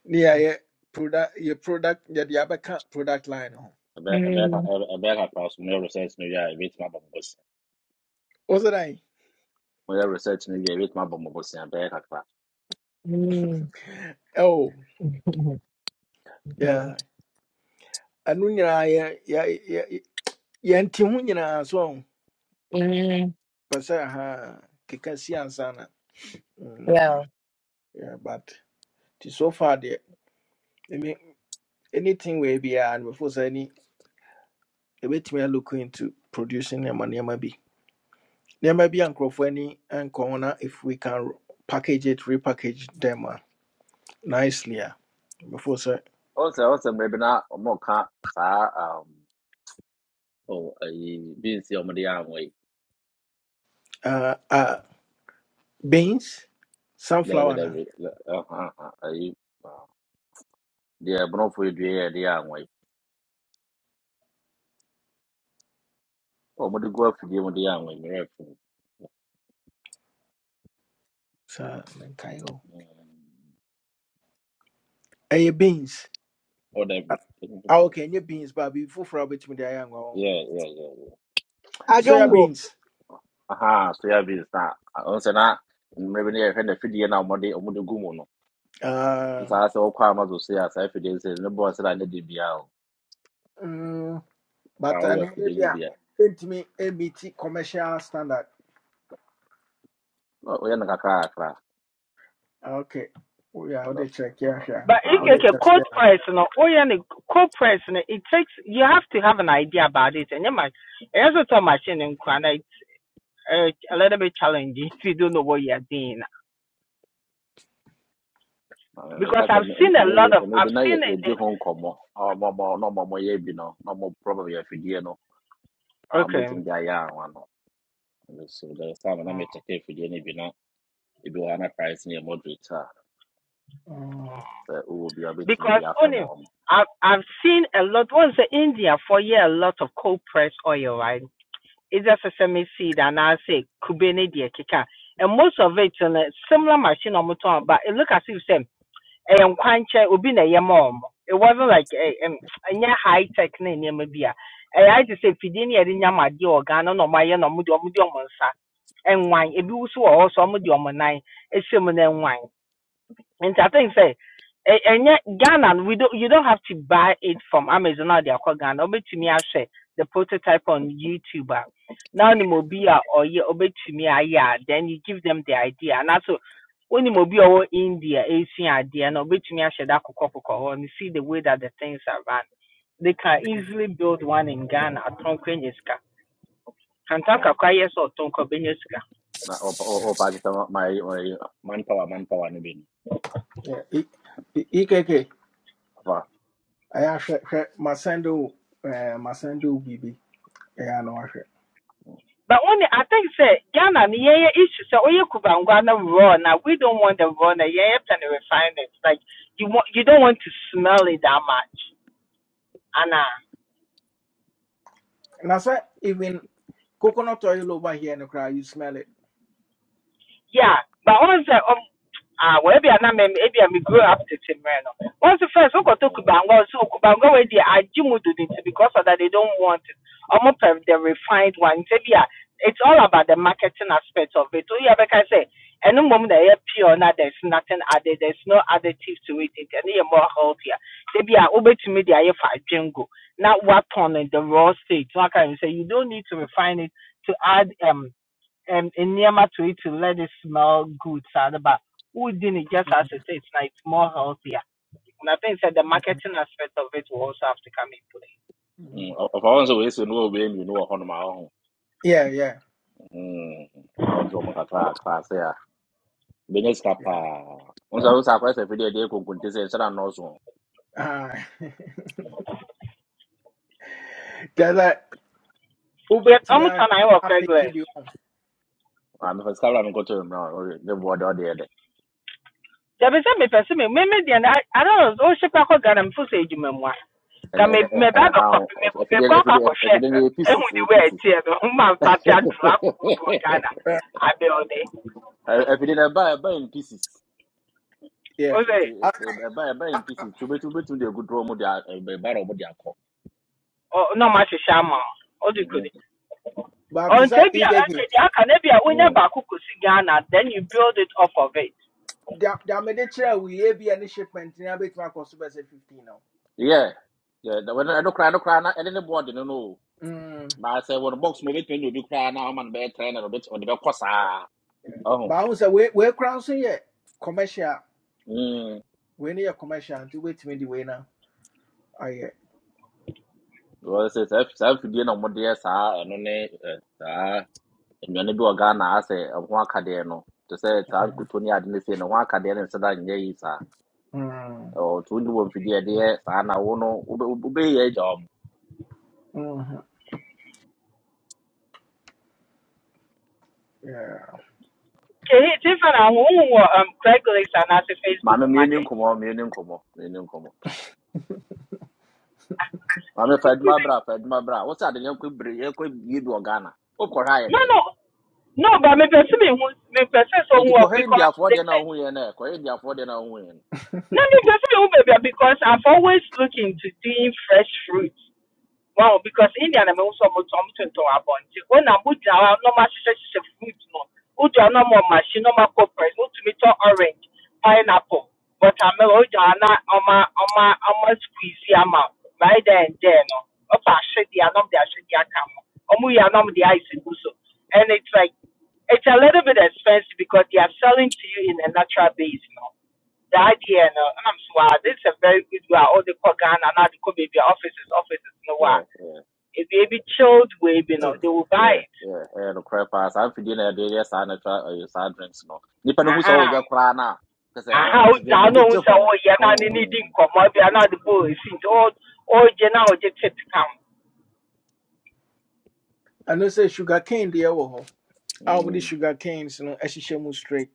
[SPEAKER 1] ne yɛayɛ product yɛ product yɛde abɛka product line no ho
[SPEAKER 2] A better, a better
[SPEAKER 4] Mm,
[SPEAKER 2] a better class, my research, maybe I reach my bumble bus.
[SPEAKER 1] wo sɛ
[SPEAKER 2] My research, maybe I reach my bumble bus, and better class.
[SPEAKER 4] mm,
[SPEAKER 1] oh
[SPEAKER 4] mhm, mhm,
[SPEAKER 1] yeah ɛno nyinaa yɛ- yɛ- yɛ- yɛnte ho nyinaa so ɔho
[SPEAKER 4] mm.
[SPEAKER 1] pɛ sɛ ha keka si ansa na Mm,
[SPEAKER 4] Yeah.
[SPEAKER 1] yeah, but nti so far deɛ ɛme- anything wei biara no before sɛ ni ɛbɛtumi a look into producing nneɛma nneɛma bi nneɛma bi a nkurɔfoɔ ani nkɔ ho na if we can r- package it repackage them a nicely a before sɛ
[SPEAKER 2] Also, also, maybe not, or more can't, sir, um, oh, I didn't see on the arm way.
[SPEAKER 1] uh, uh, beans
[SPEAKER 2] There,
[SPEAKER 1] sunflower
[SPEAKER 2] there,
[SPEAKER 1] na
[SPEAKER 2] uh, uh, uh, uh, I, deɛ borɔfo yi dua yɛ but yɛ anwa yi ɔ mode gu afidie mu de yɛ anwa yi merɛ
[SPEAKER 1] saa menkae hɔ ɛyɛ beans Ah, okay, nye beans, but before for a bit me the young one.
[SPEAKER 2] fo
[SPEAKER 1] Soya
[SPEAKER 2] na
[SPEAKER 9] adwongo
[SPEAKER 1] beans.
[SPEAKER 2] aha soya beans na ɔno sɛ na mmerɛ bi ne yɛhwɛ na afidie na a ɔmɔde ɔmɔde gu mu no
[SPEAKER 1] Uh,
[SPEAKER 2] ɔsaa sɛ wɔkɔ amazon so asa a saa no ne bɔɔ sɛ na ne de bia o
[SPEAKER 1] mm,
[SPEAKER 2] a
[SPEAKER 1] but I
[SPEAKER 2] ɔwɔ
[SPEAKER 1] know
[SPEAKER 2] afidie
[SPEAKER 1] maybe
[SPEAKER 2] no
[SPEAKER 1] a
[SPEAKER 2] bia
[SPEAKER 1] me MET commercial standard.
[SPEAKER 2] ɔyɛ no kakra kakra
[SPEAKER 1] Ah, Okay. Oh yeah, I'll
[SPEAKER 2] ɔdɔ
[SPEAKER 1] check here. sure.
[SPEAKER 12] But if
[SPEAKER 2] ha
[SPEAKER 12] you
[SPEAKER 1] I'll
[SPEAKER 2] ɔde
[SPEAKER 12] get
[SPEAKER 1] test
[SPEAKER 12] cold
[SPEAKER 1] here.
[SPEAKER 12] press, no, oh yeah, the cold press, no, it takes you have to have an idea about it, and you might. It's also a machine and kind of uh, a little bit challenging if you don't know what you're doing.
[SPEAKER 2] Ah,
[SPEAKER 12] Because
[SPEAKER 2] meka sɛ
[SPEAKER 12] I've seen a lot of
[SPEAKER 2] mmerɛ bi
[SPEAKER 12] I've
[SPEAKER 2] na
[SPEAKER 12] seen
[SPEAKER 2] yɛ- yɛdi ho
[SPEAKER 12] it.
[SPEAKER 2] nkomo. Ah, mo mo ɔmɔmɔ na mo yɛ bi no na mo problem yɛ afidie no a
[SPEAKER 12] Okay.
[SPEAKER 2] ɔmbɛtumi de ayɛ anwa no so dɛ saa na mekyɛkɛ afidie no bi na ebi wɔ na price no moderate a sɛ wowɔ bi a wobɛtumi
[SPEAKER 12] Because
[SPEAKER 2] de
[SPEAKER 12] only I've I've seen a lot. Once in India for yeah a lot of cold press oil, right? It's just either sesame seed and I say kube ne deɛ And most of it no similar machine on motor, but it look as if same and kwanche obi na yɛ It wasn't like a um high tech ne nneɛma bi a. Ɛyɛ ayɛ te sɛ fidie ne yɛde nyam adeɛ wɔ Ghana na ɔmo ayɛ so ɔmo de ɔmo nan ɛhyɛ nti I think say ɛ- ɛnyɛ Ghana no, we don't you don't have to buy it from Amazon or the akɔ Ghana Obey to obetumi ahwɛ the prototype on YouTube a na onim obi a ɔyɛ obetumi ayɛ a then you give them the idea and also when the mobile ɔwɔ India Asian esua Obey to me ahyɛ da kɔkɔ kɔkɔ hɔ and you see the way that the things are run they can easily build one in Ghana atɔnkɔ enye sika kanta kakra yɛ sɛ ɔtɔnkɔ
[SPEAKER 2] na o, o, opakisema my my manpower manpower ne bi
[SPEAKER 1] Yeah. E- E- EKK.
[SPEAKER 2] afa
[SPEAKER 1] I have sure, sure. Masendo uh Masendo BB. Yeah, no I share.
[SPEAKER 12] But only I think say Ghana ni yeah issue so oye kubangwana raw now we don't want the raw now yeah can refine it like you want you don't want to smell it that much Anna
[SPEAKER 1] And I said even coconut oil over here in the crowd, you smell it.
[SPEAKER 12] yeah but once Ah, well, maybe I'm maybe I'm grow up to Timreno. Once the first, we okay, to Kubango, so Kubango, where they do it because of that they don't want it. I'm Almost the refined one. Maybe ah, it's all about the marketing aspect of it. Oh, yeah, like I say, and the moment they are pure, now there's nothing added, there's no additives to it, and they are more healthier. Maybe I obey to me, they are for jingo. Not what on in the raw state. So I can say you don't need to refine it to add um um, nneɛma to it to let it smell good, sad, but who didn't just as
[SPEAKER 1] Mhm.
[SPEAKER 12] it is, now it's more healthier. And I think that the marketing aspect of it will also have to come in play.
[SPEAKER 2] ɔfa wɔn sɛ wɔyɛ sɛ you know wei mmienu wɔ hɔnom a ɔho
[SPEAKER 1] Yeah, yeah,
[SPEAKER 2] awo de ɔmo kakra aklaase class, class, yeah. Business
[SPEAKER 1] yeah.
[SPEAKER 2] wɔn sɛ wɔn sɛ akɔyɛ video, fidie deɛ konkonte sɛ nsɛn anɔɔso
[SPEAKER 1] Ah. that's that.
[SPEAKER 12] Yet, I'm
[SPEAKER 1] wobɛtumi
[SPEAKER 12] turn I work
[SPEAKER 1] apeke
[SPEAKER 12] regulars.
[SPEAKER 1] bi wɔ
[SPEAKER 2] a mefa sika wura mi kɔtɔ mu na ɔyɛ ne bu ɔdɛ ɔdeɛ
[SPEAKER 12] There is a person, me, me, me, and I, I don't know, oh, she can't get them for say, you memoir.
[SPEAKER 2] And
[SPEAKER 12] Can
[SPEAKER 2] and
[SPEAKER 12] me,
[SPEAKER 2] ɛnyɛ
[SPEAKER 12] me,
[SPEAKER 2] ɛ-
[SPEAKER 12] grab
[SPEAKER 2] ɛ-
[SPEAKER 12] a
[SPEAKER 2] ha
[SPEAKER 12] copy, me,
[SPEAKER 2] if you
[SPEAKER 12] me, go, go,
[SPEAKER 2] ɛfidie
[SPEAKER 12] go, share,
[SPEAKER 2] ɛfidie no yɛ
[SPEAKER 12] and
[SPEAKER 2] pieces
[SPEAKER 12] with the
[SPEAKER 2] ɛyɛ
[SPEAKER 12] way it's
[SPEAKER 2] pieces
[SPEAKER 12] here, the human party, I drag, go to Ghana,
[SPEAKER 2] if
[SPEAKER 1] Eh,
[SPEAKER 12] I be all day.
[SPEAKER 2] you did no buy buy in pieces
[SPEAKER 1] yeah.
[SPEAKER 12] Oh,
[SPEAKER 2] nti
[SPEAKER 1] A-
[SPEAKER 2] buy ɛba in pieces To de to draw to de a ɛba ɛba de ɔmo de akɔ.
[SPEAKER 12] oh, no, much is shaman. Oh, you could.
[SPEAKER 2] Mm-hmm.
[SPEAKER 1] but te
[SPEAKER 12] until
[SPEAKER 1] sɛ
[SPEAKER 12] be okay
[SPEAKER 1] ekeke
[SPEAKER 12] the akane be unya
[SPEAKER 2] Mm.
[SPEAKER 12] baako kosi Ghana then you build it off of it
[SPEAKER 1] da da mede kyerɛ a woyɛ bi a ne shipment no abɛtumi akɔ so bɛsɛ 15 no
[SPEAKER 2] Yeah. Yeah. the- When I don't cry, I don't cry. Not any board, you know.
[SPEAKER 1] Mm,
[SPEAKER 2] But I say, when box move it, when you do cry, now I'm on bed train a bit on the course. Ah.
[SPEAKER 1] but
[SPEAKER 2] Oh.
[SPEAKER 1] ahu sɛ wei wei koraa nso yɛ commercial
[SPEAKER 2] Hmm.
[SPEAKER 1] We no yɛ commercial nti di we na. no ayɛ
[SPEAKER 2] Well, it says self again on what yes, ah, and only ah, and when you do a gun, I say, I want Cadeno to say, I'm good to me. I didn't say, no one Cadeno and said, I'm gay, sir.
[SPEAKER 1] Mm,
[SPEAKER 2] Or to do one for the idea, and I won't know, obey your job.
[SPEAKER 1] mhm, yeah.
[SPEAKER 12] okay he tifa na wo um Craigslist and as a Facebook
[SPEAKER 2] Mamma, me
[SPEAKER 12] market
[SPEAKER 2] come on, me come on, me i maame fed my bra fed my bra What's sɛ You no bring, you yɛnkɔ give to ghana wokɔhwɛ ayɛ
[SPEAKER 12] no
[SPEAKER 2] dɛn
[SPEAKER 12] no no but me person me who me person so
[SPEAKER 2] nti
[SPEAKER 12] who
[SPEAKER 2] kɔhwɛ
[SPEAKER 12] because
[SPEAKER 2] indiafoɔ
[SPEAKER 12] they
[SPEAKER 2] deɛ
[SPEAKER 12] say
[SPEAKER 2] no wohu yɛ no ɛ kɔhwɛ indiafoɔ deɛ no wohu yɛ no
[SPEAKER 12] no me person me who baby because i am always looking to doing fresh fruits Wow, because India na mehu sɛ ɔmo tɔn ɔmo tontɔn abɔnten. When na mo gyina normal, a na ɔmo ahyehyɛhyehyɛ fruit no. Wodu a na ɔmo wɔ machine na ɔmo akɔ press. Wotumi tɔ orange, pineapple, watermelon. Wodu a na ɔmo a- ɔmo a- ɔmo squeeze ama wo. Right there and there no. Ɔfa ahwedeɛ a na ɔmo de ahwedeɛ aka ho. Ɔmo yi a na ɔmo de ice gu so. And it's like it's a little bit expensive because they are selling to you in a natural base, you know. The idea, you know, and I'm sure this is a very good way. All the Kogan and all the Kobe offices, offices, you know, why?
[SPEAKER 2] Yeah, yeah,
[SPEAKER 12] ebi ebi chilled way bi no
[SPEAKER 1] Oh.
[SPEAKER 12] they will buy
[SPEAKER 2] yeah,
[SPEAKER 12] it
[SPEAKER 2] yeah, ɛyɛ nokorɛ paa saa mfidie na yɛde yɛ saa natural ɛyɛ saa drinks no nnipa no hu sɛ
[SPEAKER 12] aha
[SPEAKER 2] woyɛ koraa no a kɛ sɛ ɔ-
[SPEAKER 12] aha o
[SPEAKER 2] ɔte dɛ
[SPEAKER 12] gya na
[SPEAKER 2] n'ani
[SPEAKER 12] ohun
[SPEAKER 2] gye
[SPEAKER 12] sɛ
[SPEAKER 2] ho
[SPEAKER 12] ɔyɛ na ne ne di
[SPEAKER 2] ɔhoo
[SPEAKER 12] nkɔmɔ bi a na de bɔ esi nti ɔ ɔgye na ɔgye tip kam
[SPEAKER 1] ɛno sɛ sugar cane deɛ wɔ hɔ a wɔmde sugar canes no ahyehyɛ mu straight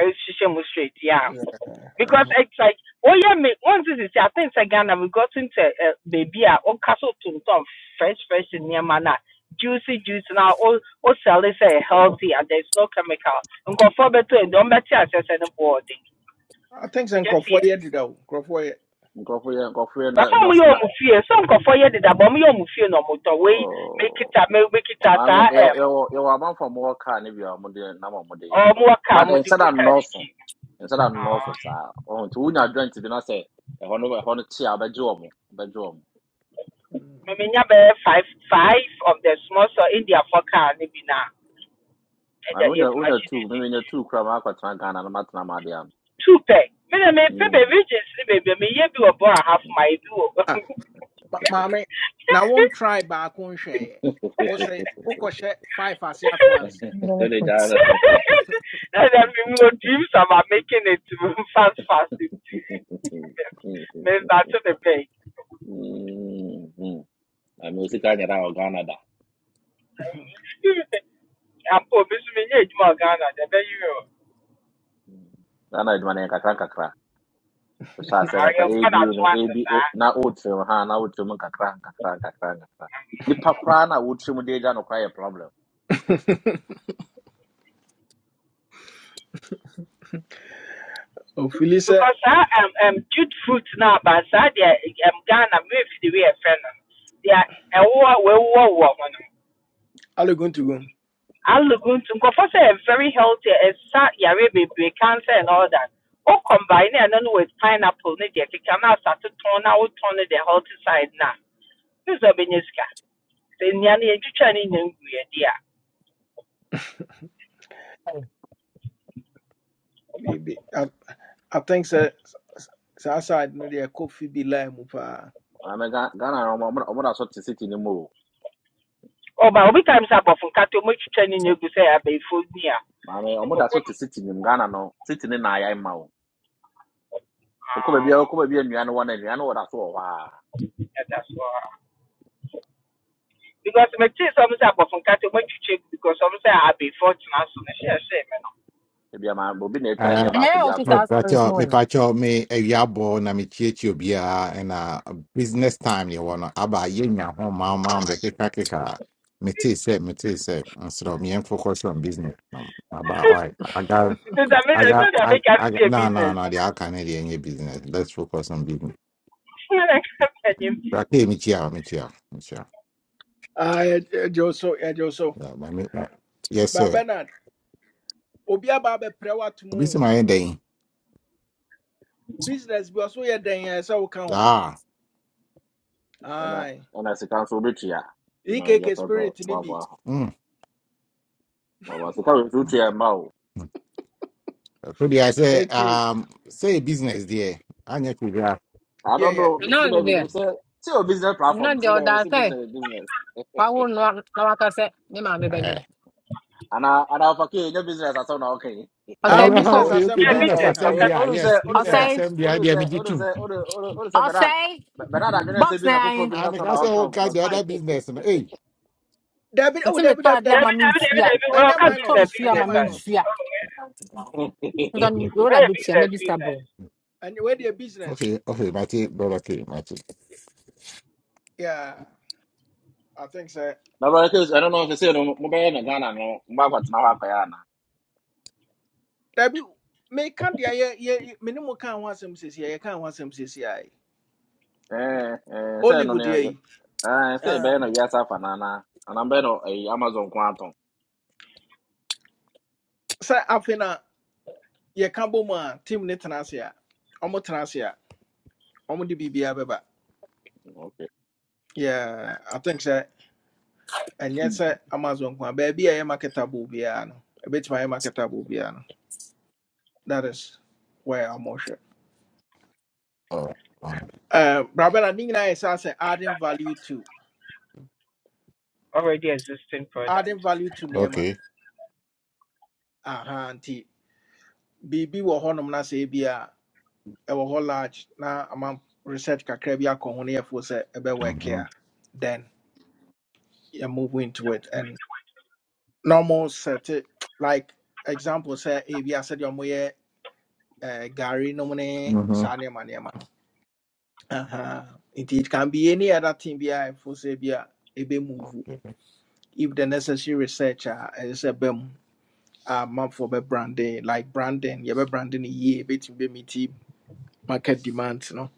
[SPEAKER 12] ɛhyehyɛ mu straight yeah. because it's like oh yeah, me once this is i think sɛ ghana we got into uh, baby a castle to tontɔn fresh fresh nneɛma na juicy juice now. All all sell it sɛ healthy and there is no chemical Nko for better. nkɔfoɔ bɛtɔ ɛdi ɔn bɛte asɛsɛ
[SPEAKER 1] i think sɛ
[SPEAKER 12] Just see.
[SPEAKER 1] nkurɔfoɔ yɛ deda o nkurɔfoɔ yɛ
[SPEAKER 2] go for yɛ nkurɔfo yɛ na
[SPEAKER 12] yɛfa
[SPEAKER 2] na
[SPEAKER 12] ɔmo yɛ
[SPEAKER 2] na
[SPEAKER 12] ɔmo fie sɛ nkɔfoɔ yɛ deda bɔ ɔmo yɛ ɔmo fie na ɔmo tɔ wei mekita
[SPEAKER 2] oh.
[SPEAKER 12] me mekita
[SPEAKER 2] maame
[SPEAKER 12] saa
[SPEAKER 2] yɛwɔ
[SPEAKER 12] ɛm
[SPEAKER 2] yɛwɔ yɛwɔ amanfoɔ a wɔwɔ kaa no bi a wɔde nam a wɔde yɛ
[SPEAKER 12] ɔmo wɔ kaa
[SPEAKER 2] but
[SPEAKER 12] mo de
[SPEAKER 2] instead
[SPEAKER 12] gu
[SPEAKER 2] of
[SPEAKER 12] kaa no
[SPEAKER 2] no.
[SPEAKER 12] akyi
[SPEAKER 2] ɛsɛ dɛ nnɔɔso
[SPEAKER 12] Ah,
[SPEAKER 2] saa ɔho nti wonya adwante bi na sɛ ɛhɔ no ɛhɔ no kye a wobɛgye wɔ mo wobɛgye wɔ mo
[SPEAKER 12] memenya five five of the small so indiafoɔ kaa no bi na ɛda
[SPEAKER 2] maame wonya
[SPEAKER 12] yɛduma
[SPEAKER 2] wonya
[SPEAKER 12] hyɛ no
[SPEAKER 2] tuu
[SPEAKER 12] asi
[SPEAKER 2] meme nya
[SPEAKER 12] akyi
[SPEAKER 2] tuu kora maakɔtena ghana no matena maade ano
[SPEAKER 12] two pɛ me na mepɛ
[SPEAKER 2] Mm.
[SPEAKER 12] baabi gyes just baabi me. meyɛ bi wɔ bɔ a half my bi wɔ
[SPEAKER 1] Ma- maame na won try baako nhwɛeɛ wosɛ wokɔhyɛ five ase at once
[SPEAKER 4] I'm going to
[SPEAKER 2] Ɛne
[SPEAKER 4] put.
[SPEAKER 2] Ghana.
[SPEAKER 12] and I
[SPEAKER 2] Mm.
[SPEAKER 12] mean, dreams about making it fast, fast. Me Mr. To the
[SPEAKER 2] Maame wo sika nyɛ dɛ wɔ Ghana da
[SPEAKER 12] bank. ampa obi nso menyɛ adwuma wɔ ghana deɛ ɛbɛyɛ yɛ
[SPEAKER 2] Mm. Ghana adwuma no yɛ nkakra nkakra wohyɛ ase kakra
[SPEAKER 12] ayɛnkɔ
[SPEAKER 2] aba no
[SPEAKER 12] n'atoma no
[SPEAKER 2] aba
[SPEAKER 12] saa
[SPEAKER 2] na wotiri wo ha na wotiri mu nkakra nkakra nkakra nkakra nipa koraa na wotiri mu de agya no koraa yɛ
[SPEAKER 1] ofili sɛ
[SPEAKER 12] because saa um, um, jute fruit no aba saa deɛ um, ghana mefi de wei ɛfrɛ no deɛ we wɔawuwa wɔ ho no
[SPEAKER 1] alegontugo
[SPEAKER 12] alogo nto nkɔfɔ sɛ ɛyɛ very healthy ɛsa yare bebree cancer and all that o combine ɛno no no, with pineapple ne deɛ keka start to turn na wotɔn no the healthy side na ne sɛ ɔbɛnya sika sɛ nnua no yɛtwitwa ne nya nguɛ di a
[SPEAKER 4] Hey.
[SPEAKER 1] biribi i I think sɛ saa side no deɛ kofi fi bi line mu paa
[SPEAKER 2] maame Ga- ghana no ɔmo ɔmo da so te city no mu o
[SPEAKER 12] ɔba obi time sɛ abɔfo nkata ɔmɔtwitwa ne nya gu sɛ abɛɛfo ni a
[SPEAKER 2] maame ɔmo da so te
[SPEAKER 12] Yeah,
[SPEAKER 2] city no mu ghana no city no na ayɛ ma o okɔ baabi a okɔ baabi a nnua no wɔ no nnua no wɔ da so wɔ hɔ a
[SPEAKER 12] that's why. Because my kids always say from Kato when you check because obviously I'll be fortunate soon. Share share man.
[SPEAKER 2] ebi ama obi na epɛn
[SPEAKER 6] Ah,
[SPEAKER 2] deɛ
[SPEAKER 4] And here
[SPEAKER 2] baako bi
[SPEAKER 4] also
[SPEAKER 2] ato
[SPEAKER 6] me
[SPEAKER 4] that
[SPEAKER 2] ate
[SPEAKER 4] story is
[SPEAKER 6] pacho, me
[SPEAKER 4] knowing.
[SPEAKER 6] pacho, me eviabo na me chichi obia and uh business time you wanna aba yenya home mom mom be kika kika. Me tea say, me tea say, instead of me and focus on business. Um, about all right, I got,
[SPEAKER 12] Because I mean
[SPEAKER 6] I
[SPEAKER 12] I
[SPEAKER 6] got,
[SPEAKER 12] tell you I
[SPEAKER 6] I,
[SPEAKER 12] make
[SPEAKER 6] I got.
[SPEAKER 12] everything a
[SPEAKER 6] No, no,
[SPEAKER 12] business.
[SPEAKER 6] no. The Canadian any business. Let's focus on business.
[SPEAKER 12] I can't tell you business.
[SPEAKER 6] Blackio, me chia, me chia, me chia.
[SPEAKER 1] Ah, yɛ- wo so yɛgye wo so
[SPEAKER 6] Yeah, but me, yes
[SPEAKER 1] ba
[SPEAKER 6] sir.
[SPEAKER 1] bernard obi aba abɛprɛ woatom
[SPEAKER 6] Obi se
[SPEAKER 1] o
[SPEAKER 6] my ending.
[SPEAKER 1] business bi ɔso yɛ dɛn a ɛsɛ sɛ woka ho
[SPEAKER 6] Ah.
[SPEAKER 2] ɛna
[SPEAKER 1] Aye.
[SPEAKER 2] ɛna sika nso obetua na
[SPEAKER 1] ekk
[SPEAKER 2] yɛpɛ bɛ
[SPEAKER 1] spirit ne bi
[SPEAKER 2] boaboa ho
[SPEAKER 6] Mm. mm,
[SPEAKER 2] boaboa sika wɔ nso
[SPEAKER 6] mm.
[SPEAKER 2] tua mma o
[SPEAKER 6] Today I say,
[SPEAKER 1] enti
[SPEAKER 6] um, say business there. I need to grab.
[SPEAKER 2] i
[SPEAKER 1] yeah.
[SPEAKER 2] don't
[SPEAKER 1] yeah.
[SPEAKER 4] You
[SPEAKER 2] know bi
[SPEAKER 4] know,
[SPEAKER 2] na
[SPEAKER 4] the
[SPEAKER 2] ebi
[SPEAKER 4] there.
[SPEAKER 2] nim sɛ sɛ o business
[SPEAKER 4] I'm
[SPEAKER 2] platform
[SPEAKER 4] not
[SPEAKER 2] ti
[SPEAKER 4] the
[SPEAKER 2] bi na yɛ
[SPEAKER 4] other say.
[SPEAKER 2] business business
[SPEAKER 4] I will not. Now I can say, me mama be me. bɛ
[SPEAKER 6] Eh.
[SPEAKER 4] ni.
[SPEAKER 2] ana ana ɔfakee nye business asɛm na ɔka yi
[SPEAKER 4] I'll
[SPEAKER 2] okay.
[SPEAKER 1] ah
[SPEAKER 6] Ah,
[SPEAKER 4] say
[SPEAKER 1] wo
[SPEAKER 4] me
[SPEAKER 6] ah,
[SPEAKER 1] business
[SPEAKER 4] cool.
[SPEAKER 6] Okay, okay,
[SPEAKER 1] asɛm
[SPEAKER 12] Yeah,
[SPEAKER 1] no a
[SPEAKER 2] eh,
[SPEAKER 1] na
[SPEAKER 6] business
[SPEAKER 2] eh,
[SPEAKER 12] business.
[SPEAKER 1] meka no
[SPEAKER 12] Okay.
[SPEAKER 2] eh,
[SPEAKER 6] assembly. ah,
[SPEAKER 2] ɔnu sɛ
[SPEAKER 6] Yes,
[SPEAKER 2] ɔnu
[SPEAKER 4] I'll
[SPEAKER 2] sɛ
[SPEAKER 6] business
[SPEAKER 4] say,
[SPEAKER 6] assembly. I
[SPEAKER 2] ɔnu sɛ
[SPEAKER 6] am
[SPEAKER 2] ɔnu sɛ
[SPEAKER 6] too.
[SPEAKER 2] ɔnu ɔnu ɔnu sɛ
[SPEAKER 4] I'll
[SPEAKER 2] bernard
[SPEAKER 4] say,
[SPEAKER 2] bernard adwene sɛ
[SPEAKER 4] box
[SPEAKER 2] business foforɔ
[SPEAKER 4] now.
[SPEAKER 2] bi ne
[SPEAKER 6] And
[SPEAKER 2] sasɛm na
[SPEAKER 6] that's
[SPEAKER 2] ɔka
[SPEAKER 6] all kind
[SPEAKER 2] wo.
[SPEAKER 6] the other business. no, Hey.
[SPEAKER 1] dabi oh
[SPEAKER 4] Ɛsɛ
[SPEAKER 1] dabi
[SPEAKER 4] metɔ
[SPEAKER 1] dabi
[SPEAKER 4] adeɛ ama
[SPEAKER 1] dabi
[SPEAKER 12] David,
[SPEAKER 4] me
[SPEAKER 12] David,
[SPEAKER 4] nsu
[SPEAKER 12] David,
[SPEAKER 4] a
[SPEAKER 12] David, well,
[SPEAKER 1] ɛnyɛ
[SPEAKER 12] okay,
[SPEAKER 4] metɔ
[SPEAKER 12] business,
[SPEAKER 1] minus
[SPEAKER 4] nsu
[SPEAKER 1] ɛnyɛ
[SPEAKER 4] ama
[SPEAKER 12] business.
[SPEAKER 4] me
[SPEAKER 6] Mhm.
[SPEAKER 1] minus
[SPEAKER 4] nsu a
[SPEAKER 12] Very
[SPEAKER 4] nka wei na bɛtua
[SPEAKER 12] business,
[SPEAKER 4] mɛgye
[SPEAKER 12] business.
[SPEAKER 4] sabrɛ
[SPEAKER 1] and where their business.
[SPEAKER 6] Okay, okay, Matty, brother, okay, Matty.
[SPEAKER 1] Yeah, I think so.
[SPEAKER 2] na bɛrɛ kɛ ɛno no sɛ sɛ no mobɛyɛ ne ghana no mobɛ akɔtena hɔ akɔyɛ ana
[SPEAKER 1] That be may can't yeah yeah yeah. Minimum can one some says yeah, you can't want some says yeah.
[SPEAKER 2] Eh, eh, sɛ no ne
[SPEAKER 1] Hollywood yeah.
[SPEAKER 2] yɛ- eh, sɛ
[SPEAKER 1] Uh,
[SPEAKER 2] ɛbɛyɛ no wiase afa no ana ana bɛyɛ no eh, amazon ko atɔn
[SPEAKER 1] Say after na yeah, can't bo man team ne tenasia. Omo tenasia. Omo di bibi beba.
[SPEAKER 2] ok
[SPEAKER 1] Yeah, I think so. And yet say Amazon kwa baby yeah marketable biya no. A bit my marketable biya no. That is where I'm more sure.
[SPEAKER 6] All right, all right.
[SPEAKER 1] Uh, Brabella, I think I say adding value to
[SPEAKER 12] Already existing product.
[SPEAKER 1] adding value to Nema.
[SPEAKER 6] Okay.
[SPEAKER 1] Aha, auntie. biribi wɔ hɔnom na sɛ ebi a ɛwɔ hɔ large na ama research kakra bi akɔ ho na yɛfoɔ sɛ ɛbɛwɔɛke
[SPEAKER 6] Mm-hmm.
[SPEAKER 1] a then yɛ move into it and normal set it like example sɛ ebi a sɛdeɛ ɔmoyɛ eh, gari nom ne
[SPEAKER 6] Mm-hmm.
[SPEAKER 1] saa nneɛma nneɛma no Aha. nti it can be any other thing bi a ɛfoɔ sɛ bi a ebe move.
[SPEAKER 6] Okay.
[SPEAKER 1] if the necessary research a ɛyɛ sɛ bɛm a amanfoɔ bɛbrande like branding yɛbɛbrande no yie ɛbɛtumi meet market demands no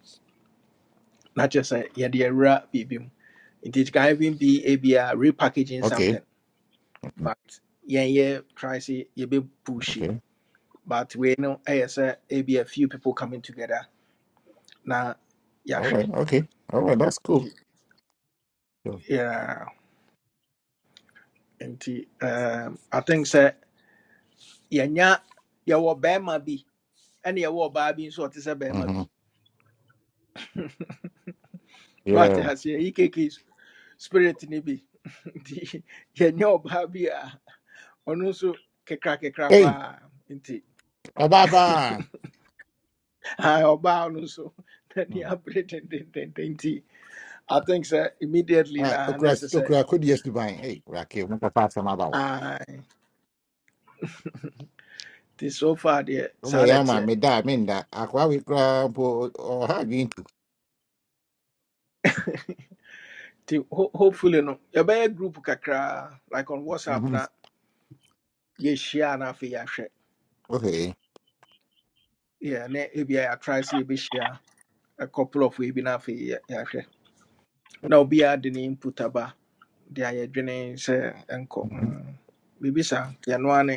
[SPEAKER 1] not just a yeah the era baby. It can even be a be a repackaging
[SPEAKER 6] Okay.
[SPEAKER 1] something, but yeah yeah try see you be pushy.
[SPEAKER 6] Okay.
[SPEAKER 1] But we know as a be a few people coming together now. Yeah
[SPEAKER 6] All
[SPEAKER 1] sure.
[SPEAKER 6] right. Okay. All right. That's cool. Yeah.
[SPEAKER 1] Yeah, and um, I think sir yeah yeah yeah what Bama be and yeah what Barbie so it is a Bama
[SPEAKER 6] Mm-hmm.
[SPEAKER 1] be. What
[SPEAKER 6] Yeah.
[SPEAKER 1] has yeah EKK spirit ni bi nti yɛnyɛ ɔbaa bi a ɔno nso kekra kekra
[SPEAKER 6] Hey,
[SPEAKER 1] paa
[SPEAKER 6] bye bye.
[SPEAKER 1] I ɔbaa no so na ne abere dendendenden nti I think sɛ immediately
[SPEAKER 6] Right,
[SPEAKER 1] na
[SPEAKER 6] okra
[SPEAKER 1] necessary.
[SPEAKER 6] okra could yes to buy. Hey, Raki, I'm not fast from
[SPEAKER 1] I
[SPEAKER 6] about.
[SPEAKER 1] sɛ ae nti so far deɛ saa
[SPEAKER 6] Okay,
[SPEAKER 1] na
[SPEAKER 6] I'm a
[SPEAKER 1] ɛteɛ
[SPEAKER 6] meda, I mean that. Aqua we grab or have into.
[SPEAKER 1] nti ho- hopefully no yɛbɛyɛ group kakraa like on whatsapp
[SPEAKER 6] Mhm.
[SPEAKER 1] na ye share na afei yɛahwɛ
[SPEAKER 6] Okay.
[SPEAKER 1] Yeah, na ne ebia yɛatrae sɛ share a couple of we bi na afei yɛ- yɛahwɛ na obiaa de ne input aba de a yɛdwene sɛ ɛnkɔ
[SPEAKER 6] Mhm.
[SPEAKER 1] Mm, biribi saa nti ɛno a ne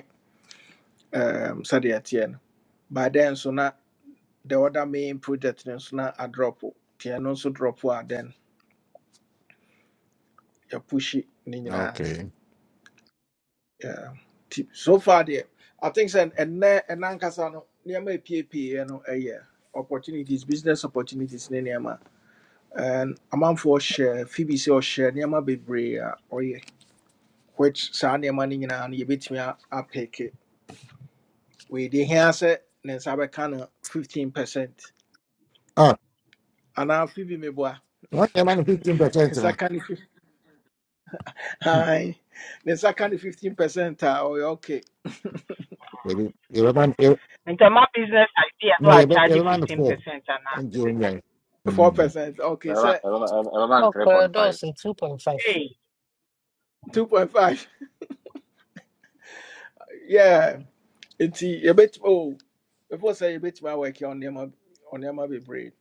[SPEAKER 1] um, sɛdeɛ ɛteɛ no by then so na the other main project no nso na adrɔpo nti ɛno nso drɔpo a then yɛpushi ne nyinaa
[SPEAKER 6] Okay.
[SPEAKER 1] Yeah. nti so far there. i think sɛ ɛnɛ ɛna nkasa no nneɛma a ɛpiepiiɛ no ɛyɛ opportunities business opportunities ne nneɛma and amanfoɔ hyɛ phoebe sɛ ɔhyɛ nneɛma bebree a ɔyɛ which saa nneɛma no nyinaa no yɛbɛtumi a- apeke weedi here. sɛ ne nsa bɛka no 15 percent
[SPEAKER 6] Oh,
[SPEAKER 1] anaa phoebe meboa
[SPEAKER 6] what am I
[SPEAKER 1] ne
[SPEAKER 6] 15%?
[SPEAKER 1] nsa
[SPEAKER 6] No,
[SPEAKER 1] ka no
[SPEAKER 6] Hmm,
[SPEAKER 1] Hi. The second fifteen percent ah?" oh okay.
[SPEAKER 6] baby. You're man, you
[SPEAKER 12] And so my business idea, so
[SPEAKER 6] no,
[SPEAKER 12] I
[SPEAKER 6] you're
[SPEAKER 12] charge
[SPEAKER 6] you're
[SPEAKER 12] you
[SPEAKER 6] man
[SPEAKER 12] 15%
[SPEAKER 6] four
[SPEAKER 12] and I
[SPEAKER 6] on
[SPEAKER 12] say,
[SPEAKER 6] June, right?
[SPEAKER 1] Four
[SPEAKER 6] Mhm.
[SPEAKER 1] percent. Okay,
[SPEAKER 2] ɛbɛba
[SPEAKER 1] so
[SPEAKER 2] ɛbɛba- ɛbɛba no
[SPEAKER 4] ɔkɔɛ
[SPEAKER 2] 3.5
[SPEAKER 4] dɔɔso two point five
[SPEAKER 12] hey,
[SPEAKER 1] two point five. Yeah. It's a bit oh before say a bit my work on them on them be brave.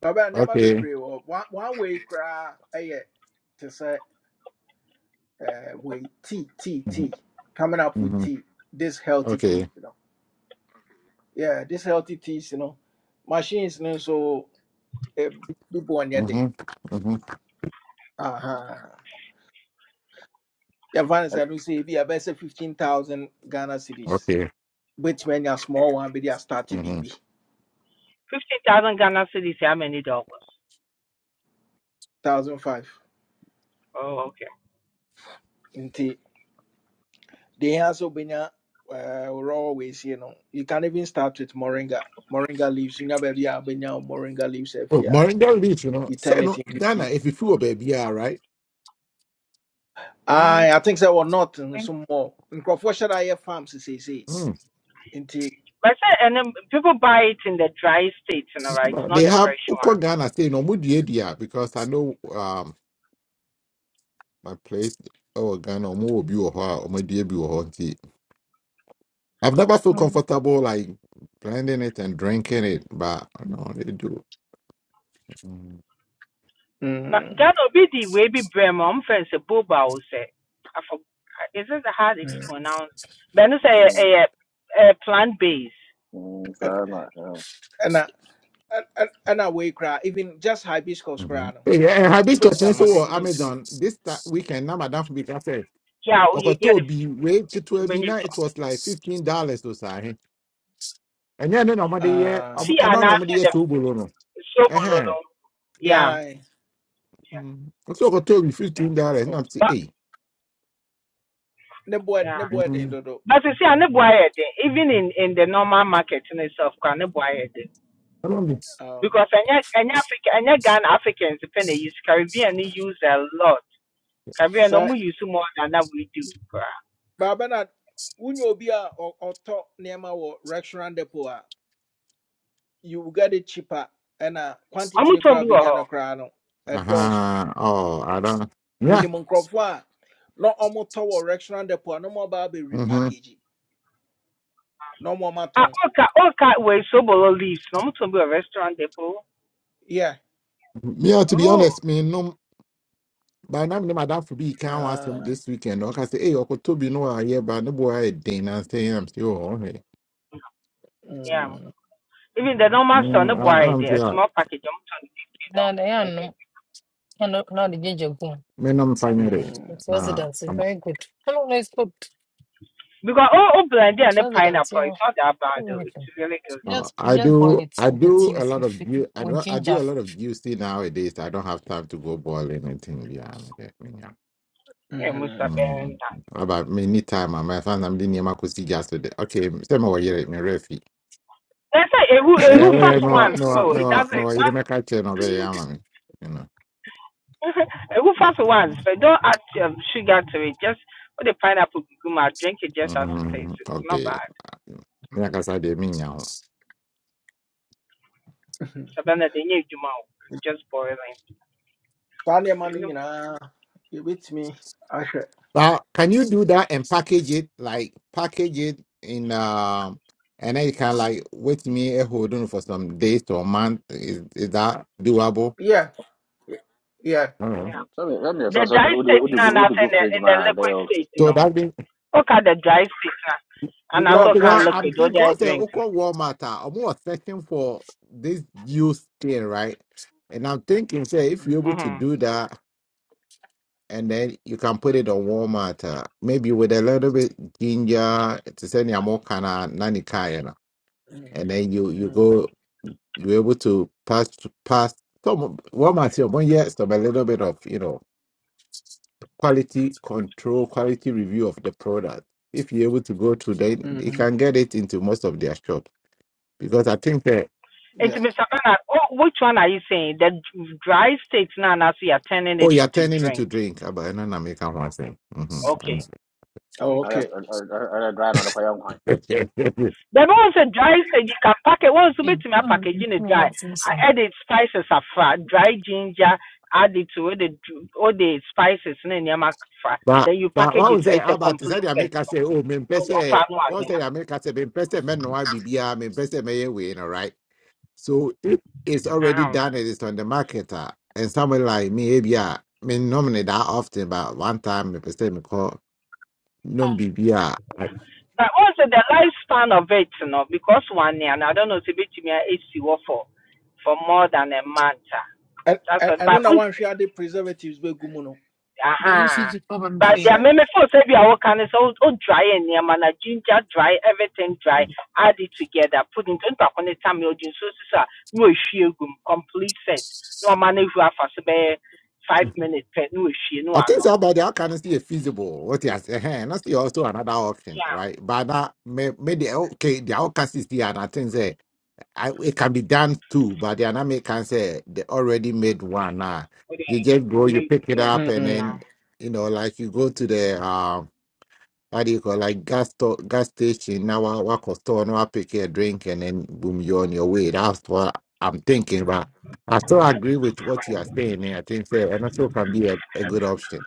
[SPEAKER 1] But never be
[SPEAKER 6] Okay.
[SPEAKER 1] brave oh. one one way cry eh, to say uh with tea tea
[SPEAKER 6] Mhm.
[SPEAKER 1] tea. Coming up with
[SPEAKER 6] Mhm.
[SPEAKER 1] tea. This healthy tea,
[SPEAKER 6] Okay.
[SPEAKER 1] you know. Yeah, this healthy teas, you know. Machines you know, so eh, people on your thing.
[SPEAKER 6] Mhm. Mhm.
[SPEAKER 1] Uh-huh. yɛmfa no
[SPEAKER 2] Ɛd-
[SPEAKER 1] sɛ no sɛ ebi ɛbɛyɛ sɛ 15000 ghana cities
[SPEAKER 6] Okay.
[SPEAKER 1] wobɛtumi anya small one bi de astarte
[SPEAKER 6] Mhm.
[SPEAKER 1] biribi
[SPEAKER 12] 15,000 Ghana cities, how many dollars?
[SPEAKER 1] 1005
[SPEAKER 12] Oh, okay.
[SPEAKER 1] Until deɛ hia sɛ wobɛnya uh, raw weisie no you can even start with moringa moringa leaves wonya baabi a wobɛnya wo moringa leaves
[SPEAKER 6] Oh,
[SPEAKER 1] afi a
[SPEAKER 6] Moringa leaf, you know.
[SPEAKER 1] you
[SPEAKER 6] Say
[SPEAKER 1] turn it
[SPEAKER 6] no,
[SPEAKER 1] into
[SPEAKER 6] Ghana,
[SPEAKER 1] tea
[SPEAKER 6] if you feel baby, all right.
[SPEAKER 12] Mm-hmm.
[SPEAKER 1] I, I think sɛ wɔ not nso mmɔ nkurɔfoɔ hyɛ da yɛ farm seseesei
[SPEAKER 6] Mm.
[SPEAKER 1] nti
[SPEAKER 12] But say, and then people buy it in the dry state, you know, right? It's
[SPEAKER 6] But they
[SPEAKER 12] not the
[SPEAKER 6] have
[SPEAKER 12] fresh
[SPEAKER 6] Uko
[SPEAKER 12] one. no.
[SPEAKER 6] Ghana say no mudia because I know um my place oh Ghana omo will be or mudia be or I've never felt
[SPEAKER 4] Mm.
[SPEAKER 6] comfortable like blending it and drinking it, but no, they do. Mm-hmm.
[SPEAKER 12] But
[SPEAKER 1] mm,
[SPEAKER 12] Ghana be the way be brem. I'm friends a boba will say. I for is it how it's
[SPEAKER 1] and
[SPEAKER 12] pronounced? But it's a
[SPEAKER 2] Mm,
[SPEAKER 12] a, a plant based.
[SPEAKER 2] mm,
[SPEAKER 1] Ɛ-
[SPEAKER 2] saa na
[SPEAKER 1] ɛna ɛ- ɛ- ɛna wei koraa even just hibiscus koraa no
[SPEAKER 6] Yeah, and
[SPEAKER 1] wobɛtumi
[SPEAKER 6] hibiscus
[SPEAKER 12] Mm.
[SPEAKER 6] so
[SPEAKER 1] apackage
[SPEAKER 6] on
[SPEAKER 1] no into
[SPEAKER 6] Amazon this ta- weekend. Now, Madam, Madame Fubika said,
[SPEAKER 12] Yeah, you get it
[SPEAKER 6] Okotobi, wait to 12
[SPEAKER 12] when you
[SPEAKER 6] now it was like $15 To say. eh? And yeah, no, no, yeah,
[SPEAKER 1] uh,
[SPEAKER 12] see
[SPEAKER 6] and no,
[SPEAKER 12] and after
[SPEAKER 6] no, yeah,
[SPEAKER 12] the
[SPEAKER 6] two below. Uh
[SPEAKER 12] sober, no.
[SPEAKER 6] huh.
[SPEAKER 12] no. Yeah,
[SPEAKER 1] Yeah.
[SPEAKER 6] So, Okotobi, $15. Now
[SPEAKER 1] Oh.
[SPEAKER 6] I'm
[SPEAKER 12] but
[SPEAKER 6] saying,
[SPEAKER 1] Ne boy
[SPEAKER 12] yeah.
[SPEAKER 1] ne boy
[SPEAKER 6] hey.
[SPEAKER 1] den dodo.
[SPEAKER 12] But you see, I never buy it. Even in, in the normal market in itself, I never buy it
[SPEAKER 6] Colombia.
[SPEAKER 1] Oh.
[SPEAKER 12] because any any African, any Ghana Africans depend they use Caribbean they use a lot. kabea na
[SPEAKER 1] So
[SPEAKER 12] ɔmo use more than that we do koraa
[SPEAKER 1] Baba na unyo obi a ɔ- ɔtɔ nneɛma wɔ restaurant depot a you will get it cheaper ɛna
[SPEAKER 12] ɔmo
[SPEAKER 1] quantity ne
[SPEAKER 12] tɔn
[SPEAKER 1] koraa
[SPEAKER 12] bi wɔ
[SPEAKER 1] benya
[SPEAKER 12] hɔ
[SPEAKER 1] no koraa no ɛdɔɔso.
[SPEAKER 6] Uh-huh. Oh, I don't. Yeah.
[SPEAKER 1] Minimum nkurɔfoɔ a na ɔmo tɔ wɔ restaurant depot a na ɔmo aba abɛ
[SPEAKER 6] Mm-hmm.
[SPEAKER 1] repackage na ɔmo ɔmo
[SPEAKER 12] a
[SPEAKER 1] atɔn.
[SPEAKER 12] ɔka ɔka wei sobolo leaves na ɔmo tɔn bi wɔ restaurant depot
[SPEAKER 1] Yeah.
[SPEAKER 6] Yeah, to be
[SPEAKER 12] oh
[SPEAKER 6] honest, me no by now me no, my dad for be can ask him
[SPEAKER 1] Ah,
[SPEAKER 6] this weekend. Okay, I say, hey, Uncle Toby, no, I hear but no boy I did and say I'm still on here.
[SPEAKER 12] yeah
[SPEAKER 1] mm,
[SPEAKER 12] even the normal store ne
[SPEAKER 6] Mm, I,
[SPEAKER 12] buare
[SPEAKER 6] I'm
[SPEAKER 12] de a
[SPEAKER 6] sure
[SPEAKER 12] small package ɔmo tɔn bi fifty
[SPEAKER 4] na na
[SPEAKER 12] dollars
[SPEAKER 4] yɛ
[SPEAKER 12] na
[SPEAKER 4] anom
[SPEAKER 12] de
[SPEAKER 4] ɛna na ɔde gyegya gum
[SPEAKER 6] me no i it.
[SPEAKER 1] mm,
[SPEAKER 4] it's
[SPEAKER 6] Nah.
[SPEAKER 4] resident is
[SPEAKER 6] I'm,
[SPEAKER 4] very good I don't know it's good
[SPEAKER 12] because o o blend and
[SPEAKER 4] it's
[SPEAKER 12] the
[SPEAKER 4] resident
[SPEAKER 12] pineapple
[SPEAKER 4] yeah
[SPEAKER 12] it's not that bad though it's
[SPEAKER 4] anything
[SPEAKER 12] really good
[SPEAKER 6] uh,
[SPEAKER 4] just
[SPEAKER 6] I
[SPEAKER 4] just boil
[SPEAKER 6] do
[SPEAKER 4] it
[SPEAKER 6] I
[SPEAKER 4] like a
[SPEAKER 6] do
[SPEAKER 4] tea
[SPEAKER 6] a
[SPEAKER 4] with
[SPEAKER 6] lot of
[SPEAKER 4] with
[SPEAKER 6] ju- I
[SPEAKER 4] with
[SPEAKER 6] do I do
[SPEAKER 4] ginger
[SPEAKER 6] a lot of juicy nowadays. I don't have time to go boil anything. Yeah, I'm there, me, yeah.
[SPEAKER 12] yeah musa
[SPEAKER 1] mm.
[SPEAKER 12] bɛn
[SPEAKER 6] Mm.
[SPEAKER 12] na
[SPEAKER 6] About me, need time, my friends, I'm doing my cozy just today. Okay, same over here, my refi.
[SPEAKER 12] that's why ehu
[SPEAKER 6] Yeah,
[SPEAKER 12] ehu
[SPEAKER 6] yeah,
[SPEAKER 12] fast
[SPEAKER 6] no,
[SPEAKER 12] ones
[SPEAKER 6] no,
[SPEAKER 12] oh it
[SPEAKER 6] no,
[SPEAKER 12] doesn't
[SPEAKER 6] no. You make a chain of a yaman, you know.
[SPEAKER 12] ehu fast ones but don't add um, sugar to it just put the pineapple gum drink it just as it is
[SPEAKER 6] hmm
[SPEAKER 12] it's not bad.
[SPEAKER 6] Okay. Like I said, they mean now.
[SPEAKER 12] Sabana denye juma o. Just boiling.
[SPEAKER 1] Saa nneɛma no
[SPEAKER 12] You know?
[SPEAKER 1] nyinaa yɛbɛtumi ahwɛ.
[SPEAKER 6] Now, can you do that and package it like package it in um, and then you can like wait me a hold on for some days to a month. Is is that doable?
[SPEAKER 1] Yeah. Yeah.
[SPEAKER 6] Uh-huh.
[SPEAKER 12] Yeah. The dry state now, na in the, in the liquid state
[SPEAKER 6] So
[SPEAKER 12] no.
[SPEAKER 6] that means
[SPEAKER 12] Okay, the dry state now, And
[SPEAKER 6] because,
[SPEAKER 1] No,
[SPEAKER 12] also
[SPEAKER 6] because
[SPEAKER 12] can
[SPEAKER 1] dry.
[SPEAKER 6] I'm
[SPEAKER 12] liquid
[SPEAKER 1] No.
[SPEAKER 12] or
[SPEAKER 6] thinking
[SPEAKER 12] the
[SPEAKER 6] because the
[SPEAKER 12] drink.
[SPEAKER 6] Oko Walmart are almost searching for this use thing, right? And I'm thinking, say, if you're able
[SPEAKER 1] Mm-hmm.
[SPEAKER 6] to
[SPEAKER 12] Mm-hmm.
[SPEAKER 6] do that. and then you can put it on warm water, maybe with a little bit ginger to send your more kind of nani kayana, and then you you
[SPEAKER 1] Mm-hmm.
[SPEAKER 6] go you're able to pass pass some warm water one yes some a little bit of you know quality control quality review of the product. If you're able to go to then you
[SPEAKER 1] Mm-hmm.
[SPEAKER 6] can get it into most of their shops because I think that
[SPEAKER 12] And to
[SPEAKER 1] Yep.
[SPEAKER 12] Mr. Bernard, oh, which one are you saying? The dry state now, and so you're turning
[SPEAKER 6] oh
[SPEAKER 12] it
[SPEAKER 6] you're
[SPEAKER 12] into
[SPEAKER 6] turning it to
[SPEAKER 12] drink.
[SPEAKER 6] drink, Ah, but I don't know make one thing.
[SPEAKER 12] Okay.
[SPEAKER 6] Mm-hmm.
[SPEAKER 1] Oh,
[SPEAKER 12] Okay.
[SPEAKER 1] okay.
[SPEAKER 12] baabi wɔ sɛ dry sɛ gyi ka package wɔn nso
[SPEAKER 4] mm
[SPEAKER 12] betumi
[SPEAKER 4] Mm.
[SPEAKER 12] apackage ne dry A-
[SPEAKER 4] relaxation
[SPEAKER 12] ɛde spices of dry ginger add it to all the all the spices ne nneɛma fa
[SPEAKER 6] But
[SPEAKER 12] then you
[SPEAKER 6] but
[SPEAKER 12] package
[SPEAKER 6] what
[SPEAKER 12] it
[SPEAKER 6] was say
[SPEAKER 12] it's a
[SPEAKER 6] about to say
[SPEAKER 12] complete
[SPEAKER 6] the
[SPEAKER 12] set
[SPEAKER 6] America say, oh, me pese
[SPEAKER 12] ɔfa no
[SPEAKER 6] what say the America say, me pese men no be bia, me pese me win, all right. So if it's already
[SPEAKER 12] ano
[SPEAKER 6] done, it is on the market, ah, and somebody like me, yeah, me normally that often, but one time me pese me call no
[SPEAKER 4] Ah,
[SPEAKER 6] be bia. I
[SPEAKER 12] but also the lifespan of it no because one year and I don't know sɛ betumi esi hɔ for for more than a month uh.
[SPEAKER 1] I,
[SPEAKER 12] that's
[SPEAKER 1] I,
[SPEAKER 12] all
[SPEAKER 1] I
[SPEAKER 12] but.
[SPEAKER 1] know that
[SPEAKER 12] if
[SPEAKER 1] one share the preservatives be gumuno,
[SPEAKER 4] the
[SPEAKER 12] Uh-huh.
[SPEAKER 4] ECG problem
[SPEAKER 1] but
[SPEAKER 12] But
[SPEAKER 4] fail.
[SPEAKER 12] there are
[SPEAKER 1] say
[SPEAKER 12] many folks say we are all kind of so oh, dry and yeah, man, ginger dry, everything dry, add it together, put into into a corner time you so so so, no issue complete set. No man if you have for say five minutes per no issue no
[SPEAKER 6] I think
[SPEAKER 12] ano.
[SPEAKER 6] so about that kind of see it feasible. What you say, hey, that's still also another option,
[SPEAKER 12] Yeah.
[SPEAKER 6] right? But that me me the okay, the outcast is there, and I think say. I, it can be done too, but the anime can say they already made one. Uh,
[SPEAKER 12] With the
[SPEAKER 6] you just go, you
[SPEAKER 12] made the
[SPEAKER 6] pick it
[SPEAKER 12] things
[SPEAKER 6] up,
[SPEAKER 12] so
[SPEAKER 6] and
[SPEAKER 12] yeah.
[SPEAKER 6] then
[SPEAKER 1] mm.
[SPEAKER 6] you know, like you go to the uh, what do you call like gas store, gas station now, wa- walk or store, now pick a drink, and then boom, you're on your way. That's what I'm thinking. But I still agree with what you are saying. eh, I think say, and also can be a, a good option.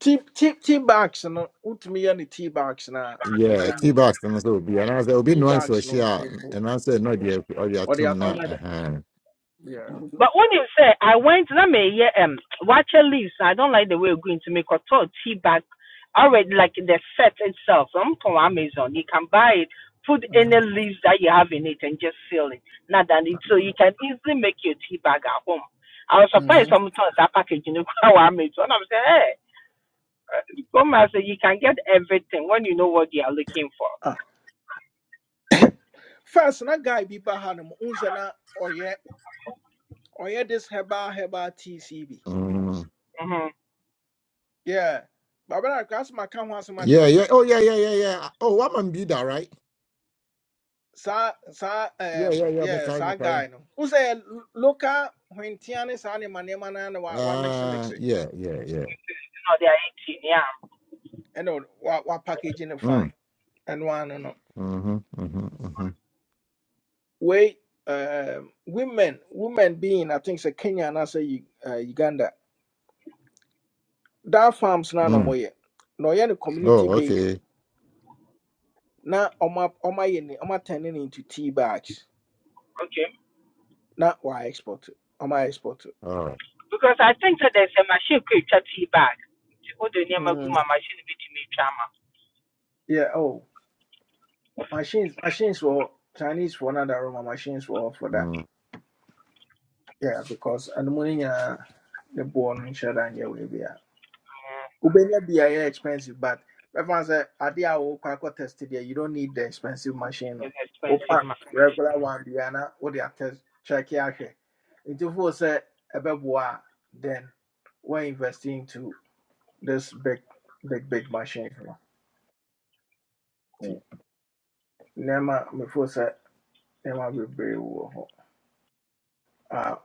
[SPEAKER 1] tea tea tea bags no. Utmi any tea bags na a
[SPEAKER 6] Yeah,
[SPEAKER 1] big
[SPEAKER 6] T
[SPEAKER 1] move.
[SPEAKER 6] bus and also be and I will be
[SPEAKER 1] Tea
[SPEAKER 6] no one so
[SPEAKER 1] bags
[SPEAKER 6] she
[SPEAKER 1] no.
[SPEAKER 6] and
[SPEAKER 1] ebu-
[SPEAKER 6] also not the or your
[SPEAKER 1] Or the
[SPEAKER 6] tomb
[SPEAKER 12] For
[SPEAKER 6] now.
[SPEAKER 1] atom.
[SPEAKER 12] another
[SPEAKER 6] Uh-huh.
[SPEAKER 1] Yeah.
[SPEAKER 12] But when you say I went let me hear um watcher leaves, I don't like the way we're going to make a total tea bag already like the set itself. I'm from Amazon. You can buy it, put any leaves that you have in it and just seal it. Not that it so you can easily make your tea bag at home. I was surprised
[SPEAKER 1] Mm-hmm.
[SPEAKER 12] sometimes that package you know how Amazon. I'm saying, hey, uh, come and say you can get everything when you know what you are looking for.
[SPEAKER 1] Ah. First, na guy be bahanum unzena or yeah or yeah this heba heba TCB.
[SPEAKER 6] Mm.
[SPEAKER 12] Mm-hmm. You
[SPEAKER 1] Yeah. But when I cross my come once much
[SPEAKER 6] Yeah, yeah.
[SPEAKER 1] open.
[SPEAKER 6] Oh, yeah, yeah, yeah, yeah. Oh, what man be that, right?
[SPEAKER 1] Sa sa
[SPEAKER 6] Yeah,
[SPEAKER 1] um,
[SPEAKER 6] yeah, yeah. Me
[SPEAKER 1] yeah
[SPEAKER 6] carry, me
[SPEAKER 1] sa
[SPEAKER 6] carry.
[SPEAKER 1] guy no wo sɛ local hwentia ne saa nneɛma nneɛma no na wa wa mix it,
[SPEAKER 6] Ah,
[SPEAKER 1] mix it,
[SPEAKER 6] yeah, yeah, yeah.
[SPEAKER 12] know they are 18, yeah.
[SPEAKER 1] ɛna ɔde- wa wa packaging no fine
[SPEAKER 6] Mm,
[SPEAKER 1] ɛno ano no
[SPEAKER 6] mm-hmm, mm-hmm, mm-hmm.
[SPEAKER 1] wei um, women women being i think sɛ kenya anaasɛ Yu- uh, uganda that farms no a na
[SPEAKER 6] Mm.
[SPEAKER 1] ɔmɔyɛ na ɔyɛ no community
[SPEAKER 6] Oh,
[SPEAKER 1] based
[SPEAKER 6] okay.
[SPEAKER 1] na ɔma ɔma yɛ ne turning into tea bags
[SPEAKER 12] Okay.
[SPEAKER 1] na wa export it, ɔma export it.
[SPEAKER 6] All right.
[SPEAKER 12] because I think that there's a machine could twa tea bag. Nti wode nneɛma gu
[SPEAKER 1] mm.
[SPEAKER 12] ma machine be twa ama.
[SPEAKER 1] yeah oh machines machines for chinese for another room machines for for that
[SPEAKER 6] Mm.
[SPEAKER 1] Yeah, because and money uh the born in share and yeah we be a.
[SPEAKER 12] Mm,
[SPEAKER 1] Ubenya be a expensive, but everyone say idea will quite test there. You don't need the expensive machine. no.
[SPEAKER 12] It's expensive
[SPEAKER 1] Opa
[SPEAKER 12] ma for machine.
[SPEAKER 1] regular one Diana what they are test check here. It will say a beboa then we're investing into this big big big machine. No. Ti Nema before say nema be brave. Uh,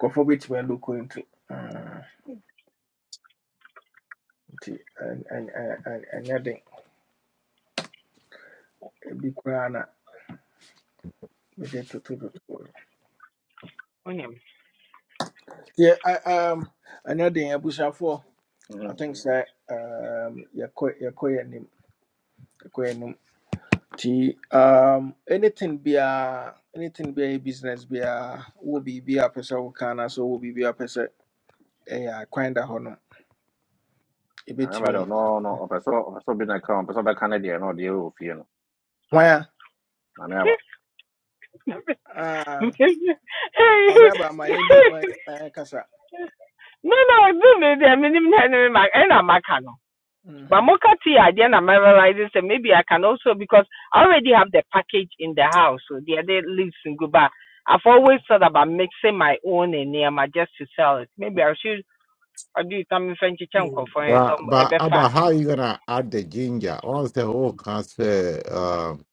[SPEAKER 1] kofo bit me look into. Uh, and and and and ebi koraa na mede totototoɔ
[SPEAKER 12] Wonim.
[SPEAKER 1] deɛ I- um, ɛnyɛ den abusuafoɔ i think sɛ um, yɛkɔ yɛkɔ yɛ anim yɛkɔ yɛ anim nti um, anything be a anything be a business be biaa wowɔ be be a pɛ sɛ woka anaasɛ wowɔ biribi a pɛ sɛ ɛyɛ a, kwan da hɔ no yɛbɛtumi hwan a
[SPEAKER 12] no
[SPEAKER 1] Ah, maame aba ma yɛndi ma yɛ- ma yɛnkasa
[SPEAKER 12] no do me deɛ menim na I'm ma ɛna maka no. But
[SPEAKER 1] Mhm,
[SPEAKER 12] moka tea adeɛ na ma realize sɛ maybe I can also because I already have the package in the house so the other leaves in Guba. I've always thought about mixing my own and nneɛma just to sell it. Maybe I should I do something French chicken for some
[SPEAKER 6] But, but,
[SPEAKER 12] Ebefa.
[SPEAKER 6] about how you gonna add the ginger? Once the whole cancer, um,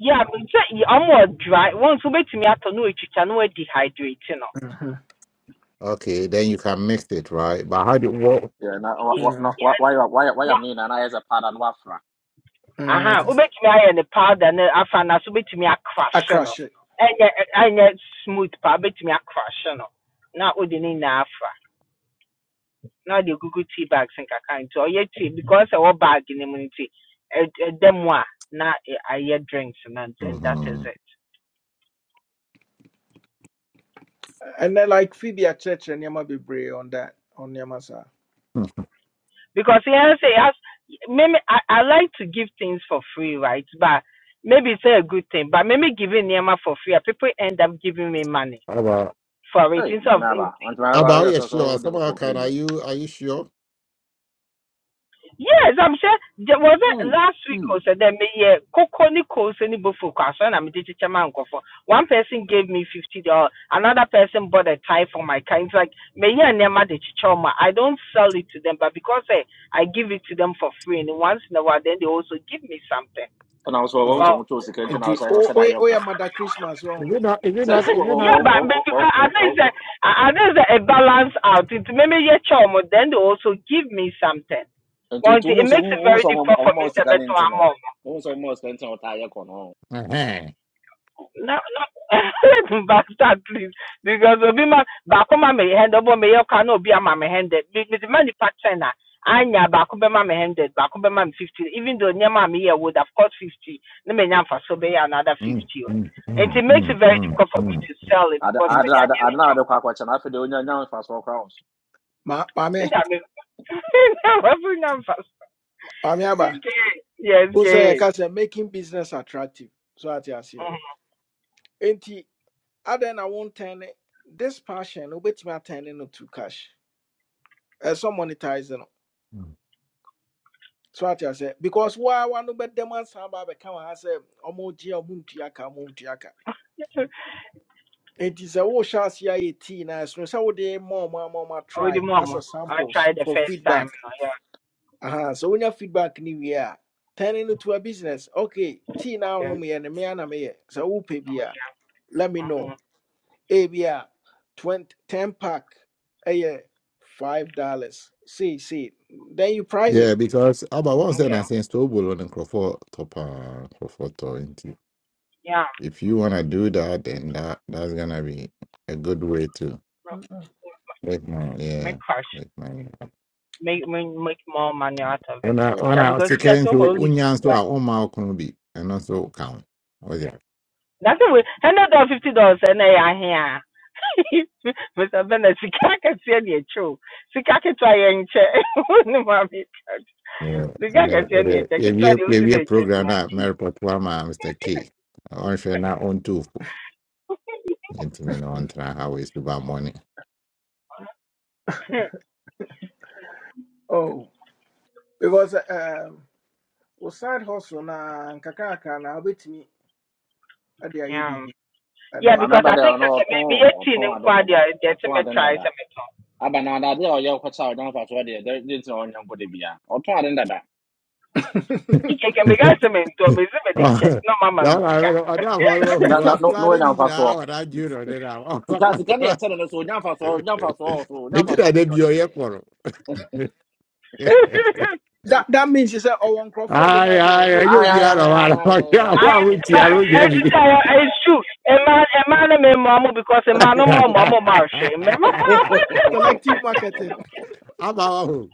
[SPEAKER 12] Yeah, me sɛ y- ɔmo dry. dry wɔn nso wobetumi atɔ na otwitwa na no hydrate no.
[SPEAKER 1] mhm,
[SPEAKER 6] okay, then you can mix it, right? But how do what?
[SPEAKER 12] Ye- yeah, na-
[SPEAKER 1] mhm.
[SPEAKER 12] Aha, wobetumi ayɛ ne powder ne afa na so wobetumi akrahye
[SPEAKER 1] akra
[SPEAKER 12] no.
[SPEAKER 1] hye
[SPEAKER 12] Ɛnyɛ ɛ- ɛnyɛ smooth paa wobetumi akrahye no. Na wode ne nyinaa afa. Na afra. Now the Google tea bags and nkaka Oh yeah, tea because ɛwɔ bag ne mu nti ɛ- ɛda mu a na I ayɛ drinks na then that is
[SPEAKER 6] Mm-hmm.
[SPEAKER 12] it.
[SPEAKER 1] ɛnɛ like Phoebe at church and yama be brave on that on nneɛma saa
[SPEAKER 12] because you know, say it has maybe I, I like to give things for free, right? But maybe it's not a good thing. But maybe giving Nema for free, and people end up giving me money
[SPEAKER 6] About,
[SPEAKER 12] for it instead of
[SPEAKER 6] about, yeah, sure. Someone can. Are you, are you sure?
[SPEAKER 12] yes, I'm sure there was it last week or so then me yeah cocoa ni coals any buffalo and I'm teacher man go for one person gave me fifty dollars, another person bought a tie for my car. It's like me yeah Nema the chichoma. I don't sell it to them, but because I, I give it to them for free and once in a while then they also give me something Or
[SPEAKER 1] Oh, and the oh oh oh yeah, mother christmas
[SPEAKER 6] Is
[SPEAKER 1] one.
[SPEAKER 6] it not? Is it not? Is it not?
[SPEAKER 12] yeah, but, but you can, at least uh, at least uh, a balance out. It maybe yeah, charm, then they also give me something. But it makes it very difficult for me to make to among.
[SPEAKER 6] Uh-huh.
[SPEAKER 12] No, no, bastard, please. Because obi ma baako ma me handed, but me yoka no obi ama me handed. Because me the money pattern na. Anya baako be ma me handed, baako be ma fifty. Even though nyama me here would have cost fifty, ne me nyam for so be another
[SPEAKER 6] Mm,
[SPEAKER 12] fifty.
[SPEAKER 6] mm,
[SPEAKER 12] And it
[SPEAKER 6] mm,
[SPEAKER 12] makes
[SPEAKER 6] mm,
[SPEAKER 12] it very
[SPEAKER 6] mm,
[SPEAKER 12] difficult for me
[SPEAKER 6] mm.
[SPEAKER 12] to sell it
[SPEAKER 2] ade
[SPEAKER 12] because
[SPEAKER 1] And
[SPEAKER 2] ade
[SPEAKER 12] when me the
[SPEAKER 2] ade ade
[SPEAKER 12] idea
[SPEAKER 2] na ade kɔ akɔkyɛ na afei deɛ onya nya mfasoɔ koraa wɔ so
[SPEAKER 1] Ma maame
[SPEAKER 12] Senda mesmo. Senda, mas fui na fast.
[SPEAKER 1] maame aba
[SPEAKER 12] Okay. Yes,
[SPEAKER 1] o sɛ
[SPEAKER 12] okay.
[SPEAKER 1] yɛka sɛ making business attractive so ate aseɛ nti adɛn na wɔn tɛn ne this passion no wobɛtumi atɛn ne no to cash ɛsɔ monetize no
[SPEAKER 6] Mm.
[SPEAKER 1] so ate say because waa wa no bɛdɛm asan ba abɛka wɔn ha sɛ ɔmo gye a ɔmo ntua ka ɔmo ntua ka
[SPEAKER 12] Mm-hmm.
[SPEAKER 1] It is a wohyɛ ase ayɛ tea na ɛsono sɛ wode more, ɔmo ama ɔmo
[SPEAKER 12] With the
[SPEAKER 1] atry as a
[SPEAKER 12] mom, I
[SPEAKER 1] samples
[SPEAKER 12] tried the
[SPEAKER 1] for
[SPEAKER 12] first time.
[SPEAKER 1] feedback.
[SPEAKER 12] Yeah,
[SPEAKER 1] Aha, sɛ wonya feedback ne wie a, turn it into a business. Okay, tea Now, na
[SPEAKER 12] okay.
[SPEAKER 1] wonomyɛ me, mea na meyɛ. Sɛ wopɛ bi a,
[SPEAKER 12] Yeah.
[SPEAKER 1] let me
[SPEAKER 12] Mm-hmm.
[SPEAKER 1] know. Ebi a, 20, 10 pack ɛyɛ five dollars. See, see. Then you price
[SPEAKER 6] Yeah,
[SPEAKER 1] it.
[SPEAKER 6] because about once then
[SPEAKER 12] Okay.
[SPEAKER 6] I say Stowball on Crawford top uh, Crawford top into.
[SPEAKER 12] Yeah.
[SPEAKER 6] If you wanna do that, then that that's gonna be a good way to make money. Yeah,
[SPEAKER 12] Make cash.
[SPEAKER 6] make money.
[SPEAKER 12] Make, make make more money out of it.
[SPEAKER 6] When I when
[SPEAKER 12] Yeah,
[SPEAKER 6] I was
[SPEAKER 12] because that's
[SPEAKER 6] taking to
[SPEAKER 12] all leaves.
[SPEAKER 6] unions to our
[SPEAKER 12] Right.
[SPEAKER 6] own mouth can be and also count. Oh yeah.
[SPEAKER 12] That's the way. Hundred dollars, fifty dollars, and they are here. Mr. Bennett, sika kɛseɛ na ɛkyɛ o. Sika ketewa yɛ nkyɛ. Wo ne maame ka.
[SPEAKER 6] Yeah,
[SPEAKER 12] Sika
[SPEAKER 6] and uh,
[SPEAKER 12] kɛseɛ na
[SPEAKER 6] uh,
[SPEAKER 12] ɛkyɛ.
[SPEAKER 6] if
[SPEAKER 12] Ketewa
[SPEAKER 6] you
[SPEAKER 12] deɛ
[SPEAKER 6] if
[SPEAKER 12] wosi
[SPEAKER 6] you
[SPEAKER 12] dɛ ɛkyɛ
[SPEAKER 6] program
[SPEAKER 12] dwuma
[SPEAKER 6] that
[SPEAKER 12] nti.
[SPEAKER 6] Maripot Wama Mr. K, I want to not own two. Into me, no one try how is to buy money.
[SPEAKER 1] Oh, because uh, um, we side hustle na nkakrankra na wobɛtumi ade ayɛ
[SPEAKER 12] Yeah,
[SPEAKER 1] biribi
[SPEAKER 12] yeah,
[SPEAKER 1] ɛnɛ.
[SPEAKER 2] maame
[SPEAKER 12] because
[SPEAKER 2] aba
[SPEAKER 12] I
[SPEAKER 2] deɛ
[SPEAKER 12] think
[SPEAKER 2] ɔno
[SPEAKER 12] such a
[SPEAKER 2] ɔtɔn o,
[SPEAKER 12] maybe a teen
[SPEAKER 2] ɔtɔn
[SPEAKER 12] in
[SPEAKER 2] ade no dada
[SPEAKER 12] Quadia, the
[SPEAKER 2] ɔtɔn
[SPEAKER 12] ultimate
[SPEAKER 2] ade no
[SPEAKER 12] try
[SPEAKER 2] dada
[SPEAKER 12] some at all.
[SPEAKER 2] aba na ade ade a ɔyɛ ɔkɔkyɛ a ɔnya mfasoɔ deɛ dɛ de ntina ɔnya nkɔ de bia ɔtɔn ade no dada
[SPEAKER 12] It can make us a mentor, Miss
[SPEAKER 6] Đó
[SPEAKER 12] check. no Mamma
[SPEAKER 6] là
[SPEAKER 12] Visca.
[SPEAKER 6] ở đó hồi mà
[SPEAKER 2] na na
[SPEAKER 6] hùa
[SPEAKER 2] no no
[SPEAKER 6] pla i
[SPEAKER 2] ɔnya
[SPEAKER 6] đi
[SPEAKER 2] mfasoɔ
[SPEAKER 6] ra và ra chưa i đây nào. Ông
[SPEAKER 2] sika
[SPEAKER 6] có
[SPEAKER 2] sika deɛ
[SPEAKER 6] pla.
[SPEAKER 2] ɛkyɛ no no so ɔnya mfasoɔ ɔnya mfasoɔ wɔ so
[SPEAKER 6] i
[SPEAKER 2] ɔnya
[SPEAKER 6] am
[SPEAKER 2] mfasoɔ
[SPEAKER 6] going to
[SPEAKER 2] sen deɛ
[SPEAKER 6] vô
[SPEAKER 2] ɔde yɛ
[SPEAKER 6] ấy i
[SPEAKER 1] That that means you say oh one crop for the
[SPEAKER 6] Ai
[SPEAKER 1] more more and
[SPEAKER 6] ai ở
[SPEAKER 1] you'll be
[SPEAKER 6] vô
[SPEAKER 2] ayi
[SPEAKER 1] a
[SPEAKER 2] ayi
[SPEAKER 6] bia rồi
[SPEAKER 2] ayi
[SPEAKER 6] mà
[SPEAKER 2] ayi
[SPEAKER 6] nó
[SPEAKER 2] ayi
[SPEAKER 6] ra
[SPEAKER 2] ayi
[SPEAKER 12] I
[SPEAKER 6] qua un chi alo dễ bị.
[SPEAKER 12] I shoot a man, a man, a man, mamma, because a man, no more mamma, marshy.
[SPEAKER 1] Selective marketing.
[SPEAKER 6] À mà ông.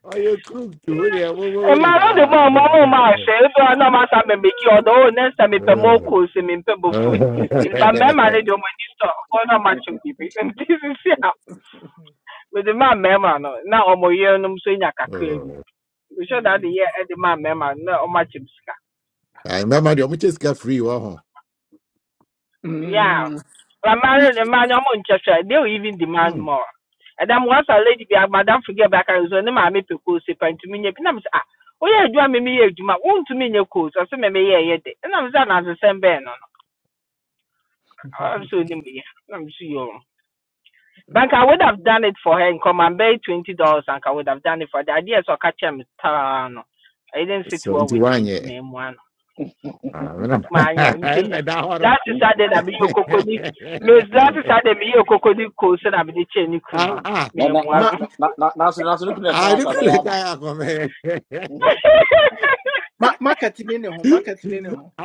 [SPEAKER 6] Ở vô club chú đi vô
[SPEAKER 12] A
[SPEAKER 6] vô đi
[SPEAKER 12] man, no the
[SPEAKER 6] ra.
[SPEAKER 12] more mamma, marshy. If you are not my time, make you although next time, it's a more
[SPEAKER 6] Ừ.
[SPEAKER 12] cool, some impebble food. But my man, I don't want to stop. All not much of people. This is how. With the man mmarima no now ɔmo yerenom nso nya kakra
[SPEAKER 6] Ừ.
[SPEAKER 12] bi mehyɛ da de
[SPEAKER 1] Mm,
[SPEAKER 12] yɛ ɛde maa mmarima no na ɔmo
[SPEAKER 6] Ai mà mà điều mới chết free wa ho.
[SPEAKER 1] mm,
[SPEAKER 12] yeah
[SPEAKER 1] mm, mm.
[SPEAKER 12] but mmaa no de mmaa no ɔmo nkyɛ they will even demand
[SPEAKER 6] Ừ.
[SPEAKER 12] more ɛdam once a lady bi madam forget back aka nso ne maame pɛ koos pɛ ntumi nyɛ bi na mo sɛ ah woyɛ adwuma mi mi yɛ adwuma wontumi nyɛ koos ɔsɛ mɛ mɛ yɛ ɛyɛ de ɛna mo sɛ anasesɛm bɛn no no ɔmo sɛ onim yɛ na mo sɛ yɛ Bank I would have done it for her in common bay twenty dollars and I would have done it for the idea so catch him no. I didn't sit
[SPEAKER 6] So
[SPEAKER 12] well
[SPEAKER 6] into
[SPEAKER 12] with
[SPEAKER 6] one
[SPEAKER 12] me to
[SPEAKER 6] yeah.
[SPEAKER 12] me one.
[SPEAKER 6] À, nó.
[SPEAKER 12] My
[SPEAKER 6] Nó đau rồi.
[SPEAKER 12] last Saturday I be your cocody Miss last Saturday me your cocody coast and I be the chain you know.
[SPEAKER 6] Ah,
[SPEAKER 12] Me
[SPEAKER 2] na na na
[SPEAKER 12] one.
[SPEAKER 1] Ma-
[SPEAKER 2] na na na so na so no kunu yɛ kan akɔ abɛyɛ ama no
[SPEAKER 6] ah,歩くねかや、ごめん。
[SPEAKER 1] ma- marketing in the home, marketing in the home.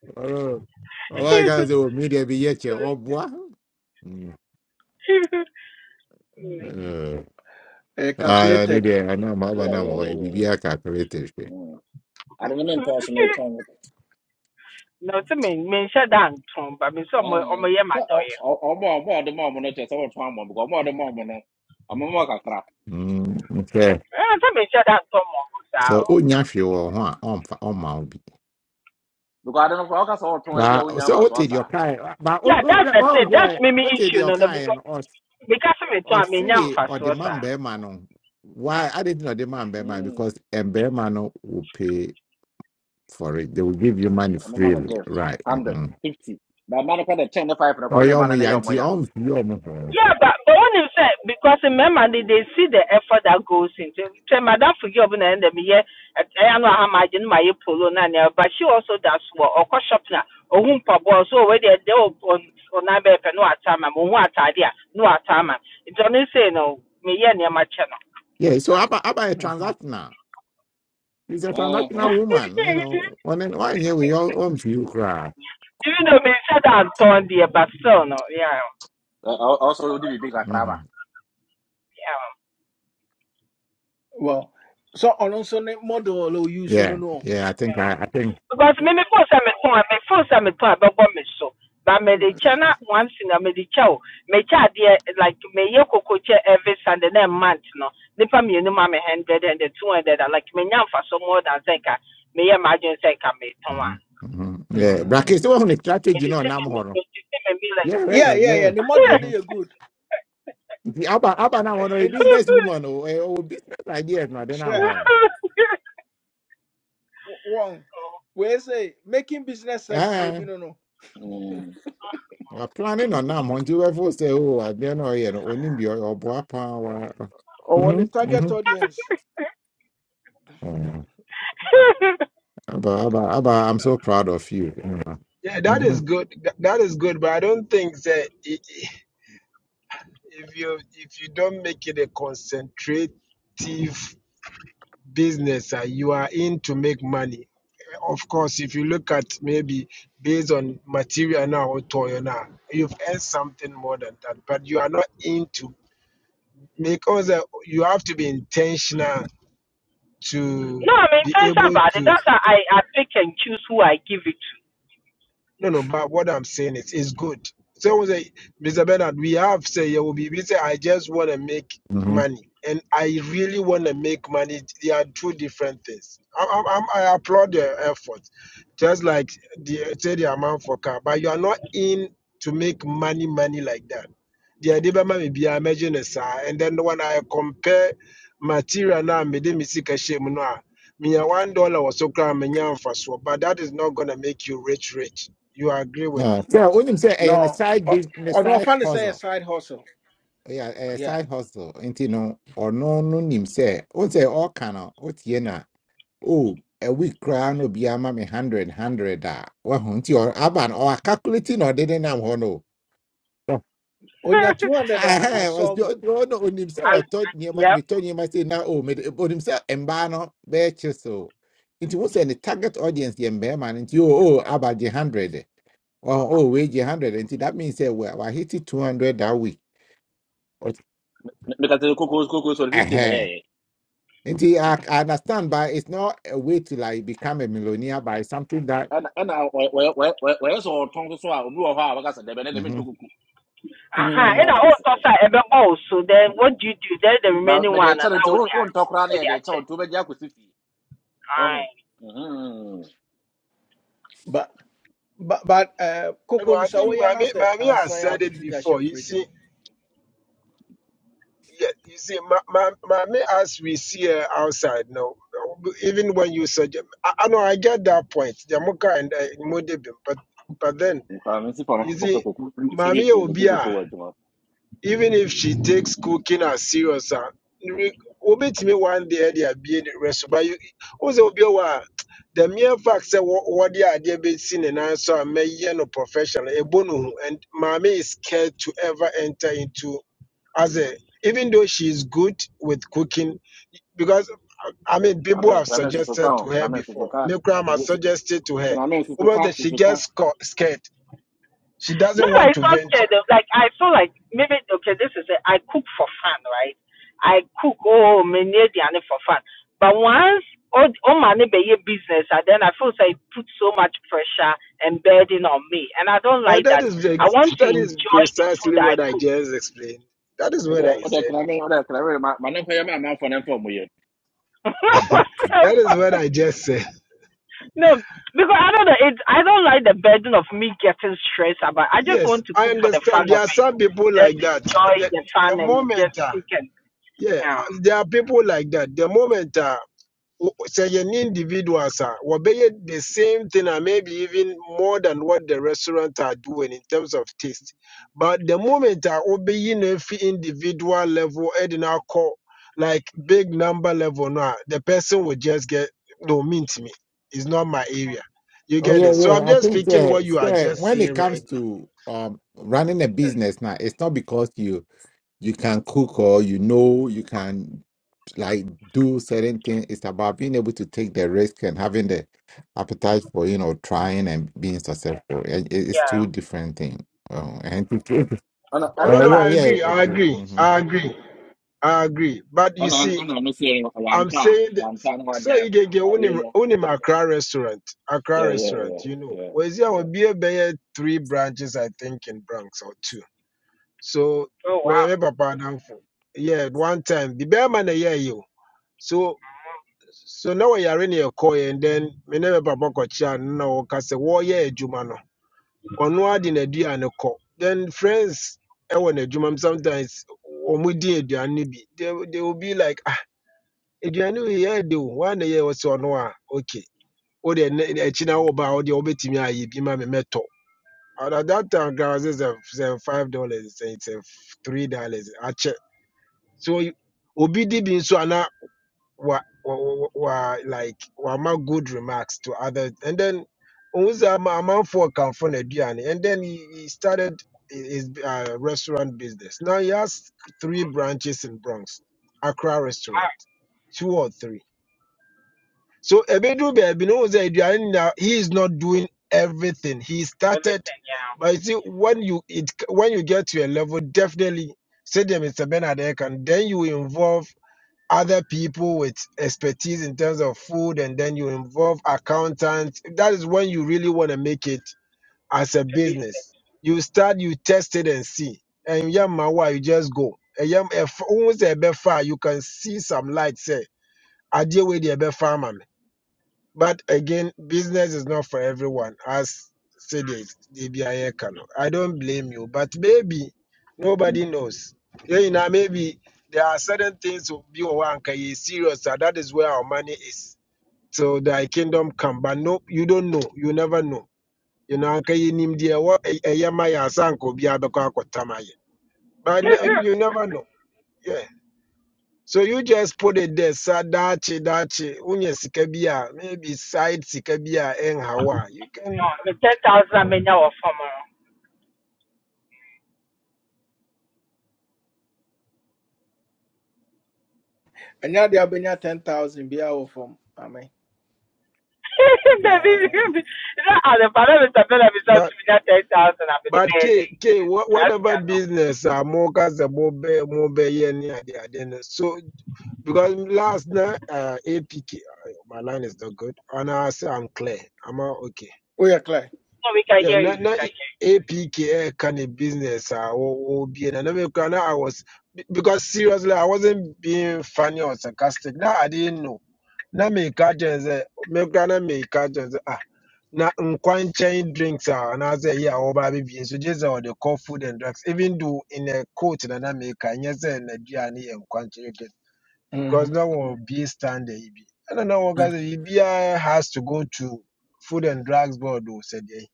[SPEAKER 6] あま、あまだほろろは、わかるわけとねながら、やわめかんちゃですね。うん。お前がそう、見れびえちゃおぼわ。うん。うん。ああ、ねで、あの、まばなも、えびびやかくれてるし。うん。Okay.
[SPEAKER 1] Mm, eh, calculated.
[SPEAKER 2] yeah yeah yeah yeah yeah. Mm. ade no mentɔn so metɔn
[SPEAKER 12] No, to me, me shut down, Tom, but me some
[SPEAKER 2] Ah,
[SPEAKER 12] more, my yeah, my
[SPEAKER 2] sɛ ɔ-
[SPEAKER 12] doy.
[SPEAKER 2] ɔ- ɔbɔ ɔbɔ ɔde ma ɔmo no kyɛ sɛ wɔtɔn ama ɔmo, because ɔmo a ɔde ma ɔmo no ɔmo ma kakra
[SPEAKER 12] I'm to me shut down, Tom, or
[SPEAKER 6] So, o nyafi wo ho a omfa oma obi.
[SPEAKER 2] because ade no koraa ɔka sɛ wɔtɔn ebi a ebia
[SPEAKER 6] Ba
[SPEAKER 2] wonya
[SPEAKER 6] so
[SPEAKER 2] mfa
[SPEAKER 6] o
[SPEAKER 2] so
[SPEAKER 6] te
[SPEAKER 2] asa
[SPEAKER 6] di
[SPEAKER 2] a.
[SPEAKER 6] okai ba o
[SPEAKER 12] Yeah,
[SPEAKER 6] o
[SPEAKER 12] that's the
[SPEAKER 6] o
[SPEAKER 12] thing. That's
[SPEAKER 6] je
[SPEAKER 12] maybe
[SPEAKER 6] o te di
[SPEAKER 12] issue, no, no, because
[SPEAKER 6] okai
[SPEAKER 12] because of it,
[SPEAKER 6] Or
[SPEAKER 12] I mean, I'm
[SPEAKER 6] ɔse
[SPEAKER 12] fast
[SPEAKER 6] ɔde
[SPEAKER 12] Yeah,
[SPEAKER 6] ma mbɛrima no why i didn't know the man man
[SPEAKER 2] Mm,
[SPEAKER 6] because a bear man will pay for it they will give you money
[SPEAKER 2] ɔmo ma no
[SPEAKER 6] freely
[SPEAKER 2] gift
[SPEAKER 6] right
[SPEAKER 2] hundred
[SPEAKER 6] mm-hmm.
[SPEAKER 2] fifty na ɛma no kɔ de ten ne five no kɔ
[SPEAKER 6] oh
[SPEAKER 2] ɔmo
[SPEAKER 6] yeah
[SPEAKER 2] de ma
[SPEAKER 6] um,
[SPEAKER 2] no ne
[SPEAKER 6] yeah,
[SPEAKER 2] yɛ ɔmo
[SPEAKER 6] auntie,
[SPEAKER 2] ya
[SPEAKER 6] um, yeah, um,
[SPEAKER 12] but but when you say because remember they, they see the effort that goes into. So madam forgive me, and me yeah, I know how much in my polo na na, but she also does work. Or cost shop na, or whom pabo so where they they on on na be pe no atama, mo who atade a no atama. It's only say no, me yeah near my channel.
[SPEAKER 6] yeah so about about a
[SPEAKER 1] Mhm.
[SPEAKER 6] transactional She's a
[SPEAKER 2] Mhm.
[SPEAKER 6] transactional woman you know one and one year we all um you cry
[SPEAKER 12] Even though me said I'm torn there, but still no, yeah,
[SPEAKER 2] Ɛ- ɔ- ɔso odi biribi kakra
[SPEAKER 6] mm-hmm.
[SPEAKER 2] ba
[SPEAKER 12] yeah.
[SPEAKER 1] Well, so on also the model or use no
[SPEAKER 6] yeah
[SPEAKER 1] no.
[SPEAKER 6] yeah i think i i think
[SPEAKER 12] because me me phone sɛ me ko me phone sɛ me to a me so but me the
[SPEAKER 1] Mm,
[SPEAKER 12] channel na once na me the kyɛ me kyɛ adeɛ like me yɛ koko kyɛ every sunday na month no nipa me no ma me hundred and the two hundred and like me nya nfa so more than sɛ me yɛ ma adwene sɛ me tɔn
[SPEAKER 6] mm-hmm. Mm-hmm. yeah brackets
[SPEAKER 1] mm.
[SPEAKER 6] the one
[SPEAKER 12] me
[SPEAKER 6] strategy you
[SPEAKER 12] de
[SPEAKER 6] know
[SPEAKER 12] ti me
[SPEAKER 6] now
[SPEAKER 12] me de ti me be like
[SPEAKER 6] yeah
[SPEAKER 1] Yeah,
[SPEAKER 6] yeah
[SPEAKER 1] yeah, yeah.
[SPEAKER 6] yeah
[SPEAKER 1] The model
[SPEAKER 6] Mm-hmm.
[SPEAKER 1] no you good.
[SPEAKER 6] Abba, Abba, now
[SPEAKER 1] Eh,
[SPEAKER 6] one a
[SPEAKER 1] And
[SPEAKER 6] business woman or or business ideas na de na
[SPEAKER 1] share
[SPEAKER 6] ho.
[SPEAKER 1] one. We say making business sexy, Ne
[SPEAKER 6] Eh,
[SPEAKER 1] bi no no.
[SPEAKER 2] Mm.
[SPEAKER 6] we planning on na mo nti we for say oh ade na o ye no oni bi o bo
[SPEAKER 1] Or on the
[SPEAKER 6] Mhm.
[SPEAKER 1] target
[SPEAKER 6] Mhm.
[SPEAKER 1] audience.
[SPEAKER 6] Eh, Abba, Abba, aba I'm so proud of you. Mhm.
[SPEAKER 14] Yeah, that is
[SPEAKER 6] Mhm.
[SPEAKER 14] good. Th- That is good, but I don't think that i- i- if you if you don't make it a concentrative business that you are in to make money. Of course, if you look at maybe based on material now or toy now, you've earned something more than that. But you are not into because uh, you have to be intentional to
[SPEAKER 12] no I'm
[SPEAKER 14] be
[SPEAKER 12] intense
[SPEAKER 14] able
[SPEAKER 12] about it
[SPEAKER 14] to
[SPEAKER 12] that's how I I pick and choose who I give it
[SPEAKER 14] No, no, but what I'm saying is, it's good. Someone say, Mr. Bernard, we have say you will be. We say, I just want to make
[SPEAKER 6] Mhm.
[SPEAKER 14] money, and I really want to make money. They are two different things. I, I, I'm- I applaud their effort, just like the say the amount for car, but you are not in to make money, money like that. The idea may be I imagine a and then when I compare material now, me de me see cashier me no a, me a one dollar was so grand me nyan but that is not gonna make you rich, rich. You agree with me?
[SPEAKER 6] Yeah. So onim say eh ne
[SPEAKER 1] No,
[SPEAKER 6] side
[SPEAKER 1] o-
[SPEAKER 6] business
[SPEAKER 1] ɔno
[SPEAKER 6] side
[SPEAKER 1] ɔfa say a
[SPEAKER 6] hustle.
[SPEAKER 1] side hustle.
[SPEAKER 6] Yeah, a
[SPEAKER 1] Yeah,
[SPEAKER 6] side hustle. Nti no or no no nim say o say all kind o tie oh a week koraa will be a me hundred hundred a wahu nti ɔ- aba no ɔwa calculate na ɔde ne nam hɔ no Ɔ-
[SPEAKER 1] onya
[SPEAKER 12] to
[SPEAKER 1] two hundred I
[SPEAKER 6] Ɛhɛn, ɔs- ɔ-
[SPEAKER 1] asɔbo.
[SPEAKER 6] ɔ- ɔno onim
[SPEAKER 12] I,
[SPEAKER 6] sɛ ɔtɔ nneɛma
[SPEAKER 12] yeah
[SPEAKER 6] metɔ nneɛma sei na o mede- onim sɛ mmaa no bɛɛkye so nti wo sɛ target audience the mmarima no you oh about the hundred. hundred oh wage gye hundred nti that means say sɛ hit it two hundred that week Ɔs-
[SPEAKER 2] Me- meka sɛ kokos kokos ɔde fifty na
[SPEAKER 6] ɛhɛn
[SPEAKER 2] ɛyɛyɛ
[SPEAKER 6] nti I, I understand but it's not a way to like become a millionaire by something that
[SPEAKER 2] ɛna ɛna wɔ- wɔ- wɔ- wɔ- wɔyɛ sɛ ɔtɔn so so a obi wɔ hɔ a wɔka sɛ dɛbɛ ne de mentɔ
[SPEAKER 6] mm-hmm,
[SPEAKER 2] kuku
[SPEAKER 12] Aha,
[SPEAKER 2] Deɛ
[SPEAKER 1] Mm.
[SPEAKER 12] and I
[SPEAKER 2] wate ase.
[SPEAKER 12] also say ebe also. Then what
[SPEAKER 2] Mhm.
[SPEAKER 12] do you do? Then the
[SPEAKER 2] ba
[SPEAKER 12] remaining
[SPEAKER 2] mede
[SPEAKER 12] one,
[SPEAKER 2] kyɛ
[SPEAKER 12] and
[SPEAKER 2] no
[SPEAKER 12] now
[SPEAKER 2] nti
[SPEAKER 12] what
[SPEAKER 2] wo-
[SPEAKER 12] they are,
[SPEAKER 2] wontɔ koraa na
[SPEAKER 12] what they are
[SPEAKER 2] yɛde kyɛ wo
[SPEAKER 12] check.
[SPEAKER 2] nti wobɛgye akɔsi fie Oh.
[SPEAKER 12] Aye.
[SPEAKER 2] Mm-hmm.
[SPEAKER 1] But but but uh,
[SPEAKER 14] You know,
[SPEAKER 1] Coco no
[SPEAKER 14] I
[SPEAKER 1] sɛ
[SPEAKER 14] think
[SPEAKER 1] woyɛ na
[SPEAKER 14] Mami,
[SPEAKER 1] sɛ
[SPEAKER 14] Mami
[SPEAKER 1] ansa
[SPEAKER 14] has
[SPEAKER 1] yɛ a
[SPEAKER 14] said it
[SPEAKER 1] wobɛtumi de
[SPEAKER 14] before.
[SPEAKER 1] ahyɛ
[SPEAKER 14] You
[SPEAKER 1] fridge mu.
[SPEAKER 14] see, yeah, you see, Ma, Ma, Mami, as we see her outside now, even when you suggest, I, I know I get that point, Jamuka and uh, Modibim, but but then
[SPEAKER 2] Nkwa me si pa no
[SPEAKER 14] you
[SPEAKER 2] koko
[SPEAKER 14] see,
[SPEAKER 2] koko. Se bi
[SPEAKER 14] Mami
[SPEAKER 2] ko bi
[SPEAKER 14] Obia.
[SPEAKER 2] koko wa juma.
[SPEAKER 14] even if she takes cooking as serious a re- obetumi one day They are being the rest but you wo sɛ obi wɔ the mere fact sɛ wɔ- wɔde adeɛ bɛsi seen and so a mɛyɛ no professional a no and maame is scared to ever enter into as a even though she is good with cooking because uh, I mean,
[SPEAKER 2] Na
[SPEAKER 14] people
[SPEAKER 2] me
[SPEAKER 14] have
[SPEAKER 2] na me so so ka
[SPEAKER 14] suggested to
[SPEAKER 2] on. Na
[SPEAKER 14] her
[SPEAKER 2] me so so
[SPEAKER 14] before.
[SPEAKER 2] ka.
[SPEAKER 14] Milgram has suggested to her.
[SPEAKER 2] Na me so so
[SPEAKER 14] but
[SPEAKER 2] ka
[SPEAKER 14] that
[SPEAKER 2] so
[SPEAKER 14] she
[SPEAKER 2] so
[SPEAKER 14] gets
[SPEAKER 2] ka.
[SPEAKER 14] sco- scared. She
[SPEAKER 12] No,
[SPEAKER 14] doesn't want
[SPEAKER 12] but
[SPEAKER 14] to
[SPEAKER 12] it's not
[SPEAKER 14] venture.
[SPEAKER 12] scared. Of, like I feel like maybe okay, this is it. I cook for fun, right? I cook. Oh, me near the ane for fun. But once all all my neighbor business, and then I feel like it put so much pressure and burden on me, and I don't
[SPEAKER 14] But
[SPEAKER 12] like
[SPEAKER 14] that
[SPEAKER 12] that.
[SPEAKER 14] is the,
[SPEAKER 12] I
[SPEAKER 14] ex-
[SPEAKER 12] want to
[SPEAKER 14] that is
[SPEAKER 12] enjoy the
[SPEAKER 14] precisely
[SPEAKER 12] food I
[SPEAKER 14] what I
[SPEAKER 12] cook.
[SPEAKER 14] just explained. That is what
[SPEAKER 2] Oda
[SPEAKER 14] I
[SPEAKER 2] oda
[SPEAKER 14] said.
[SPEAKER 2] kana me oda kana me ma ma ne ko ya ma ma fo ne fo mo ye.
[SPEAKER 14] That is what I just said.
[SPEAKER 12] No, because I don't know. It, I don't like the burden of me getting stressed about. I just
[SPEAKER 14] Yes,
[SPEAKER 12] want to
[SPEAKER 14] I
[SPEAKER 12] cook for the fun
[SPEAKER 14] understand. There
[SPEAKER 12] of
[SPEAKER 14] are
[SPEAKER 12] it.
[SPEAKER 14] some people
[SPEAKER 12] Just
[SPEAKER 14] like that.
[SPEAKER 12] enjoy
[SPEAKER 14] The,
[SPEAKER 12] the fun
[SPEAKER 14] the
[SPEAKER 12] and just
[SPEAKER 14] moment, uh,
[SPEAKER 12] cook and
[SPEAKER 14] yeah,
[SPEAKER 12] um
[SPEAKER 14] there are people like that. The moment uh, w- sɛ yɛne individuals a wɔbɛyɛ the same thing and maybe even more than what the restaurant are doing in terms of taste but the moment I wobɛyi every individual level ɛde no call like big number level now, the person will just get no mean to me it's not my area you
[SPEAKER 6] Oh
[SPEAKER 14] get
[SPEAKER 6] yeah,
[SPEAKER 14] it so i'm
[SPEAKER 6] yeah. I
[SPEAKER 14] just
[SPEAKER 6] think
[SPEAKER 14] speaking what
[SPEAKER 6] uh,
[SPEAKER 14] you are
[SPEAKER 6] sir,
[SPEAKER 14] just
[SPEAKER 6] when
[SPEAKER 14] saying
[SPEAKER 6] it
[SPEAKER 14] right
[SPEAKER 6] comes to um running a
[SPEAKER 14] now yeah.
[SPEAKER 6] business now, it's not because you you can cook or you know you can like do certain things. It's about being able to take the risk and having the appetite for you know trying and being successful. It- it- It's
[SPEAKER 12] yeah.
[SPEAKER 6] two different things. Oh, and to take-
[SPEAKER 2] Ana
[SPEAKER 14] oh no
[SPEAKER 6] uh,
[SPEAKER 14] no
[SPEAKER 2] ana
[SPEAKER 6] yeah,
[SPEAKER 14] i
[SPEAKER 6] yeah.
[SPEAKER 14] agree
[SPEAKER 6] Okay.
[SPEAKER 14] i agree
[SPEAKER 6] Mm-hmm.
[SPEAKER 14] i agree i agree but you
[SPEAKER 2] Ano
[SPEAKER 14] see
[SPEAKER 2] ano ano si
[SPEAKER 14] I'm
[SPEAKER 2] Wampa.
[SPEAKER 14] saying that
[SPEAKER 2] Wampa no
[SPEAKER 14] so
[SPEAKER 2] anya
[SPEAKER 14] you get get
[SPEAKER 2] Wampa we
[SPEAKER 14] unim
[SPEAKER 2] no.
[SPEAKER 14] unim Accra restaurant, Accra
[SPEAKER 2] Yeah yeah
[SPEAKER 14] restaurant,
[SPEAKER 2] yeah
[SPEAKER 14] you know.
[SPEAKER 2] yeah
[SPEAKER 14] Where's there will
[SPEAKER 2] yeah.
[SPEAKER 14] be a bear three branches, I think, in Bronx or two. So
[SPEAKER 12] Oh wow,
[SPEAKER 14] wherever Papa down for. Yeah, at one time the bear man a year you. So so now we are in your coy and then me never Papa kocha no kase war yeah jumano. Or no ad in a dear and a Then friends I want a jumam sometimes or mudi a nibi. They they will be like aduane wei yɛ de o woana yɛ wɔ sɛ ɔno a okay wode ɛnɛ- ɛnɛ- akyi na wɔba a wodeɛ wobɛtumi ayɛ bi ma me mɛtɔ And at that time gra is five dollars It's three dollars Ache. so y- obi di bi nso ana wa wa wa like wa- like good remarks to others and then ohun amount for amanfoɔ kamfo n'aduane and then he, he started his uh, restaurant business now he has three branches in bronx accra restaurant
[SPEAKER 12] wow
[SPEAKER 14] two or three so Ebedu Baby knows that Aduane now he is not doing everything. He started,
[SPEAKER 12] everything yeah.
[SPEAKER 14] but you see, when you it when you get to a level, definitely say them Mr. Bernard and then you involve other people with expertise in terms of food, and then you involve accountants. That is when you really want to make it as a
[SPEAKER 12] The business.
[SPEAKER 14] business. You start, you test it and see. And yeah, you just go. And yeah, if- almost a bit far, you can see some light. Say, I deal with the farmer. But again, business is not for everyone, as said it, ABI Kano. I don't blame you, but maybe nobody knows. Yeah, you know, maybe there are certain things to be one can you serious that that is where our money is. So thy kingdom come, but no, you don't know, you never know. You know, can you name the what a yamaya sanko But ne-
[SPEAKER 12] no,
[SPEAKER 14] you never know. Yeah. So you just put it there, sadachi dachi, unye sikabia, maybe side sikabia en hawa. You can
[SPEAKER 12] the ten thousand I mean now for more.
[SPEAKER 1] Ɛnyɛ de abɛnya ten thousand bi wɔ fam. Amen.
[SPEAKER 12] The
[SPEAKER 1] Uh,
[SPEAKER 12] business. You know, at the final of the bill, I'm to
[SPEAKER 14] but
[SPEAKER 12] me that ten thousand. I'm the
[SPEAKER 14] but K
[SPEAKER 12] birthday.
[SPEAKER 14] K wha-
[SPEAKER 12] That's
[SPEAKER 14] whatever
[SPEAKER 12] cannot.
[SPEAKER 14] business uh mokas the bobe mobe yeni adi adene. So because last night uh APK uh, my line is not good. And I say I'm clear. I'm all okay.
[SPEAKER 1] woyɛ clear.
[SPEAKER 12] No, we can
[SPEAKER 14] Yeah,
[SPEAKER 12] hear
[SPEAKER 14] na
[SPEAKER 12] you. We
[SPEAKER 14] na
[SPEAKER 12] can hear you.
[SPEAKER 14] APK can a P K kind of business uh will be and I was be- because seriously I wasn't being funny or sarcastic. Now I didn't know. na meka kyerɛ sɛ mekora na meka kyerɛ sɛ ah na nkwankyɛn drinks a anaasɛ ɛyɛ a wɔba abɛbie nso gye sɛ the kɔ food and drugs even though in a court, na na meka nyɛ sɛ n'aduane yɛ nkwankyɛn drinks because
[SPEAKER 1] Mm.
[SPEAKER 14] na wɔbie standard I don't know wɔka sɛ biribiara has to go to food and drugs board o sɛdeɛ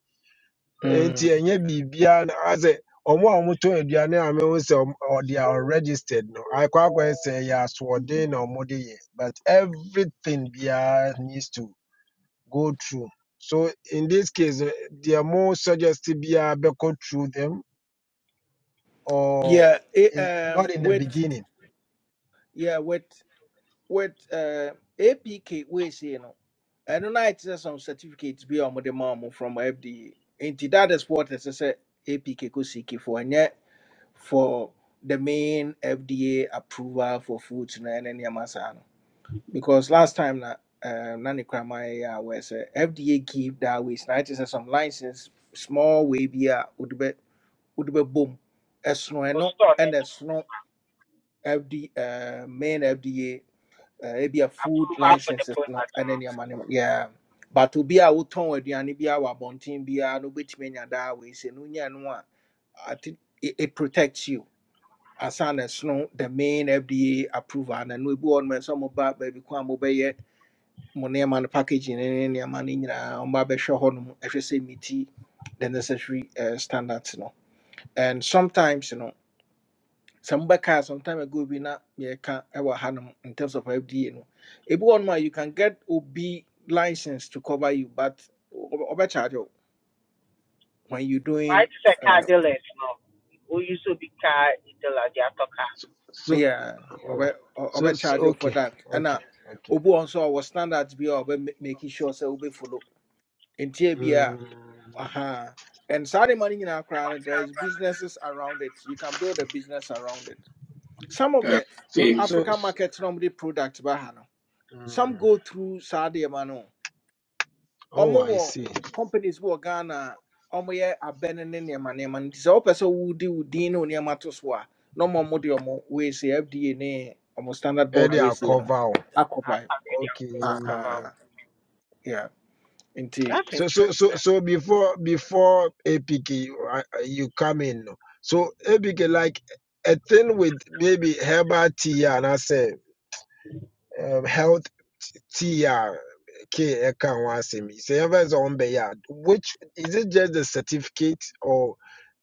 [SPEAKER 14] nti
[SPEAKER 1] Mm.
[SPEAKER 14] ɛnyɛ biribiara na asɛ ɔmo a ɔmo tɔn aduane a mehu sɛ ɔm- ɔ- they are registered no akɔ akɔyɛ sɛ ɛyɛ asoɔden na ɔmo de yɛ but everything Bia needs to go through so in this case eh, deɛ mo suggest biara go through them or
[SPEAKER 1] Yeah, it,
[SPEAKER 14] is not
[SPEAKER 1] um,
[SPEAKER 14] in the
[SPEAKER 1] with
[SPEAKER 14] beginning
[SPEAKER 1] yeah with with uh, APK we say no. And then I said some certificates be on the mom from FDA. And that is what I say APK could seek for. for the main FDA approval for foods na ɛne nneɛma saa no because last time na um, na ne kraman yɛ a wɔyɛ sɛ FDA give that ways na ɛte sɛ some license small way bi a wode bɛ wode bɛbom ɛsono
[SPEAKER 12] We'll
[SPEAKER 1] ɛno
[SPEAKER 12] store and
[SPEAKER 1] ɛna ɛsono FD uh, main FDA uh, ebi a food
[SPEAKER 12] approval for the
[SPEAKER 1] licenses no
[SPEAKER 12] product.
[SPEAKER 1] ɛne nneɛma no yeah but obi a wotɔn aduane bi a wɔ abɔnten biara na wobɛtumi anya daa wei sɛ no wonya no a I think it, it protects you asana ɛsono the main fda approval na no ebi wɔ nom nso moba baabi kwan a mobɛyɛ mo nneɛma no packaging ne ne nneɛma no nyinaa ɔmo abɛhwɛ hɔ nom ɛhwɛ sɛ meti the necessary uh, standards no and sometimes you know, mobɛkaa some time ago bi na yɛka ɛwɔ ha nom in terms of fda no ebi wɔ nom you can get obi license to cover you but obe charge you when you doing
[SPEAKER 12] Why is it car
[SPEAKER 1] uh,
[SPEAKER 12] dealers no? We used to be car dealer, they are talking.
[SPEAKER 14] so
[SPEAKER 1] Yeah, obe
[SPEAKER 14] oh, so
[SPEAKER 1] obe
[SPEAKER 14] s-
[SPEAKER 1] charge you for
[SPEAKER 14] okay
[SPEAKER 1] that. And uh,
[SPEAKER 14] okay okay
[SPEAKER 1] obu also our standards be obe ma- making sure say obe follow. And TBA, uh
[SPEAKER 14] mm,
[SPEAKER 1] uh-huh. And Saudi money in Accra, there is businesses around it. You can build a business around it. Some of
[SPEAKER 15] Uh,
[SPEAKER 1] the
[SPEAKER 14] so
[SPEAKER 15] okay,
[SPEAKER 14] so
[SPEAKER 1] African
[SPEAKER 14] s-
[SPEAKER 1] markets normally products, bahano. Some
[SPEAKER 14] mm,
[SPEAKER 1] go through Saudi money
[SPEAKER 14] oh
[SPEAKER 1] ɔmo
[SPEAKER 14] i see
[SPEAKER 1] companies bi wɔ ghana a ɔmo yɛ abɛn ne nneɛma nneɛma no nti sɛ wopɛ sɛ wodi wo din ne wo nneɛma to so a na ɔmo ɔmo de ɔmo weesei fda ne ɔmo standard board
[SPEAKER 14] Earlier
[SPEAKER 1] weesei no
[SPEAKER 14] cover.
[SPEAKER 1] akɔ ban
[SPEAKER 14] okay
[SPEAKER 1] Aha, yeah. nti
[SPEAKER 12] That's
[SPEAKER 14] So so so
[SPEAKER 12] interesting.
[SPEAKER 14] so before before APK you I- I- you come in. no. So APK like a thing with maybe herbal tea and I say um, health tea ah, K eka one say me. Say ever is on be ah, Which is it just the certificate or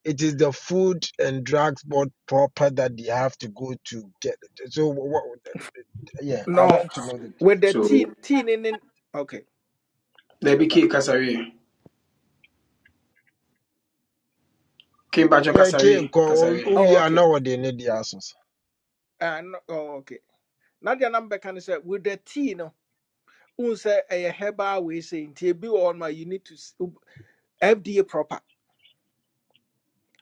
[SPEAKER 14] it is the food and drugs board proper that they have to go to get it. So what, yeah, I
[SPEAKER 1] no
[SPEAKER 14] want to know the difference.
[SPEAKER 1] with the
[SPEAKER 15] so
[SPEAKER 1] tea tea ne ne okay
[SPEAKER 15] there be K
[SPEAKER 1] kasa
[SPEAKER 15] Kasari. K Bajo
[SPEAKER 14] Yeah, K
[SPEAKER 15] Kasari.
[SPEAKER 14] ko
[SPEAKER 15] Kasari.
[SPEAKER 1] oh
[SPEAKER 14] we are
[SPEAKER 1] okay
[SPEAKER 14] now the need the answers.
[SPEAKER 1] uh, no, oh okay na deɛ nam bɛka ne sɛ with the tea no wohu sɛ ɛyɛ herbal weesei nti ebi wɔ hɔ nom a you need to s- fda proper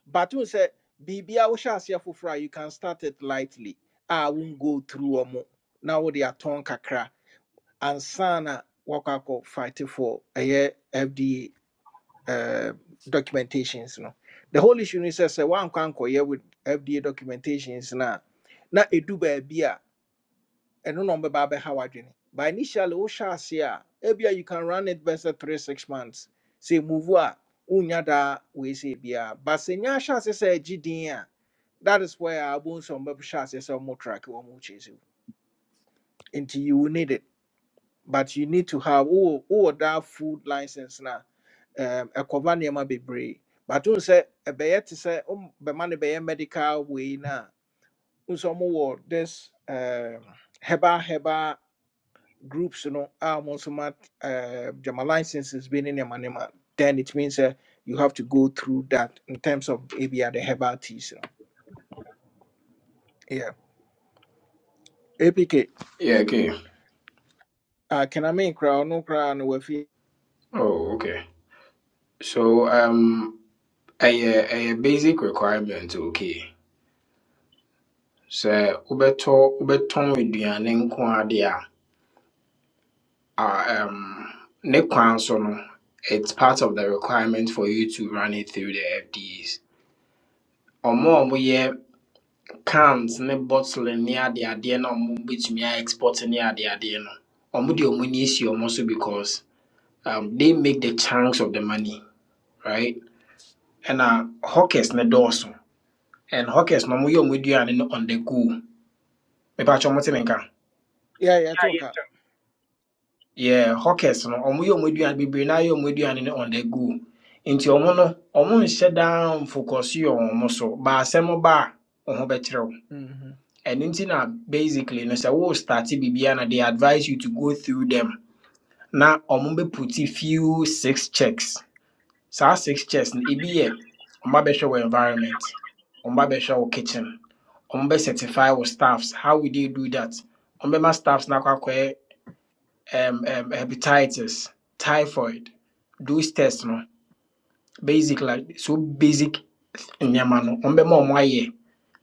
[SPEAKER 1] But you said, Bibia Usha Fufra, you can start it lightly. I won't go through omo. Now with are tongue kakra and sana wakako fight for a year FDA uh, documentations. No, the whole issue is say one can't with FDA documentations now. now Na edu baby ɛno na ɔmbɛba abɛha w'adwene but initially wohyɛ ase a ebia you can run it best at three six months sɛ move a wonya daa wei sɛ biara but sɛ nya hyɛ ase sɛ agye din a that is where abom sɛ ɔmbɛhyɛ ase sɛ ɔmo track wɔ mo kyɛ sɛ nti you will need it but you need to have wowɔ wowɔ that food license na um, ɛkɔba nneɛma bebree but wohu sɛ ɛbɛyɛ te Say um. bɛma no bɛyɛ medical wei na. a wohu sɛ this um, heba. herbal groups no a wɔn nso ma uh, gyama licenses bi in your nneɛma then it means uh, you have to go through that in terms of ebi the herbal teas no yeah apk a P K.
[SPEAKER 15] Yeah, okay.
[SPEAKER 1] Uh, can I ɔno koraa no crowd. no wafi
[SPEAKER 15] Oh, okay. So um a a basic requirement, okay. So ubeto ubeton aduane nko ade a ah, um ne kwan so no it's part of the requirement for you to run it through the FDAs. Ọmọ ọmọ yɛ cans ne bottle ne ade adeɛ na Omo betumi a export ne ade adeɛ no. Omo de omo ni esi omo so because um, they make the chunks of the money, right? And uh, hawkers ne dɔɔso. And hawkers no ɔmo yɛ ɔmo aduane no on the go. Mepa kyɛ ɔmo te me nka.
[SPEAKER 1] yeah yeah,
[SPEAKER 12] Yeah,
[SPEAKER 1] yɛto
[SPEAKER 12] you
[SPEAKER 1] nka
[SPEAKER 12] too.
[SPEAKER 15] Yeah, hawkers no ɔmo yɛ ɔmo aduane bebree na yɛ ɔmo aduane no on the go. Nti ɔmo no ɔmo nhyɛ down focus yɛ ɔmo so. Baasɛm ba a ɔho bɛkyerɛ wo.
[SPEAKER 1] Mhm,
[SPEAKER 15] Ɛno nti na basically no sɛ wo start biribiara na they advise you to go through them. Na ɔmo bɛ put few six checks. saa six chairs no ebi yɛ ɔma bɛhwɛ wɔ environment ɔma bɛhwɛ wɔ kitchen ɔmo bɛ certify wɔ staffs how would they do that ɔmo bɛma staffs na akɔ akɔyɛ um, um, hepatitis typhoid those tests no basic like so basic nneɛma no ɔmo bɛma ɔmo ayɛ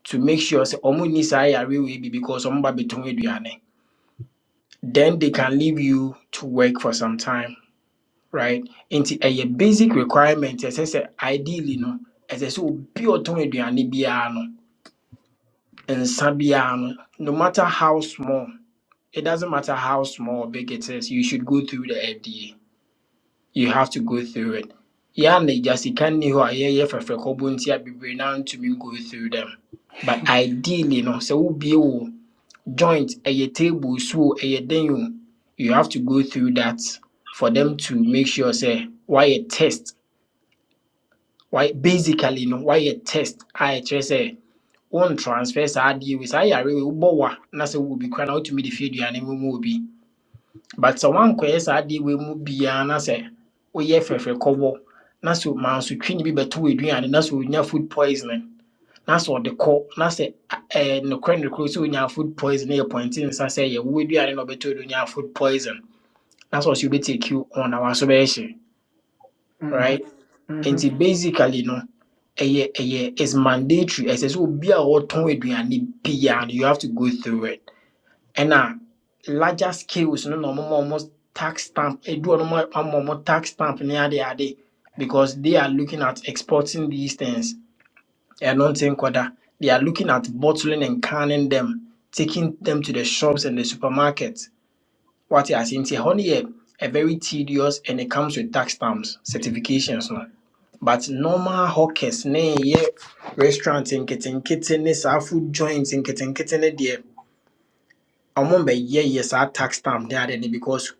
[SPEAKER 15] to make sure sɛ ɔmo nni saa yareɛ wei bi because ɔmo ba bɛtɔn aduane then they can leave you to work for some time right nti ɛyɛ basic requirement ɛsɛ sɛ ideally no ɛsɛ sɛ obi a ɔtɔn aduane biara no nsa biara no no matter how small it doesn't matter how small or big it is you should go through the fda you have to go through it yɛa na agya sika nni hɔ a yɛyɛ fɛfrɛ kɔbɔ nti a bebree no ntumi go through them but ideally no sɛ wobie wo joint ɛyɛ table so o, ɛyɛ den o you have to go through that for them to make sure say why a test Why basically no why a test I a ɛkyerɛ sɛ won transfer saa adeɛ wei saa yare wei wobɔ wa na to wowɔ bi koraa na wotumi de But aduane mu ma obi but sɛ woankɔyɛ saa adeɛ wei mu biaa na sɛ woyɛ fɛfrɛ kɔbɔ na sɛ mansotwini bi bɛto w'aduane na sɛ onya food poisoning na sɛ ɔde kɔ na sɛ a- ɛɛ, nokorɛ nokorɛ sɛ onya food poison yɛ pɔnte nsa sɛ yɛwo aduane na ɔbɛtɔ do onya food poison na sɛ ɔsɛ wobɛtake on na waso bɛyɛ hye
[SPEAKER 1] mhm,
[SPEAKER 15] right nti
[SPEAKER 1] mhm.
[SPEAKER 15] basically no ɛyɛ ɛyɛ is mandatory ɛsɛ sɛ obi a ɔtɔn aduane biara no you have to go through it ɛna larger scales no na ɔmo ma ɔmo tax stamp edu ɔmo ma ama ɔmo tax stamp ne ade ade because they are looking at exporting these things ɛno nti nkɔda they are looking at bottling and canning them taking them to the shops and the supermarkets. What you are saying here, only a, very tedious and it comes with tax stamps, certifications. No? But normal hawkers, ne ye restaurants in kitten kitten, our food joints in kitten kitten, dear. I remember, yeah, yes, our tax stamp there because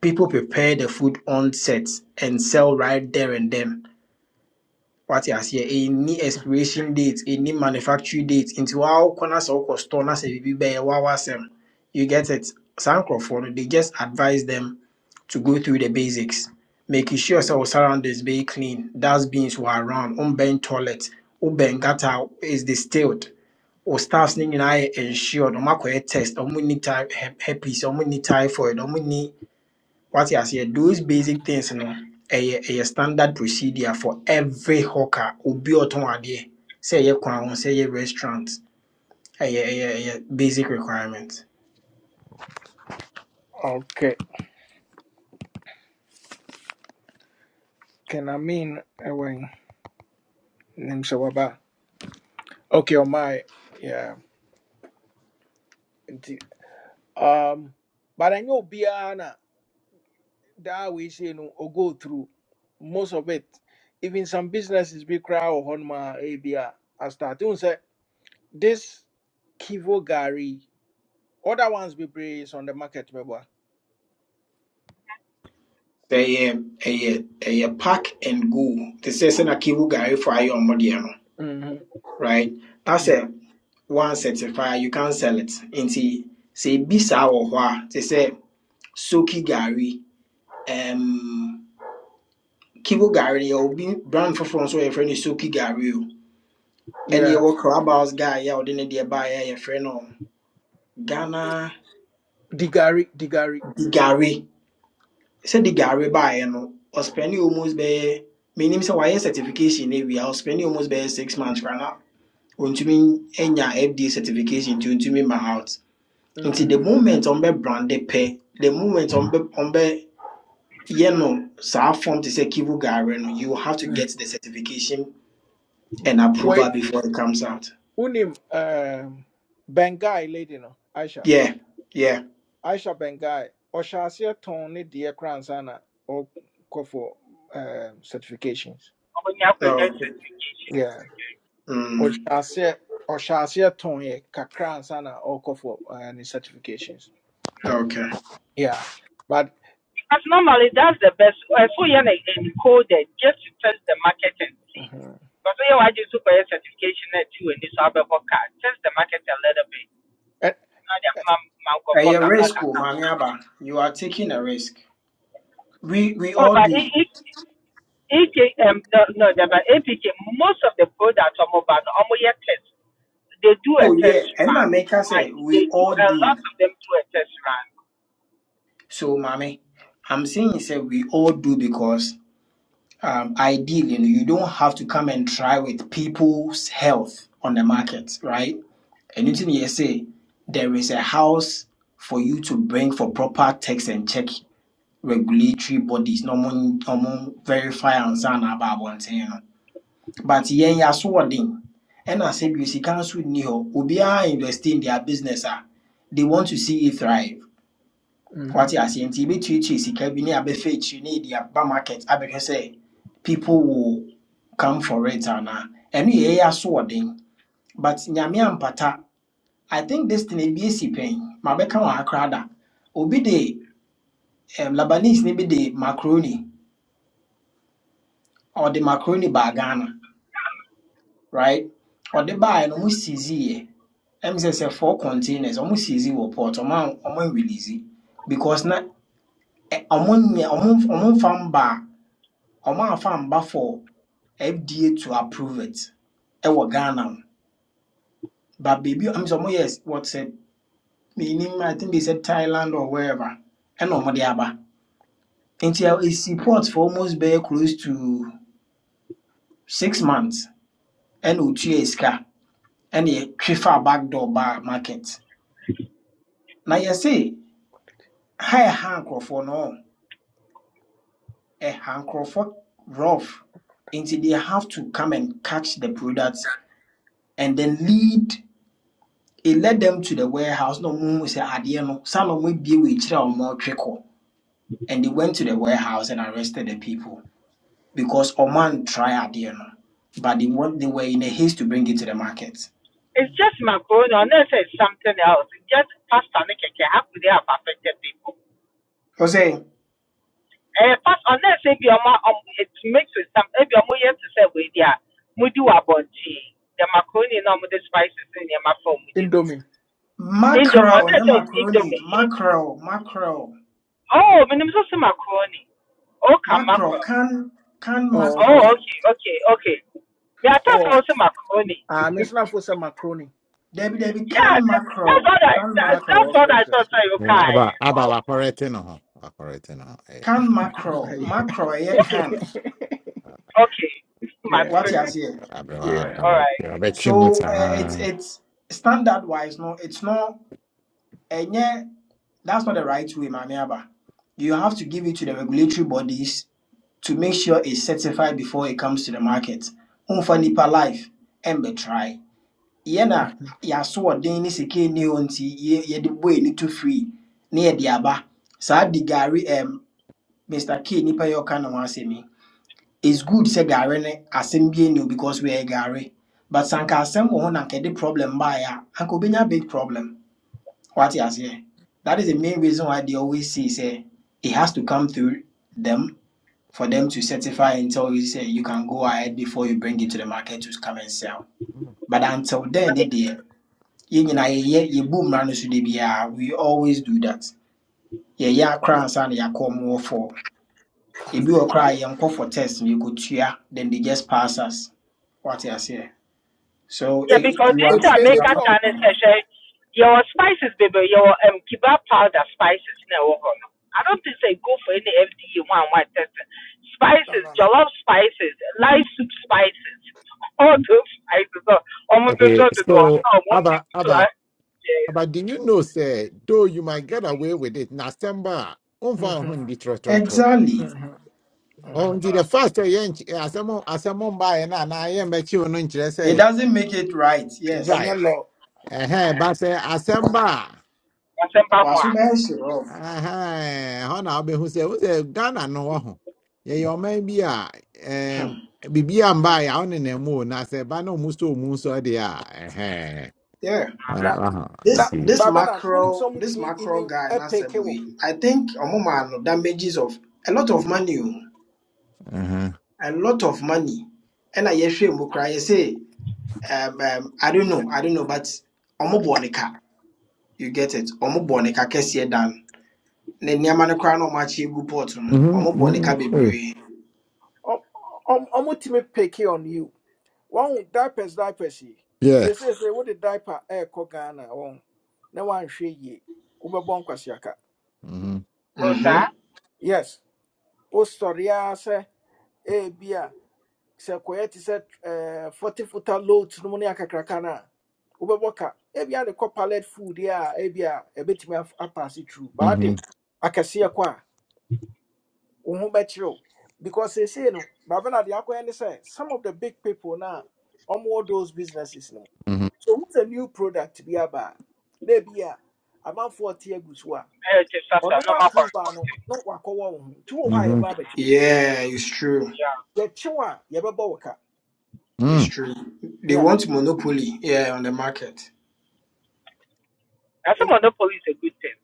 [SPEAKER 15] people prepare the food on set and sell right there and then. What wate a new expiration date a new manufacturing date Into wɔakɔ corners sɛ wokɔ store na sɛ biribi bɛyɛ wawa asɛm you get it saa nkurɔfoɔ no they just advise them to go through the basics making sure sɛ wo surroundings bɛyɛ clean dustbins were around wombɛn toilet wobɛn gutter is distilled wo staffs need nyinaa yɛ ensured ɔmakɔyɛ test or We ɔmonni ty herpes ɔmonni typhoid or we need. What you say? Those basic things, no. A standard procedure for every hawker. Obi oton adeɛ. Say ye kwan, say ye restaurant. A basic requirement.
[SPEAKER 1] okay Can kename ɛwɛn when name waba okay ɔmae yeah nti um but I know obiara that we say no or go through most of it. Even some businesses be cry or honma ABR. I start to say this Kivo gari. other ones be praised on the market. beba.
[SPEAKER 15] Say a a pack and go. They say send a kivu guy for your modiano,
[SPEAKER 1] Mm-hmm.
[SPEAKER 15] right? That's a one certifier. You can sell it. Nti say bisa or hwa. They say soki gari. Um, kivu gari. eh, Obi brand for France. So your friend is soki gari. oh. ɛne
[SPEAKER 1] Yeah,
[SPEAKER 15] ɛwɔ clubhouse guy a ɔde ne deɛ buy a friend? no ghana
[SPEAKER 1] Digari, Digari.
[SPEAKER 15] The the Gary. said the Gary buy. You know, no ɔspɛne almost bɛyɛ menim sɛ wayɛ certification no awie a ɔspɛne almost be six months kora na ɔntumi any FD certification nti ɔntumi my out Until
[SPEAKER 1] Mm-hmm.
[SPEAKER 15] the moment on be branded pay. the moment ɔmbɛ ɔmbɛ yɛ no saa form te sɛ kivu gare no you have to get the certification and approval
[SPEAKER 1] Wait,
[SPEAKER 15] before it comes out
[SPEAKER 1] unim um, Bengai lady no Aisha,
[SPEAKER 15] yeah yeah
[SPEAKER 1] Aisha Bengai or Shasia Tony dear Kransana or go for um, certifications.
[SPEAKER 12] Ọmọ
[SPEAKER 15] no okay.
[SPEAKER 1] Yeah.
[SPEAKER 15] Mm,
[SPEAKER 1] ɔhyɛaseɛ ɔhyɛaseɛ tɔn yɛ kakra ansa na ɔrekɔ for uh, ne certifications
[SPEAKER 15] okay
[SPEAKER 1] yeah but
[SPEAKER 12] Because normally that's the best. Ẹ̀fọ́ yẹn na encoded just to test the market and see.
[SPEAKER 1] mhm,
[SPEAKER 12] Because yẹn wàá jẹ́ super yẹn certification náà tí wò ní sọ abẹ́bọ̀ car. Test the market a little bit.
[SPEAKER 1] ɛ-
[SPEAKER 12] Náà dẹ̀ máa máa kọ̀ fọ́
[SPEAKER 15] A
[SPEAKER 12] kàkà
[SPEAKER 15] risk, oh, Mami Aba. You are taking a risk. We we
[SPEAKER 12] Oh,
[SPEAKER 15] all
[SPEAKER 12] but E-
[SPEAKER 15] do.
[SPEAKER 12] E- EK, um, no, no, no, but APK, most of the products are mobile. Almost yet test. They do a
[SPEAKER 15] Oh
[SPEAKER 12] test
[SPEAKER 15] yeah, and I
[SPEAKER 12] run.
[SPEAKER 15] make us say
[SPEAKER 12] Like they
[SPEAKER 15] we
[SPEAKER 12] do
[SPEAKER 15] all
[SPEAKER 12] a
[SPEAKER 15] do.
[SPEAKER 12] lot of them do a test run.
[SPEAKER 15] So, Mami, I'm saying say we all do because um, ideally you know, you don't have to come and try with people's health on the market, right? anything you say, there is a house for you to bring for proper text and check regulatory bodies, normal, normal verify and sign about one thing. but yɛn yɛ asoɔden ɛna sɛ bi sika nso nni hɔ obiara invest in their business ah. they want to see it thrive
[SPEAKER 1] mhm.
[SPEAKER 15] wate aseɛ nti yɛbɛtuatua sika bi ne abɛfa akyiri ne yɛde aba market abɛhwɛ say people will come for it anaa ɛno yɛ yɛn asoɔden but nyame ampata i think this thing ebi esi pɛn mabɛka wɔn akora obi de um, labanese ne bi de macaroni ɔde macaroni baa right? or Ɔde baeɛ no ɔmo siisiiɛ. Ɛm sɛ sɛ four containers ɔmo siisi wɔ port ɔmo an ɔmo anwilizi because na ɛ- ɔmo nyɛ ɔmo ɔmo nfa mba a, ɔmo anfa mba for FDA to approve it ɛwɔ Ghana ho. But baby, I sɛ ɔmo yɛ s- what sɛ meaning I think they said Thailand or wherever ɛna ɔmo de aba. Nti ɛ- esi port for almost bɛyɛ close to six months And otua sika ɛna yɛtwe faa back door baa market. Na yɛse. High ɛha nkurɔfoɔ no ɛha nkurɔfoɔ rough nti they have to come and catch the products, and then lead it led them to the warehouse No, ɔmo hu sɛ adeɛ no saa na ɔmo abie more akyire and they went to the warehouse and arrested the people because ɔmo antry adeɛ no but they, were- they were in a haste to bring it to the market.
[SPEAKER 12] It's just macaroni unless it's something else. It's just pasta and cake. How could they have affected people?
[SPEAKER 15] ɔsɛ
[SPEAKER 12] Eh, past unless if you are um, it's mixed with some if you are yes to say with yeah, we do a bunch. The macaroni no with the spices in your phone with it.
[SPEAKER 1] indomie
[SPEAKER 12] Indomie,
[SPEAKER 15] mackerel ne
[SPEAKER 12] unless it's
[SPEAKER 15] macaroni
[SPEAKER 12] Indomie. It,
[SPEAKER 15] mackerel mackerel
[SPEAKER 12] oh, minimum also macaroni. Oh,
[SPEAKER 15] mackerel
[SPEAKER 12] mackerel.
[SPEAKER 15] can can
[SPEAKER 1] oh
[SPEAKER 12] Oh,
[SPEAKER 1] okay
[SPEAKER 15] mackerel
[SPEAKER 12] okay, okay, okay. Me, I thought
[SPEAKER 1] oh
[SPEAKER 12] I was also macaroni.
[SPEAKER 1] ah mesona for some macaroni
[SPEAKER 15] Debbie, Debbie,
[SPEAKER 12] Yeah,
[SPEAKER 15] can
[SPEAKER 12] that, that's
[SPEAKER 15] macro
[SPEAKER 12] what I
[SPEAKER 15] can
[SPEAKER 12] that,
[SPEAKER 1] macro
[SPEAKER 12] that's
[SPEAKER 15] macro
[SPEAKER 12] what
[SPEAKER 1] okay
[SPEAKER 12] I
[SPEAKER 1] okay
[SPEAKER 12] thought. Like,
[SPEAKER 6] Yeah,
[SPEAKER 12] okay,
[SPEAKER 6] about about
[SPEAKER 12] oh,
[SPEAKER 6] operating on operating on. Hey,
[SPEAKER 15] can macro
[SPEAKER 1] okay
[SPEAKER 15] macro. yeah,
[SPEAKER 12] okay,
[SPEAKER 15] can.
[SPEAKER 12] okay, my
[SPEAKER 1] yeah
[SPEAKER 15] What you has
[SPEAKER 12] friend,
[SPEAKER 15] here?
[SPEAKER 6] about
[SPEAKER 1] yeah
[SPEAKER 12] All
[SPEAKER 6] about
[SPEAKER 12] right.
[SPEAKER 15] So uh, it's
[SPEAKER 6] about
[SPEAKER 15] it's standard wise, no, it's not, and yeah, that's not the right way, Mamiaba. You have to give it to the regulatory bodies to make sure it's certified before it comes to the market. Unfa nipa life, and be try. Yena, yaso a deni seke ni onti, ye ye de boy ni to free, ni ye diaba. Sa di gari em Mr. K nipa yɛ ɔka ne ho asɛm yi it's good sɛ gare ne asɛm bi ni o because wɔyɛ gare but sanka anka asɛm wɔ ho na anka ɛde problem ba ya? anka obɛnya big problem wate aseɛ that is the main reason why they always say sɛ it has to come through them for them to certify and tell you say you can go ahead before you bring it to the market to come and sell but until then ne deɛ yɛn nyinaa yɛyɛ yɛbu mmara no so de biara we always do that yɛyɛ akora ansa na yɛakɔ ɔmo wɔ fam. If you cry, you yɛnkɔ for test you could cheer. then they just pass us What wate say? so e-
[SPEAKER 12] Yeah,
[SPEAKER 15] e-
[SPEAKER 12] because
[SPEAKER 15] you
[SPEAKER 12] in
[SPEAKER 1] ebi
[SPEAKER 15] are
[SPEAKER 1] e-
[SPEAKER 12] Jamaica,
[SPEAKER 1] ebi a
[SPEAKER 12] Tani
[SPEAKER 1] ɔkora
[SPEAKER 12] session, your spices, baby, your um, kiba powder spices, no, I don't think they go for any FDA one one testing.
[SPEAKER 1] no
[SPEAKER 12] Spices,
[SPEAKER 1] no no
[SPEAKER 12] jollof spices, light soup spices, all those spices. Oh, I'm going to
[SPEAKER 6] Okay,
[SPEAKER 12] do the door.
[SPEAKER 6] so.
[SPEAKER 12] so i Oh, one thing
[SPEAKER 6] Aba,
[SPEAKER 12] to
[SPEAKER 6] Aba,
[SPEAKER 12] ask. Yes,
[SPEAKER 6] But do you know, say, though you might get away with it, Nasamba, Unfa Hundi Trotro.
[SPEAKER 15] exactly
[SPEAKER 6] On the first eh, yench, Asamo, Asamo by and I am a children interest,
[SPEAKER 15] it
[SPEAKER 6] say,
[SPEAKER 15] doesn't make it right yes
[SPEAKER 6] right.
[SPEAKER 1] ɛnyɛ law
[SPEAKER 6] Eh, but say, Asamba,
[SPEAKER 12] I'm saying,
[SPEAKER 15] waso is off
[SPEAKER 6] eh, Hona, be who say, who's a Ghana no one. Ye, your man be a, um, Bibi and by on in the moon, I say, Bano Musto Muso, they eh,
[SPEAKER 15] yeah
[SPEAKER 6] uh
[SPEAKER 1] na
[SPEAKER 6] huh,
[SPEAKER 1] na
[SPEAKER 15] this this
[SPEAKER 1] baabi na wonim sɛ
[SPEAKER 15] macro this
[SPEAKER 1] ɔmotumi
[SPEAKER 15] macro
[SPEAKER 1] even
[SPEAKER 15] guy na
[SPEAKER 1] ɛpeke
[SPEAKER 15] same
[SPEAKER 1] wo
[SPEAKER 15] way i think ɔmo maa no damages of a lot of money oh,
[SPEAKER 6] uh huh,
[SPEAKER 15] a lot of money And I yɛhwɛ mu koraa yɛsɛ um, um, i don't know i don't know but ɔmo bɔ ne you get it ɔmo bɔ ne ka kɛseɛ dan ne nneɛma no koraa na ɔmo akyɛ gu pot no ɔmo
[SPEAKER 6] mm
[SPEAKER 15] bɔ ne ka
[SPEAKER 6] hmm,
[SPEAKER 15] bebree
[SPEAKER 1] ɔmotumi peke on you wɔn diapers diapers yi
[SPEAKER 6] yeah,
[SPEAKER 1] seseesei wode diaper ɛɛkɔ ghana wɔn na wanhwɛ yie wobɛbɔ nkwasiaka
[SPEAKER 6] mm
[SPEAKER 12] Rosa,
[SPEAKER 15] hmm
[SPEAKER 1] yes wosɔre ara sɛ ebi a sɛ kɔyɛ te sɛ ɛɛ forty footer loads no mu ne akakraka no a wobɛbɔ ka ebi a de kɔ pallet food yi a ebi a ebetumi af- apaase tru
[SPEAKER 6] hmm, mm
[SPEAKER 1] baade akɛseɛ kɔ a wo ho bɛkyerɛw because seesei no But when na deɛ akɔyɛ ne say. some of the big people na All those businesses no.
[SPEAKER 6] hmm.
[SPEAKER 1] so who's a new product Be about maybe yeah, a amount te agu so a
[SPEAKER 12] i just going to
[SPEAKER 1] ɔno
[SPEAKER 12] normal
[SPEAKER 1] approve a no
[SPEAKER 12] point.
[SPEAKER 1] na wakɔwɔ wo ho nti wɔ hɔ a
[SPEAKER 6] Mm-hmm.
[SPEAKER 1] yɛba abɛkye
[SPEAKER 15] yeah it's true
[SPEAKER 12] Yeah.
[SPEAKER 1] yɛkye wo a yɛbɛbɔ so ka
[SPEAKER 15] it's
[SPEAKER 6] Mm.
[SPEAKER 15] true they
[SPEAKER 1] yeah
[SPEAKER 15] want monopoly yeah on the market
[SPEAKER 12] Now, some
[SPEAKER 1] nti
[SPEAKER 12] other police a good thing.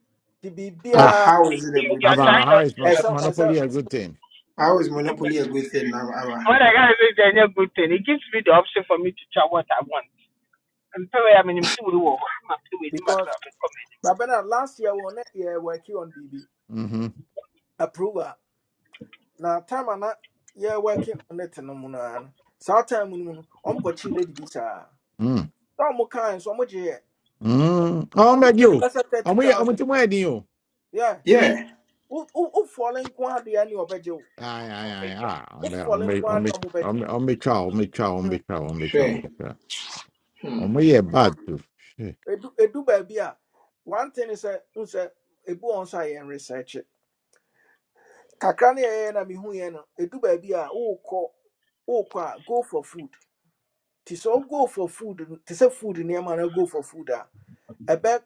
[SPEAKER 15] oh
[SPEAKER 6] Ah,
[SPEAKER 1] biribiaa
[SPEAKER 15] how
[SPEAKER 12] They,
[SPEAKER 15] is it a
[SPEAKER 12] they,
[SPEAKER 15] good
[SPEAKER 12] they are
[SPEAKER 6] about
[SPEAKER 12] trying
[SPEAKER 15] thing
[SPEAKER 6] how
[SPEAKER 12] not
[SPEAKER 6] is
[SPEAKER 12] to
[SPEAKER 6] mon-
[SPEAKER 12] ask
[SPEAKER 6] monopoly a good thing?
[SPEAKER 15] how is
[SPEAKER 12] them.
[SPEAKER 15] monopoly a good thing now Ara?
[SPEAKER 12] when I got this a good thing, it gives me the option for me to try what I want. And so I mean, I'm still work. I'm still with my
[SPEAKER 1] because
[SPEAKER 12] comment
[SPEAKER 1] rabɛna last year we ne yɛ working on biribi
[SPEAKER 6] Mm-hmm.
[SPEAKER 1] approve a na time a na yɛ working on it no mu noa no saa time no mu no ɔmkɔkyee lady bi saa
[SPEAKER 6] Mm.
[SPEAKER 1] na ɔmo kae nso ɔmo gyeeɛ
[SPEAKER 6] Mm. Oh,
[SPEAKER 1] ɔmo
[SPEAKER 6] my
[SPEAKER 1] gyee no
[SPEAKER 6] you.
[SPEAKER 1] bɛsɛ thirty
[SPEAKER 6] I'm here. I'm
[SPEAKER 1] thousand
[SPEAKER 6] to my you.
[SPEAKER 1] yeah
[SPEAKER 15] yeah
[SPEAKER 1] Who who wo fɔle nko adeɛ ne ɔbɛgye wo
[SPEAKER 6] Aye,
[SPEAKER 12] on
[SPEAKER 6] aye, aye,
[SPEAKER 12] radio.
[SPEAKER 6] aye. I'm be
[SPEAKER 1] wofɔle nko
[SPEAKER 6] i
[SPEAKER 1] ara
[SPEAKER 6] I'm
[SPEAKER 1] de
[SPEAKER 6] be
[SPEAKER 1] ɔmo
[SPEAKER 6] i I'm be i I'm be i I'm a cow, I'm a cow, I'm
[SPEAKER 1] bɛ
[SPEAKER 6] a cow, I'm a cow.
[SPEAKER 15] sure hmm.
[SPEAKER 6] I'm here bad too. Shit.
[SPEAKER 1] one thing is n sɛ ebu wɔn nso a yɛn research kakra ne yɛyɛ na mehu yɛn no edu baabi a wokɔ wokɔ a go for food te sɛ go for food no- te sɛ food nneɛma na go for food ah. a ɛbɛ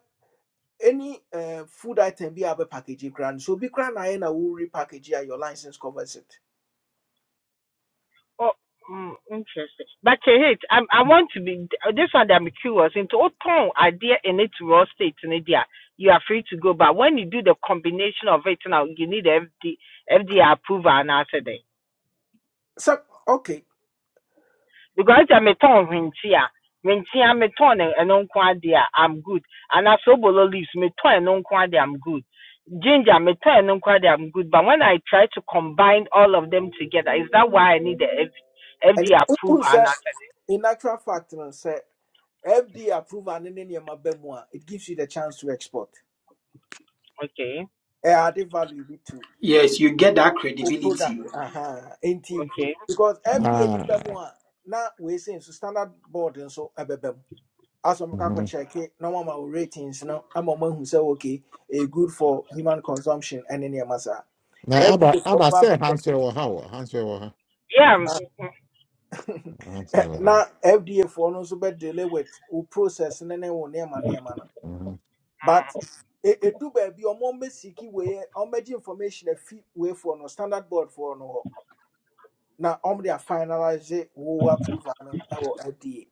[SPEAKER 1] any uh, food item be able bɛ package kura no so obi kura na ayɛ na wo repackage a your license covers it
[SPEAKER 12] Oh, mm, interesting. But uh, hey, I, I want to be this one. that I'm curious into what tone idea in it raw state in India. You are free to go, but when you do the combination of it now, you need FD, FDA approval and answer there.
[SPEAKER 1] So okay
[SPEAKER 12] because sɛ metɔn hwenkye a hwenkye a metɔn no ɛno nko adeɛ i i'm good anaasɛ obolo leaves metɔn ɛno nko adeɛ i'm good ginger metɔn ɛno nko adeɛ i'm good but when i try to combine all of them together is that why i need the F-
[SPEAKER 1] And
[SPEAKER 12] fd
[SPEAKER 1] n
[SPEAKER 12] approve and accept
[SPEAKER 1] in actual fact no sɛ fda approve ne ne nneɛma ba it gives you the chance to export
[SPEAKER 12] okay
[SPEAKER 1] eh, added value bi to
[SPEAKER 15] yes you get that
[SPEAKER 1] o
[SPEAKER 15] credibility
[SPEAKER 1] product aha enti
[SPEAKER 12] okay
[SPEAKER 1] because FDA ni
[SPEAKER 6] Ah.
[SPEAKER 1] bɛ mu a na wei sɛ nso standard board nso ɛbɛbɛ Aso asɔ mo kakɔ
[SPEAKER 6] Mm-hmm.
[SPEAKER 1] check it, na mama o ratings no ama wɔn ahu sɛ okay e good for human consumption ɛne nneɛma saa
[SPEAKER 6] Now, Abba,
[SPEAKER 1] FDA foɔ
[SPEAKER 6] Abba,
[SPEAKER 1] ba
[SPEAKER 6] say,
[SPEAKER 1] bɛ check
[SPEAKER 6] Hansel or how? Hansel or how?
[SPEAKER 12] yeah
[SPEAKER 6] Hansel.
[SPEAKER 1] na FDA foɔ no nso bɛ delay with o process ne ne wo nneɛma nneɛma no
[SPEAKER 6] Mm-hmm.
[SPEAKER 1] but e- edu baabi a wɔn bɛ siki wei yɛ information afi wei foɔ no standard board foɔ no hɔ Now, wɔn de afinalize wo approval no ɛwɔ FDA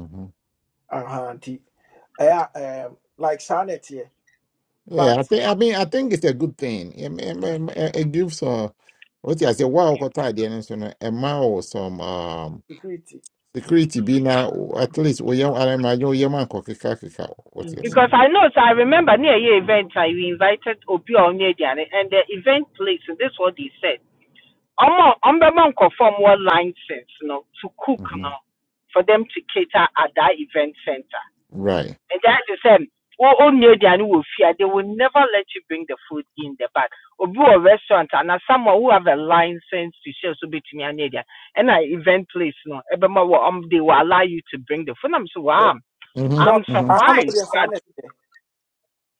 [SPEAKER 6] Mm-hmm.
[SPEAKER 1] aha nti ɛyɛ a, ɛɛm, like saa na ɛteɛ
[SPEAKER 6] Yeah, I
[SPEAKER 1] but
[SPEAKER 6] think I mean I think it's a good thing. It, it, it, it gives uh what I say wow kota the so no ɛma wo some um
[SPEAKER 1] security
[SPEAKER 6] security be now at least we yam ara ma yo man, anko keka keka what you
[SPEAKER 1] Mhm.
[SPEAKER 6] say.
[SPEAKER 12] because i know so i remember near your event i we invited obi on and the event place and this is what they said I'm ɔmo a ɔmbɛma nkorɔfo a wɔwɔ license no to cook
[SPEAKER 6] Mhm.
[SPEAKER 12] now for them to cater at that event center.
[SPEAKER 6] Right.
[SPEAKER 12] And that is the um wo onye aduane wɔ fie fear they will never let you bring the food in the back or Obi a restaurant and as someone who have a license to share so betumi anya and an event place no ɛbɛma wɔ um they will allow you to bring the food. I'm so
[SPEAKER 1] Yeah.
[SPEAKER 12] wow.
[SPEAKER 6] Mhm.
[SPEAKER 1] no
[SPEAKER 12] I'm
[SPEAKER 6] Mhm.
[SPEAKER 1] I na the
[SPEAKER 12] surprised.
[SPEAKER 1] sanity,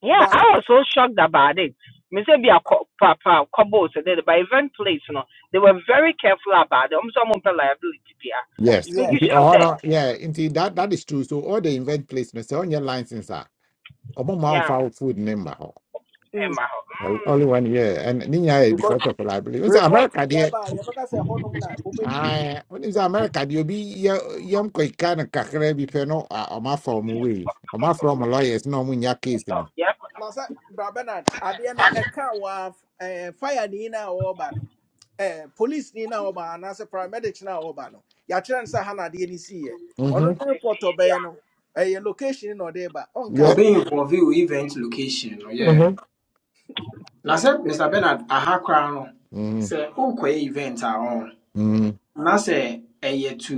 [SPEAKER 12] Yeah,
[SPEAKER 1] but
[SPEAKER 12] I was so shocked about it. Me say be a co- pa- couple so that by event place, you know, they were very careful about it. I'm some of the liability there to
[SPEAKER 6] Yes.
[SPEAKER 12] make you
[SPEAKER 1] yeah
[SPEAKER 6] Into
[SPEAKER 12] sure
[SPEAKER 6] all.
[SPEAKER 12] say,
[SPEAKER 6] no, yeah, Into that that is true. So all the event placements on your license are omo ma
[SPEAKER 12] yeah,
[SPEAKER 6] food number.
[SPEAKER 1] mm,
[SPEAKER 12] Emma, mm,
[SPEAKER 6] Only one yeah and ninya
[SPEAKER 1] because
[SPEAKER 6] because of liability. You say
[SPEAKER 1] report bi
[SPEAKER 6] America
[SPEAKER 1] aba a yɛbɛka sɛ ɛhɔ nom na wobɛdii no
[SPEAKER 6] Ah, when is America? You be young quick kind of cacre be feno or my from away. Or my from a lawyers, no win your case, you
[SPEAKER 12] oh,
[SPEAKER 6] know.
[SPEAKER 12] yeah,
[SPEAKER 1] na sɛ bra bernard adeɛ no ɛka wɔ ɛɛ fire Nina na ɔreba no police Nina ni na as a paramedic na ɔreba no yɛakyerɛ no sɛ ha na adeɛ no si yɛ ɔno
[SPEAKER 6] Mm-hmm.
[SPEAKER 1] ne
[SPEAKER 12] you
[SPEAKER 1] report
[SPEAKER 12] see,
[SPEAKER 1] of Bano, a ɔbɛyɛ
[SPEAKER 12] yeah,
[SPEAKER 1] no location no na ɔde ba ɔnka
[SPEAKER 15] Or
[SPEAKER 6] Yeah.
[SPEAKER 1] sɛ
[SPEAKER 15] being involved wo event location no yeah
[SPEAKER 6] Mm-hmm.
[SPEAKER 15] Now sɛ mr bernard aha koraa no sɛ wokɔyɛ event a ɔn
[SPEAKER 6] Mm-hmm.
[SPEAKER 15] na sɛ ɛyɛ to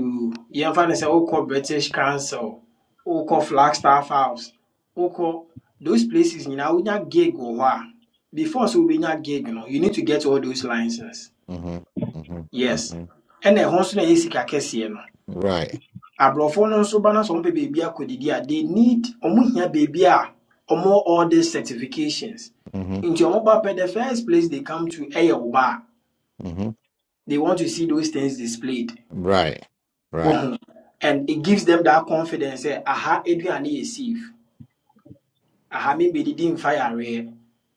[SPEAKER 15] yɛmfa no sɛ wokɔ british council wokɔ flagstaff house wokɔ those places nyinaa wonya gig wɔ hɔ a before sɛ wobɛnya gig no you need to get all those licenses
[SPEAKER 6] Mm-hmm. Mm-hmm.
[SPEAKER 15] yes
[SPEAKER 6] Mm-hmm.
[SPEAKER 15] ɛna ɛho nso na ɛyɛ sika kɛseɛ no
[SPEAKER 6] Right.
[SPEAKER 15] aborɔfoɔ no nso ba no sɛ ɔmpɛ baabi akɔdidi a they need ɔmo hia baabi a ɔmo all these certifications
[SPEAKER 6] Mm-hmm.
[SPEAKER 15] nti ɔmo ba pɛ the first place they come to ɛyɛ wo ba a
[SPEAKER 6] Mm-hmm.
[SPEAKER 15] they want to see those things displayed
[SPEAKER 6] Right. Right.
[SPEAKER 15] wohu and it gives them that confidence sɛ aha aduane yɛ safe aha membɛdidi mfa yareɛ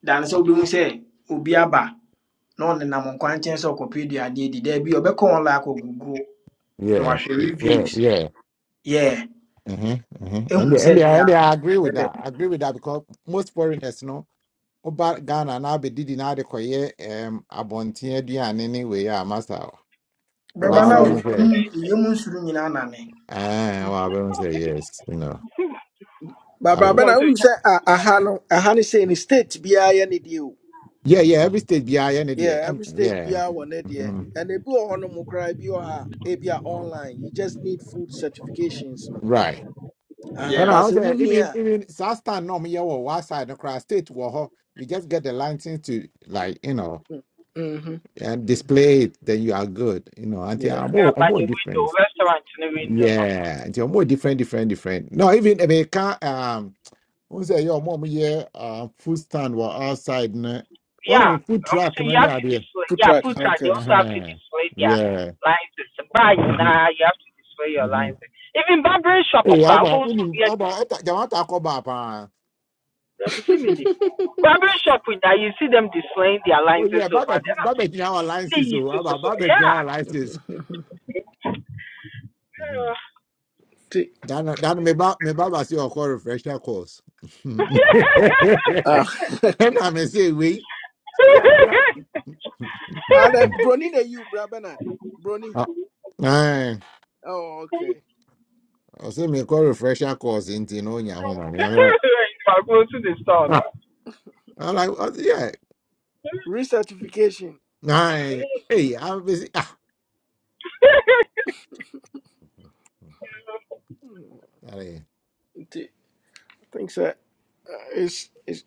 [SPEAKER 15] dane sɛ wobɛhu sɛ obi aba na ɔnenam nkwankyɛn sɛ ɔkɔpɛ aduane adi daa like ɔbɛkɔ Google? No, I
[SPEAKER 6] Yeah.
[SPEAKER 15] wahwɛ
[SPEAKER 6] Yeah.
[SPEAKER 15] reviews
[SPEAKER 6] Yeah.
[SPEAKER 15] yeah
[SPEAKER 6] Mm-hmm. Mm-hmm. And
[SPEAKER 15] ɛhu
[SPEAKER 6] they, and, they,
[SPEAKER 15] sɛ dea
[SPEAKER 6] and they, I agree with
[SPEAKER 15] ɛdɛ
[SPEAKER 6] that. I agree with that because most foreigners, no, about Ghana now be did in adequate um abontia and anyway, yeah, master.
[SPEAKER 15] bɛba
[SPEAKER 6] Wow, I
[SPEAKER 15] no
[SPEAKER 1] ɛbɛfa
[SPEAKER 6] don't
[SPEAKER 1] o
[SPEAKER 6] know.
[SPEAKER 15] woyɛmu nsuro nyinaa nane
[SPEAKER 6] Ah, well,
[SPEAKER 12] mm.
[SPEAKER 6] I wouldn't say yes. You know,
[SPEAKER 1] ba
[SPEAKER 6] I
[SPEAKER 1] bra
[SPEAKER 6] will.
[SPEAKER 1] bernard
[SPEAKER 12] So,
[SPEAKER 1] wonim sɛ a- aha no aha no state be I, ne deɛ o
[SPEAKER 6] Yeah, yeah. Every state, yeah, yeah, yeah. yeah,
[SPEAKER 1] yeah
[SPEAKER 6] And
[SPEAKER 1] every state
[SPEAKER 6] yeah,
[SPEAKER 1] be I, ne deɛ
[SPEAKER 6] hmm
[SPEAKER 1] ɛna ebi wɔ hɔ no mo koraa ebi wɔ ha ebi online you just need food certifications no
[SPEAKER 6] right.
[SPEAKER 1] aha
[SPEAKER 6] And I
[SPEAKER 15] yeah
[SPEAKER 6] would
[SPEAKER 1] baasa
[SPEAKER 6] say
[SPEAKER 1] wunni
[SPEAKER 6] even
[SPEAKER 1] a.
[SPEAKER 6] even South Star norm yeah, well, one side across state, well, you just get the license to like you know
[SPEAKER 1] mhm,
[SPEAKER 6] and
[SPEAKER 1] mhm,
[SPEAKER 6] display it. Then you are good. You know, until
[SPEAKER 1] yeah.
[SPEAKER 6] I'm more,
[SPEAKER 12] yeah,
[SPEAKER 6] I'm
[SPEAKER 12] by
[SPEAKER 6] more
[SPEAKER 12] the window,
[SPEAKER 6] different.
[SPEAKER 12] restaurant in the window, no.
[SPEAKER 6] Yeah, until I'm more different, different, different. No, even if it can't um, who's say your mom yeah, uh, food stand were outside. Nah,
[SPEAKER 12] yeah.
[SPEAKER 6] well, food
[SPEAKER 12] I'm
[SPEAKER 6] truck,
[SPEAKER 12] saying you
[SPEAKER 6] many
[SPEAKER 12] have to
[SPEAKER 6] idea.
[SPEAKER 12] display,
[SPEAKER 1] Two
[SPEAKER 12] yeah, food
[SPEAKER 1] tracks.
[SPEAKER 12] truck, they
[SPEAKER 1] Okay.
[SPEAKER 6] Uh
[SPEAKER 12] also have to
[SPEAKER 6] huh.
[SPEAKER 12] display their
[SPEAKER 6] Yeah.
[SPEAKER 12] license. Buy
[SPEAKER 6] Mhm,
[SPEAKER 12] now, you have to display your
[SPEAKER 6] mhm.
[SPEAKER 12] license. Even barber shop,
[SPEAKER 6] Hey,
[SPEAKER 12] okay,
[SPEAKER 6] Abba, we
[SPEAKER 12] also,
[SPEAKER 6] need
[SPEAKER 12] yeah,
[SPEAKER 6] Abba, Jamaica talk about
[SPEAKER 12] There be see me ni. Barbering shop with that, you see them displaying their
[SPEAKER 6] Oh yeah,
[SPEAKER 12] licenses over
[SPEAKER 6] Baba,
[SPEAKER 12] there. I'm
[SPEAKER 6] Baba, you have
[SPEAKER 12] thinking, see
[SPEAKER 6] alliances,
[SPEAKER 12] you
[SPEAKER 6] Oh,
[SPEAKER 12] so so
[SPEAKER 6] Abba,
[SPEAKER 12] so.
[SPEAKER 6] Baba, you
[SPEAKER 12] Yeah.
[SPEAKER 6] have alliances. Mhm.
[SPEAKER 1] T-
[SPEAKER 6] Dan, Dan, me ba, me Baba say you call refresher course. And
[SPEAKER 1] Ah.
[SPEAKER 6] I may say we, yeah, crack.
[SPEAKER 1] All right. Brony, na you, bra Bernard. Brony.
[SPEAKER 6] Ah, aye. I
[SPEAKER 1] Oh, okay.
[SPEAKER 6] say me call refresher course into no nya home. I'm like,
[SPEAKER 12] I'm going to the store now.
[SPEAKER 6] ah, I'm like, oh, yeah,
[SPEAKER 1] Recertification.
[SPEAKER 6] aye. Hey, I'm busy. Ah,
[SPEAKER 1] Mm, T- Things that uh, is is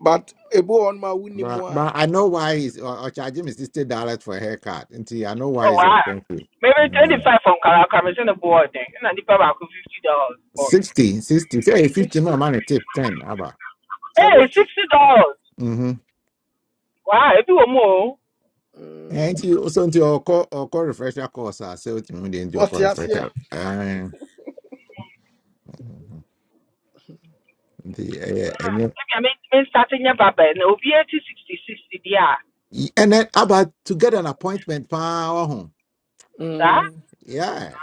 [SPEAKER 1] but a boy on my winning
[SPEAKER 6] But
[SPEAKER 1] more
[SPEAKER 6] but I know why he's or, or charging me sixty dollars for a haircut. Until I know why
[SPEAKER 12] oh
[SPEAKER 6] it's
[SPEAKER 12] wow.
[SPEAKER 6] expensive.
[SPEAKER 12] Maybe twenty
[SPEAKER 6] Mm.
[SPEAKER 12] five from Kalaka, I'm saying the board then. And I need about fifty dollars boy.
[SPEAKER 6] 60, sixty. Say 50 no
[SPEAKER 1] 60,
[SPEAKER 6] money tip 10 abba.
[SPEAKER 12] Hey,
[SPEAKER 1] 70.
[SPEAKER 12] sixty dollars.
[SPEAKER 6] Mm-hmm.
[SPEAKER 12] Wow, if you want more,
[SPEAKER 6] And
[SPEAKER 1] Mm.
[SPEAKER 6] you so into your call or call refresher course I say what you mean into your call
[SPEAKER 1] Otiasie.
[SPEAKER 6] refresher. Uh, the uh, and,
[SPEAKER 12] maybe I mean starting your barber and it'll be eighty sixty sixty there.
[SPEAKER 6] you- and then about to get an appointment power home.
[SPEAKER 12] Sir?
[SPEAKER 1] Mm.
[SPEAKER 6] Yeah.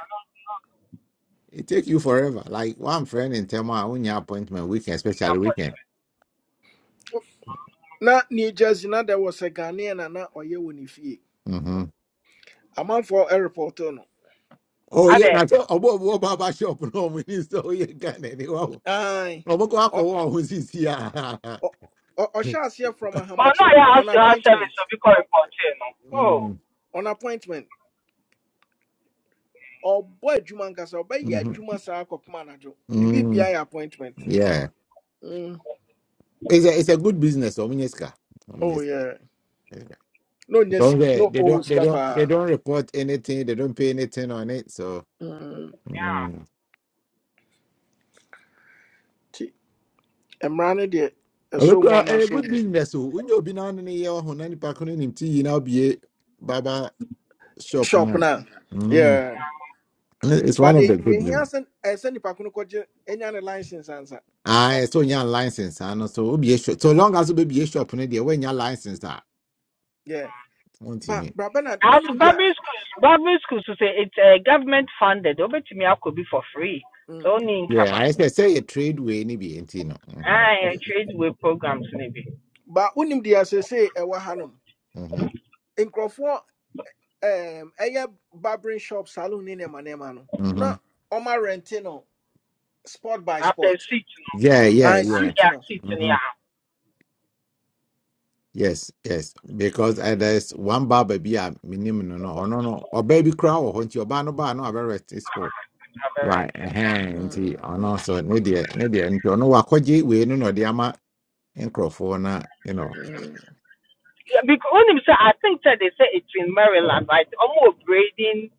[SPEAKER 6] It take you forever. Like one friend in Tema, when your appointment weekend, especially weekend.
[SPEAKER 1] Na New Jersey, na there was a Ghanaian and na Oye Winifie.
[SPEAKER 6] Mm-hmm.
[SPEAKER 1] A man for a reporter. No.
[SPEAKER 6] Oh
[SPEAKER 12] I
[SPEAKER 6] yeah,
[SPEAKER 12] think
[SPEAKER 6] I tell. ɔbɔ ɔbɔ barber shop na We need sɛ ɔyɛ Ghana ni wa o.
[SPEAKER 1] Aye.
[SPEAKER 6] Ɔmo kɔ akɔwɔ ɔmo sisi a.
[SPEAKER 1] Or shall see eh, from a
[SPEAKER 12] But now
[SPEAKER 1] Hamachi
[SPEAKER 12] yeah, has
[SPEAKER 1] on
[SPEAKER 12] to have
[SPEAKER 1] appointment.
[SPEAKER 12] service of equal reporting. No. Oh.
[SPEAKER 6] Mm,
[SPEAKER 1] On appointment. ɔbɔ boy, nkasa ɔbɛyɛ
[SPEAKER 6] mhm,
[SPEAKER 1] adwuma saa akɔpem anadwo manager. The
[SPEAKER 6] mm,
[SPEAKER 1] BBI appointment
[SPEAKER 6] Yeah,
[SPEAKER 1] mm.
[SPEAKER 6] it's a it's a good business. Ɔmo nye sika. Ɔmo nye
[SPEAKER 1] oh, yeah.
[SPEAKER 6] sika.
[SPEAKER 1] No, ɔnya
[SPEAKER 6] Because
[SPEAKER 1] no.
[SPEAKER 6] they
[SPEAKER 1] na
[SPEAKER 6] they
[SPEAKER 1] ɔwɔ
[SPEAKER 6] don't they
[SPEAKER 1] sika
[SPEAKER 6] don't they
[SPEAKER 1] paa
[SPEAKER 6] don't report anything. They don't pay anything on it. So.
[SPEAKER 1] Mm.
[SPEAKER 6] Mm.
[SPEAKER 1] nti mmara no deɛ so
[SPEAKER 6] Look,
[SPEAKER 1] mu
[SPEAKER 6] uh, a
[SPEAKER 1] anaasɛ
[SPEAKER 6] good
[SPEAKER 1] mu
[SPEAKER 6] business. So when you be now in the when any park on him, you now be a barber shop
[SPEAKER 1] shop
[SPEAKER 6] now.
[SPEAKER 1] no
[SPEAKER 6] Mm.
[SPEAKER 1] yeah.
[SPEAKER 6] It's one
[SPEAKER 1] but
[SPEAKER 6] of
[SPEAKER 1] they
[SPEAKER 6] the good
[SPEAKER 1] hia
[SPEAKER 6] news.
[SPEAKER 1] sɛ ɛsɛ send the Pakuno kɔgye ɛnya ne license ansa
[SPEAKER 6] Ah, so your license, I know. So we be sure. So long as you be a shop put there when your license that.
[SPEAKER 1] yeah.
[SPEAKER 6] Won't you
[SPEAKER 1] But
[SPEAKER 6] mean?
[SPEAKER 1] bra
[SPEAKER 12] As
[SPEAKER 1] unim dia.
[SPEAKER 12] Barbary schools, Barbary schools to say it's uh, government funded. Over to me, I could be for free.
[SPEAKER 1] dea
[SPEAKER 12] So
[SPEAKER 1] mm.
[SPEAKER 12] only
[SPEAKER 6] Yeah,
[SPEAKER 12] income.
[SPEAKER 6] I say say a trade way, maybe be you no. Mhm,
[SPEAKER 12] I trade with programs maybe.
[SPEAKER 1] ba wonim dea seesei ɛwɔ ha nom
[SPEAKER 6] mhm,
[SPEAKER 1] nkurɔfoɔ em, ɛyɛ barbering shop salon ne nneɛma nneɛma no na
[SPEAKER 6] mhm.
[SPEAKER 1] ɔma Rentino. sport by
[SPEAKER 12] After
[SPEAKER 1] sport.
[SPEAKER 12] six, no,
[SPEAKER 6] Yeah, yeah,
[SPEAKER 1] Ah,
[SPEAKER 6] yeah.
[SPEAKER 1] suit, you
[SPEAKER 12] yeah,
[SPEAKER 1] know.
[SPEAKER 12] six,
[SPEAKER 6] Mhm.
[SPEAKER 12] yeah,
[SPEAKER 6] Yes, yes. Because uh, there's one barber be a minimum no no or no no or baby crow or hunt your bar no bar no a very sport.
[SPEAKER 12] I'm
[SPEAKER 6] Right,
[SPEAKER 12] renting.
[SPEAKER 6] eh, auntie, or no, so ni dear, nedia, dear. and you know, Wakoji, we no no, the ama and crofona, you know.
[SPEAKER 12] Yeah, because when him say, I think that they say it's in Maryland, right? Almost grading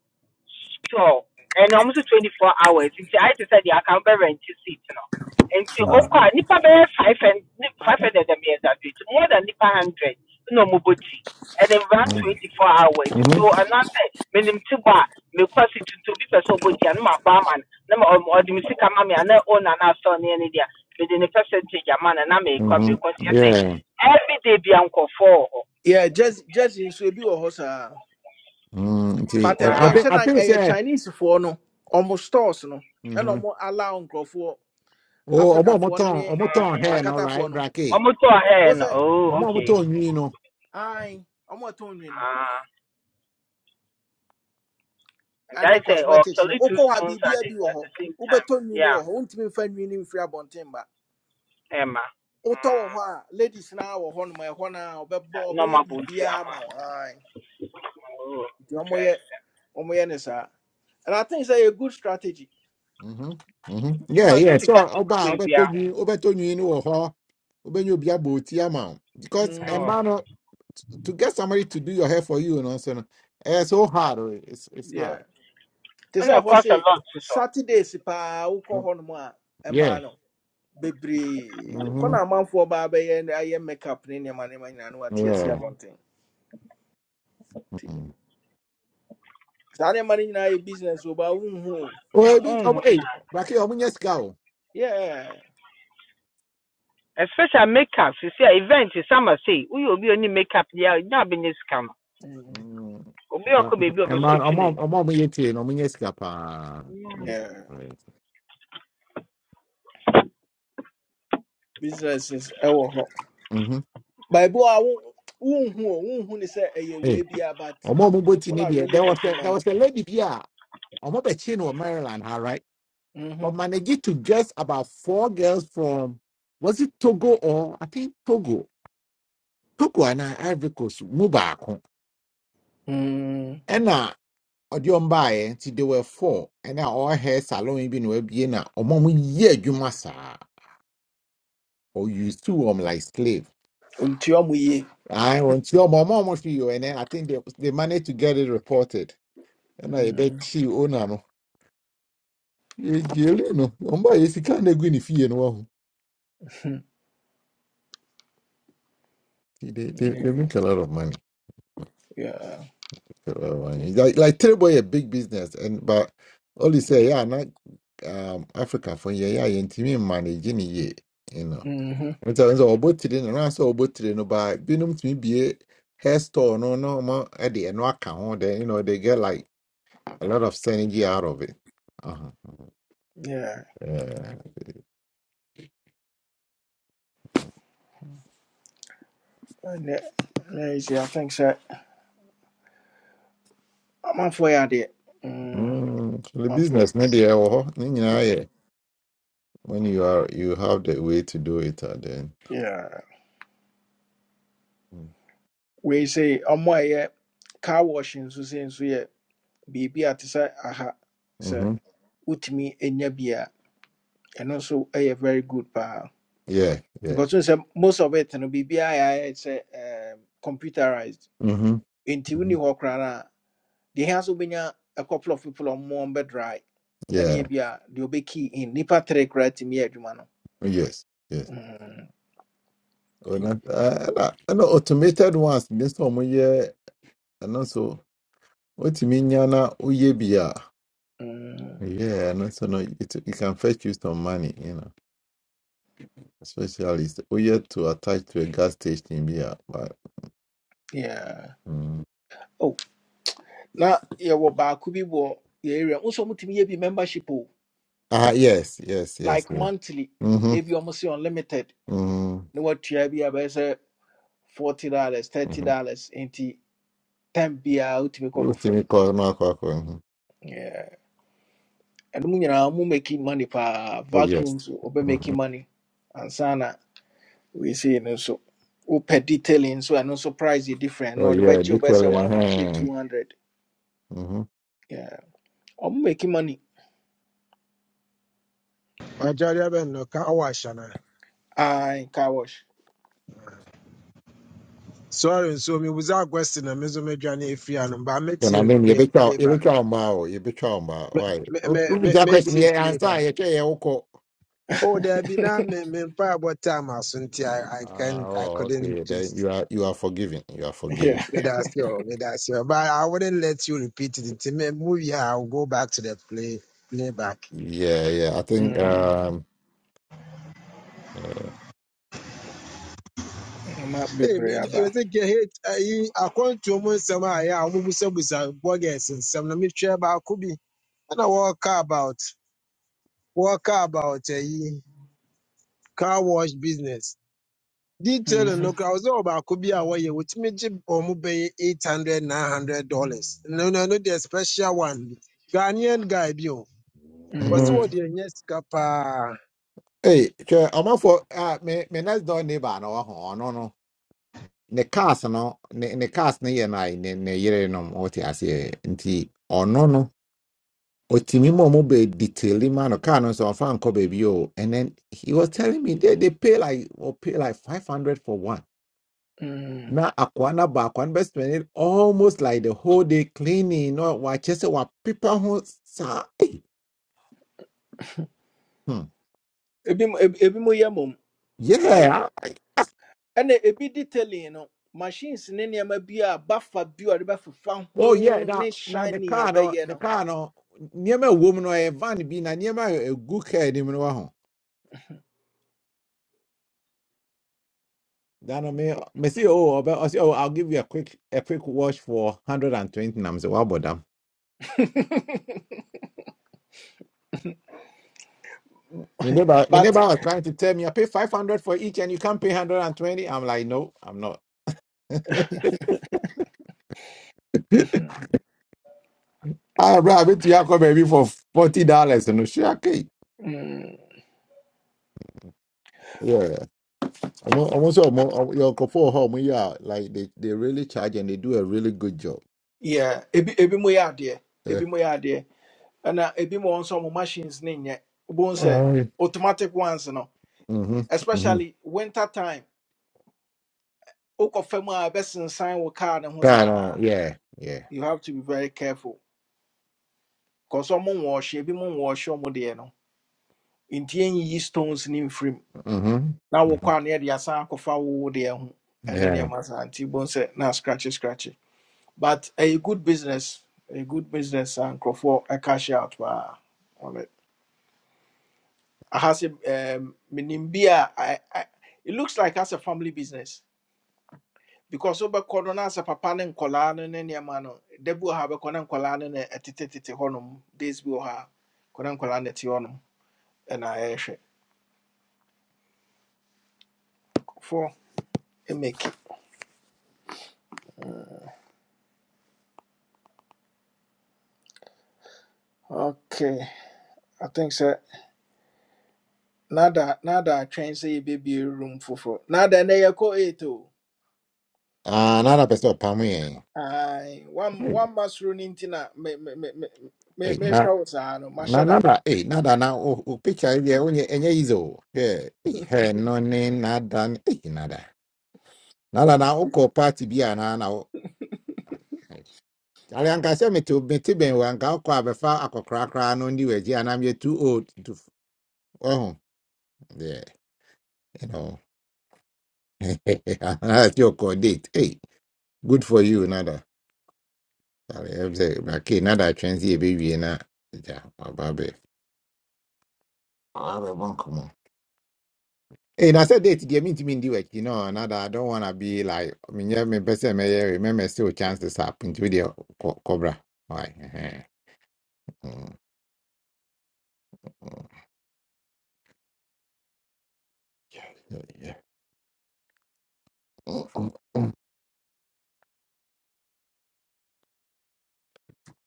[SPEAKER 12] store and almost 24 hours. Nti I just said, yeah, I can bear rent seat, you know. And so,
[SPEAKER 6] Mm-hmm.
[SPEAKER 1] Uh,
[SPEAKER 12] okay, nipa bear five and five hundred and years that it's more than nipa hundred, no moboti, and then run 24 hours.
[SPEAKER 6] hmm
[SPEAKER 12] Into another minim tiba, me kwasi to to be person boti and my barman, number or the music mami and I own and our son any there. Within a percentage, a man and I may come,
[SPEAKER 6] hmm
[SPEAKER 12] because you can say
[SPEAKER 6] Yeah.
[SPEAKER 12] every day be uncle for.
[SPEAKER 1] Yeah, just just in so be a
[SPEAKER 6] Mm, nti
[SPEAKER 1] But
[SPEAKER 6] eh,
[SPEAKER 1] and the
[SPEAKER 6] I
[SPEAKER 12] Wow.
[SPEAKER 6] think
[SPEAKER 1] ancient
[SPEAKER 6] I think
[SPEAKER 1] a
[SPEAKER 6] say
[SPEAKER 1] Chinese for no almost stores no and
[SPEAKER 6] mhm
[SPEAKER 1] almost allow for
[SPEAKER 6] oh ọmọ
[SPEAKER 1] Africa
[SPEAKER 6] ọmọ
[SPEAKER 1] for
[SPEAKER 6] tọn
[SPEAKER 1] any
[SPEAKER 6] ọmọ tọn hair no
[SPEAKER 1] akata
[SPEAKER 6] right
[SPEAKER 1] for no.
[SPEAKER 6] brake
[SPEAKER 12] Um, I'm to
[SPEAKER 1] What's
[SPEAKER 12] hand.
[SPEAKER 1] I?
[SPEAKER 6] ọmọ
[SPEAKER 12] Oh,
[SPEAKER 6] ọmọ
[SPEAKER 12] okay.
[SPEAKER 6] tọn nwi no
[SPEAKER 1] I almost told you no.
[SPEAKER 12] Ah, and
[SPEAKER 1] And
[SPEAKER 12] I
[SPEAKER 1] the
[SPEAKER 12] say, oh,
[SPEAKER 1] cosmetics no.
[SPEAKER 12] actually two
[SPEAKER 1] Oko ha
[SPEAKER 12] stones at
[SPEAKER 1] bibia
[SPEAKER 12] the
[SPEAKER 1] bi wo
[SPEAKER 12] at the
[SPEAKER 1] ho.
[SPEAKER 12] same time.
[SPEAKER 1] Ubeto nwini
[SPEAKER 12] Yeah,
[SPEAKER 1] wo ho. Untimi fa nwini mfiri abonten ba.
[SPEAKER 12] Emma.
[SPEAKER 1] Utọ wo
[SPEAKER 12] Um,
[SPEAKER 1] ho a ladies na wo ho no ma ho na obebọ obeye
[SPEAKER 12] normal booty,
[SPEAKER 1] bibia ma
[SPEAKER 12] Emma.
[SPEAKER 1] wo.
[SPEAKER 12] Oh,
[SPEAKER 1] nti ɔmoyɛ
[SPEAKER 12] interesting.
[SPEAKER 1] ɔmoyɛ ne saa and i think it's a good strategy
[SPEAKER 6] mhm mhm
[SPEAKER 12] No,
[SPEAKER 6] yeah
[SPEAKER 12] this
[SPEAKER 6] yeah
[SPEAKER 12] is
[SPEAKER 6] so
[SPEAKER 12] got big
[SPEAKER 6] ọba a ọbẹ
[SPEAKER 12] baby.
[SPEAKER 6] tọ nwi
[SPEAKER 12] ah.
[SPEAKER 6] ọbẹ tọ nwi no wọ họ ọbẹ nye obi abọ oti ama o because ẹ
[SPEAKER 1] mm,
[SPEAKER 12] Oh,
[SPEAKER 6] mma no to get somebody to do your hair for you no so no ẹ so hard o it's it's hard
[SPEAKER 1] yeah te
[SPEAKER 12] and
[SPEAKER 1] sɛ
[SPEAKER 12] it
[SPEAKER 1] hɔ
[SPEAKER 12] costs a
[SPEAKER 1] se
[SPEAKER 12] lot to so.
[SPEAKER 1] saturdays paa wokɔ
[SPEAKER 6] Mm,
[SPEAKER 1] hɔnom a
[SPEAKER 6] yeah
[SPEAKER 1] ɛmaa no bebree kɔ
[SPEAKER 6] mhm
[SPEAKER 1] na amanfoɔ baa bɛyɛ ne ayɛ makeup ne nneɛma nneɛma nyinaa no wate asi
[SPEAKER 6] yeah
[SPEAKER 12] Mm.
[SPEAKER 1] abɔnten nti
[SPEAKER 6] mhm
[SPEAKER 1] saa nneɛma no nyinaa yɛ business o baa wonhu o.
[SPEAKER 6] oh ebi ọmọ
[SPEAKER 12] Mm.
[SPEAKER 6] ey brake ọmọ nye sika
[SPEAKER 1] yeah
[SPEAKER 12] Especially makeup. You see, event is summer. See, we will be only makeup. Yeah, not business scam.
[SPEAKER 1] Mm,
[SPEAKER 6] Mm.
[SPEAKER 12] Obi ọkọ baby ọbẹ
[SPEAKER 6] ɛma
[SPEAKER 12] so
[SPEAKER 6] ɔma ɔma ɔmo yɛ tie no ɔmo nyɛ sika paa
[SPEAKER 12] tuning.
[SPEAKER 1] yeah businesses ɛwɔ hɔ
[SPEAKER 6] Mhm.
[SPEAKER 1] baabi a wo wonhu o wonhu ne sɛ ɛyɛ
[SPEAKER 6] Hey,
[SPEAKER 1] wei bia but
[SPEAKER 6] ɔmo a ɔmo bɔ ti
[SPEAKER 1] people
[SPEAKER 6] ne
[SPEAKER 1] are
[SPEAKER 6] deɛ
[SPEAKER 1] really
[SPEAKER 6] there was
[SPEAKER 1] making
[SPEAKER 6] a there
[SPEAKER 1] money
[SPEAKER 6] was a lady here. I'm on kyi no wɔ maryland ha right but
[SPEAKER 1] Mhm.
[SPEAKER 6] managed to dress about four girls from was it togo or i think togo togo and I, ivory coast mu And
[SPEAKER 1] Mm.
[SPEAKER 6] ɛna ɔde ɔmo baayɛ nti they were four And ɛna all hair salon yi bi na wabie na ɔmo a ɔmo yɛ adwuma saa or you sue ɔmo like slave.
[SPEAKER 1] nti ɔmo
[SPEAKER 6] I want your mom almost you, and then I think they they managed to get it reported. And I bet she owner no, you know, umba is kind of going if you know. They they they make a lot of money.
[SPEAKER 1] Yeah.
[SPEAKER 6] A lot of money. It's Like like Terrible a big business, and but all you say, yeah, not um Africa for yeah, yeah, and to managing it, you know.
[SPEAKER 1] Mm,
[SPEAKER 6] It's a so about today, and I saw about today, no, but be no to me be a hair store, no, no, more at the end, no account, then you know they get like a lot of synergy out of it. Uh-huh.
[SPEAKER 1] ne- yeah.
[SPEAKER 6] Yeah.
[SPEAKER 1] And that—that ɛnɛ ɛnɛ yi sɛ I think sɛ amanfoɔ yɛ I'm
[SPEAKER 6] Mm, so the
[SPEAKER 1] for.
[SPEAKER 6] business media ɛwɔ hɔ ne nyinaa yɛ when you are you have the way to do it uh, then
[SPEAKER 1] yeah. We say, I'm why car wash nso sɛ nso yɛ biribi at te sɛ aha sɛ
[SPEAKER 6] mm-hmm.
[SPEAKER 1] wotumi nya bi a ɛno nso ɛyɛ very good paa
[SPEAKER 6] yeah yeah
[SPEAKER 1] because n say most of it no biribiaa yɛ ayɛ um, computerized
[SPEAKER 6] mm-hmm.
[SPEAKER 1] nti
[SPEAKER 6] hmm
[SPEAKER 1] wonni hɔ koraa deɛ ɛhia sɛ wobɛnya a couple of people a ɔmo on more bed dry. and
[SPEAKER 6] yeah
[SPEAKER 1] ɛne be a deɛ key in nipa tere koraa tumi yɛ adwuma no
[SPEAKER 6] yes yes
[SPEAKER 1] Mm,
[SPEAKER 6] Oh
[SPEAKER 1] think-
[SPEAKER 6] ɛna ɛna ɛna automated ones This nso a wɔyɛ ɛno nso What nya na woyɛ bi a
[SPEAKER 1] mm,
[SPEAKER 6] yeah ɛno nso no it, it can fetch you some money you know especially sɛ Uye to attach to a gas station bi but
[SPEAKER 1] yeah.
[SPEAKER 6] mm.
[SPEAKER 1] Oh, Now, na yɛwɔ baako bi wɔ yɛ area also ɔmo tumi be membership o
[SPEAKER 6] ah yes yes yes
[SPEAKER 1] like monthly
[SPEAKER 6] yes.
[SPEAKER 1] ebi ɔmo se unlimited
[SPEAKER 6] Mm-hmm.
[SPEAKER 1] no na you bi a bɛyɛ sɛ forty dollars thirty dollars into ten time biara wotumi kɔ
[SPEAKER 6] What's
[SPEAKER 1] kɔfa mu
[SPEAKER 6] in call Mark Walker? Mhm.
[SPEAKER 1] Yeah. And ɛnom nyinaa ɔmo making money for
[SPEAKER 6] Oh yes.
[SPEAKER 1] vacuums ɔbɛ
[SPEAKER 6] hmm
[SPEAKER 1] making money And ansana We wei no nso wopɛ detailing so I know, surprise price different
[SPEAKER 6] Oh
[SPEAKER 1] na the
[SPEAKER 6] yeah,
[SPEAKER 1] bɛgye wobɛyɛ sɛ
[SPEAKER 6] literally.
[SPEAKER 1] one fifty,
[SPEAKER 6] Uh-huh.
[SPEAKER 1] two hundred.
[SPEAKER 6] Mm-hmm.
[SPEAKER 1] Yeah, I'm making money
[SPEAKER 14] Ajari abe no ka awa
[SPEAKER 1] ai car wash
[SPEAKER 14] Sorry, so me was our question and Mizo Medjani Fiano, but I met
[SPEAKER 6] And I
[SPEAKER 14] you
[SPEAKER 6] mean, you
[SPEAKER 14] play-
[SPEAKER 6] be chow, you be
[SPEAKER 14] playback.
[SPEAKER 6] chow mao, you be chow mao.
[SPEAKER 14] Me,
[SPEAKER 6] Why?
[SPEAKER 14] me, me
[SPEAKER 6] Who is
[SPEAKER 14] me-
[SPEAKER 6] that
[SPEAKER 14] Met
[SPEAKER 6] question?
[SPEAKER 14] you
[SPEAKER 6] Yeah, answer.
[SPEAKER 14] playback.
[SPEAKER 6] You say you go.
[SPEAKER 14] Oh, there be now me me pa about time as until I I
[SPEAKER 6] Ah,
[SPEAKER 14] can I
[SPEAKER 6] oh,
[SPEAKER 14] couldn't
[SPEAKER 6] okay. Then
[SPEAKER 14] just
[SPEAKER 6] you are you are forgiven. You are forgiven.
[SPEAKER 1] yeah.
[SPEAKER 14] let us go, let us go. But I wouldn't let you repeat it until me move here. I'll go back to the play playback.
[SPEAKER 6] Yeah, yeah. I think.
[SPEAKER 1] mm.
[SPEAKER 6] Um. Uh,
[SPEAKER 1] ma
[SPEAKER 14] Hey,
[SPEAKER 1] bebree
[SPEAKER 14] man, I
[SPEAKER 1] aba
[SPEAKER 14] think you hate. I you according to me, some uh, yeah, I'm busa busa bogus and some let me try about could be. And I walk about walk about a year. car wash business. Detail Detailing no
[SPEAKER 1] Mhm.
[SPEAKER 14] was so about could be away with me or pay eight hundred, nine hundred dollars. No, no, no, the special one. Ghanaian guy, bio. What's
[SPEAKER 6] mm-hmm.
[SPEAKER 14] what
[SPEAKER 1] Mm.
[SPEAKER 14] the yes capa?
[SPEAKER 6] Hey, sure. I'm up for. Uh, me me next door neighbor no oh, no no. Ne cars no ne ne cars ne yɛ na ne ne yere nom. What you say? Nti ɔno no. no. Otimi momo be detailing man or car no so fan ko baby oh. And then he was telling me they, they pay like or pay like five hundred for one.
[SPEAKER 1] Mm.
[SPEAKER 6] Now akwana ba akwan best spend it almost like the whole day cleaning or wa chese wa people who sa eh, hmm.
[SPEAKER 1] ebi mo- ebi ebi mo yɛ mom like
[SPEAKER 6] Yeah. ah,
[SPEAKER 1] and ebi detailing no machines ne nneɛma bi a bafa bi a ɔde bɛfefa
[SPEAKER 6] Oh yeah.
[SPEAKER 1] ho
[SPEAKER 6] Now
[SPEAKER 1] ne
[SPEAKER 6] now the
[SPEAKER 1] shiny
[SPEAKER 6] car no
[SPEAKER 1] ɛbɛyɛ
[SPEAKER 6] the
[SPEAKER 1] no
[SPEAKER 6] car no near woman or a van be na near a good care him no ho. Then me
[SPEAKER 1] Nkɔ.
[SPEAKER 6] me see oh, i i say, oh I'll give you a quick a quick wash for one hundred and twenty. And I'm say what about them? My neighbor, my neighbor
[SPEAKER 1] but
[SPEAKER 6] was trying to tell me I pay five hundred for each and you can't pay hundred and twenty. I'm like, no, I'm not. Ah, bro, I went to have baby for forty dollars and no shit. Okay.
[SPEAKER 1] mm.
[SPEAKER 6] Yeah, I'm almost your for home. Yeah, like they, they really charge and they do a really good job.
[SPEAKER 1] Yeah, ebi ebi mo yɛ adeɛ,
[SPEAKER 6] Yeah.
[SPEAKER 1] ebi mo yɛ adeɛ, ɛna ebi mo nso mo machines ne nyɛ. Wobɛhu sɛ
[SPEAKER 6] Mm-hmm.
[SPEAKER 1] automatic ones no, especially winter time, wokɔ fam a ɛbɛsensan wo car ne ho
[SPEAKER 6] Mm-hmm.
[SPEAKER 1] saa.
[SPEAKER 6] yeah, yeah.
[SPEAKER 1] You have to be very careful. Cause ɔmo nwɔɔhye, ebi mo nwɔɔhye ɔmo deɛ no, nti enyiyi stones ne mfirim.
[SPEAKER 6] Mm-hmm.
[SPEAKER 1] Na
[SPEAKER 6] mm-hmm.
[SPEAKER 1] wokɔ a ne yɛde asan akɔfa wo wo deɛ ho ɛne
[SPEAKER 6] Yeah.
[SPEAKER 1] nneɛma saa nti wobɛhu sɛ na scratchy scratchy. But a good business, a good business a nkurɔfoɔ ɛcash out paa. on it. has a um menimbia I, I it looks like as a family business because over corona as a papa and colana and your man debu have a conan colana and tititi honum this will have conan colana tionum and I for a make it. okay I think so nada nada train say baby room for for nada na yako eight oh
[SPEAKER 6] Ah, another person, Pammy.
[SPEAKER 1] I one one must run into na me me me me me
[SPEAKER 6] Hey,
[SPEAKER 1] me show us ah no
[SPEAKER 6] na
[SPEAKER 1] mashada
[SPEAKER 6] nada eh nada na o o picture ile onye enye izo eh eh, he no ni nada ni- eh nada nada na uko party bia na na o ale anka se meti meti ben wa anka uko abefa akokra kra no ndi weji anam ye too old to f- oh yeah you know that's your code date hey good for you nada ale mze na ke nada transi e be wie na ja ababe ababe bon And I said date dear mean to mean the work, you know, and I don't wanna be like I mean yeah, me person may remember still chances up into the co- cobra. Why? Yeah, Yeah, Mm, mm,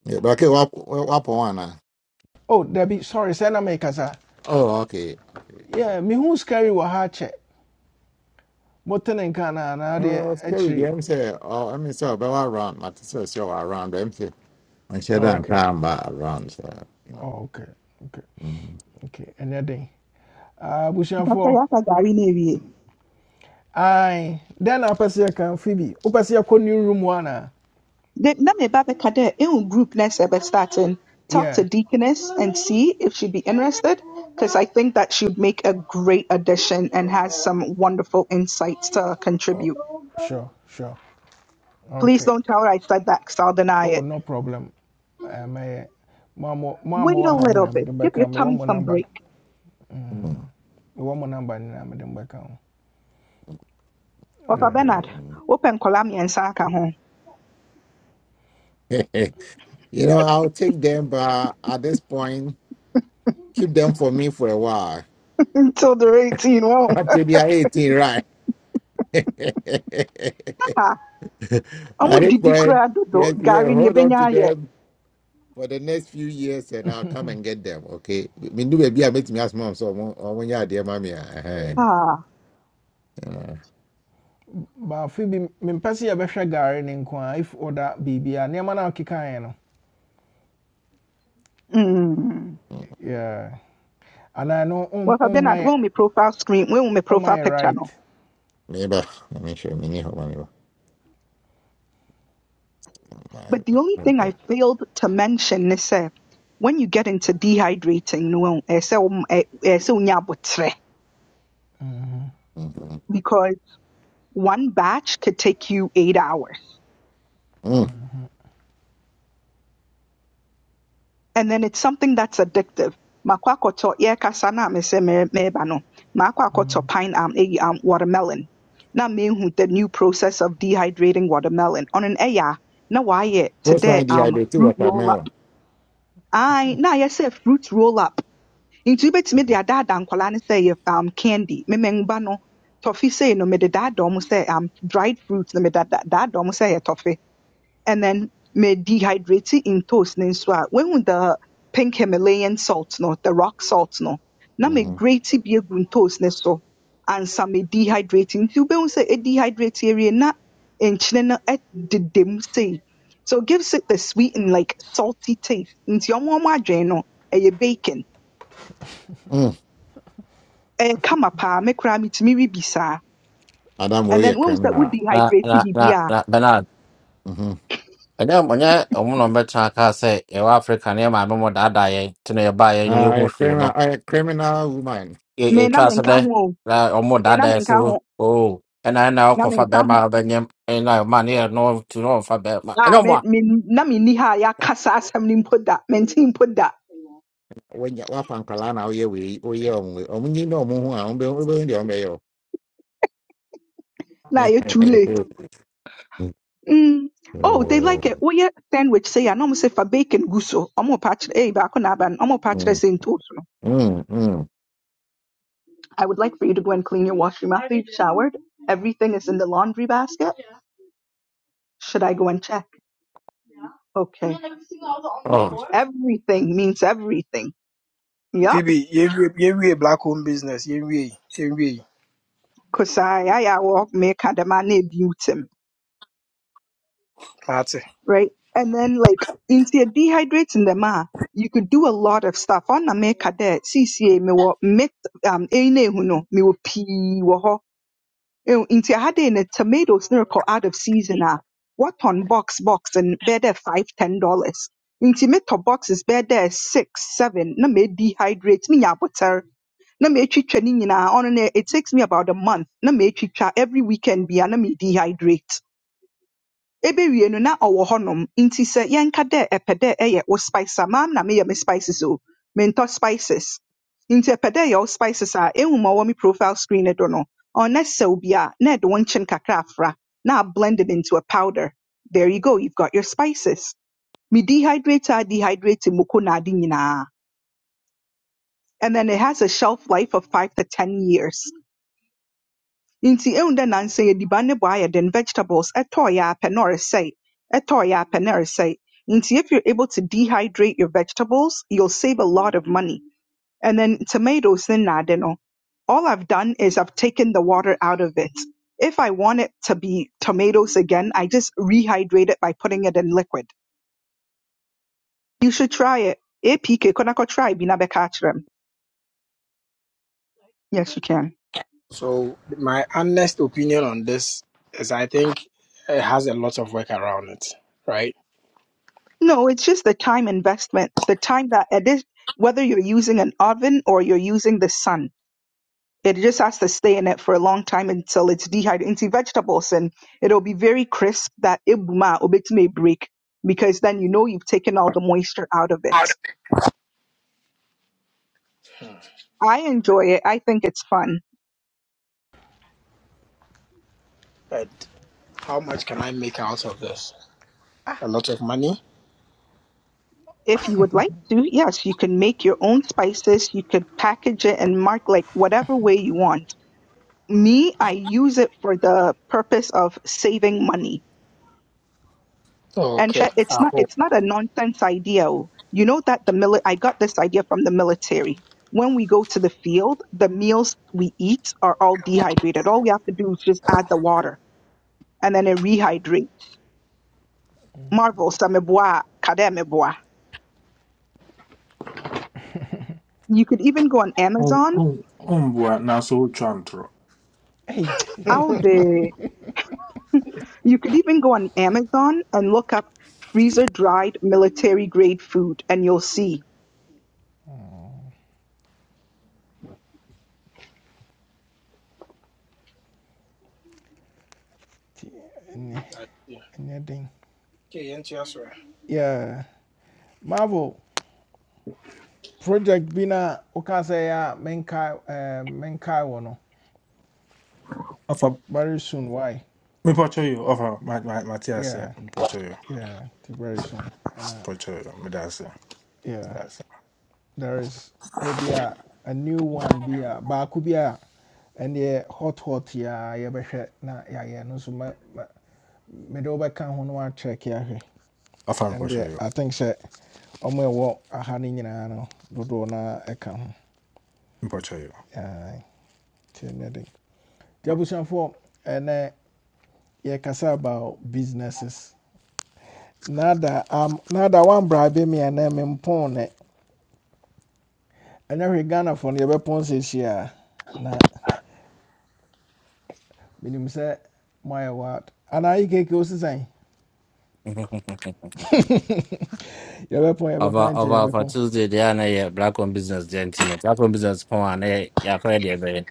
[SPEAKER 6] yeah, but okay, what what one? ah?
[SPEAKER 1] oh Debbie sorry send a make us
[SPEAKER 6] Oh, okay, okay.
[SPEAKER 1] Yeah, me who's carry wa ha check. Moten and can and I
[SPEAKER 6] Oh, scary. The
[SPEAKER 1] actually.
[SPEAKER 6] M say, oh, I mean, so about around, my sister show around the M say, and she
[SPEAKER 1] Oh,
[SPEAKER 6] done
[SPEAKER 1] okay.
[SPEAKER 6] time about around, so you know.
[SPEAKER 1] Oh, okay. Okay.
[SPEAKER 6] Mm,
[SPEAKER 1] Okay. And that thing. Ah, Bushan
[SPEAKER 9] Mpacha,
[SPEAKER 1] for.
[SPEAKER 9] yɛaka gari na ewie.
[SPEAKER 1] Aye. Then I pass here can Phoebe. Upass here ko new room one. ah.
[SPEAKER 9] They, na me ba bɛka dɛ, ehu group na ɛsɛ starting. Talk to
[SPEAKER 1] Yeah.
[SPEAKER 9] Deaconess and see if she'd be interested, because I think that she'd make a great addition and has some wonderful insights to
[SPEAKER 1] Oh,
[SPEAKER 9] contribute.
[SPEAKER 1] sure, sure.
[SPEAKER 9] Please
[SPEAKER 1] Okay.
[SPEAKER 9] don't tell her I said that, because I'll deny
[SPEAKER 1] Oh,
[SPEAKER 9] it.
[SPEAKER 1] no problem. Uh, my mama, mama,
[SPEAKER 9] Wait a
[SPEAKER 1] wa hanging.
[SPEAKER 9] little
[SPEAKER 1] I'm
[SPEAKER 9] bit.
[SPEAKER 1] the
[SPEAKER 9] Give
[SPEAKER 1] back.
[SPEAKER 9] your
[SPEAKER 1] am. Me one
[SPEAKER 9] tummy
[SPEAKER 1] more
[SPEAKER 9] some
[SPEAKER 1] number.
[SPEAKER 9] break.
[SPEAKER 6] mm,
[SPEAKER 1] Mm. Me one more number. I'm the back. am.
[SPEAKER 9] Papa
[SPEAKER 1] Uh,
[SPEAKER 9] Bernard,
[SPEAKER 6] mm,
[SPEAKER 9] open kolami and saka home.
[SPEAKER 6] mm. you know, I'll take them, but at this point, keep them for me for a while.
[SPEAKER 9] Until they're 18, won't.
[SPEAKER 6] Until they are 18, right?
[SPEAKER 9] Ah,
[SPEAKER 6] At
[SPEAKER 9] ɔmo
[SPEAKER 6] this
[SPEAKER 9] didi
[SPEAKER 6] point,
[SPEAKER 9] koraa dodo.
[SPEAKER 6] yes, yeah,
[SPEAKER 9] Gary ni
[SPEAKER 6] hold on to
[SPEAKER 9] ebenya ayɛ.
[SPEAKER 6] them for the next few years and I'll come and get them, okay? Me do baby, I make me ask mom, so I want you are there, mommy. eh, eh,
[SPEAKER 9] Ah,
[SPEAKER 6] eh,
[SPEAKER 1] But baafe bi mempɛ sɛ yɛbɛhwɛ gare ne nko a better garden in Kwa if order biribi a nneɛma no a ɔkekaeɛ no
[SPEAKER 9] mm.
[SPEAKER 1] yeah. anaa no ɔm-
[SPEAKER 9] Papa
[SPEAKER 1] ɔmma
[SPEAKER 9] Bernard, when
[SPEAKER 1] yɛ
[SPEAKER 9] me profile screen, when me
[SPEAKER 1] ɔmma
[SPEAKER 9] profile
[SPEAKER 1] yɛ
[SPEAKER 9] picture no.
[SPEAKER 1] right
[SPEAKER 6] Neighbor, let me show me need help, neighbor. My-
[SPEAKER 9] But the only thing I failed to mention is uh, when you get into dehydrating, no, eh, sɛ wom- eh, eh, sɛ wonya abotrɛ.
[SPEAKER 6] Mhm.
[SPEAKER 9] because one batch could take you eight hours.
[SPEAKER 6] Mm.
[SPEAKER 9] And then it's something that's addictive. Makɔ akɔtɔ yɛrekasa no a mesɛ mere- mereba no, maakɔ akɔtɔ pine um, eh, um, watermelon. Na mehu the new process of dehydrating watermelon. Ɔno no ɛyɛ a na waayɛ te
[SPEAKER 6] First
[SPEAKER 9] dɛ
[SPEAKER 6] line
[SPEAKER 9] um,
[SPEAKER 6] dehydrated
[SPEAKER 9] fruit roll up.
[SPEAKER 6] watermelon.
[SPEAKER 9] Aye, na ayɛ sɛ fruit roll up Nti wobɛtumi de
[SPEAKER 6] Mhm,
[SPEAKER 9] adaadaa nkwadaa no sɛ ɛyɛ um, candy. Memengba no, toffee sei no mede daadaa ɔmo sɛ um, dried fruit na mede da- daadaa ɔmo sɛ ɛyɛ toffee. And then me dehydrate in toast ne nso a, woehu the pink Himalayan salt no, the rock salt no, na me
[SPEAKER 6] mhm.
[SPEAKER 9] grate bi egu ntoos ne so ansa me dehydrate. Nti wobɛhu sɛ ɛdehydrate awie na nkyene no ɛdeda mu sei. So it gives it the sweet and like salty taste. Nti ɔmo ɔmo adwene no, ɛyɛ bacon.
[SPEAKER 6] Mm.
[SPEAKER 9] ɛnkama paa me koraa metumi we bi saa
[SPEAKER 6] Adam, will
[SPEAKER 9] and
[SPEAKER 6] you
[SPEAKER 9] then
[SPEAKER 6] a
[SPEAKER 9] wohu sɛ wo
[SPEAKER 6] criminal?
[SPEAKER 9] dehydrate
[SPEAKER 2] na na na
[SPEAKER 9] bibi a
[SPEAKER 2] na Bernard
[SPEAKER 6] Mm-hmm. Uh,
[SPEAKER 2] ɛnyɛ ɔnyɛ ɔmo na ɔmbɛtena kaa sɛ yɛwɔ Africa ne yɛ maame mo daadaa yɛn nti na yɛbaa yɛn ne
[SPEAKER 6] I
[SPEAKER 2] yɛhu
[SPEAKER 6] a
[SPEAKER 2] hwee no
[SPEAKER 6] criminal, I a criminal woman.
[SPEAKER 2] yɛ
[SPEAKER 9] me na
[SPEAKER 2] yɛtwa so
[SPEAKER 9] menka
[SPEAKER 2] dɛ
[SPEAKER 9] ho o
[SPEAKER 2] na ɔmo
[SPEAKER 9] me na
[SPEAKER 2] daadaa yɛn so
[SPEAKER 9] menka ho
[SPEAKER 2] oo ɛna ɛna
[SPEAKER 9] na
[SPEAKER 2] ɔkɔfa
[SPEAKER 9] menka
[SPEAKER 2] bɛrima
[SPEAKER 9] ho
[SPEAKER 2] a ɔbɛnyɛm ɛna ɔma ne yɛ no tu na ɔmfa bɛrima ɛnyɛ
[SPEAKER 9] a
[SPEAKER 2] ɔmo
[SPEAKER 9] me,
[SPEAKER 2] a
[SPEAKER 9] me na menni ha a yɛaka saa asɛm no mpo da mente mpo da
[SPEAKER 6] wanya wafa nkwalaa na woyɛ wei woyɛ ɔmo wei ɔmo nyi na ɔmo ho a ɔmo bɛ ɔmo bɛhu deɛ
[SPEAKER 9] na ɛyɛ too late Mm. Oh,
[SPEAKER 6] Oh.
[SPEAKER 9] they
[SPEAKER 6] yeah,
[SPEAKER 9] like it. Woyɛ sandwich sɛ a na ɔmo sɛ fa bacon gu so. Ɔmo pa kyerɛ ɛyi baako na aba no. Ɔmo
[SPEAKER 6] oh.
[SPEAKER 9] pa kyerɛ
[SPEAKER 6] Mm,
[SPEAKER 9] sɛ ntoos no.
[SPEAKER 6] mm, mm, mm.
[SPEAKER 9] I would like for you to go and clean your washroom after you've showered. Everything is in the laundry basket. Should I go and check? Okay. And then Everything I was on the
[SPEAKER 6] Oh.
[SPEAKER 9] floor. Everything means everything. Yup.
[SPEAKER 15] Phoebe, yɛnwie yɛnwie black home business yɛnwie we yɛnwie yi.
[SPEAKER 9] Cause I, I, I walk me kadamane butim,
[SPEAKER 15] maate
[SPEAKER 9] right? And then like, into dehydrating them, ah, you could do a lot of stuff. On na me kade, CCA, me wo, me, um, eh, ne, huno, me wo pee, Ew, nti ade ne tomatoes no rekɔ out of season Ah, what on box box and bɛyɛ dɛ five ten dollars nti metɔ boxes bɛyɛ dɛ six seven na me menya butter. na metwitwa ne nyinaa ɔno no it takes me about a month na metwitwa every weekend bia na me dehydrate. Ebe no na ɔwɔ hɔnom nti sɛ yɛnka dɛ ɛpɛ dɛ ɛyɛ wo spice a maam na meyɛ me spices o mentɔ spices inti epede dɛ ɛyɛ wo spices a ehu ma ɔwɔ me profile screen no do no ɔnɛ se bi a na ɛde wo nkyen kakra afra na blend it into a powder there you go you've got your spices me dehydrate a dehydrate moko na ade nyinaa and then it has a shelf life of five to ten years Nti ehu dɛ nnansa yi aduane bɔ ayɛ den, vegetables ɛtɔɔeɛ ara pɛ na ɔresɛe, ɛtɔɔeɛ ara pɛ na ɛresɛe. Nti if you're able to dehydrate your vegetables, you'll save a lot of money. And then tomatoes ne nnade no, all I've done is I've taken the water out of it. If I want it to be tomatoes again, I just rehydrate it by putting it in liquid. You should try it. APK, kona ko try bi na bɛka akyerɛ me. Yes, you can.
[SPEAKER 15] So my honest opinion on this is I think it has a lot of work around it, right?
[SPEAKER 9] No, it's just the time investment, the time that it is, whether you're using an oven or you're using the sun, it just has to stay in it for a long time until it's dehydrated into vegetables and it'll be very crisp that ibuma may break because then you know you've taken all the moisture out of it.
[SPEAKER 15] Hmm.
[SPEAKER 9] I enjoy it. I think it's fun.
[SPEAKER 15] But how much can I make out of this? A lot of money?
[SPEAKER 9] If you would like to, yes, you can make your own spices. You could package it and mark like whatever way you want. Me, I use it for the purpose of saving money
[SPEAKER 15] Oh,
[SPEAKER 9] And
[SPEAKER 15] okay.
[SPEAKER 9] Sha- it's
[SPEAKER 15] I
[SPEAKER 9] not
[SPEAKER 15] hope.
[SPEAKER 9] it's not a nonsense idea. oh. You know that the mili- I got this idea from the military. When we go to the field, the meals we eat are all dehydrated. All we have to do is just add the water and then it rehydrates. Marvel, sameboa, kademeboa. You could even go on
[SPEAKER 16] Um,
[SPEAKER 9] Amazon.
[SPEAKER 16] um, um, boy, now so chantro.
[SPEAKER 1] Ei,
[SPEAKER 9] How the you could even go on Amazon and look up freezer dried military grade food and you'll see He was also a member of the Society of Antiquarians.
[SPEAKER 1] nti ɛnyɛ
[SPEAKER 15] I see.
[SPEAKER 1] ɛnyɛ den
[SPEAKER 15] Okay, into your story.
[SPEAKER 1] Yeah. marvel project bi no a woka sɛ a menkae ɛɛ, menkae wɔ no
[SPEAKER 16] Afa,
[SPEAKER 1] very soon why
[SPEAKER 16] me pacho yo. Afa, my my Matias here.
[SPEAKER 1] yeah
[SPEAKER 16] Me pacho yo.
[SPEAKER 1] yeah very soon And
[SPEAKER 16] Pacho yo. Me that's it.
[SPEAKER 1] yeah
[SPEAKER 16] That's it.
[SPEAKER 1] there is a be a, a new one be a baako bi a ɛneɛ hot hot yɛa yɛbɛhwɛ na yɛayɛ no so, me mɛ- mɛ- mede wobɛka ho no wakyerɛke
[SPEAKER 16] Afa me
[SPEAKER 1] and
[SPEAKER 16] pacho
[SPEAKER 1] the
[SPEAKER 16] yo.
[SPEAKER 1] i think sɛ ɔmo ɛwɔ aha no nyinaa no dodoɔ no ɛka ho
[SPEAKER 16] Me pacho yo.
[SPEAKER 1] Aye, nti ɛnyɛ for, and abusuafoɔ ɛnɛ yɛkasa about businesses nada am nada woambrabe me ɛnɛ mempɔn nɛ ɛnyɛ hwee ghanafoɔ no yɛbɛpɔn seesie a na menim sɛ moayɛ wad you yi keke wo sesan yɛbɛpɔn
[SPEAKER 2] ɔba
[SPEAKER 1] yɛbɛpɔn
[SPEAKER 2] ɔba
[SPEAKER 1] nkyɛ
[SPEAKER 2] ɔfa
[SPEAKER 1] yɛbɛpɔn
[SPEAKER 2] Tuesday deɛ a na yɛ black on business deɛ nti no black on business pɔn a na yɛ yɛakɔyɛ deɛ ɛbɛyɛ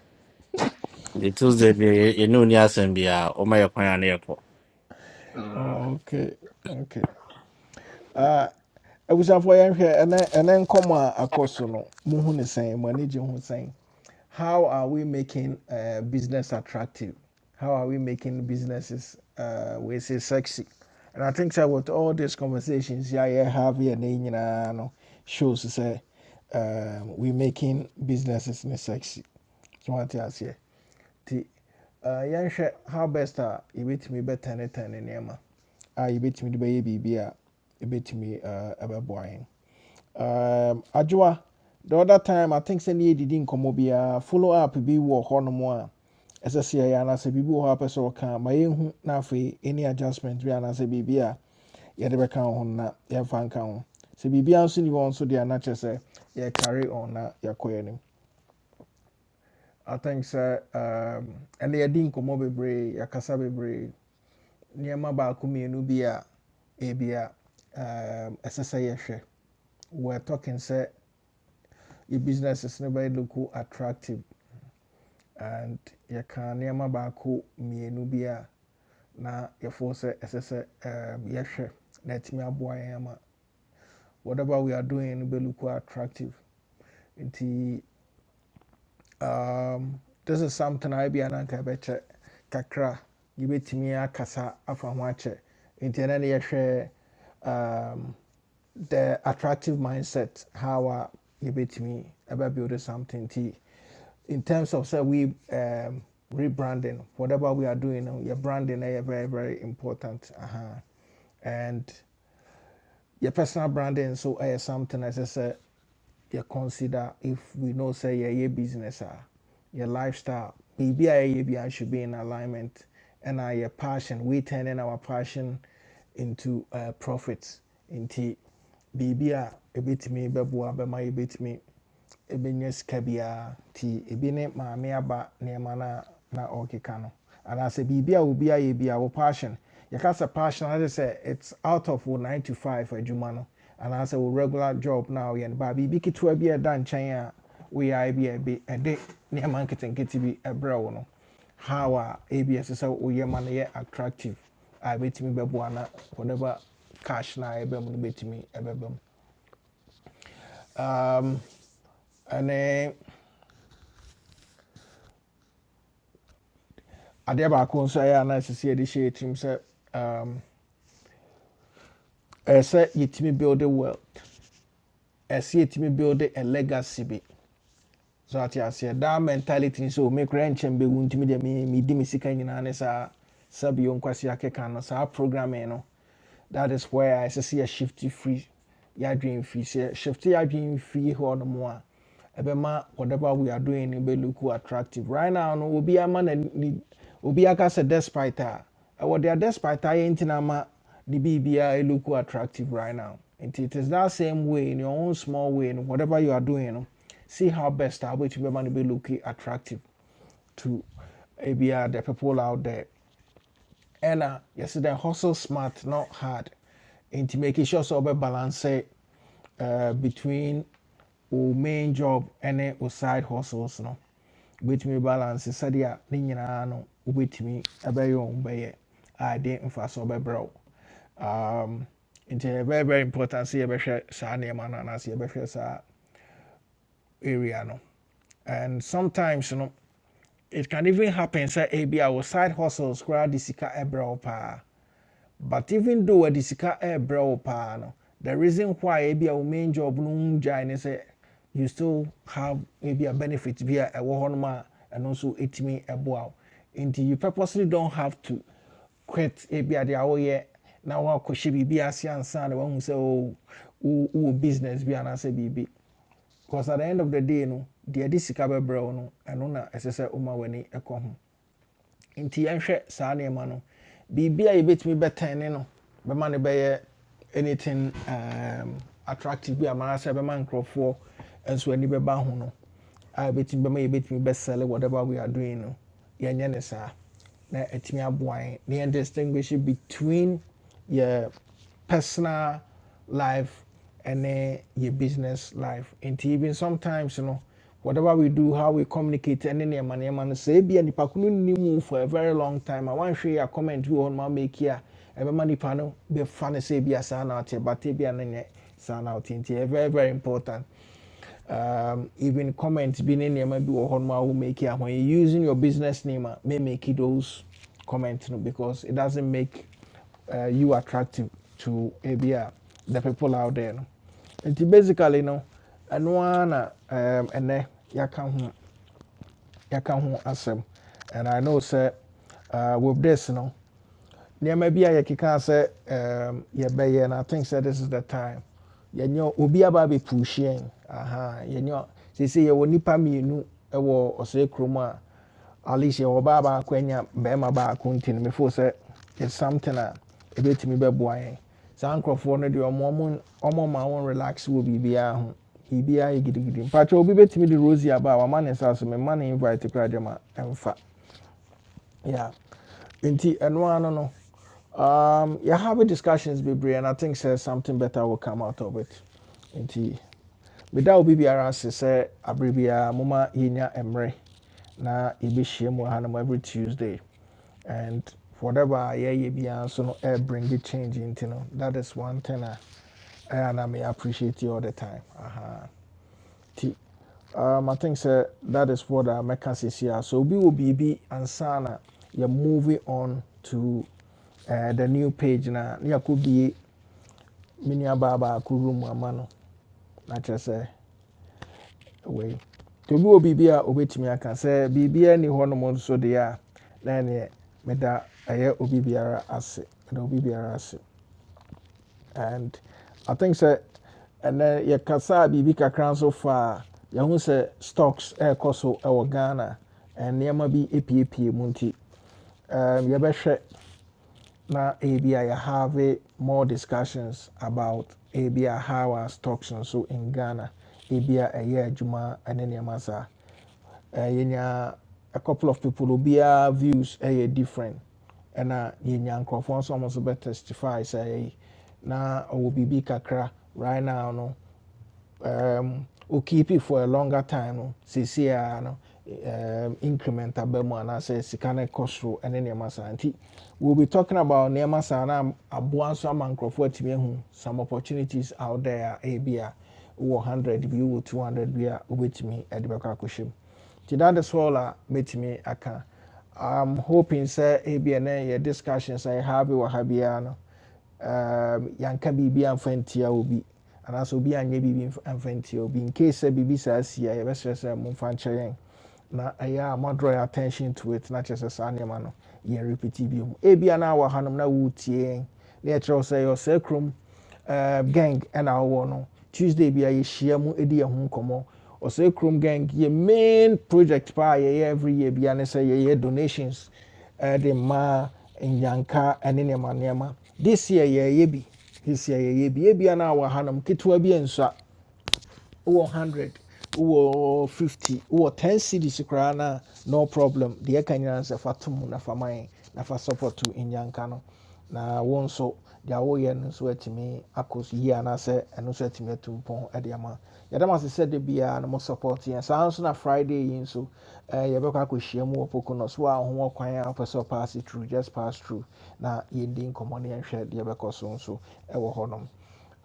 [SPEAKER 2] The Tuesday, the you know, Niasen be a oh my appointment.
[SPEAKER 1] Oh, ok ok Ah, abusuafoɔ yɛnhwɛ ɛnɛ ɛnɛ nkɔm a akɔ so no mohu ne sɛn mo ani gye ho sɛn how are we making uh, business attractive how are we making businesses uh, we say sexy and i think that with all these conversations yeah yeah have here na yi nyinaa no shows sɛ um, we are making businesses ne sexy so what I here? Ti, eh, yɛnhwɛ how best a yɛbɛtumi bɛtɛnetɛne nneɛma a yɛbɛtumi de bɛyɛ biribi a ɛbɛtumi eh, ɛbɛboa yɛn um, adwoa the other time i think sɛ ne yɛdidi nkɔmmɔ biara follow up bi wɔ hɔnom a ɛsɛ ya na se biribi wɔ hɔ a pɛ sɛ wɔka a, ma yɛnhu na afei ɛni adjustment bi anaasɛ biribi a yɛde bɛka ho no na yɛmfa nka ho sɛ biribiara nso ni hɔ nso deɛ na chese sɛ carry on na yɛakɔ yɛn anim I think sɛ um, ɛnna yɛdi nkɔmmɔ bebree yɛakasa bebree nneɛma baako mmienu bi a ebia um, ɛsɛ sɛ yɛhwɛ we're talking sɛ your businesses no bɛyɛ look attractive and yɛka nneɛma ba mmienu bi a na yɛfoɔ sɛ ɛsɛ sɛ um, yɛhwɛ na ɛtumi aboa yɛn whatever we are doing no bɛ look attractive nti um, this is something I be ananka beche kakra give it to me akasa afa ho ache nti na na yɛhwɛ um the attractive mindset how a me about building something nti in terms of say we um, rebranding whatever we are doing no, your branding is very very important uh-huh. And your personal branding so ɛyɛ something as I said you consider if we know say your yeah your business ah your lifestyle maybe I yeah yeah, should be in alignment and our your passion we turning our passion into uh, profits into maybe uh, a bit me ɛbɛtumi bɛboa bit me ɛbɛnya sika biara nti ebi ne maame aba nneɛma no a na ɔrekeka no anaasɛ biribi a obi ayɛ bi a wo passion yɛka passion, passion ade say it's out of wo 9 to 5 adwuma no anaasɛ wo regular job na woyɛ no baa biribi ketewa bi a ɛda nkyɛn a woyɛ a bi a ɛbi ɛde nneɛma nketenkete bi ɛbrɛ wo no how a ebi so sɛ woyɛ ma no yɛ attractive a ɛbɛtumi bɛboa na whatever cash na ɛbɛ mu no bɛtumi ɛbɛbɛ mu ɛne adeɛ baako nso a na sisi yɛde hyɛ yɛtirim sɛ um, ɛyɛ sɛ yɛtumi build a wealth ɛsɛ yɛtumi build a legacy bi so ate aseɛ daa mentality nso o mekora nkyɛn bɛwu ntumi deɛ me- medi me sika nyinaa ne sa sɛbio nkwasi akeka no saa programming no that is where I see a shifty free your dream fee. Say shifty your dream fee or no more. Ebema, whatever we are doing, it will look attractive. Right now, no, will be obi ama na ni be a se despite her. What they are despite her ain't nama the BBI look attractive right now. And it is that same way in your own small way in whatever you are doing. no, See how best I which be man. be looking attractive to ABR the people out there ɛna yɛsɛ dɛ hustle smart not hard nti making sure sɛ wobɛbalance uh, between wo main job and wo side hustles no wobɛtumi balance sɛdeɛ ne nyinaa no wobɛtumi ɛbɛyɛ wo bɛyɛ a ɛde mfa so wobɛbrɛ wo um, nti ɛyɛ very very important sɛ yɛbɛhwɛ saa nneɛma no anaasɛ yɛbɛhwɛ saa area no and sometimes you know it can even happen sɛ ebi our side hustles koraa de sika ɛbrɛ but even though wɔde sika ɛrebrɛ wo paa no the reason why maybe our main job no ho gyae ne you still have maybe a benefit via a ɛwɔ hɔnom a ɛno nso ɛtumi ɛboa wo nti you purposely don't have to quit ebi a deɛ woyɛ na woakɔhyɛ biribi ase ansa na woahu sɛ say oh, wowɔ business bi anaasɛ biribi because at the end of the day no the de sika bɛbrɛ wo no ɛno na as I say, w'ani ɛkɔ ho nti yɛnhwɛ saa nneɛma no biribi a yɛbɛtumi bɛtɛn ne no bɛma no bɛyɛ anything um, attractive bi anaasɛ bɛma nkurɔfoɔ nso ani bɛba ho no a yɛbɛtumi bɛma yɛbɛtumi bɛsɛle whatever we are doing no yɛnyɛ ne saa na ɛtumi aboa yɛn distinguish between yɛ personal life and then your business life And even sometimes you know, whatever we do how we communicate ɛne nneɛma nneɛma no man say, nipa ko no nim wo for a very long time I want to share a comment you wɔ hɔ make here. Every ɛbɛma nipa no bɛfa no sɛ ebia saa na ɔte but ebia no nyɛ saa na ɔte very very important um, even comments being in your bi wɔ hɔ nom make it when you using your business name a may make it those comments, no because it doesn't make uh, you attractive to ebi the people out there no nti basically no ɛno ara na um, ɛnɛ yɛaka ho yɛaka ho asɛm and i know sir, uh, with this no nneɛma bi a yɛkeka sɛ um, yɛbɛyɛ and i think sɛ this is the time yɛnyɛ obi aba abɛpuuhyi pushing. aha yɛnyɛ seesei yɛwɔ nipa mmienu ɛwɔ ɔsɛe kurom a at least yɛwɔ baa baako anya bɛrima baako nti no mefoo it's something a ɛbɛtumi bɛboa yɛn saa nkurɔfoɔ no deɛ ɔmo- ɔmo ɔmo ma wɔn relax wɔ biribiara ho biribiara yɛ gidigidi mpakyɛ obi bɛtumi de rosie aba a wama ne nsa so mema ne invite koraa gyama ɛmfa yeah nti ɛno ano no um, you have discussions bebree and i think says something better will come out of it nti without obi biara ase sɛ aberɛ biara moma yɛnya na yɛbɛhyia mu every tuesday and whatever a yɛyɛ biara nso no air bring the change nti no that is one thing I, ɛyɛ a na me appreciate you all the time Aha. T. Um, I think sir, that is what i Mecca says here. So we will be and Sana, You're moving on to uh, the new page Now, you could be mini ababa room ama no na kyerɛ sɛ away. To obi wɔ biribi a obetumi aka sɛ biribi ani hɔ nom nso deɛ then na ɛneɛ meda ɛyɛ obi biara ase meda obi biara ase. and i think sɛ ɛnɛ yɛkasaa biribi Bibika nso fa a yɛhu sɛ stocks ɛrekɔ so ɛwɔ ghana and nneɛma bi epiepie mu nti um, yɛbɛhwɛ na ebi a yɛhave more discussions about ebi how our stocks nso in ghana ebi year Juma and then nneɛma saa Eh, yɛnya a couple of people will be obiara views ɛyɛ different ɛna yɛnya nkurɔfoɔ nso a wɔn nso bɛtestify sɛ ɛyɛ na ɔwɔ biribi kakra right now no um, will keep it for a longer time See, see, ara no um, increment aba mu anaasɛ sika no kɔ soro ne nneɛma we'll be talking about nneɛma saa na aboa nso ama nkurɔfoɔ atumi ahu some opportunities out there A B A, ebi a wowɔ 100 bi wowɔ 200 bi a wobɛtumi de bɛkɔ akɔhyɛ mu nti that is all a mɛtumi aka i'm hoping sɛ ebi a discussions a yɛha bi wɔ ha no um, yɛanka biribi amfa obi anaso obi anye biribi mf- obi incase sɛ biribi saa si a yɛbɛserɛ sɛ momfa nkyerɛ na ɛyɛ a moadraw attention to it na kyerɛ sɛ saa no yɛn repeti bio mu ebia na awɔ hanom na wotie na yɛkyerɛ wo sɛ yɛwɔ saa eh, gang and our no tuesday bi a yɛhyia mu di yɛn ho nkɔmmɔ ɔsɛ kurom gang yɛ main project paa a every year bi ne sɛ yɛyɛ donations eh, de ma nyanka and nneɛma nneɛma this year yɛyɛ bi this year yɛyɛ bi ebia no a wɔ hanom ketewa bi nsa wowɔ 100 wowɔ 50 wowɔ 10 cities koraa no problem The ɛka nyinaa no sɛ na fa ma na fa support to nyanka no na wo nso deɛ woyɛ no nso atumi akɔ so yie anaasɛ ɛno nso atumi atu mpɔn de ama yɛdam ase sɛ da biara no mo support yɛn saa on na friday yi nso eh, yɛbɛkɔ akɔhyia mu wɔ pokono so a ho wɔ kwan a wopɛ through just pass through na yɛndi nkɔmmɔ no yɛnhwɛ deɛ ɛbɛkɔ so nso ɛwɔ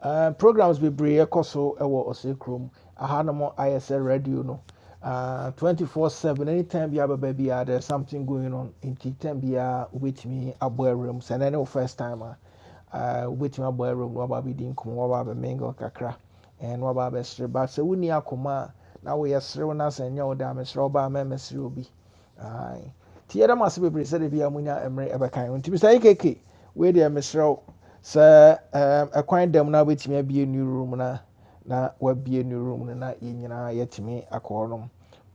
[SPEAKER 1] uh, programs bebree ɛkɔ so ɛwɔ ɔsɛ kurom ahanom ayɛ sɛ radio no uh, 24/7 anytime bi ababa biara there's something going on nti time biara wobɛtumi abɔ awuram sɛ ɛnɛ ne wo first time a uh, wobɛtumi abɔ awuram na waba abɛdi nkɔmmɔ waba abɛmingle kakra and na waba abɛsere ba sɛ wonni akoma a na woyɛ serew no asɛ nyɛ wo dɛ a meserɛ wo da me sere ba a mɛmmɛsere obi Ae. nti yɛda mo ase bebree sɛde bia monya mmerɛ ɛbɛkan ho nti mr akk wei deɛ meserɛ wo sɛ ɛm, ɛkwan dam no wobɛtumi abie new room no a, na wabie new room no na yɛn nyinaa yɛatumi akɔ hɔnom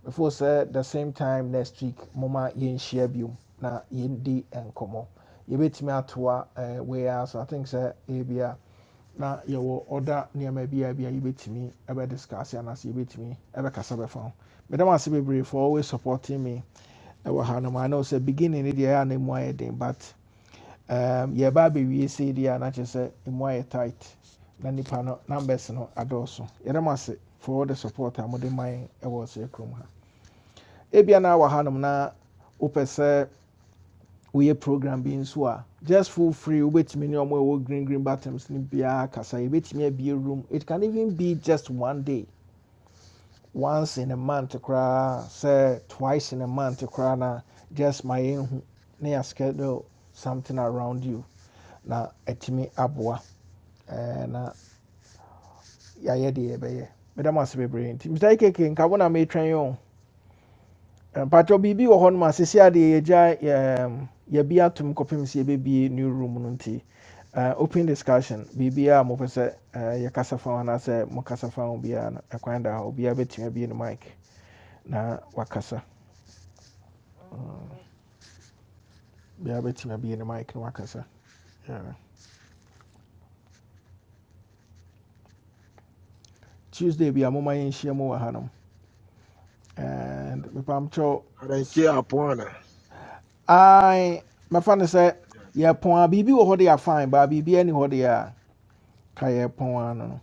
[SPEAKER 1] before sɛ the same time next week moma yɛnhyia biom na yɛndi nkɔmmɔ yɛbɛtumi atoa eh, wei ara so i think sɛ ebia na yɛwɔ ɔda nneɛma bi a bi a yɛbɛtumi ɛbɛdiscuss anaasɛ yɛbɛtumi ɛbɛkasa bɛfa ho meda mo ase bebree for always supporting me ɛwɔ ha nom ana sɛ beginning no deɛ ɛyɛ a na mu ayɛ den but um, yɛba abɛwie sei deɛ a na kyerɛ sɛ mu ayɛ tight na nipa no numbers no adɔɔso yɛda mo ase for all the support a mode ma yɛn ɛwɔ sɛ kurom ha ebia na wɔ ha nom na wopɛ sɛ woyɛ program bi nso a just feel free wobɛtumi ne ɔmo a ɛwɔ green green buttons no biara kasa yɛbɛtumi abie room it can even be just one day once in a month koraa Say twice in a month koraa na just my yɛnhu na schedule something around you na etimi aboa ɛɛ, na yɛayɛ deɛ yɛbɛyɛ meda mo ase bebree nti mr ikeke nka wona me twen yo pato bibi wo na meretwɛn yi o mpatwɔ biribi wɔ hɔ no ma sesi adeɛ yɛgya yɛm, yɛbi atom kɔpem sɛ new room no nti uh, open discussion biribiaa a mopɛ sɛ uh, yɛkasa fa ho anaasɛ mokasa fa ho biara na ɛkwan da hɔ obiara bɛtumi abie no mic na wakasa bia bɛtumi in. ne mic no wakasa Yeah. tuesday bia moma yɛnhyia mu wɔ hanom and mepamkyɛw
[SPEAKER 14] I don't
[SPEAKER 1] s-
[SPEAKER 14] care upon her.
[SPEAKER 1] ai mɛfa no sɛ yɛpɔn a biribi wɔ hɔ de afine baa biribi ani hɔ de a ka yɛpɔn ano no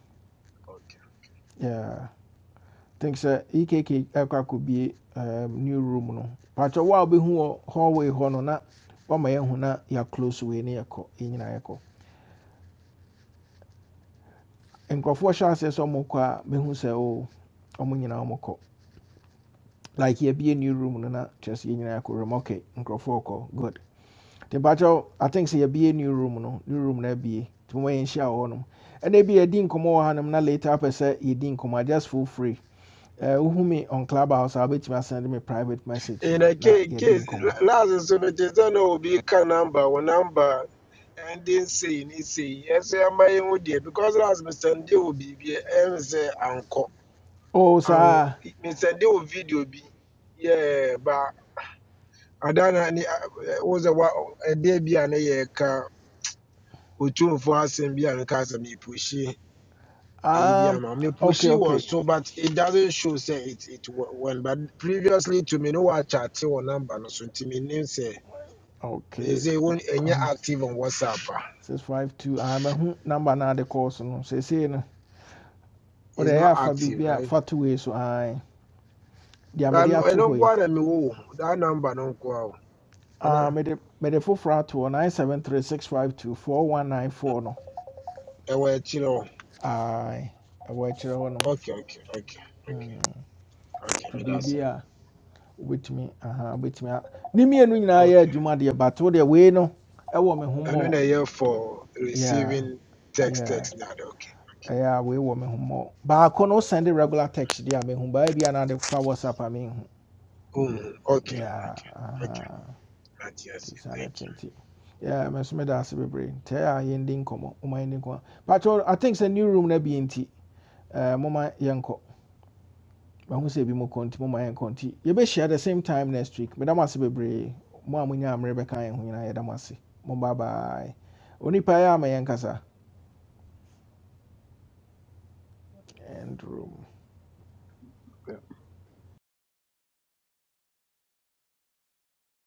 [SPEAKER 1] Yeah. think sɛ ekk ɛkɔ akɔbie um, new room no pakyɛ wo a wobɛhu wɔ hallway hɔ not na wama yɛahu na yɛaclose wei ne yɛkɔ yɛnyina yɛkɔ nkurɔfoɔ hyɛ aseɛ sɛ ɔmokɔ a bɛhu sɛ o ɔmo nyinaa ɔmokɔ like you be a new room no na just sɛ yɛ nyinaa kɔwuram ok nkurɔfoɔ kɔ good nti mpakyɛw atink be a new room no new room na be to when share wo no abie nti moma yɛnhyia wɔ hɔnom ɛna bi yɛdi nkɔmmɔ wɔ hanom na later apɛ say, yɛdi nkɔmmɔ a just feel free Eh, wohu me on clubhouse a wobɛtumi send me private message
[SPEAKER 14] In a
[SPEAKER 1] na
[SPEAKER 14] case,
[SPEAKER 1] yɛdi
[SPEAKER 14] case
[SPEAKER 1] nkɔmmɔ
[SPEAKER 14] last so it is done will be a number one number and then saying it's say yes, I'm my own dear because last Mr. Ndi will be and say uncle.
[SPEAKER 1] oh
[SPEAKER 14] Um,
[SPEAKER 1] sir.
[SPEAKER 14] Mr. Ndi will video be yeah, but Adana ni was a- wo sɛ wa ɛdeɛ bi a ne yɛreka otumfo asɛm bi a nka sɛ mepushi ɛyi bi
[SPEAKER 1] um,
[SPEAKER 14] ama
[SPEAKER 1] ok
[SPEAKER 14] mepushi
[SPEAKER 1] ok
[SPEAKER 14] was so but it doesn't show Say it it wa- won but previously to me no waakyɛate wɔ number no so nti menim sɛ
[SPEAKER 1] ok
[SPEAKER 14] ɛsɛ wɔn ɛnyɛ
[SPEAKER 1] aho,
[SPEAKER 14] active on whatsapp a
[SPEAKER 1] 652 ah, mahu number no ade kɔɔ so no seesei no wode
[SPEAKER 14] it's not
[SPEAKER 1] ɛyɛ afa
[SPEAKER 14] active
[SPEAKER 1] biribi a
[SPEAKER 14] right
[SPEAKER 1] fa to wei so ae deɛ
[SPEAKER 14] but I
[SPEAKER 1] mede ato
[SPEAKER 14] don't
[SPEAKER 1] hɔ
[SPEAKER 14] want na mewɔ that number no nko ara o
[SPEAKER 1] Ah,
[SPEAKER 14] anaa
[SPEAKER 1] mede mede foforɔ ato hɔ nine seven three six five two four one nine four no
[SPEAKER 14] ɛwɔ akyire hɔ
[SPEAKER 1] ae ɛwɔ akyerɛ hɔ nom
[SPEAKER 14] okay okay okay
[SPEAKER 1] Mm,
[SPEAKER 14] okay okay
[SPEAKER 1] nti
[SPEAKER 14] meda
[SPEAKER 1] biribi a wobɛtumi aha wobɛtumi a ne mmienu nyinaa
[SPEAKER 14] Okay.
[SPEAKER 1] yɛ adwuma deɛ but wo deɛ wei no ɛwɔ me ho
[SPEAKER 14] ɛno
[SPEAKER 1] mmɔɔ
[SPEAKER 14] na year for
[SPEAKER 1] yeah
[SPEAKER 14] receiving text
[SPEAKER 1] yeah
[SPEAKER 14] text na okay
[SPEAKER 1] ɛyɛ a wɔ me ho mmɔɔ baako no send regular text deɛ me mehu baa bi anaade fa whatsapp a menhu
[SPEAKER 14] mm, okay
[SPEAKER 1] yeah
[SPEAKER 14] okay okay
[SPEAKER 1] aha
[SPEAKER 14] Ate ase.
[SPEAKER 1] nti saa no
[SPEAKER 14] thank you.
[SPEAKER 1] tenti yeah me nso da ase bebree ntɛ a yɛndi nkɔmmɔ woma yɛndi nkɔmmɔ patwɛ i think sɛ new room no bi nti Eh, moma yɛnkɔ mahu sɛ ebi mu kɔ nti moma yɛnkɔ nti yɛbɛhyia the same time next week meda mo ase bebree mo a monya mmerɛ bɛka yɛn ho nyinaa yɛda mo ase mo